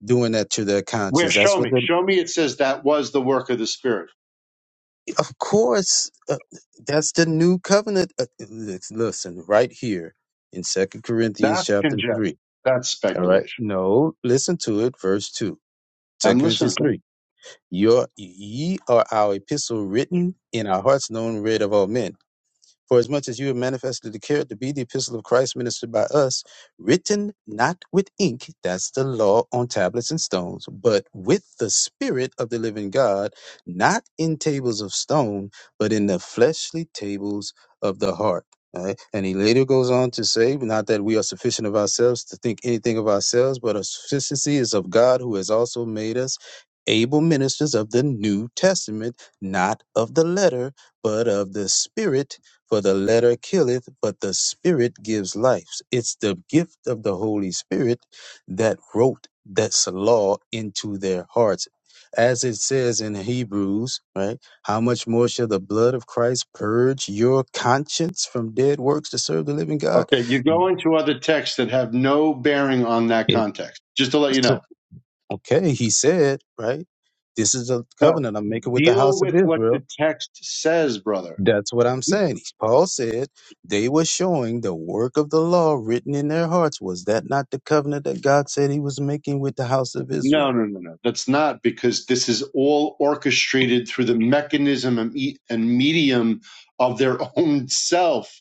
doing that to their
Where
conscience. That's
show
what
me,
the
show me. It says that was the work of the Spirit.
of course uh, that's the new covenant. Uh, listen right here in Second Corinthians
That's
chapter
conjecture.
three.
That's
All right.
speculation.
No, listen to it. Verse 2, Second
I'm
Corinthians
listening.
3. Your, ye are our epistle written in our hearts, known, read of all men. For as much as you have manifestly declared to be the epistle of Christ ministered by us, written not with ink, that's the law on tablets and stones, but with the Spirit of the living God, not in tables of stone, but in the fleshly tables of the heart. All right? And he later goes on to say, not that we are sufficient of ourselves to think anything of ourselves, but our sufficiency is of God who has also made us able ministers of the New Testament, not of the letter, but of the Spirit for the letter killeth, but the Spirit gives life. It's the gift of the Holy Spirit that wrote that's law into their hearts. As it says in Hebrews, right? How much more shall the blood of Christ purge your conscience from dead works to serve the living God?
Okay, you go into other texts that have no bearing on that
It,
context. Just to let you know.
okay, he said, right? This is a
No,
covenant I'm making with the
deal
house of
with what
Israel
the text says, brother.
That's what I'm
You
saying. Paul said they were showing the work of the law written in their hearts. Was that not the covenant that God said he was making with the house of
No,
Israel?
no, no, no. That's not because this is all orchestrated through the mechanism and, me- and medium of their <laughs> own self,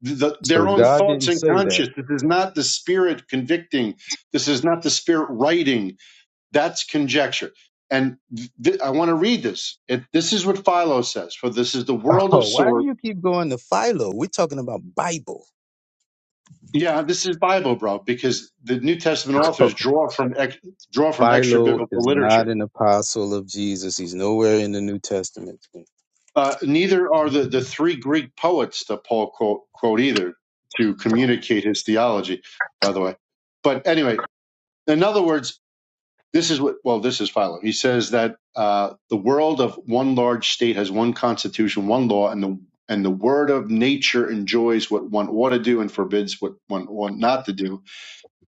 the,
So
their own
God
thoughts
didn't
and
say that.
conscious. This is not the spirit convicting. This is not the spirit writing. That's conjecture. And th- th- I want to read this. It, this is what Philo says. For this is the
<laughs>
world
Oh,
of
why do
source.
you keep going to Philo? We're talking about Bible.
Yeah, this is Bible, bro, because the New Testament
<laughs>
authors draw from ex- draw from extra
Philo
biblical
is not
literature.
an apostle of Jesus. He's nowhere in the New Testament.
Uh, neither are the, the three Greek poets that Paul quote, quote either to communicate his theology, by the way. But anyway, in other words, this is what, well, this is Philo. He says that uh, the world of one large state has one constitution, one law, and the and the word of nature enjoys what one ought to do and forbids what one ought not to do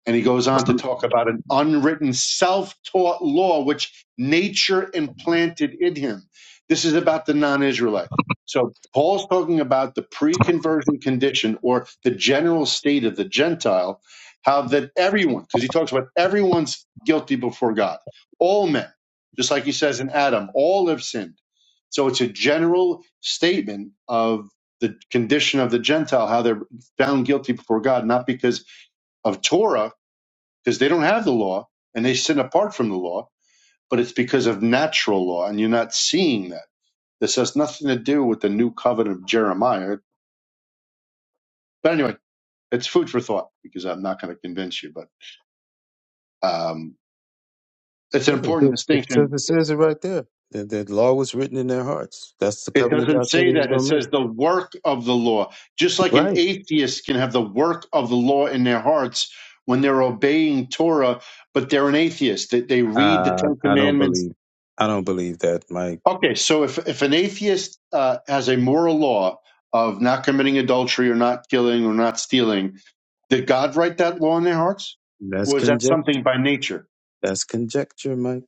and he goes on to talk about an unwritten self taught law which nature implanted in him. This is about the non Israelite. So Paul's talking about the pre conversion condition or the general state of the Gentile, how that everyone, because he talks about everyone's guilty before God, all men, just like he says in Adam, all have sinned. So it's a general statement of the condition of the Gentile, how they're found guilty before God, not because of Torah because they don't have the law and they sin apart from the law, but it's because of natural law, and you're not seeing that. This has nothing to do with the new covenant of Jeremiah. But anyway, it's food for thought because I'm not going to convince you, but um, it's an
Yeah,
important
because it says
distinction.
it says it right there. That the law was written in their hearts. That's the
It
covenant
doesn't
God said
say
he was
that.
gonna
It
make.
says the work of the law. Just like an
Right.
atheist can have the work of the law in their hearts when they're obeying Torah, but they're an atheist. They, they read the
Uh,
Ten
I don't
Commandments
believe I don't believe that, Mike.
Okay, so if if an atheist uh, has a moral law of not committing adultery or not killing or not stealing, did God write that law in their hearts,
That's
or is that
conjecture.
something by nature?
That's conjecture, Mike.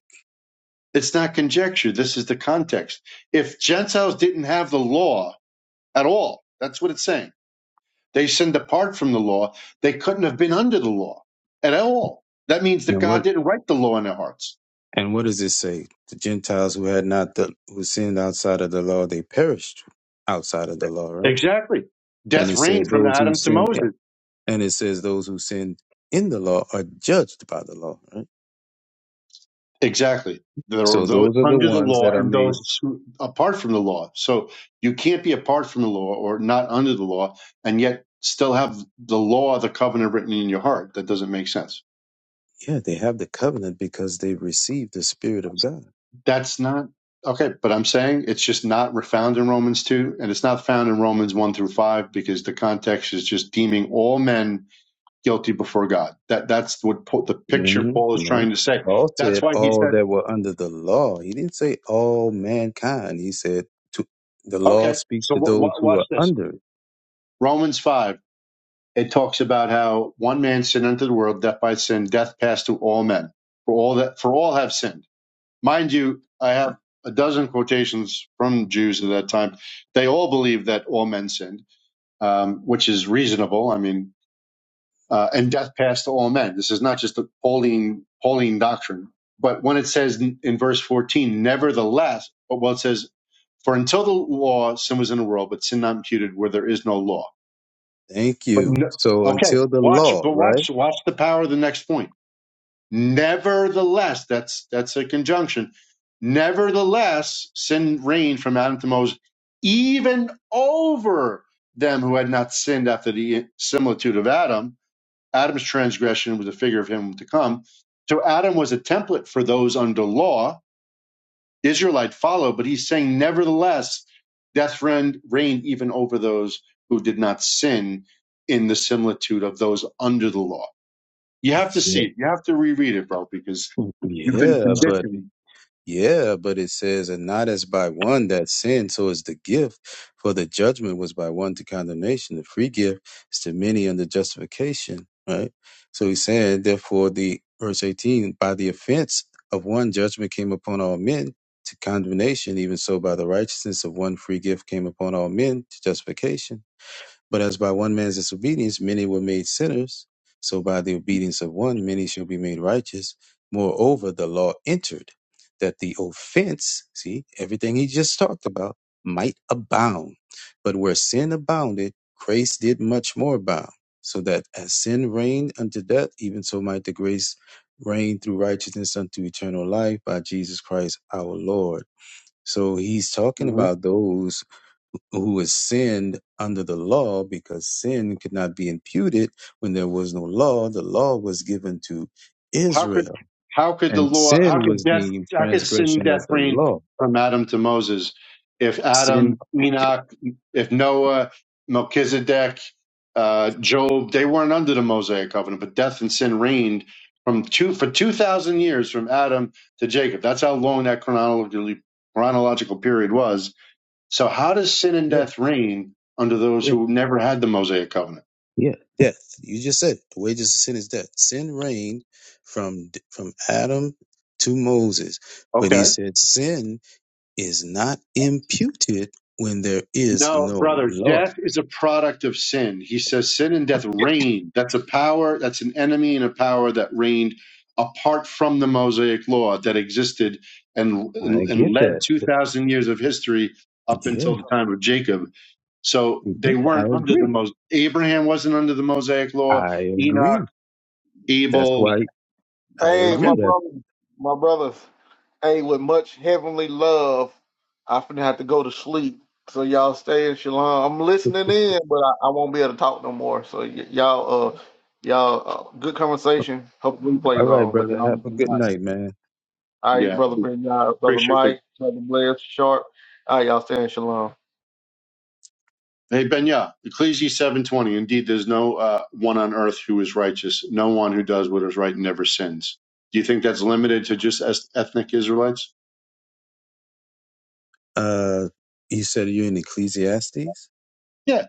It's not conjecture. This is the context. If Gentiles didn't have the law at all, that's what it's saying. They sinned apart from the law. They couldn't have been under the law at all. That means that
And
God
what
didn't write the law in their hearts.
and what does it say? The Gentiles who had not the who sinned outside of the law, they perished outside of the law, right?
Exactly.
And
Death
it
reigned
says
from
those who
Adam to
sin i-
Moses.
and it says those who sin in the law are judged by the law, right?
Exactly. There are
So
those
those are the
under the
ones
law
that are
and
made
those apart from the law. So you can't be apart from the law or not under the law and yet still have the law, the covenant written in your heart. That doesn't make sense.
yeah, they have the covenant because they received the Spirit of God.
That's not okay. But I'm saying it's just not found in Romans 2 and it's not found in Romans 1 through 5 because the context is just deeming all men guilty before God. That That's what Paul- the picture
Mhm,
Paul is
No.
trying to say.
Paul
That's
said
why he
all
said,
that were under the law. He didn't say all mankind. He said to the law
okay,
speaks
so
to
w-
those who
watch
are
this.
under it.
Romans 5. it talks about how one man sinned unto the world, death by sin, death passed to all men. For all that for all have sinned. Mind you, I have a dozen quotations from Jews at that time. They all believed that all men sinned, um, which is reasonable. I mean, uh, and death passed to all men. This is not just a Pauline Pauline doctrine. But when it says in, in verse fourteen, nevertheless, well, it says, "For until the law, sin was in the world, but sin not imputed, where there is no law."
Thank
But
you.
no,
So
okay,
until the
watch.
law,
But
right?
watch. Watch the power of the next point. Nevertheless, that's that's a conjunction. Nevertheless, sin reigned from Adam to Moses, even over them who had not sinned after the similitude of Adam. Adam's transgression was a figure of him to come. So Adam was a template for those under law Israelite follow, but he's saying, nevertheless, death reigned, reigned even over those who did not sin in the similitude of those under the law. You have to
Yeah.
see it. You have to reread it, bro, because you've been
Yeah, but
conditioned.
Yeah, but it says, and not as by one that sinned, so is the gift. For the judgment was by one to condemnation. The free gift is to many under justification, right? So he's saying, therefore, the verse 18, by the offense of one judgment came upon all men to condemnation, even so by the righteousness of one free gift came upon all men to justification. But as by one man's disobedience many were made sinners, so by the obedience of one many shall be made righteous. Moreover, the law entered that the offense, see, everything he just talked about, might abound. But where sin abounded, grace did much more abound, so that as sin reigned unto death, even so might the grace reign through righteousness unto eternal life by Jesus Christ our Lord. So he's talking
Mhm.
about those who is sinned under the law because sin could not be imputed when there was no law. The law was given to
How could
Israel
how could the
and
law how
sin
could
was
death
deemed
how could sin
transgression of
death
the
reign
law.
from Adam to Moses if Adam
Sin,
Enoch if Noah Melchizedek uh, Job they weren't under the Mosaic covenant but death and sin reigned from two for two thousand years from Adam to Jacob that's how long that chronologically chronological period was so how does sin and
yeah,
death reign under those
yeah,
who never had the Mosaic covenant
yeah, death. You just said it. the wages of sin is death. Sin reigned from, from Adam to Moses, but he
okay
said sin is not imputed when there is
No,
no
brother,
law.
death is a product of sin. He says sin and death reigned. That's a power, that's an enemy and a power that reigned apart from the Mosaic law that existed and,
I
and,
get
and led
that.
2,000 years of history up
Yeah,
until the time of Jacob. So
yeah,
they
I
weren't under the
agree.
most, Abraham wasn't under the Mosaic law,
I agree
Enoch,
That's
Abel.
why I
Hey,
Okay.
my
agree that.
brother, my brothers. Hey, with much heavenly love, I finna have to go to sleep. So y'all stay in shalom. I'm listening in, but I, I won't be able to talk no more. So y- y'all, uh, y'all, uh, good conversation. Hope the
All
replays
right,
on, but
brother. Have a good
y'all.
night, man.
All right,
Yeah.
brother Bernard, brother
Appreciate the
Mike, brother Blair, Sharp. All right, y'all stand shalom.
Hey Benya, Ecclesiastes seven twenty. Indeed, there's no uh, one on earth who is righteous. No one who does what is right and never sins. Do you think that's limited to just es- ethnic Israelites?
Uh, he said you're in Ecclesiastes,
Yeah,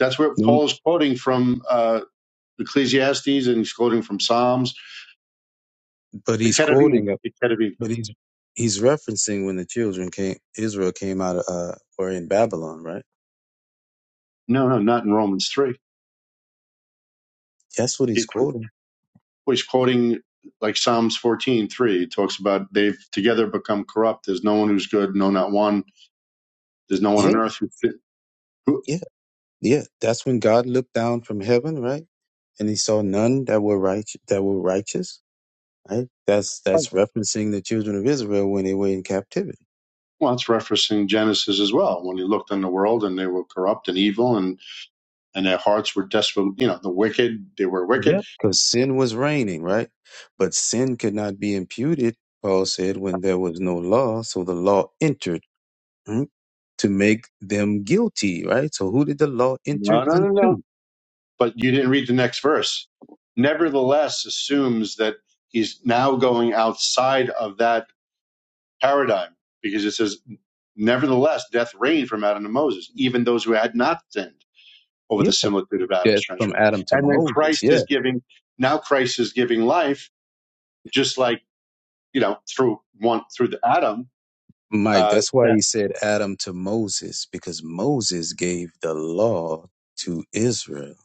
that's where
No,
Paul is quoting from uh, Ecclesiastes, and he's quoting from Psalms.
but
The
he's
Ketuvim,
quoting, a-
the Ketuvim.
but he's he's referencing when the children came, Israel came out of uh, were in Babylon, right?
No, no, not in Romans three.
That's what he's
He,
quoting.
well, he's quoting like Psalms fourteen three. It talks about they've together become corrupt. There's no one who's good. No, not one. There's no one
Yeah,
on earth who. Who?
yeah, yeah. That's when God looked down from heaven, right? And he saw none that were right that were righteous. Right? That's that's referencing the children of Israel when they were in captivity.
Well, it's referencing Genesis as well. When he looked on the world and they were corrupt and evil and, and their hearts were desperate, you know, the wicked, they were wicked.
Yep, because sin was reigning, right? But sin could not be imputed, Paul said, when there was no law. So the law entered mm, to make them guilty, right? So who did the law enter
No, no, no,
unto?
no. But you didn't read the next verse. Nevertheless, assumes that he's now going outside of that paradigm because it says, nevertheless, death reigned from Adam to Moses, even those who had not sinned over
Yeah,
the similitude of
yeah,
Adam's
it's from
transgression.
Adam to
And then
Moses.
Christ
Yeah,
is giving, now Christ is giving life, just like, you know, through one, through the Adam
Mike,
uh,
that's why
that
he said Adam to Moses, because Moses gave the law to Israel.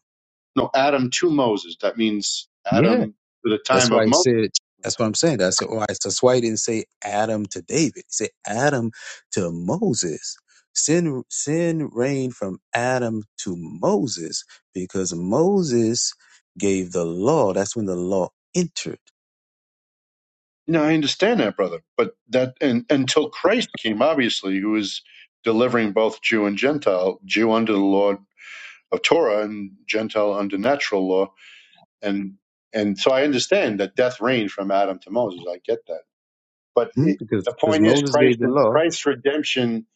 no Adam to Moses. That means
Yeah.
Adam to the
That's
time
why
of
he
Moses.
said, that's what I'm saying. That's why, that's why he didn't say Adam to David. He said Adam to Moses. Sin, sin reigned from Adam to Moses because Moses gave the law. That's when the law entered.
No, I understand that, brother. But that and until Christ came, obviously, who is delivering both Jew and Gentile, Jew under the law of Torah and Gentile under natural law, and and so I understand that death reigned from Adam to Moses. I get that, but
Hmm?
it, the
Because, because
point is,
Moses gave
Christ
the
and
law,
Christ's redemption,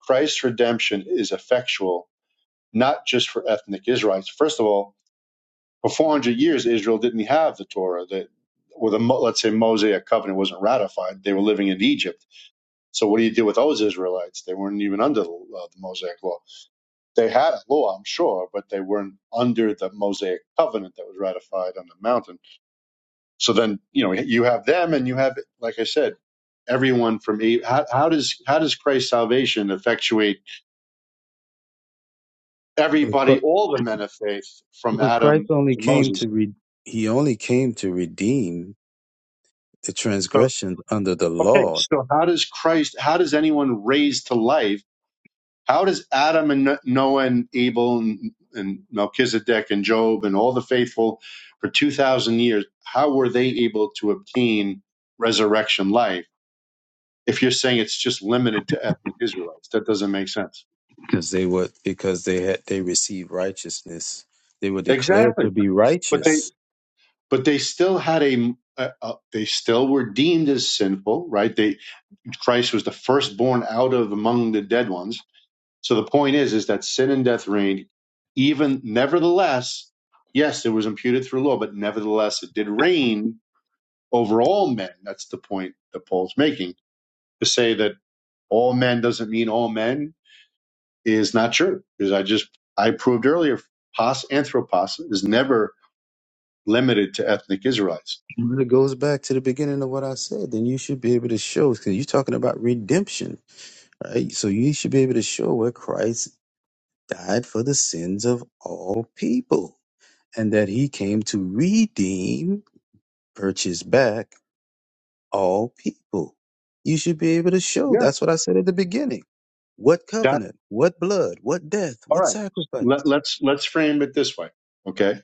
Christ's redemption is effectual, not just for ethnic Israelites. First of all, For 400 years, Israel didn't have the Torah that, or the, let's say, Mosaic covenant wasn't ratified. They were living in Egypt. So what do you do with those Israelites? They weren't even under the, uh, the Mosaic law. They had a law, I'm sure, but they weren't under the Mosaic covenant that was ratified on the mountain. So then, you know, you have them and you have, like I said, everyone from E- how, how does how does Christ's salvation effectuate
but Chri-
everybody, all the men of faith from
but Christ
Adam
only
to
came
Moses?
to, re- he only came to redeem the
So
transgressions under the
Okay,
law
so how does Christ, how does anyone raised to life, how does Adam and No-, Noah and Abel and, and Melchizedek and Job and all the faithful for 2,000 years, how were they able to obtain resurrection life if you're saying it's just limited to ethnic Israelites? That doesn't make sense.
because they were because they had they received righteousness they were declared
Exactly.
to be
But they,
righteous
but they still had a, a, a they still were deemed as sinful, right? They, Christ was the firstborn out of among the dead ones So the point is, is that sin and death reigned. Even nevertheless, yes, it was imputed through law, but nevertheless, it did reign over all men. That's the point that Paul's making to say that all men doesn't mean all men is not true. Because I just I proved earlier, pos anthropos is never limited to ethnic Israelites.
it really goes back to the beginning of what i said then you should be able to show because you're talking about redemption right so you should be able to show where christ died for the sins of all people and that he came to redeem purchase back all people you should be able to show
Yeah,
that's what i said at the beginning What
that
covenant? What blood? What death?
all
What
right. Let,
sacrifice?
let's let's frame it this way, okay?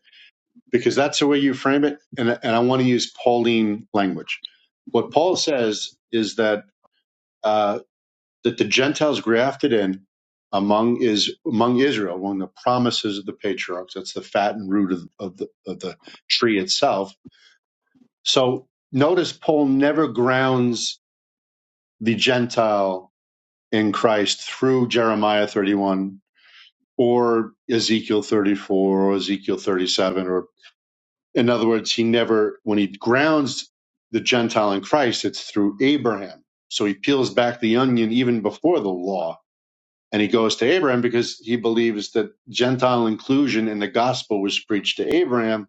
because that's the way you frame it. And, and I want to use Pauline language. What Paul says is that uh, that the Gentiles grafted in among is among Israel, among the promises of the patriarchs. That's the fat and root of, of the of the tree itself. So notice Paul never grounds the Gentile in Christ through Jeremiah 31 or Ezekiel 34 or Ezekiel 37 or. In other words, he never, when he grounds the Gentile in Christ, it's through Abraham. So he peels back the onion even before the law and he goes to Abraham because he believes that Gentile inclusion in the gospel was preached to Abraham,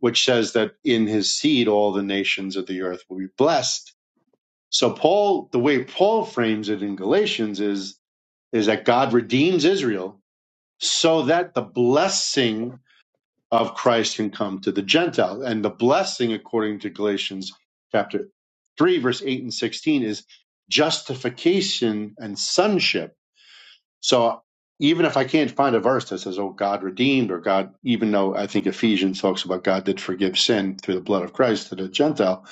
which says that in his seed all the nations of the earth will be blessed. So Paul, the way Paul frames it in Galatians is, is that God redeems Israel so that the blessing of Christ can come to the Gentiles. And the blessing, according to Galatians chapter 3, verse 8 and 16, is justification and sonship. So even if I can't find a verse that says, oh, God redeemed, or God, even though I think Ephesians talks about God did forgive sin through the blood of Christ to the Gentile,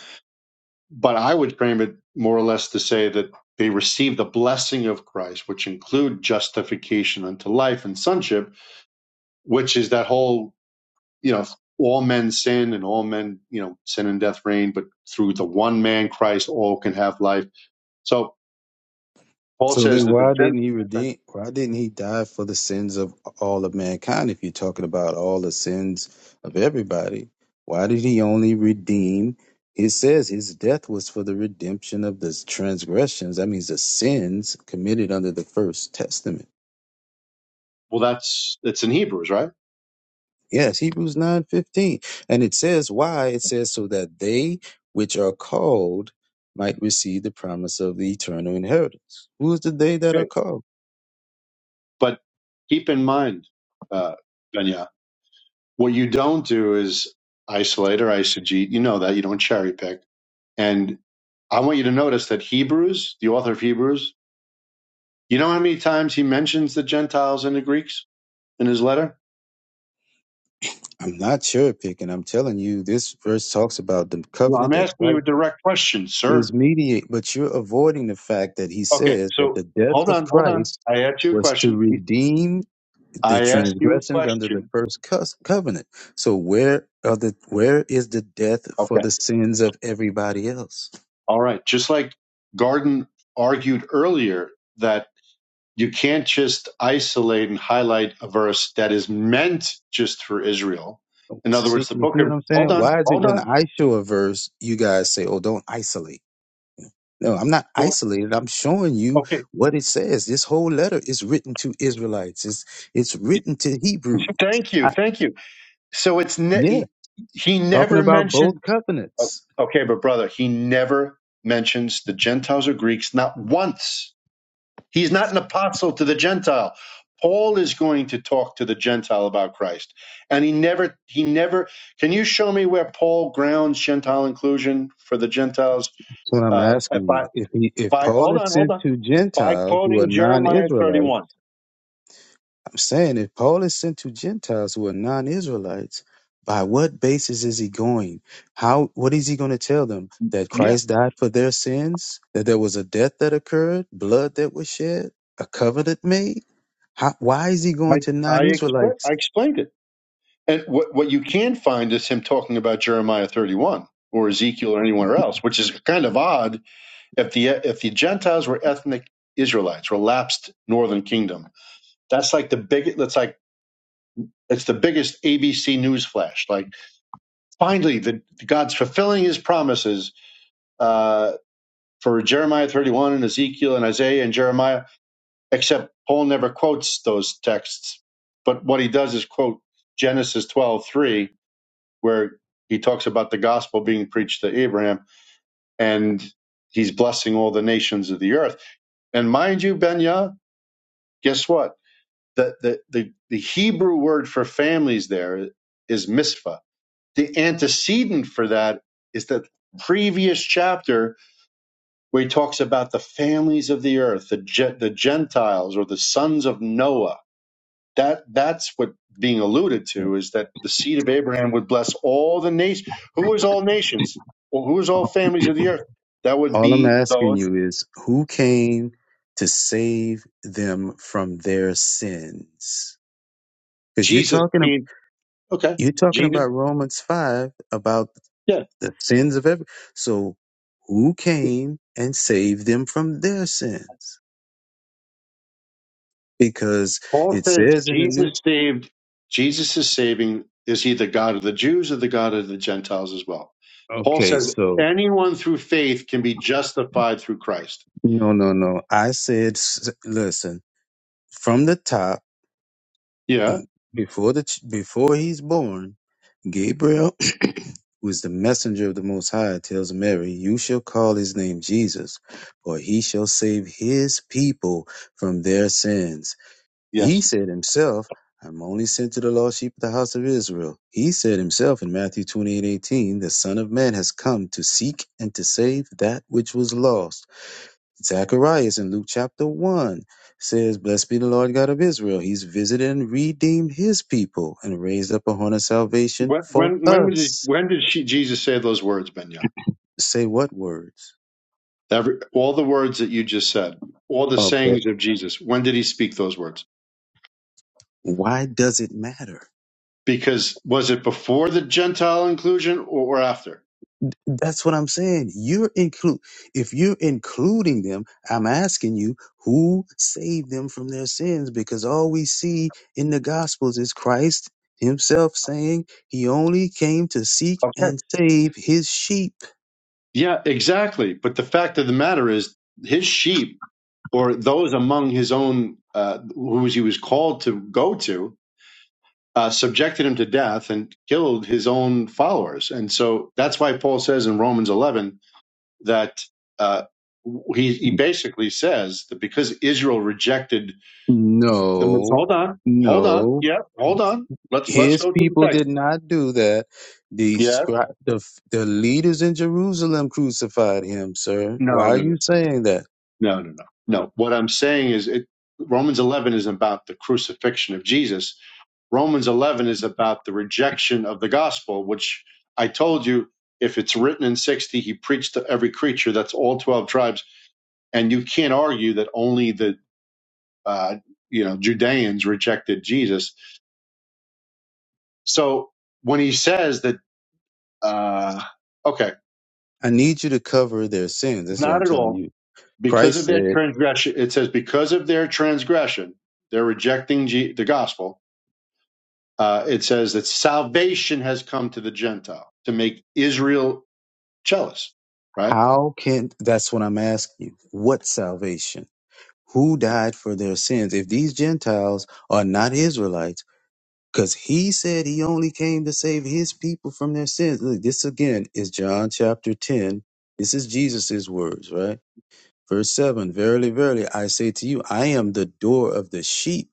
but I would frame it more or less to say that they receive the blessing of Christ, which include justification unto life and sonship, which is that whole you know, all men sin and all men, you know, sin and death reign, but through the one man Christ, all can have life. So Paul
So
says
then,
that the
why
Gent,
didn't he redeem? Why didn't he die for the sins of all of mankind? If you're talking about all the sins of everybody, why did he only redeem? It says his death was for the redemption of the transgressions. That means the sins committed under the first testament.
well, that's, it's in Hebrews, right?
Yes, Hebrews nine fifteen, and it says why. It says so that they which are called might receive the promise of the eternal inheritance. Who is the they that are
Okay.
called?
But keep in mind, uh, Benya, what you don't do is isolate or eisegete. You know that you don't cherry pick. And I want you to notice that Hebrews, the author of Hebrews, you know how many times he mentions the Gentiles and the Greeks in his letter?
I'm not cherry picking. I'm telling you, this verse talks about the
Well,
covenant
I'm
that
asking you
Christ
a direct question, sir
is mediate, but you're avoiding the fact that he
Okay,
says that
so
the death
hold
of
on, hold on.
Christ
I asked you a
was to
question.
redeem the
I asked you a
transgressions under the
question.
first cus- covenant. So where are the where is the death for
Okay.
the sins of everybody else?
All right. Just like Garden argued earlier that you can't just isolate and highlight a verse that is meant just for Israel. In other
See,
words, the
you
book
see what
of,
I'm
hold
saying?
on,
Why is it
hold
when
on.
I show a verse, you guys say, "Oh, don't isolate"? No, I'm not
Well,
isolated. I'm showing you
okay.
what it says. This whole letter is written to Israelites. It's it's written to Hebrews.
Thank you.
I,
Thank you. So it's, ne-
yeah,
he, he
talking
never
about both
mentioned, uh,
covenants.
okay, but brother, he never mentions the Gentiles or Greeks, not once He's not an apostle to the Gentile. Paul is going to talk to the Gentile about Christ. And he never, he never, can you show me where Paul grounds Gentile inclusion for the Gentiles?
That's what I'm
Uh, uh,
asking
by,
you. If he, if
by,
Paul
hold
is
on, hold
sent
on.
to
By
Gentiles who are
quoting Jeremiah
non-Israelites.
31.
I'm saying if Paul is sent to Gentiles who are non-Israelites, by what basis is he going? How what is he going to tell them? That
Yeah.
Christ died for their sins? That there was a death that occurred, blood that was shed, a covenant made? How, why is he
I,
going to
I, expl-
non-Israelites?
I explained it. And what, what you can find is him talking about Jeremiah 31 or Ezekiel or anywhere else, which is kind of odd if the, if the Gentiles were ethnic Israelites, relapsed northern kingdom That's like the big. That's like it's the biggest ABC news flash. Like finally, the God's fulfilling His promises uh, for Jeremiah 31 and Ezekiel and Isaiah and Jeremiah. Except Paul never quotes those texts, but what he does is quote Genesis 12:3, where he talks about the gospel being preached to Abraham and he's blessing all the nations of the earth. And mind you, Benya, guess what? The, the the the Hebrew word for families there is misfa The antecedent for that is the previous chapter where he talks about the families of the earth, the, Ge- the Gentiles or the sons of Noah. That that's what being alluded to is that the seed of Abraham would bless all the nations. Who is all nations? Well, who is all families of the earth? That would
All I'm
be
asking
those
you is who came to save them from their sins? Because you're
Jesus
talking ab-
came. Okay,
you're talking
Jesus.
about Romans five about
Yeah.
the sins of every. So who came and saved them from their sins? Because
Paul
it
says
says in the new.
Jesus saved, Jesus is saving, is he the God of the Jews or the God of the Gentiles as well? Paul
Okay,
says
so
anyone through faith can be justified through Christ.
no, no, no. I said, s- listen, from the top
Yeah.
before the ch- before he's born, Gabriel <clears throat> was the messenger of the Most High. Tells Mary, "You shall call his name Jesus, for he shall save his people from their sins." He
Yes.
said himself, I'm only sent to the lost sheep of the house of Israel. He said himself in Matthew 28, 18, the Son of Man has come to seek and to save that which was lost. Zacharias in Luke chapter 1 says, Blessed be the Lord God of Israel. He's visited and redeemed his people and raised up a horn of salvation
When
for
when when was
us.
when did she, Jesus say those words, Benya?
Say what words?
Every, all the words that you just said, all the
Okay.
sayings of Jesus. When did he speak those words?
Why does it matter?
Because was it before the Gentile inclusion or, or after?
That's what I'm saying. You're include if you're including them, I'm asking you who saved them from their sins because all we see in the gospels is Christ himself saying he only came to seek
Okay.
and save his sheep.
Yeah, exactly. But the fact of the matter is, his sheep or those among his own uh, whose he was called to go to uh, subjected him to death and killed his own followers. And so that's why Paul says in Romans 11 that uh, he, he basically says that because Israel rejected the Messiah.
No.
Hold on, hold on,
No.
yeah, hold on. Let's let's
His
go to the
people
text.
did not do that. The
Yeah,
scribe, the, the leaders in Jerusalem crucified him, sir. Why
no,
are
no, no,
you saying that?
no, no, no. No, what I'm saying is it, Romans 11 is about the crucifixion of Jesus Romans 11 is about the rejection of the gospel, which I told you, if it's written in 60, he preached to every creature. That's all 12 tribes. And you can't argue that only the, uh, you know, Judeans rejected Jesus. So when he says that, uh, okay,
I need you to cover their sins. This is what
not
I'm
at
telling
all.
you.
Because
Christ
of their
said,
transgression, it says, because of their transgression, they're rejecting G- the gospel. Uh, it says that salvation has come to the Gentile to make Israel jealous, right?
How can that's what I'm asking you? What salvation? Who died for their sins? If these Gentiles are not Israelites, because he said he only came to save his people from their sins. Look, this again is John chapter 10. This is Jesus's words, right? Verse 7 Verily, verily, I say to you, I am the door of the sheep.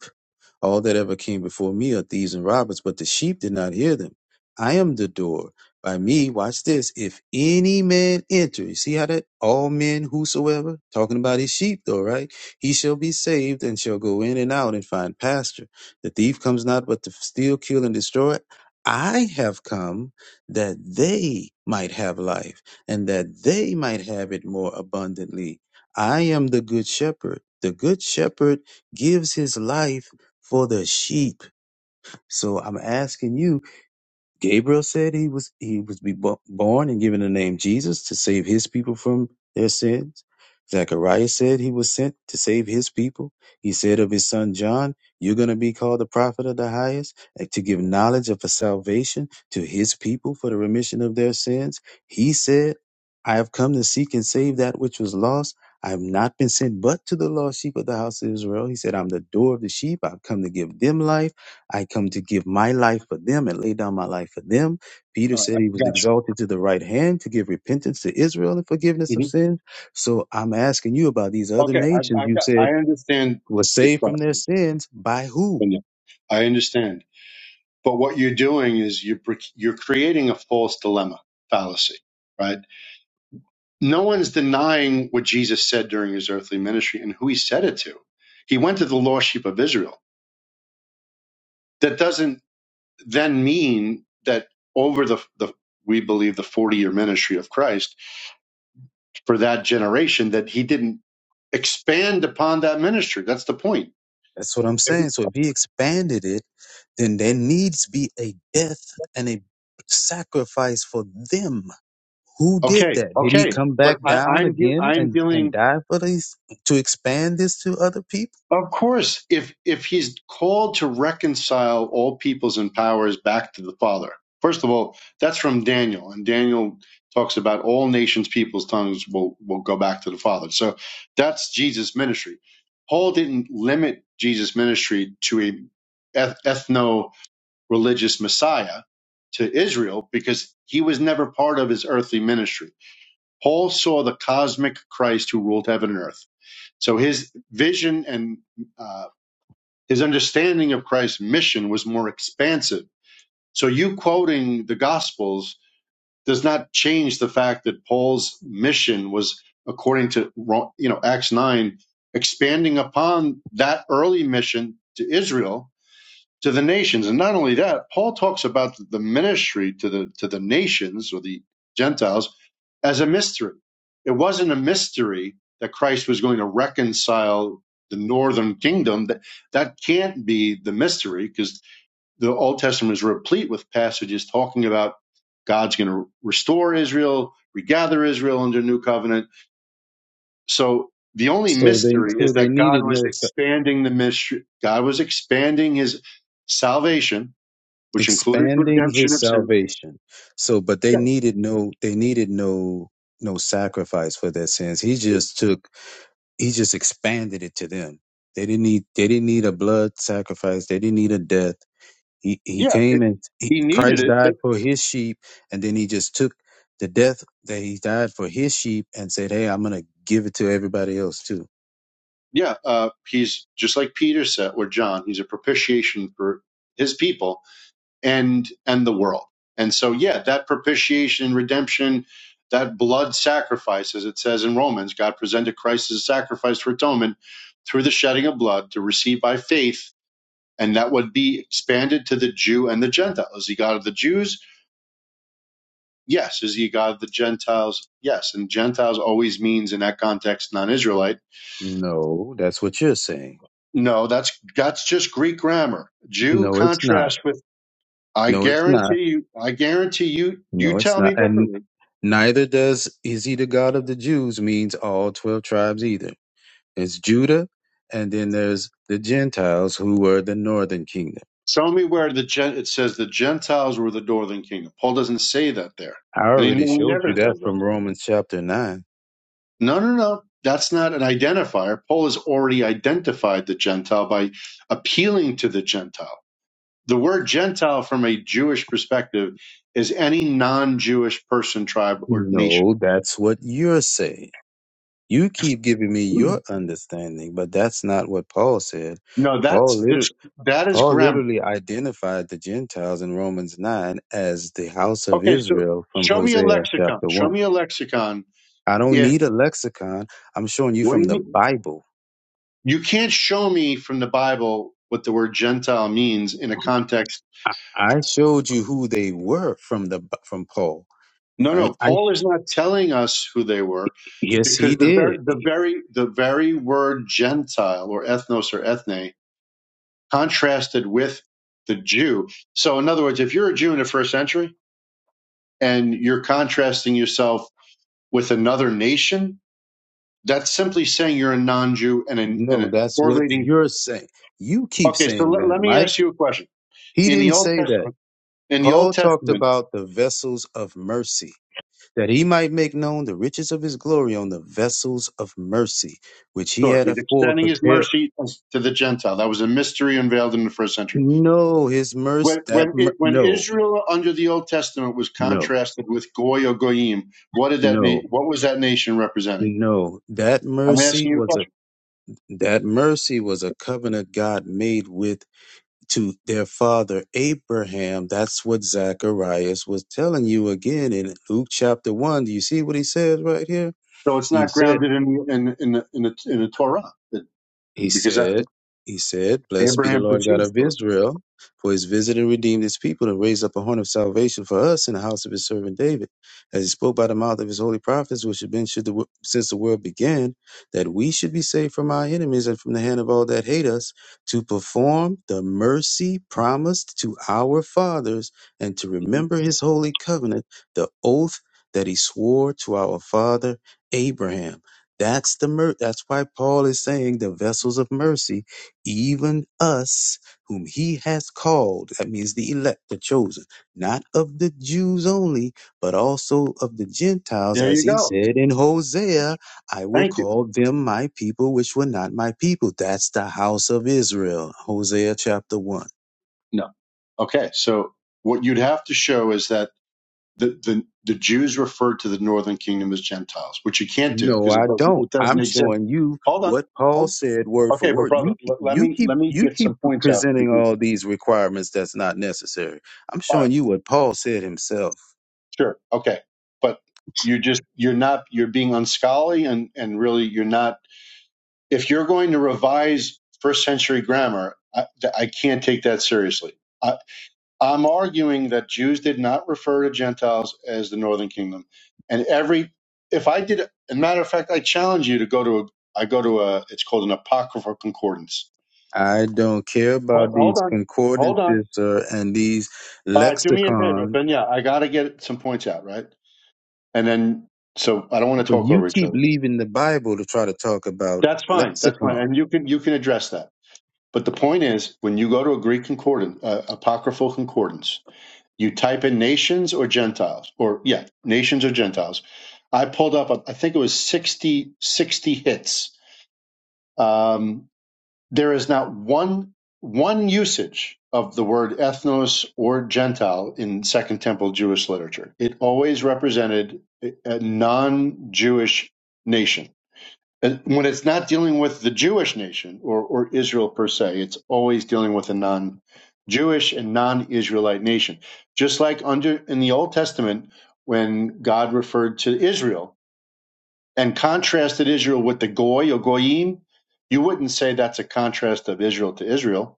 All that ever came before me are thieves and robbers, but the sheep did not hear them. I am the door. By me, watch this. If any man enter, you see how that all men whosoever, talking about his sheep though, right? He shall be saved and shall go in and out and find pasture. The thief comes not but to steal, kill, and destroy. I have come that they might have life and that they might have it more abundantly. I am the good shepherd. The good shepherd gives his life for the sheep. So I'm asking you, Gabriel said he was he was be bo- born and given the name Jesus to save his people from their sins. Zechariah said he was sent to save his people. He said of his son John, you're going to be called the prophet of the highest uh, to give knowledge of salvation to his people for the remission of their sins. He said, I have come to seek and save that which was lost. I have not been sent but to the lost sheep of the house of Israel. He said, I'm the door of the sheep. I've come to give them life I come to give my life for them and lay down my life for them. Peter
All right,
said
I
he was
got
exalted to the right hand to give repentance to Israel and forgiveness
you.
of
Mhm.
sins. So I'm asking you about these other
Okay, I,
nations.
I've
You
got. I
said
understand
were
the the
saved from their
question.
sins by who?
Sonia. I understand, but what you're doing is you're pre- you're creating a false dilemma fallacy, right? No one's denying what Jesus said during his earthly ministry and who he said it to. He went to the lost sheep of Israel. That doesn't then mean that over the the we believe the 40 year ministry of Christ for that generation that he didn't expand upon that ministry. That's the point.
That's what I'm saying. So if he expanded it, then there needs be a death and a sacrifice for them. Who did
Okay,
that? Did he
okay,
come
but
back
I,
down
I'm de-
again
I'm
and, and
dealing.
die for these to expand this to other people?
Of course, if if he's called to reconcile all peoples and powers back to the Father, first of all, that's from Daniel, and Daniel talks about all nations, peoples, tongues will will go back to the Father. So that's Jesus' ministry. Paul didn't limit Jesus' ministry to a eth- ethno-religious Messiah to Israel because he was never part of his earthly ministry Paul saw the cosmic Christ who ruled heaven and earth. So his vision and uh, his understanding of Christ's mission was more expansive. So you quoting the Gospels does not change the fact that Paul's mission was, according to Ro- you know Acts nine, expanding upon that early mission to Israel to the nations. And not only that, Paul talks about the ministry to the to the nations or the Gentiles as a mystery. It wasn't a mystery that Christ was going to reconcile the northern kingdom. That that can't be the mystery because the Old Testament is replete with passages talking about God's going to restore Israel, regather Israel under new covenant. So the only
So they
mystery
so
is
they
that God
needed
was
no
expanding the mystery. God was expanding His salvation, which included
expanding
redemption
his
of sin.
salvation so but they
Yeah,
needed no they needed no no sacrifice for their sins he just took he just expanded it to them they didn't need they didn't need a blood sacrifice they didn't need a death he he
yeah.
came
it-
and he,
he needed
christ
it.
died for his sheep and then he just took the death that he died for his sheep and said hey i'm gonna give it to everybody else too
Yeah, uh, he's just like Peter said or John. He's a propitiation for his people and and the world. And so, yeah, that propitiation and redemption, that blood sacrifice, as it says in Romans, God presented Christ as a sacrifice for atonement through the shedding of blood to receive by faith, and that would be expanded to the Jew and the Gentile. Is he God of the Jews? Yes. Is he God of the Gentiles? Yes. And Gentiles always means in that context non israelite
no that's what you're saying
No, that's that's just Greek grammar. Jew
no it's not
contrasts with. I
no it's not
guarantee you. I guarantee you. You
no it's
tell
not
me differently.
Neither does is he the God of the Jews means all 12 tribes either. It's Judah, and then there's the Gentiles who were the northern kingdom.
Show me where the gen, it says the Gentiles were the northern kingdom. Paul doesn't say that there,
I
and he
already showed
never
you that
says that.
from Romans chapter 9.
No, no, no. That's not an identifier. Paul has already identified the Gentile by appealing to the Gentile. The word Gentile, from a Jewish perspective, is any non-Jewish person, tribe, or nation.
No, that's what you're saying. You keep giving me your understanding, but that's not what Paul said.
No,
Paul
that's
literally,
that's that is
Paul
grammar.
literally identified the Gentiles in Romans 9 as the house of
Okay, so
Israel from
show me a
Hosea
lexicon.
chapter
Show
1.
me a lexicon.
I don't
If
need a lexicon. I'm showing you
what do
from
you
the
mean?
Bible.
You can't show me from the Bible what the word Gentile means in a context.
I showed you who they were from the B- from Paul.
No,
All Right?
no.
I
Paul is
sh-
not telling us who they were
yes,
because
he
the
did.
very, the very, the very word Gentile or ethnos or ethne contrasted with the Jew. So, in other words, if you're a Jew in the first century and you're contrasting yourself with another nation, that's simply saying you're a non-Jew and a, and
No,
a
that's what
correlating
you're saying. You keep
Okay, so
saying
let,
that,
let me
Mike.
ask you a question.
He
In the
didn't
Old
say that.
Testament, in the Old
Paul talked
Testament,
about the vessels of mercy, that he might make known the riches of his glory on the vessels of mercy, which he
sure,
had
he's
afore
extending his
prepared.
mercy to the Gentile. That was a mystery unveiled in the first century.
No, his mercy.
When
That
when it,
mer-
when
no,
Israel under the Old Testament was
no,
contrasted with Goy or Goyim, what did that na-
no,
what was that nation representing?
no. That
I'm
mercy
asking you a
was a
question.
That mercy was a covenant God made with to their father Abraham. That's what Zacharias was telling you again in Luke chapter one. Do you see what he says right here?
So it's
He
not
said.
grounded in in in the, in the, in the Torah it-
He
because that's
said, He said, Blessed be the
Abraham
Lord God
proceeds
of
for
Israel, for his visited and redeemed his people and raised up a horn of salvation for us in the house of his servant David, as he spoke by the mouth of his holy prophets, which have been should the, wo- since the world began, that we should be saved from our enemies and from the hand of all that hate us, to perform the mercy promised to our fathers, and to
it. Mhm.
remember his holy covenant, the oath that he swore to our father Abraham that's the mer- that's why Paul is saying the vessels of mercy, even us whom he has called. That means the elect, the chosen, not of the Jews only, but also of the Gentiles,
There
as
you
he
go.
said in Hosea, I will
Thank you.
call them my people, which were not my people. That's the house of Israel. Hosea chapter one.
No. Okay, so what you'd have to show is that the, the the Jews referred to the northern kingdom as Gentiles, which you can't do
No,
because it
I
doesn't
don't.
it doesn't
I'm
exist.
showing you
Hold on.
what Paul
Hold- on.
said word for
Okay, but
word.
brother,
You keep,
let, let
you
me
keep
let me
you
get
keep
some points out.
presenting
because-
all these requirements that's not necessary. I'm
All right,
showing you what Paul said himself.
sure, okay, but you just you're not you're being unscholarly and and really you're not. If you're going to revise first century grammar, I, I can't take that seriously. I, I'm arguing that Jews did not refer to Gentiles as the northern kingdom. And every, if I did, as a matter of fact, I challenge you to go to a, I go to a, it's called an apocryphal concordance.
I don't care
What?
about
Hold
these
on. Hold on.
concordances uh, and these
All right. Do me a favor.
lexicon,
Ben, yeah, I got to get some points out, right? And then, so I don't want to
but
talk
you
over each
keep
other.
leaving the Bible to try to talk about
That's fine. That's fine.
lexicon.
And you can, you can address that. But the point is, when you go to a Greek concordance, uh, apocryphal concordance, You type in nations or Gentiles, or yeah, nations or Gentiles. I pulled up, I think it was 60 60 hits. Um, there is not one one usage of the word ethnos or Gentile in Second Temple Jewish literature. It always represented a non-Jewish nation and when it's not dealing with the Jewish nation or, or Israel per se, it's always dealing with a non Jewish and non Israelite nation. Just like under in the Old Testament, when God referred to Israel and contrasted Israel with the Goy or Goyim, you wouldn't say that's a contrast of Israel to Israel.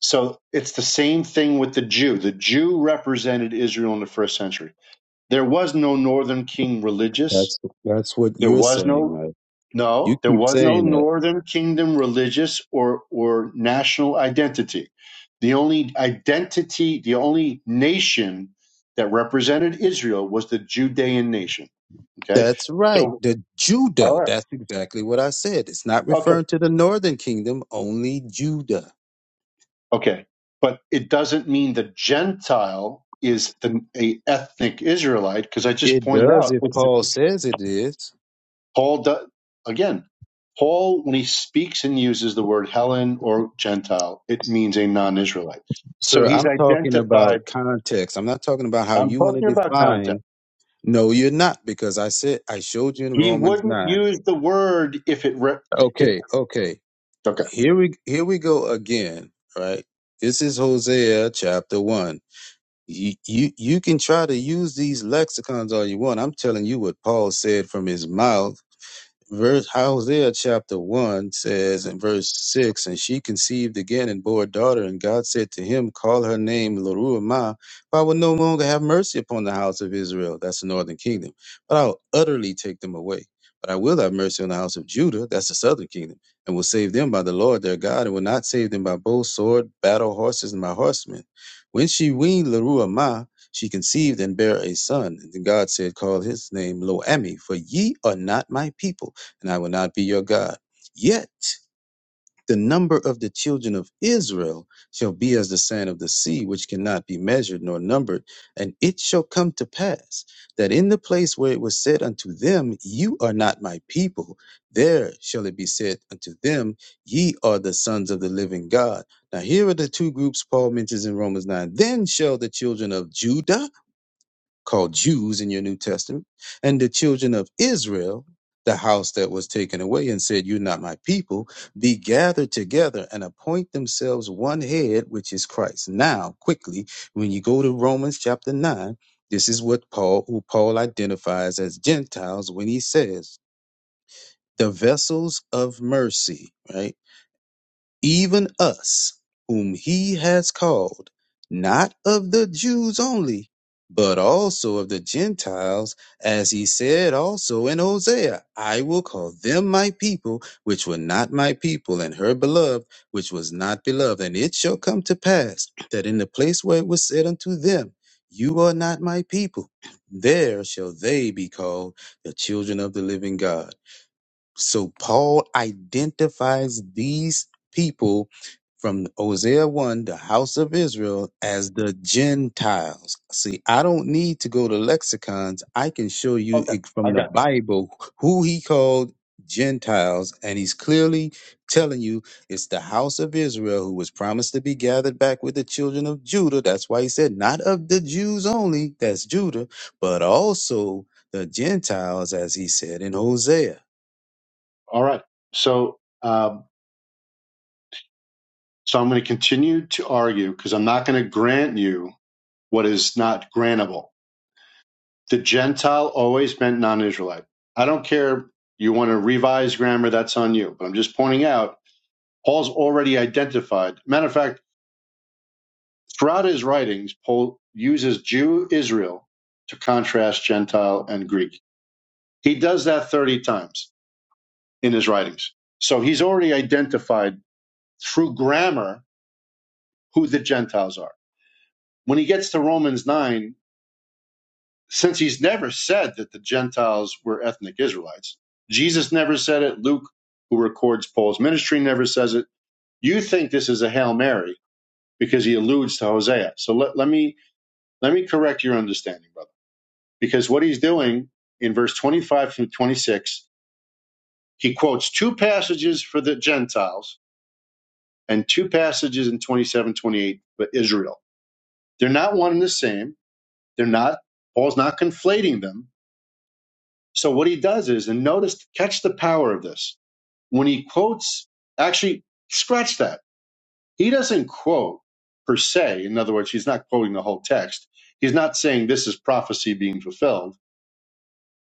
So it's the same thing with the Jew. The Jew represented Israel in the first century. There was no northern king religious.
That's that's what
There
you're
was
saying,
no
Mike. You
no, there
keep
was no
saying that.
Northern Kingdom religious or, or national identity. The only identity, the only nation that represented Israel was the Judean nation. Okay.
That's right.
So,
The
all
Judah.
right.
That's exactly what I said. It's not
Okay.
referring to the northern kingdom, only Judah.
Okay. But it doesn't mean the Gentile is the, a ethnic Israelite because I just
It
pointed
does
out
if
it's the
Paul says it is.
Paul, do, again, Paul, when he speaks and uses the word Helen or Gentile, it means a non Israelite. So
Sir,
he's
I'm talking
identified.
about context. I'm not talking about how
I'm
you want to
talking about
define.
context.
No, you're not, because I said I showed you in
He
Romans
wouldn't
9.
use the word if it, re- it
Okay, okay.
okay.
Here we here we go again, right? This is Hosea chapter 1. You, you you can try to use these lexicons all you want. I'm telling you what Paul said from his mouth verse Hosea chapter one says in verse six, and she conceived again and bore a daughter, and God said to him, Call her name Leruamah, for I will no longer have mercy upon the house of Israel. That's the northern kingdom, but I'll utterly take them away. But I will have mercy on the house of Judah, that's the southern kingdom, and will save them by the Lord their God, and will not save them by bow, sword, battle, horses, and by horsemen. When she weaned Leruamah, she conceived and bare a son. And then God said, Call his name Loami, for ye are not my people and I will not be your God. Yet the number of the children of Israel shall be as the sand of the sea, which cannot be measured nor numbered. And it shall come to pass that in the place where it was said unto them, You are not my people, there shall it be said unto them, Ye are the sons of the living God. Now here are the two groups Paul mentions in Romans 9. Then shall the children of Judah called Jews in your New Testament, and the children of Israel, the house that was taken away and said, You're not my people, be gathered together and appoint themselves one head, which is Christ. Now, quickly, when you go to Romans chapter 9, this is what Paul, who Paul identifies as Gentiles when he says, the vessels of mercy, right? even us, whom he has called, not of the Jews only, but also of the Gentiles, as he said also in Hosea, I will call them my people, which were not my people, and her beloved, which was not beloved. And it shall come to pass that in the place where it was said unto them, You are not my people, there shall they be called the children of the living God. So Paul identifies these people from Hosea 1, the house of Israel, as the Gentiles. See, I don't need to go to lexicons. I can show you
Okay.
it
I
from the
got it.
Bible who he called Gentiles. And he's clearly telling you it's the house of Israel who was promised to be gathered back with the children of Judah. That's why he said, not of the Jews only, that's Judah, but also the Gentiles, as he said in Hosea.
All right. So, um, so I'm going to continue to argue because I'm not going to grant you what is not grantable. The Gentile always meant non Israelite. I don't care. You want to revise grammar, that's on you. But I'm just pointing out Paul's already identified. Matter of fact, throughout his writings, Paul uses Jew Israel to contrast Gentile and Greek. He does that 30 times in his writings. So he's already identified through grammar who the Gentiles are. When he gets to Romans 9, since he's never said that the Gentiles were ethnic Israelites, Jesus never said it. Luke, who records Paul's ministry, never says it. You think this is a Hail Mary because he alludes to Hosea. So let, let me Let me correct your understanding, brother, because what he's doing in verse 25 through 26, he quotes two passages for the Gentiles and two passages in 27, 28 for Israel. They're not one and the same. They're not, Paul's not conflating them. So what he does is, and notice, catch the power of this. When he quotes, actually, scratch that. He doesn't quote per se. In other words, he's not quoting the whole text. He's not saying this is prophecy being fulfilled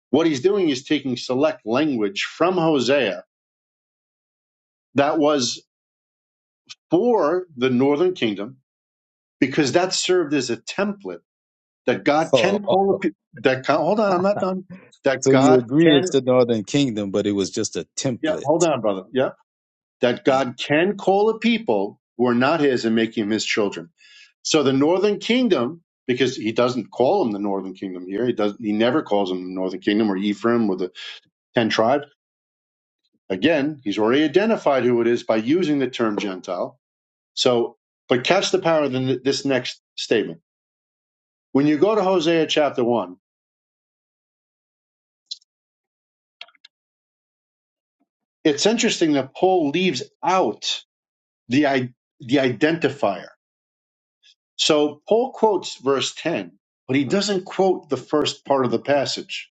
What he's doing is taking select language from Hosea that was for the northern kingdom because that served as a template that God
<laughs>
can call a pe- that God, hold on, I'm not done. That
So you
God
agree it's
can
the northern kingdom, but it was just a
yeah, hold
template.
on, brother. Yeah. That God can call a people who are not his and make him his children. So the northern kingdom, because he doesn't call them the northern kingdom here, he doesn't he never calls them the northern kingdom or Ephraim or the ten tribes. Again, he's already identified who it is by using the term Gentile So, but catch the power of the, this next statement. When you go to Hosea chapter one, it's interesting that Paul leaves out the i- the identifier. So Paul quotes verse ten, but he doesn't quote the first part of the passage.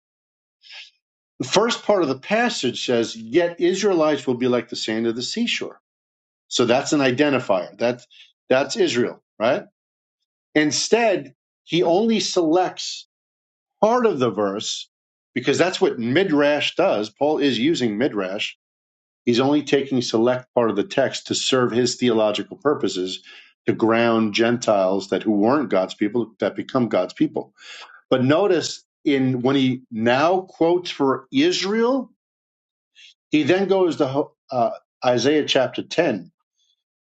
The first part of the passage says, "Yet Israelites will be like the sand of the seashore." So that's an identifier. That's that's Israel, right? Instead, he only selects part of the verse, because that's what Midrash does. Paul is using Midrash. He's only taking select part of the text to serve his theological purposes to ground Gentiles that who weren't God's people that become God's people. But notice in when he now quotes for Israel, he then goes to uh, Isaiah chapter 10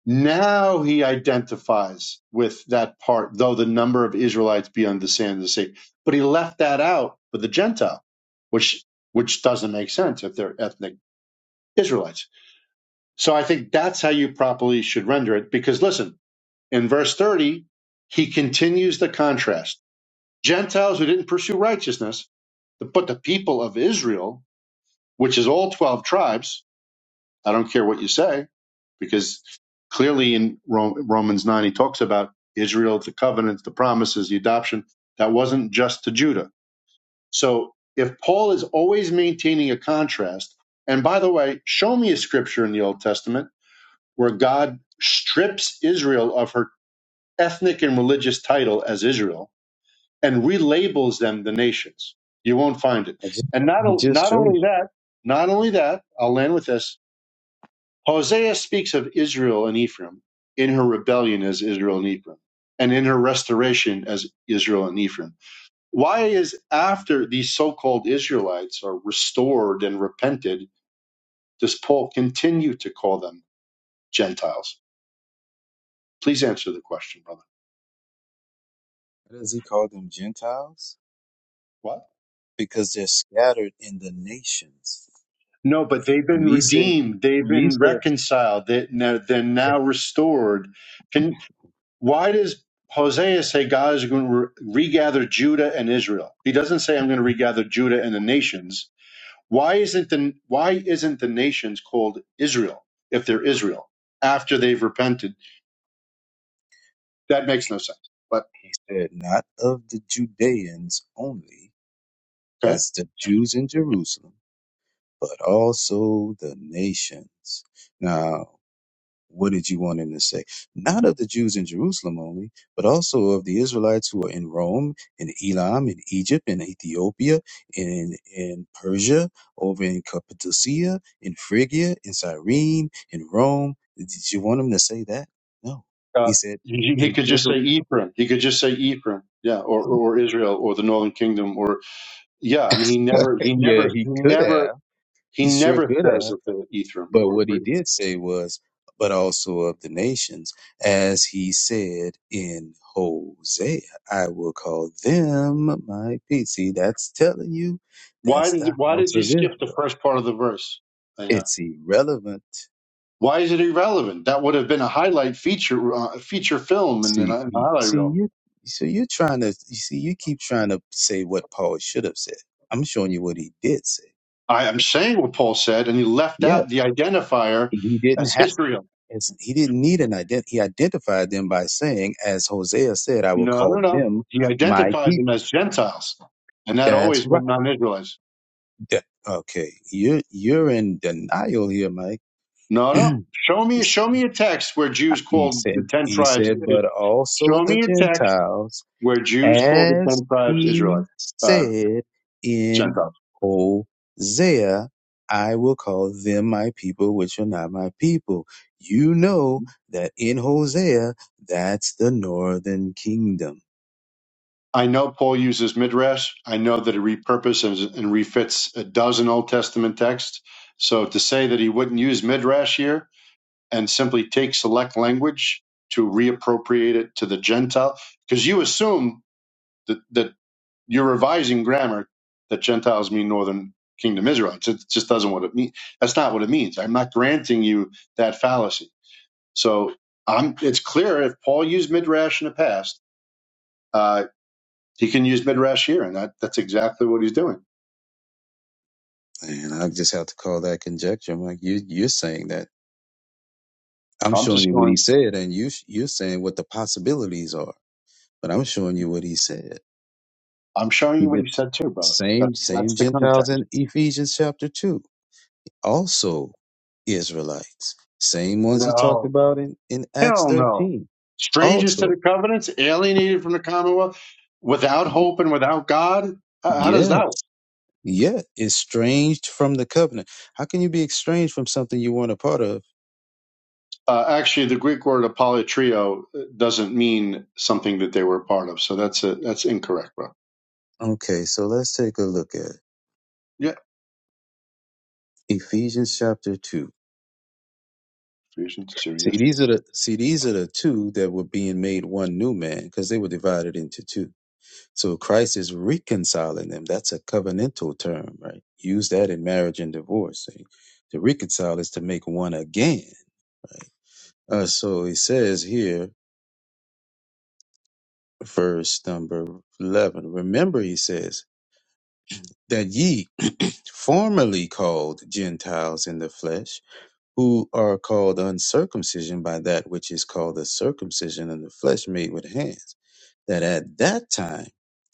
now he identifies with that part, though the number of Israelites be on the sand of the sea. But he left that out for the Gentile, which which doesn't make sense if they're ethnic Israelites. So I think that's how you properly should render it. Because listen, in verse 30, he continues the contrast. Gentiles who didn't pursue righteousness, but the people of Israel, which is all 12 tribes, I don't care what you say, because clearly in Ro- Romans 9, he talks about Israel, the covenants, the promises, the adoption. That wasn't just to Judah. So if Paul is always maintaining a contrast, and by the way, show me a scripture in the Old Testament where God strips Israel of her ethnic and religious title as Israel and relabels them the nations. You won't find it.
I just,
And not,
I
o-
just
not
showed
only
you.
that, not only that, I'll land with this Hosea speaks of Israel and Ephraim in her rebellion as Israel and Ephraim, and in her restoration as Israel and Ephraim. Why is after these so called Israelites are restored and repented, does Paul continue to call them Gentiles? Please answer the question, brother.
Why does he call them Gentiles?
What?
Because they're scattered in the nations.
No, but they've
When
been
he said,
redeemed. They've
when he
been
said,
reconciled. They, now- they're
it,
now restored. Can Why does Hosea say God is going to re- regather Judah and Israel? He doesn't say I'm going to
he
regather Judah and the nations. Why isn't the why isn't the nations called Israel if they're Israel after they've repented? That makes no sense. But
said, not of the Judeans only,
okay,
that's the Jews in Jerusalem, but also the nations. What did you want him to say? Not of the Jews in Jerusalem only, but also of the Israelites who are in Rome, in Elam, in Egypt, in Ethiopia, in, in Persia, over in Cappadocia, in Phrygia, in Cyrene, in Rome. Did you want him to say that? No. He
uh,
said,
he, he
the
could just
Israel.
say Ephraim. He could just say Ephraim, yeah, or, or or Israel or the Northern Kingdom, or yeah. I mean, he never,
<laughs>
he
yeah,
never,
he
he
could
never,
have.
he
He sure
never
could have.
says that they're Ephraim
But
or.
what
or
he did say was, but also of the nations, as he said in Hosea, I will call them my peace. See, that's telling you
why
that's
did
the
why did
house
he
of
skip the
Israel.
first part of the verse?
It's irrelevant.
Why is it irrelevant? That would have been a highlight feature uh, feature film and then
See,
a
you-
highlight
see,
reel.
you, so you're trying to, you see, you keep trying to say what Paul should have said. I'm showing you what he did say.
I, am
right?
saying what Paul said, and he left
Yeah,
out the identifier
he didn't
as
have
Israel.
And s- he didn't need an ident. He identified them by saying, as Hosea said, I will
No, no,
call
no.
them
He
my
identified them
people.
as Gentiles, and that
That's
always
right.
meant non-Israelites.
That- okay. You're, you're in denial here, Mike. <clears throat>
No, no.
He's-
Show me, show me a text where Jews
he
called the
said,
ten
he
tribes.
said, but also
Show
the
me a text
Gentiles,
where Jews called the
as
ten tribes
he
Israelites, uh,
said in
Gentiles.
Hosea, I will call them my people, which are not my people. You know that in Hosea, that's the northern kingdom
I know Paul uses midrash. I know that he repurposes and and refits a dozen Old Testament texts. So to say that he wouldn't use midrash here and simply take select language to reappropriate it to the Gentile, because you assume that, that you're revising grammar that Gentiles mean Northern Kingdom Israelites. It just doesn't what it mean. That's not what it means. I'm not granting you that fallacy. So I'm, it's clear if Paul used midrash in the past. uh, he can use midrash here, and that, that's exactly what he's doing.
And I just have to call that conjecture. I'm like, you, you're saying that. I'm
I'm
showing
just
you what he
going.
said, and you, you're saying what the possibilities are. But I'm showing you what he said.
I'm showing
He
you what
did
he said too, brother. That,
same, same
that's the
Gentiles
context.
in Ephesians chapter two, also Israelites, same ones he talked
No,
about in in Acts
hell no.
13,
Strangers to the
also.
covenants, alienated from the Commonwealth, without hope and without God. How how does
Yeah,
that? Work?
yeah, estranged from the covenant. How can you be estranged from something you weren't a part of?
Uh, actually, the Greek word apollotrio doesn't mean something that they were a part of, so that's a, that's incorrect, bro.
Okay, so let's take a look at
Yeah,
Ephesians chapter 2.
Ephesians two,
See,
yes.
these are the see these are the two that were being made one new man because they were divided into two. So Christ is reconciling them. That's a covenantal term, right? Use that in marriage and divorce. See? To reconcile is to make one again, right? Uh, so he says here, verse number eleven. Remember, he says that ye <clears throat> formerly called Gentiles in the flesh who are called uncircumcision by that which is called the circumcision of the flesh made with hands, that at that time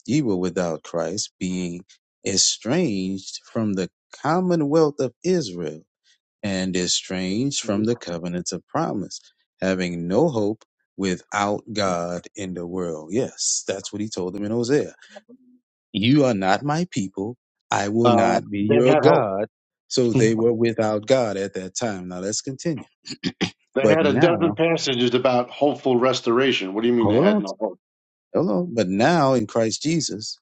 ye were without Christ, being estranged from the commonwealth of Israel, and estranged from
Mhm.
the covenants of promise, having no hope without God in the world. Yes, that's what he told them in Hosea. You are not my people. I will
Uh,
not be
they
your
had hope.
God. So they were without God at that time. Now let's continue.
They
But
had a dozen
now,
passages about hopeful restoration. What do you mean they
hold
had
on,
no hope?
hold on. But now in Christ Jesus,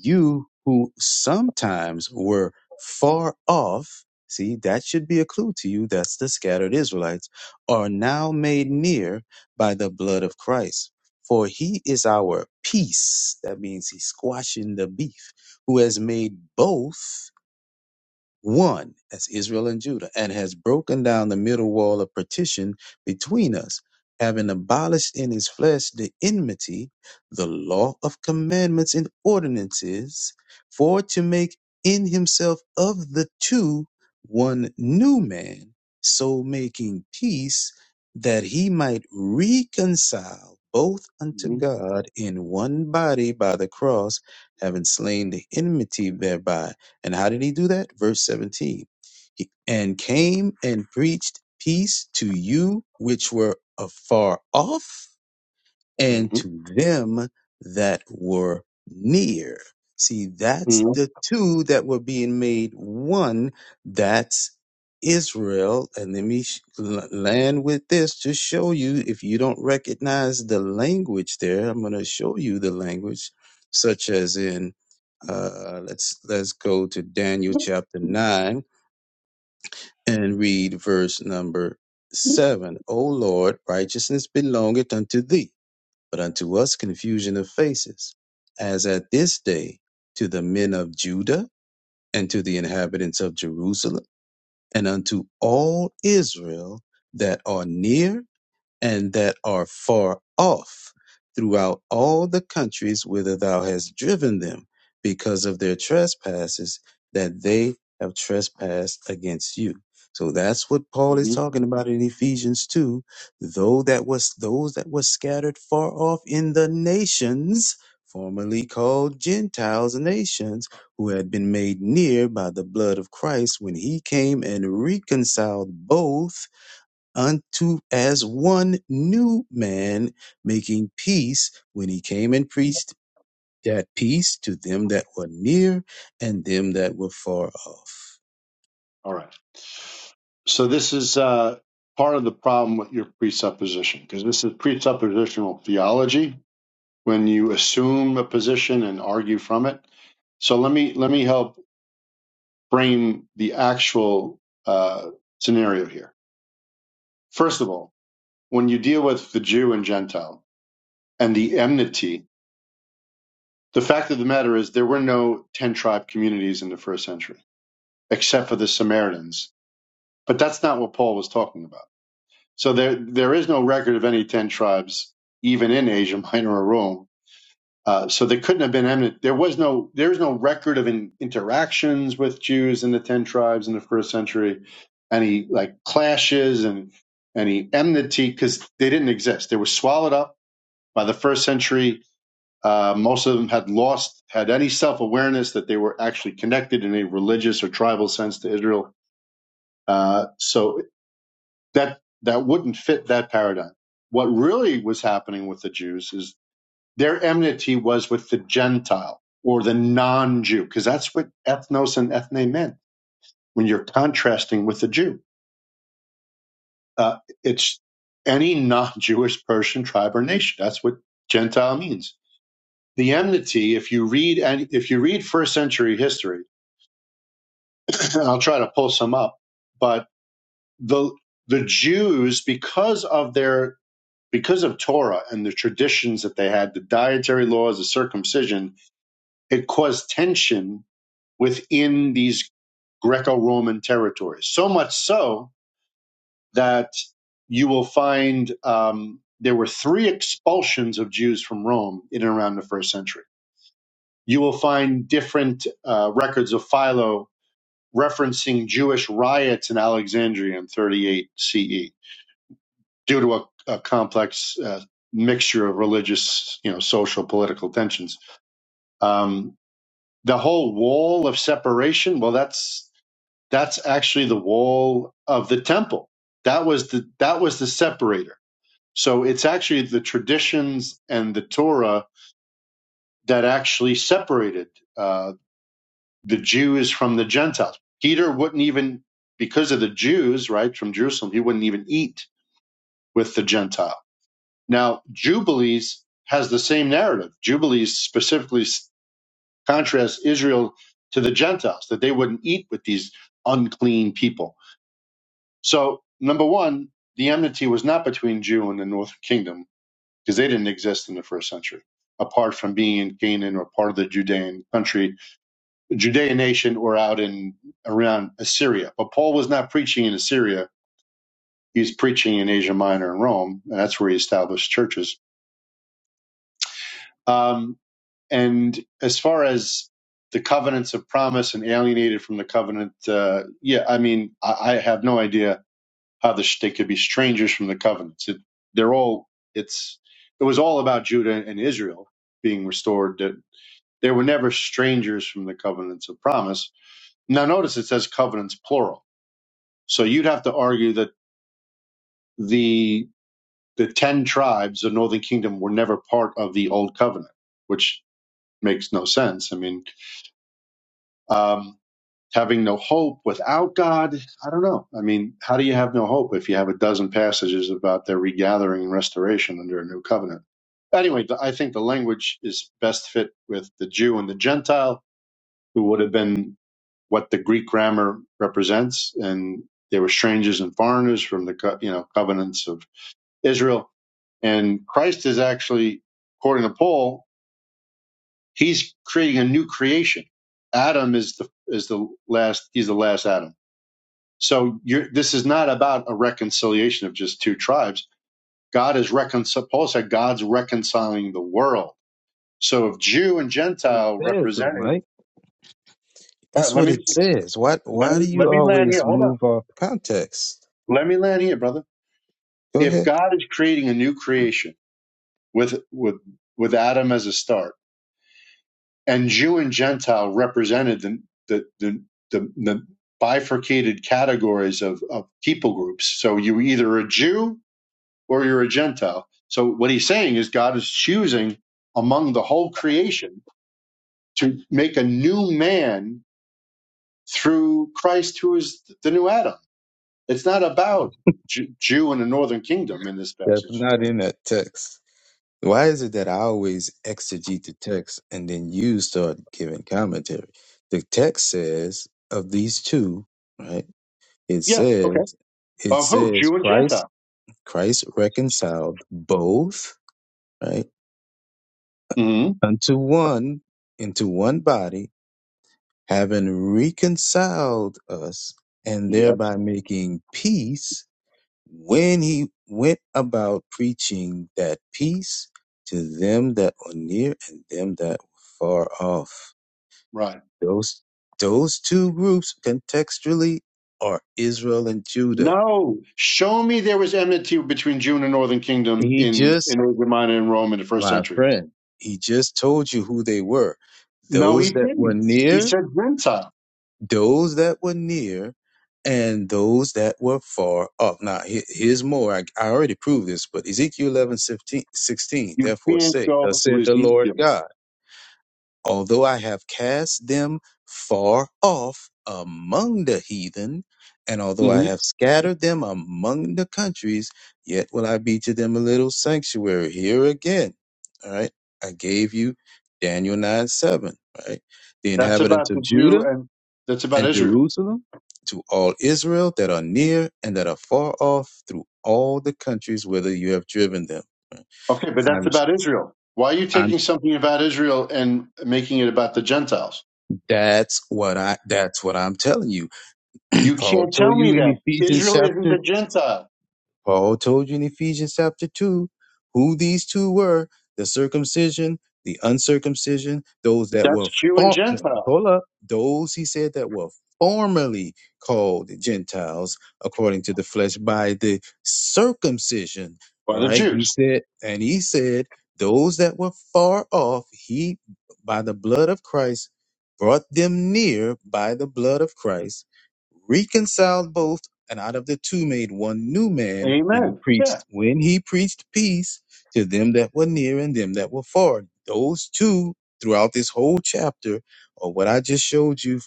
you who sometimes were far off, see, that should be a clue to you. That's the scattered Israelites, are now made near by the blood of Christ. For he is our peace. That means he's squashing the beef, who has made both. one as Israel and Judah, and has broken down the middle wall of partition between us, having abolished in his flesh the enmity, the law of commandments and ordinances, for to make in himself of the two one new man, so making peace, that he might reconcile both unto God in one body by the cross, having slain the enmity thereby and how did he do that? Verse 17. He, and came and preached peace to you which were afar off and
hmm
to them that were near. See, that's
hmm
the two that were being made one. That's Israel. And let me sh- l- land with this to show you if you don't recognize the language there, I'm going to show you the language, such as in uh, let's let's go to Daniel chapter nine and read verse number seven. O Lord, righteousness belongeth unto thee, but unto us confusion of faces, as at this day to the men of Judah and to the inhabitants of Jerusalem and unto all Israel that are near and that are far off throughout all the countries whither thou hast driven them, because of their trespasses that they have trespassed against you. So that's what Paul is
hmm
talking about in Ephesians 2. Though that was those that were scattered far off in the nations, formerly called Gentiles nations, who had been made near by the blood of Christ when he came and reconciled both unto as one new man, making peace when he came and preached that peace to them that were near and them that were far off.
All right. So this is uh, part of the problem with your presupposition, because this is presuppositional theology when you assume a position and argue from it. So let me let me help frame the actual uh, scenario here. First of all, when you deal with the Jew and Gentile and the enmity, the fact of the matter is there were no ten tribe communities in the first century, except for the Samaritans But that's not what Paul was talking about. So there, there is no record of any 10 tribes, even in Asia Minor or Rome. Uh, so they couldn't have been eminent. There was no, there's no record of in, interactions with Jews in the 10 tribes in the first century, any like clashes and any enmity because they didn't exist. They were swallowed up by the first century. Uh, most of them had lost, had any self awareness that they were actually connected in a religious or tribal sense to Israel. Uh, so that that wouldn't fit that paradigm. What really was happening with the Jews is their enmity was with the Gentile or the non-Jew, because that's what ethnos and ethne meant. When you're contrasting with the Jew, uh, it's any non-Jewish person, tribe, or nation. That's what Gentile means. The enmity, if you read any, if you read first century history, <clears throat> I'll try to pull some up, but the the Jews, because of their because of Torah and the traditions that they had, the dietary laws, the circumcision, it caused tension within these Greco Roman territories. So much so that you will find um, there were three expulsions of Jews from Rome in and around the first century. You will find different uh, records of Philo referencing Jewish riots in Alexandria in 38 CE due to a, a complex uh, mixture of religious, you know, social, political tensions. Um, the whole wall of separation, well, that's that's actually the wall of the temple. That was the that was the separator. So it's actually the traditions and the Torah that actually separated uh, the Jews from the Gentiles. Peter wouldn't even, because of the Jews, right, from Jerusalem, he wouldn't even eat with the Gentiles Now, Jubilees has the same narrative. Jubilees specifically s- contrasts Israel to the Gentiles, that they wouldn't eat with these unclean people. So, number one, the enmity was not between Jew and the northern kingdom because they didn't exist in the first century, apart from being in Canaan or part of the Judean country, Judean nation, or out in around Assyria. But Paul was not preaching in Assyria. He's preaching in Asia Minor and Rome, and that's where he established churches. Um, and as far as the covenants of promise and alienated from the covenant, uh, yeah, I mean, I, I have no idea how the, they could be strangers from the covenants. It, they're all it's it was all about Judah and Israel being restored. That they were never strangers from the covenants of promise. Now, notice it says covenants plural, so you'd have to argue that the the ten tribes of Northern Kingdom were never part of the old covenant, which makes no sense. I mean. Um, having no hope without God. I don't know. I mean, how do you have no hope if you have a dozen passages about their regathering and restoration under a new covenant? Anyway, I think the language is best fit with the Jew and the Gentile, who would have been what the Greek grammar represents, and they were strangers and foreigners from the co- you know covenants of Israel. And Christ is actually, according to Paul, he's creating a new creation. Adam is the is the last. He's the last Adam So you're, this is not about a reconciliation of just two tribes. God is reconcil. Paul said God's reconciling the world. So if Jew and
what it
Gentile
says though,
represented,
Mike.
all right,
That's
let
what
me
it says. Why
let
why
me
do
let
you
me land
always
here. Hold on,
move off context?
let me land here, brother.
Go
If
ahead.
God is creating a new creation with with with Adam as a start, and Jew and Gentile represented the the the, the, the bifurcated categories of, of people groups. So you were either a Jew or you're a Gentile. So what he's saying is God is choosing among the whole creation to make a new man through Christ, who is the new Adam. It's not about Ju- Jew and the northern kingdom in this
That's
passage.
not in that text. Why is it that I always exegete the text and then you start giving commentary? The text says of these two, right? It
Yeah. Okay.
says, it
Of who?
says
Jew and
Christ,
Gentile.
Christ reconciled both, right,
hmm
unto one, into one body, having reconciled us and
Yes.
thereby making peace when he went about preaching that peace to them that were near and them that were far off.
Right.
Those, those two groups contextually are Israel and Judah.
No. Show me there was enmity between Jew and the northern kingdom
He
in
just
in Asia Minor and Rome in the first
my
century.
friend. He just told you who they were.
No, he
Those that were
didn't. He
near,
said Gentile.
those that were near, and those that were far off. Now, he- here's more. I, I already proved this, but Ezekiel 11 16.
You
therefore
can't
say, thus
go to
saith the Lord
Ezekiel.
God although I have cast them far off among the heathen, and although I have scattered them among the countries, yet will I be to them a little sanctuary. Here again, all right, I gave you Daniel 9 7, right? The
That's
inhabitants
about
of
the Jew
Judah
and that's about
and
Israel.
Jerusalem to all Israel that are near and that are far off through all the countries whither you have driven them. Right?
Okay, but that's
I'm,
about Israel. Why are you
I'm,
taking something about Israel and making it about the Gentiles?
that's what I, that's what I'm telling you
You
Paul
can't tell
told
me
you in
that.
Ephesians
Israel isn't
chapter
the Gentile.
Paul told you in Ephesians chapter two who these two were, the circumcision, the uncircumcision, those that
That's
were
Jew and
for, no,
Gentile
hold up, those he said that were formerly called Gentiles according to the flesh by the circumcision.
by
All
the
right, he
Jews.
said, and he said, those that were far off, he by the blood of Christ brought them near by the blood of Christ reconciled both and out of the two made one new man when he
Amen. Yeah.
preached when he preached peace to them that were near and them that were far those two throughout this whole chapter are what i just showed you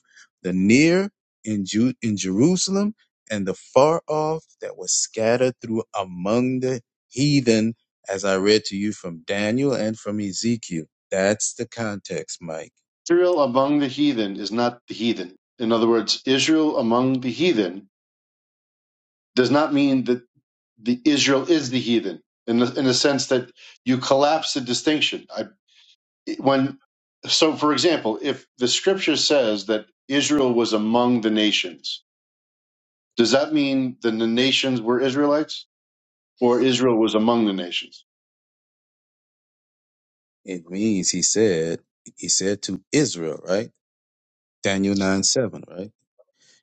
the near in Ju- in jerusalem and the far off that was scattered through among the heathen as i read to you from daniel and from ezekiel that's the context mike
Israel among the heathen is not the heathen. In other words, Israel among the heathen does not mean that the Israel is the heathen in the, in the sense that you collapse the distinction. I when so for example if the scripture says that israel was among the nations does that mean that the nations were israelites or israel was among the nations
it means he said he said to israel right daniel 9 7 right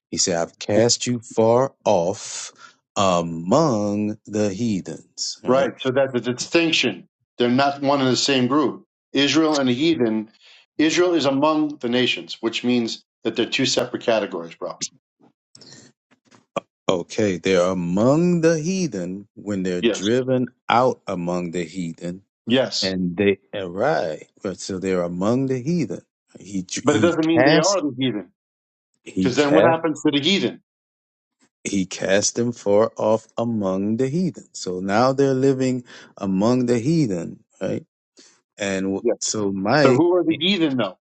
He said, I've cast you far off among the heathens, right?
right so that's a distinction they're not one and the same group israel and the heathen israel is among the nations which means that they're two separate categories bro
Okay, they're among the heathen when they're
yes
driven out among the heathen,
yes
and they and right, right. So they're among the heathen. He
but it
he
doesn't mean they
cast
are the heathen
he
because then what
cast
happens to the heathen
he cast them far off among the heathen. So now they're living among the heathen, right? And w-
yes
so
so
Mike,
who are the heathen though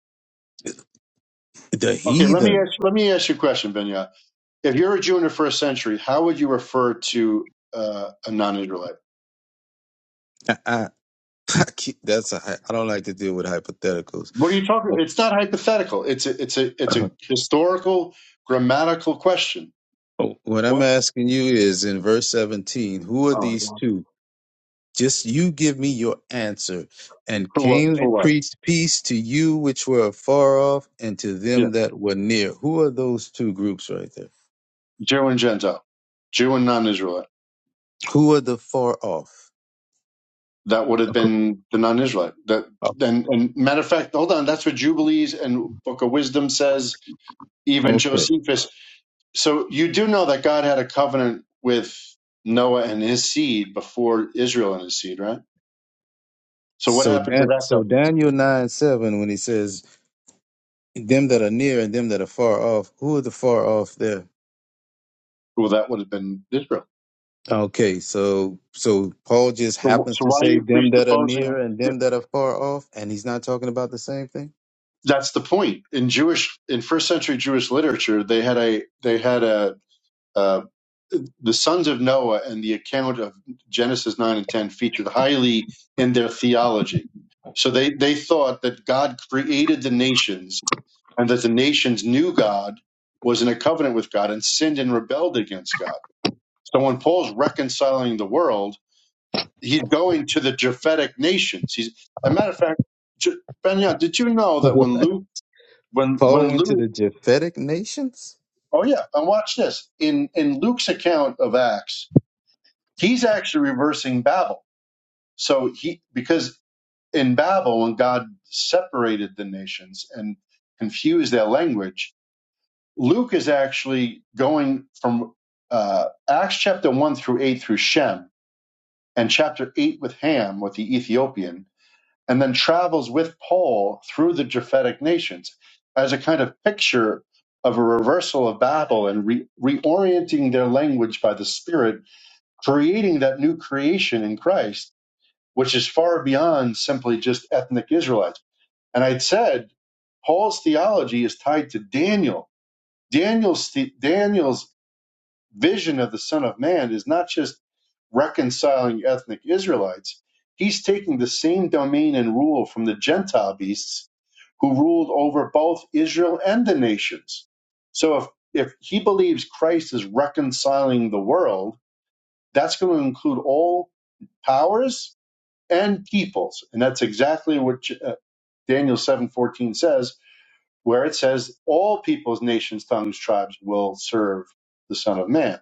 the
okay let me
heathen.
ask let me ask you a question Benya. If you're a Jew in the first century, how would you refer to uh, a non-Israelite?
<laughs> I keep, that's a, hy- I don't like to deal with hypotheticals.
What are you talking? about?
Well,
It's not hypothetical. It's a it's a it's a
<clears throat>
historical grammatical question.
What I'm
What?
asking you is in verse 17, who are
Oh, my
these
gosh.
two? Just you give me your answer. And
for what?
came
For
and
what?
preached peace to you which were afar off and to
Yeah,
them that were near. Who are those two groups right there?
Jew and Gentile, Jew and non-Israelite.
Who are the far off?
That would have
Okay.
been the non-Israelite. That and, and matter of fact, hold on. That's what Jubilees and Book of Wisdom says.
ac-
Even
Okay.
Josephus. So you do know that God had a covenant with Noah and his seed before Israel and his seed, right? So what
So
happened to
Dan,
that
so
covenant?
Daniel 9 7, when he says them that are near and them that are far off, who are the far off there?
Well, that would have been Israel.
Okay, so so Paul just
So,
happens
so
to
why are
say
you
them that are near
presupposing?
and
Yeah.
them that are far off, and he's not talking about the same thing? <laughs>
That's the point. In Jewish, in first century Jewish literature, they had a they had a uh, the sons of Noah and the account of Genesis nine and ten featured highly in their theology. So they they thought that God created the nations and that the nations knew God was in a covenant with God and sinned and rebelled against God. So when Paul's reconciling the world he's going to the Japhetic nations. He's a matter of fact, J- Benyon, did you know that
What?
when Luke, when
Paul
when
went to
Luke,
the Japhetic nations?
oh yeah, and watch this in in Luke's account of Acts, he's actually reversing Babel. So he because in Babel when God separated the nations and confused their language, Luke is actually going from uh, Acts chapter one through eight through Shem and chapter eight with Ham with the Ethiopian and then travels with Paul through the Japhetic nations as a kind of picture of a reversal of Babel and re- reorienting their language by the Spirit, creating that new creation in Christ, which is far beyond simply just ethnic Israelites. And I'd said Paul's theology is tied to Daniel. Daniel's, the, Daniel's vision of the Son of Man is not just reconciling ethnic Israelites, he's taking the same domain and rule from the Gentile beasts who ruled over both Israel and the nations. So if, if he believes Christ is reconciling the world, that's going to include all powers and peoples. And that's exactly what uh, Daniel 7:14 says, where it says all peoples, nations, tongues, tribes will serve the Son of Man.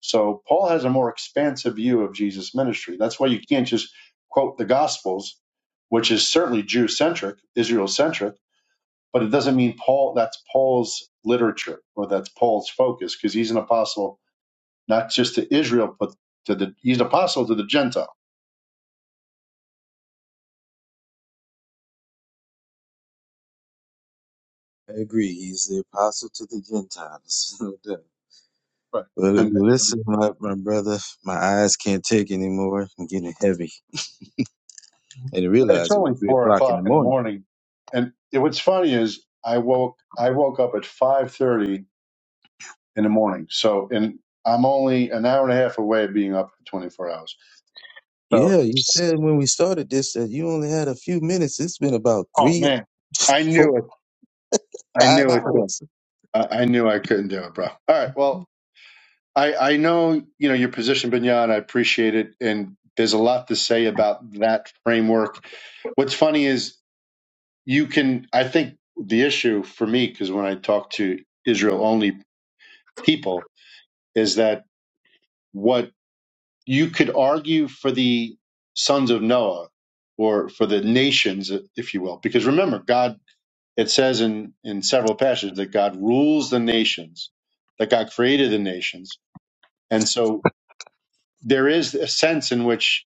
So Paul has a more expansive view of Jesus' ministry. That's why you can't just quote the Gospels, which is certainly Jew centric, Israel centric, but it doesn't mean Paul that's Paul's literature or that's Paul's focus because he's an apostle not just to Israel but to the he's an apostle to the Gentile.
I agree. He's the apostle to the Gentiles. <laughs> No doubt.
Right.
Well,
And
listen, my, my brother, my eyes can't take anymore. I'm getting heavy. I didn't
it's
realize it was
only
three
four
o'clock in
o'clock
the
in the
morning.
morning, and it, what's funny is I woke I woke up at five thirty in the morning. So and I'm only an hour and a half away of being up for 24 hours. So,
Yeah, you said when we started this that you only had a few minutes. It's been about
oh
three,
man, I
<laughs> four,
knew it. I
five
knew it. Too.
hours.
I, I knew I couldn't do it, bro. All right. Well, I, I know you know your position, Binyan. I appreciate it, and there's a lot to say about that framework. What's funny is you can. I think the issue for me, because when I talk to Israel only people, is that what you could argue for the sons of Noah or for the nations, if you will, because remember, God It says in, in several passages that God rules the nations, that God created the nations. And so there is a sense in which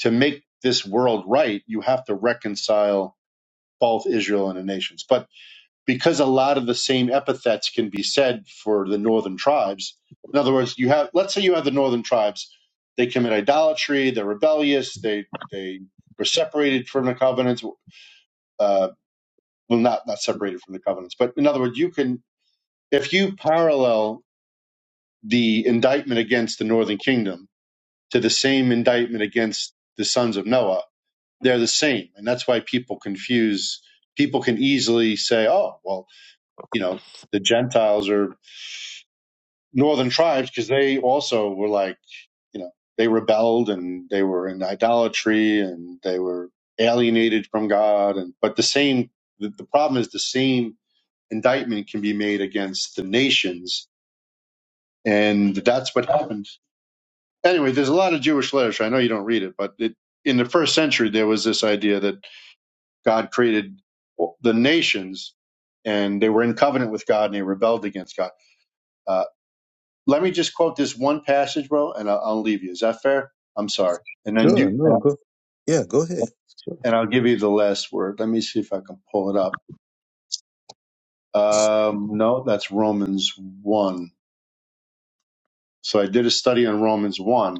to make this world right, you have to reconcile both Israel and the nations. But because a lot of the same epithets can be said for the northern tribes, in other words, you have let's say you have the northern tribes, they commit idolatry, they're rebellious, they they were separated from the covenants, uh, well, not not separated from the covenants, but in other words, you can if you parallel the indictment against the northern kingdom to the same indictment against the sons of noah they're the same and that's why people confuse people can easily say oh well you know the gentiles are northern tribes because they also were like you know they rebelled and they were in idolatry and they were alienated from god and but the same the, the problem is the same indictment can be made against the nations and that's what happened anyway, there's a lot of Jewish literature. I know you don't read it, but it, in the first century, there was this idea that God created the nations and they were in covenant with God and they rebelled against God. Uh, let me just quote this one passage, bro, and I'll, I'll leave you. Is that fair? I'm sorry. And then
Sure,
you, and
no,
I'll
go. Yeah, go ahead. Sure.
give you the last word. Let me see if I can pull it up. Um, no, that's Romans 1. So I did a study on Romans 1.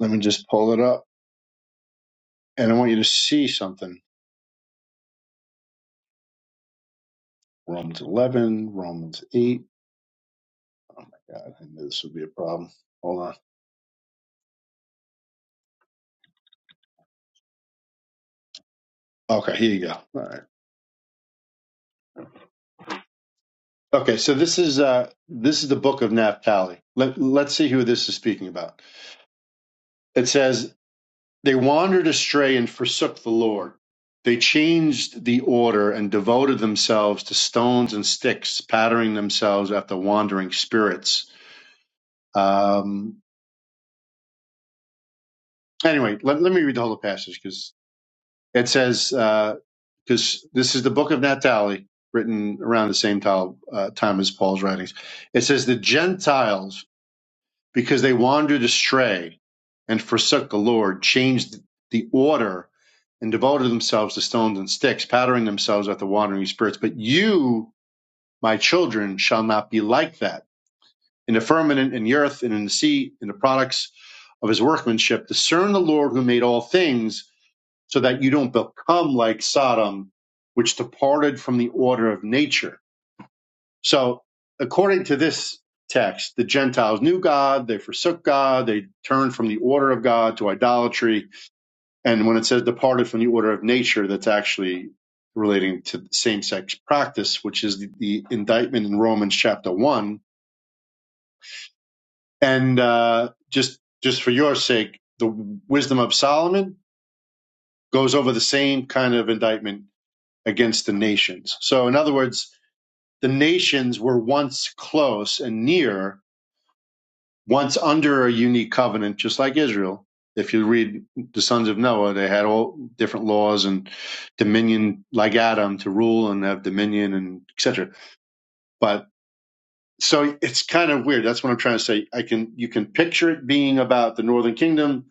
Let me just pull it up. And I want you to see something. Romans 11, Romans 8. Oh my god, I knew this would be a problem. Hold on. Okay, here you go. All right. Okay, so this is uh this is the book of Naphtali. Let let's see who this is speaking about. It says they wandered astray and forsook the Lord. They changed the order and devoted themselves to stones and sticks, patterning themselves after wandering spirits. Um anyway, let, let me read the whole passage because. It says, uh, because this is the book of Naphtali, written around the same time, uh, time as Paul's writings. It says, The Gentiles, because they wandered astray and forsook the Lord, changed the order and devoted themselves to stones and sticks, pattering themselves at the wandering spirits. But you, my children, shall not be like that. In the firmament, in the earth, and in the sea, in the products of his workmanship, discern the Lord who made all things so that you don't become like Sodom, which departed from the order of nature. So, according to this text, the Gentiles knew God, they forsook God, they turned from the order of God to idolatry. And when it says departed from the order of nature, that's actually relating to same sex practice, which is the, the indictment in Romans chapter 1. And uh, just just for your sake, the wisdom of Solomon goes over the same kind of indictment against the nations. So, in other words, the nations were once close and near, once under a unique covenant, just like Israel. If you read the sons of Noah, they had all different laws and dominion, like Adam, to rule and have dominion and etc. But so it's kind of weird. That's what I'm trying to say. I can you can picture it being about the Northern Kingdom.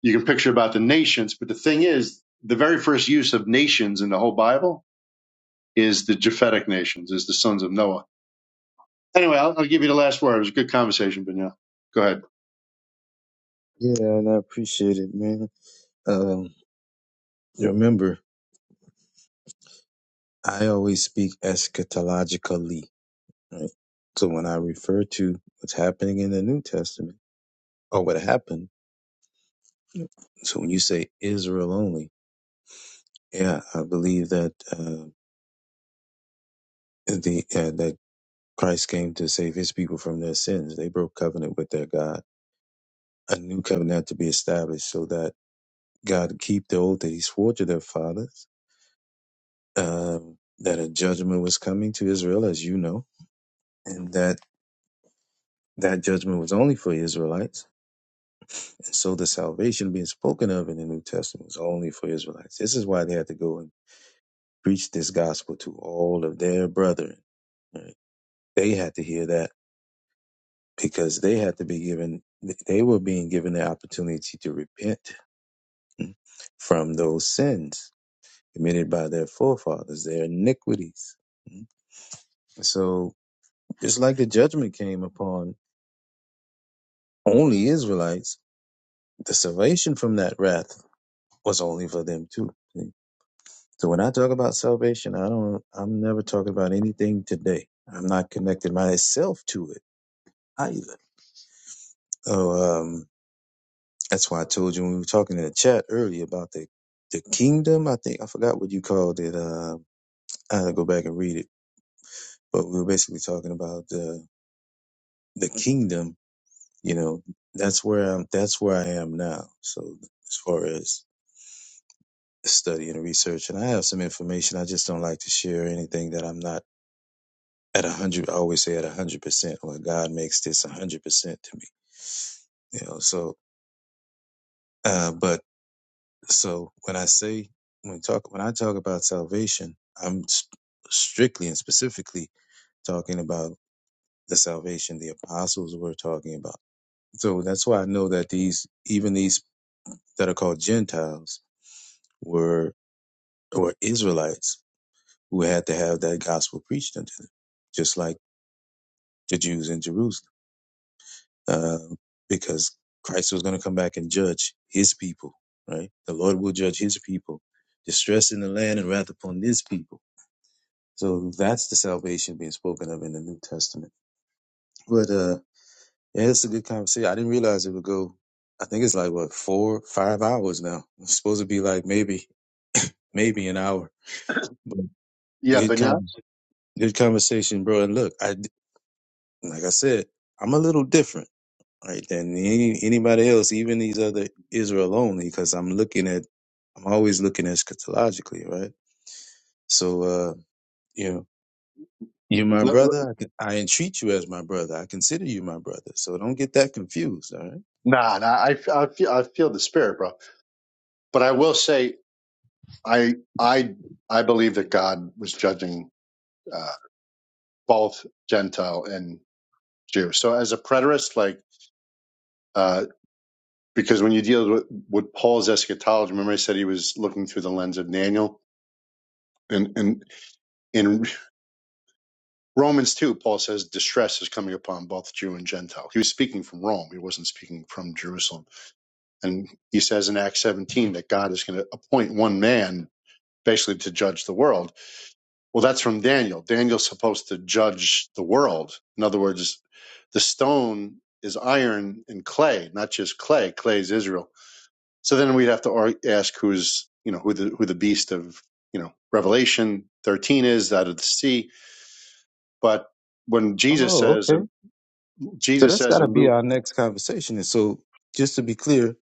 You can picture about the nations. But the thing is, the very first use of nations in the whole Bible is the Japhetic nations, is the sons of Noah Anyway, I'll, I'll give you the last word. It was a good conversation, Benya. Go ahead.
Yeah, and I appreciate it, man. Um, remember, I always speak eschatologically, right? So when I refer to what's happening in the New Testament or what happened, so when you say Israel only, yeah, I believe that uh, the uh, that Christ came to save His people from their sins. They broke covenant with their God. A new covenant had to be established so that God would keep the oath that He swore to their fathers um, that a judgment was coming to Israel, as you know, and that that judgment was only for Israelites. And so the salvation being spoken of in the New Testament was only for Israelites. This is why they had to go and preach this gospel to all of their brethren. right? They had to hear that because they had to be given, they were being given the opportunity to repent hmm, from those sins committed by their forefathers, their iniquities. hmm. So it's like the judgment came upon only Israelites, the salvation from that wrath was only for them too. See? So when I talk about salvation, I don't, I'm never talking about anything today. I'm not connecting myself to it either. So, um, that's why I told you when we were talking in the chat earlier about the, the kingdom. I think I forgot what you called it. Uh, I had to go back and read it, but we were basically talking about the, the kingdom, you know, that's where I'm, that's where I am now. So as far as study and research, and I have some information. I just don't like to share anything that I'm not at a hundred. I always say at a hundred percent. Well, God makes this a hundred percent to me, you know. So, uh, but so when I say when talk when I talk about salvation, I'm s- strictly and specifically talking about the salvation the apostles were talking about. So that's why I know that these even these that are called Gentiles were were Israelites who had to have that gospel preached unto them, just like the Jews in Jerusalem, Um because Christ was going to come back and judge his people, right? The Lord will judge his people, distress in the land and wrath upon his people. So that's the salvation being spoken of in the New Testament. But uh, yeah, it's a good conversation. I didn't realize it would go. I think it's like what four, five hours now. It's supposed to be like maybe, maybe an hour. But
Yeah,
good,
Benya.
con- good conversation, bro. And look, I like I said, I'm a little different. Right then any, anybody else, even these other Israel only, because I'm looking at, I'm always looking eschatologically, right? So, uh, you know, you're my
Let- let-
brother. I, can, I entreat you as my brother. I consider you my brother. So don't get that confused. All right.
Nah, nah I, I feel I feel the spirit, bro. But I will say, I I I believe that God was judging uh, both Gentile and Jew. So as a preterist, like uh, because when you deal with, with Paul's eschatology, remember I said he was looking through the lens of Daniel, and and in Romans two, Paul says distress is coming upon both Jew and Gentile. He was speaking from Rome. He wasn't speaking from Jerusalem. And he says in Acts 17 that God is going to appoint one man basically to judge the world. Well, that's from Daniel. Daniel's supposed to judge the world. In other words, the stone is iron and clay, not just clay. Clay is Israel. So then we'd have to ask who's, you know, who the, who the beast of, you know, Revelation 13 is out of the sea. But when Jesus
Oh,
says,
okay. So
Jesus
that's
says
got to
in
be
Luke,
our next conversation. And so, just to be clear,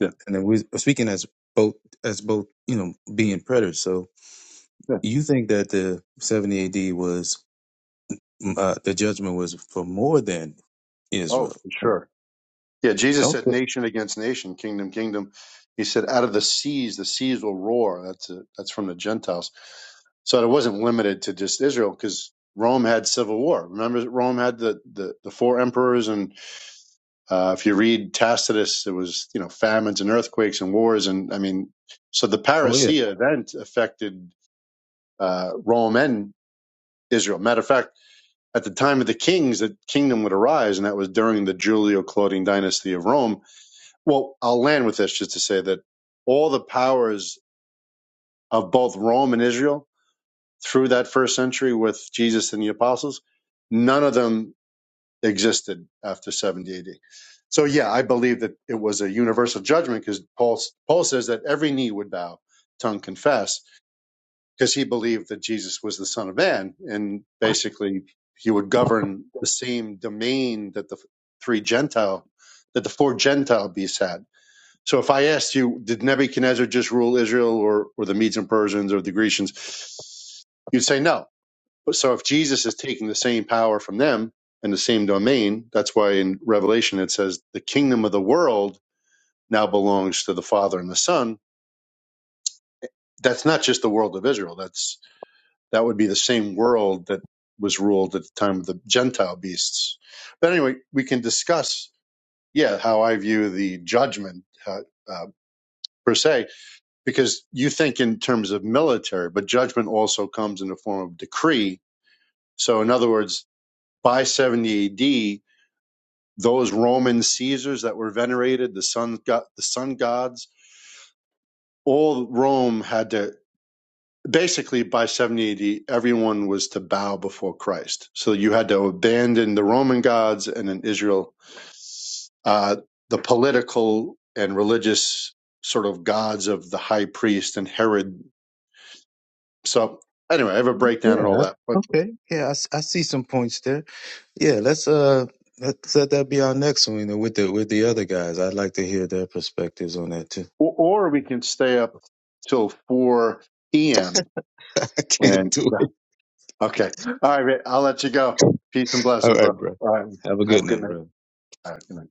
yeah,
and then we're speaking as both as both you know being predators. So
yeah.
you think that the seventy A.D. was mm, uh, the judgment was for more than
oh,
Israel?
for sure Yeah, Jesus said
Okay.
nation against nation, kingdom, kingdom. He said, out of the seas, the seas will roar. That's a, that's from the Gentiles. So it wasn't limited to just Israel because Rome had civil war. Remember, Rome had the, the, the four emperors, and uh, if you read Tacitus, there was you know famines and earthquakes and wars, and I mean, so the
Oh yeah.
parousia event affected uh, Rome and Israel. Matter of fact, at the time of the kings, the kingdom would arise, and that was during the Julio-Claudian dynasty of Rome well, I'll land with this just to say that all the powers of both Rome and Israel through that first century with Jesus and the apostles, none of them existed after 70 AD. So, yeah, I believe that it was a universal judgment because Paul, Paul says that every knee would bow, tongue confess, because he believed that Jesus was the Son of Man. And basically, he would govern the same domain that the three Gentile, that the four Gentile beasts had so if I asked you, did Nebuchadnezzar just rule Israel or, or the Medes and Persians or the Grecians? You'd say no. But So if Jesus is taking the same power from them and the same domain, that's why in Revelation it says the kingdom of the world now belongs to the Father and the Son. That's not just the world of Israel. That's that would be the same world that was ruled at the time of the Gentile beasts. But anyway, we can discuss, yeah, how I view the judgment uh, uh, per se because you think in terms of military, but judgment also comes in the form of decree. So, in other words, by 70 AD, those Roman Caesars that were venerated, the sun god, the sun gods, all Rome had to basically by 70 AD, everyone was to bow before Christ. So you had to abandon the Roman gods, and in Israel, uh, the political and religious sort of gods of the high priest and Herod. So anyway, I have a breakdown
Yeah.
and all
I-
that, but
Okay. Yeah. I, s- I see some points there. Yeah. Let's uh let's let that be our next one you know, with the with the other guys. I'd like to hear their perspectives on that too.
Or, or we can stay up till 4 p.m.
<laughs> I can't
And
do it.
okay. All right, Rick, I'll let you go. Peace and
All
blessings,
right,
bro.
bro.
All right.
Have a
Have a
good
good
one,
night.
bro.
All right. Good night.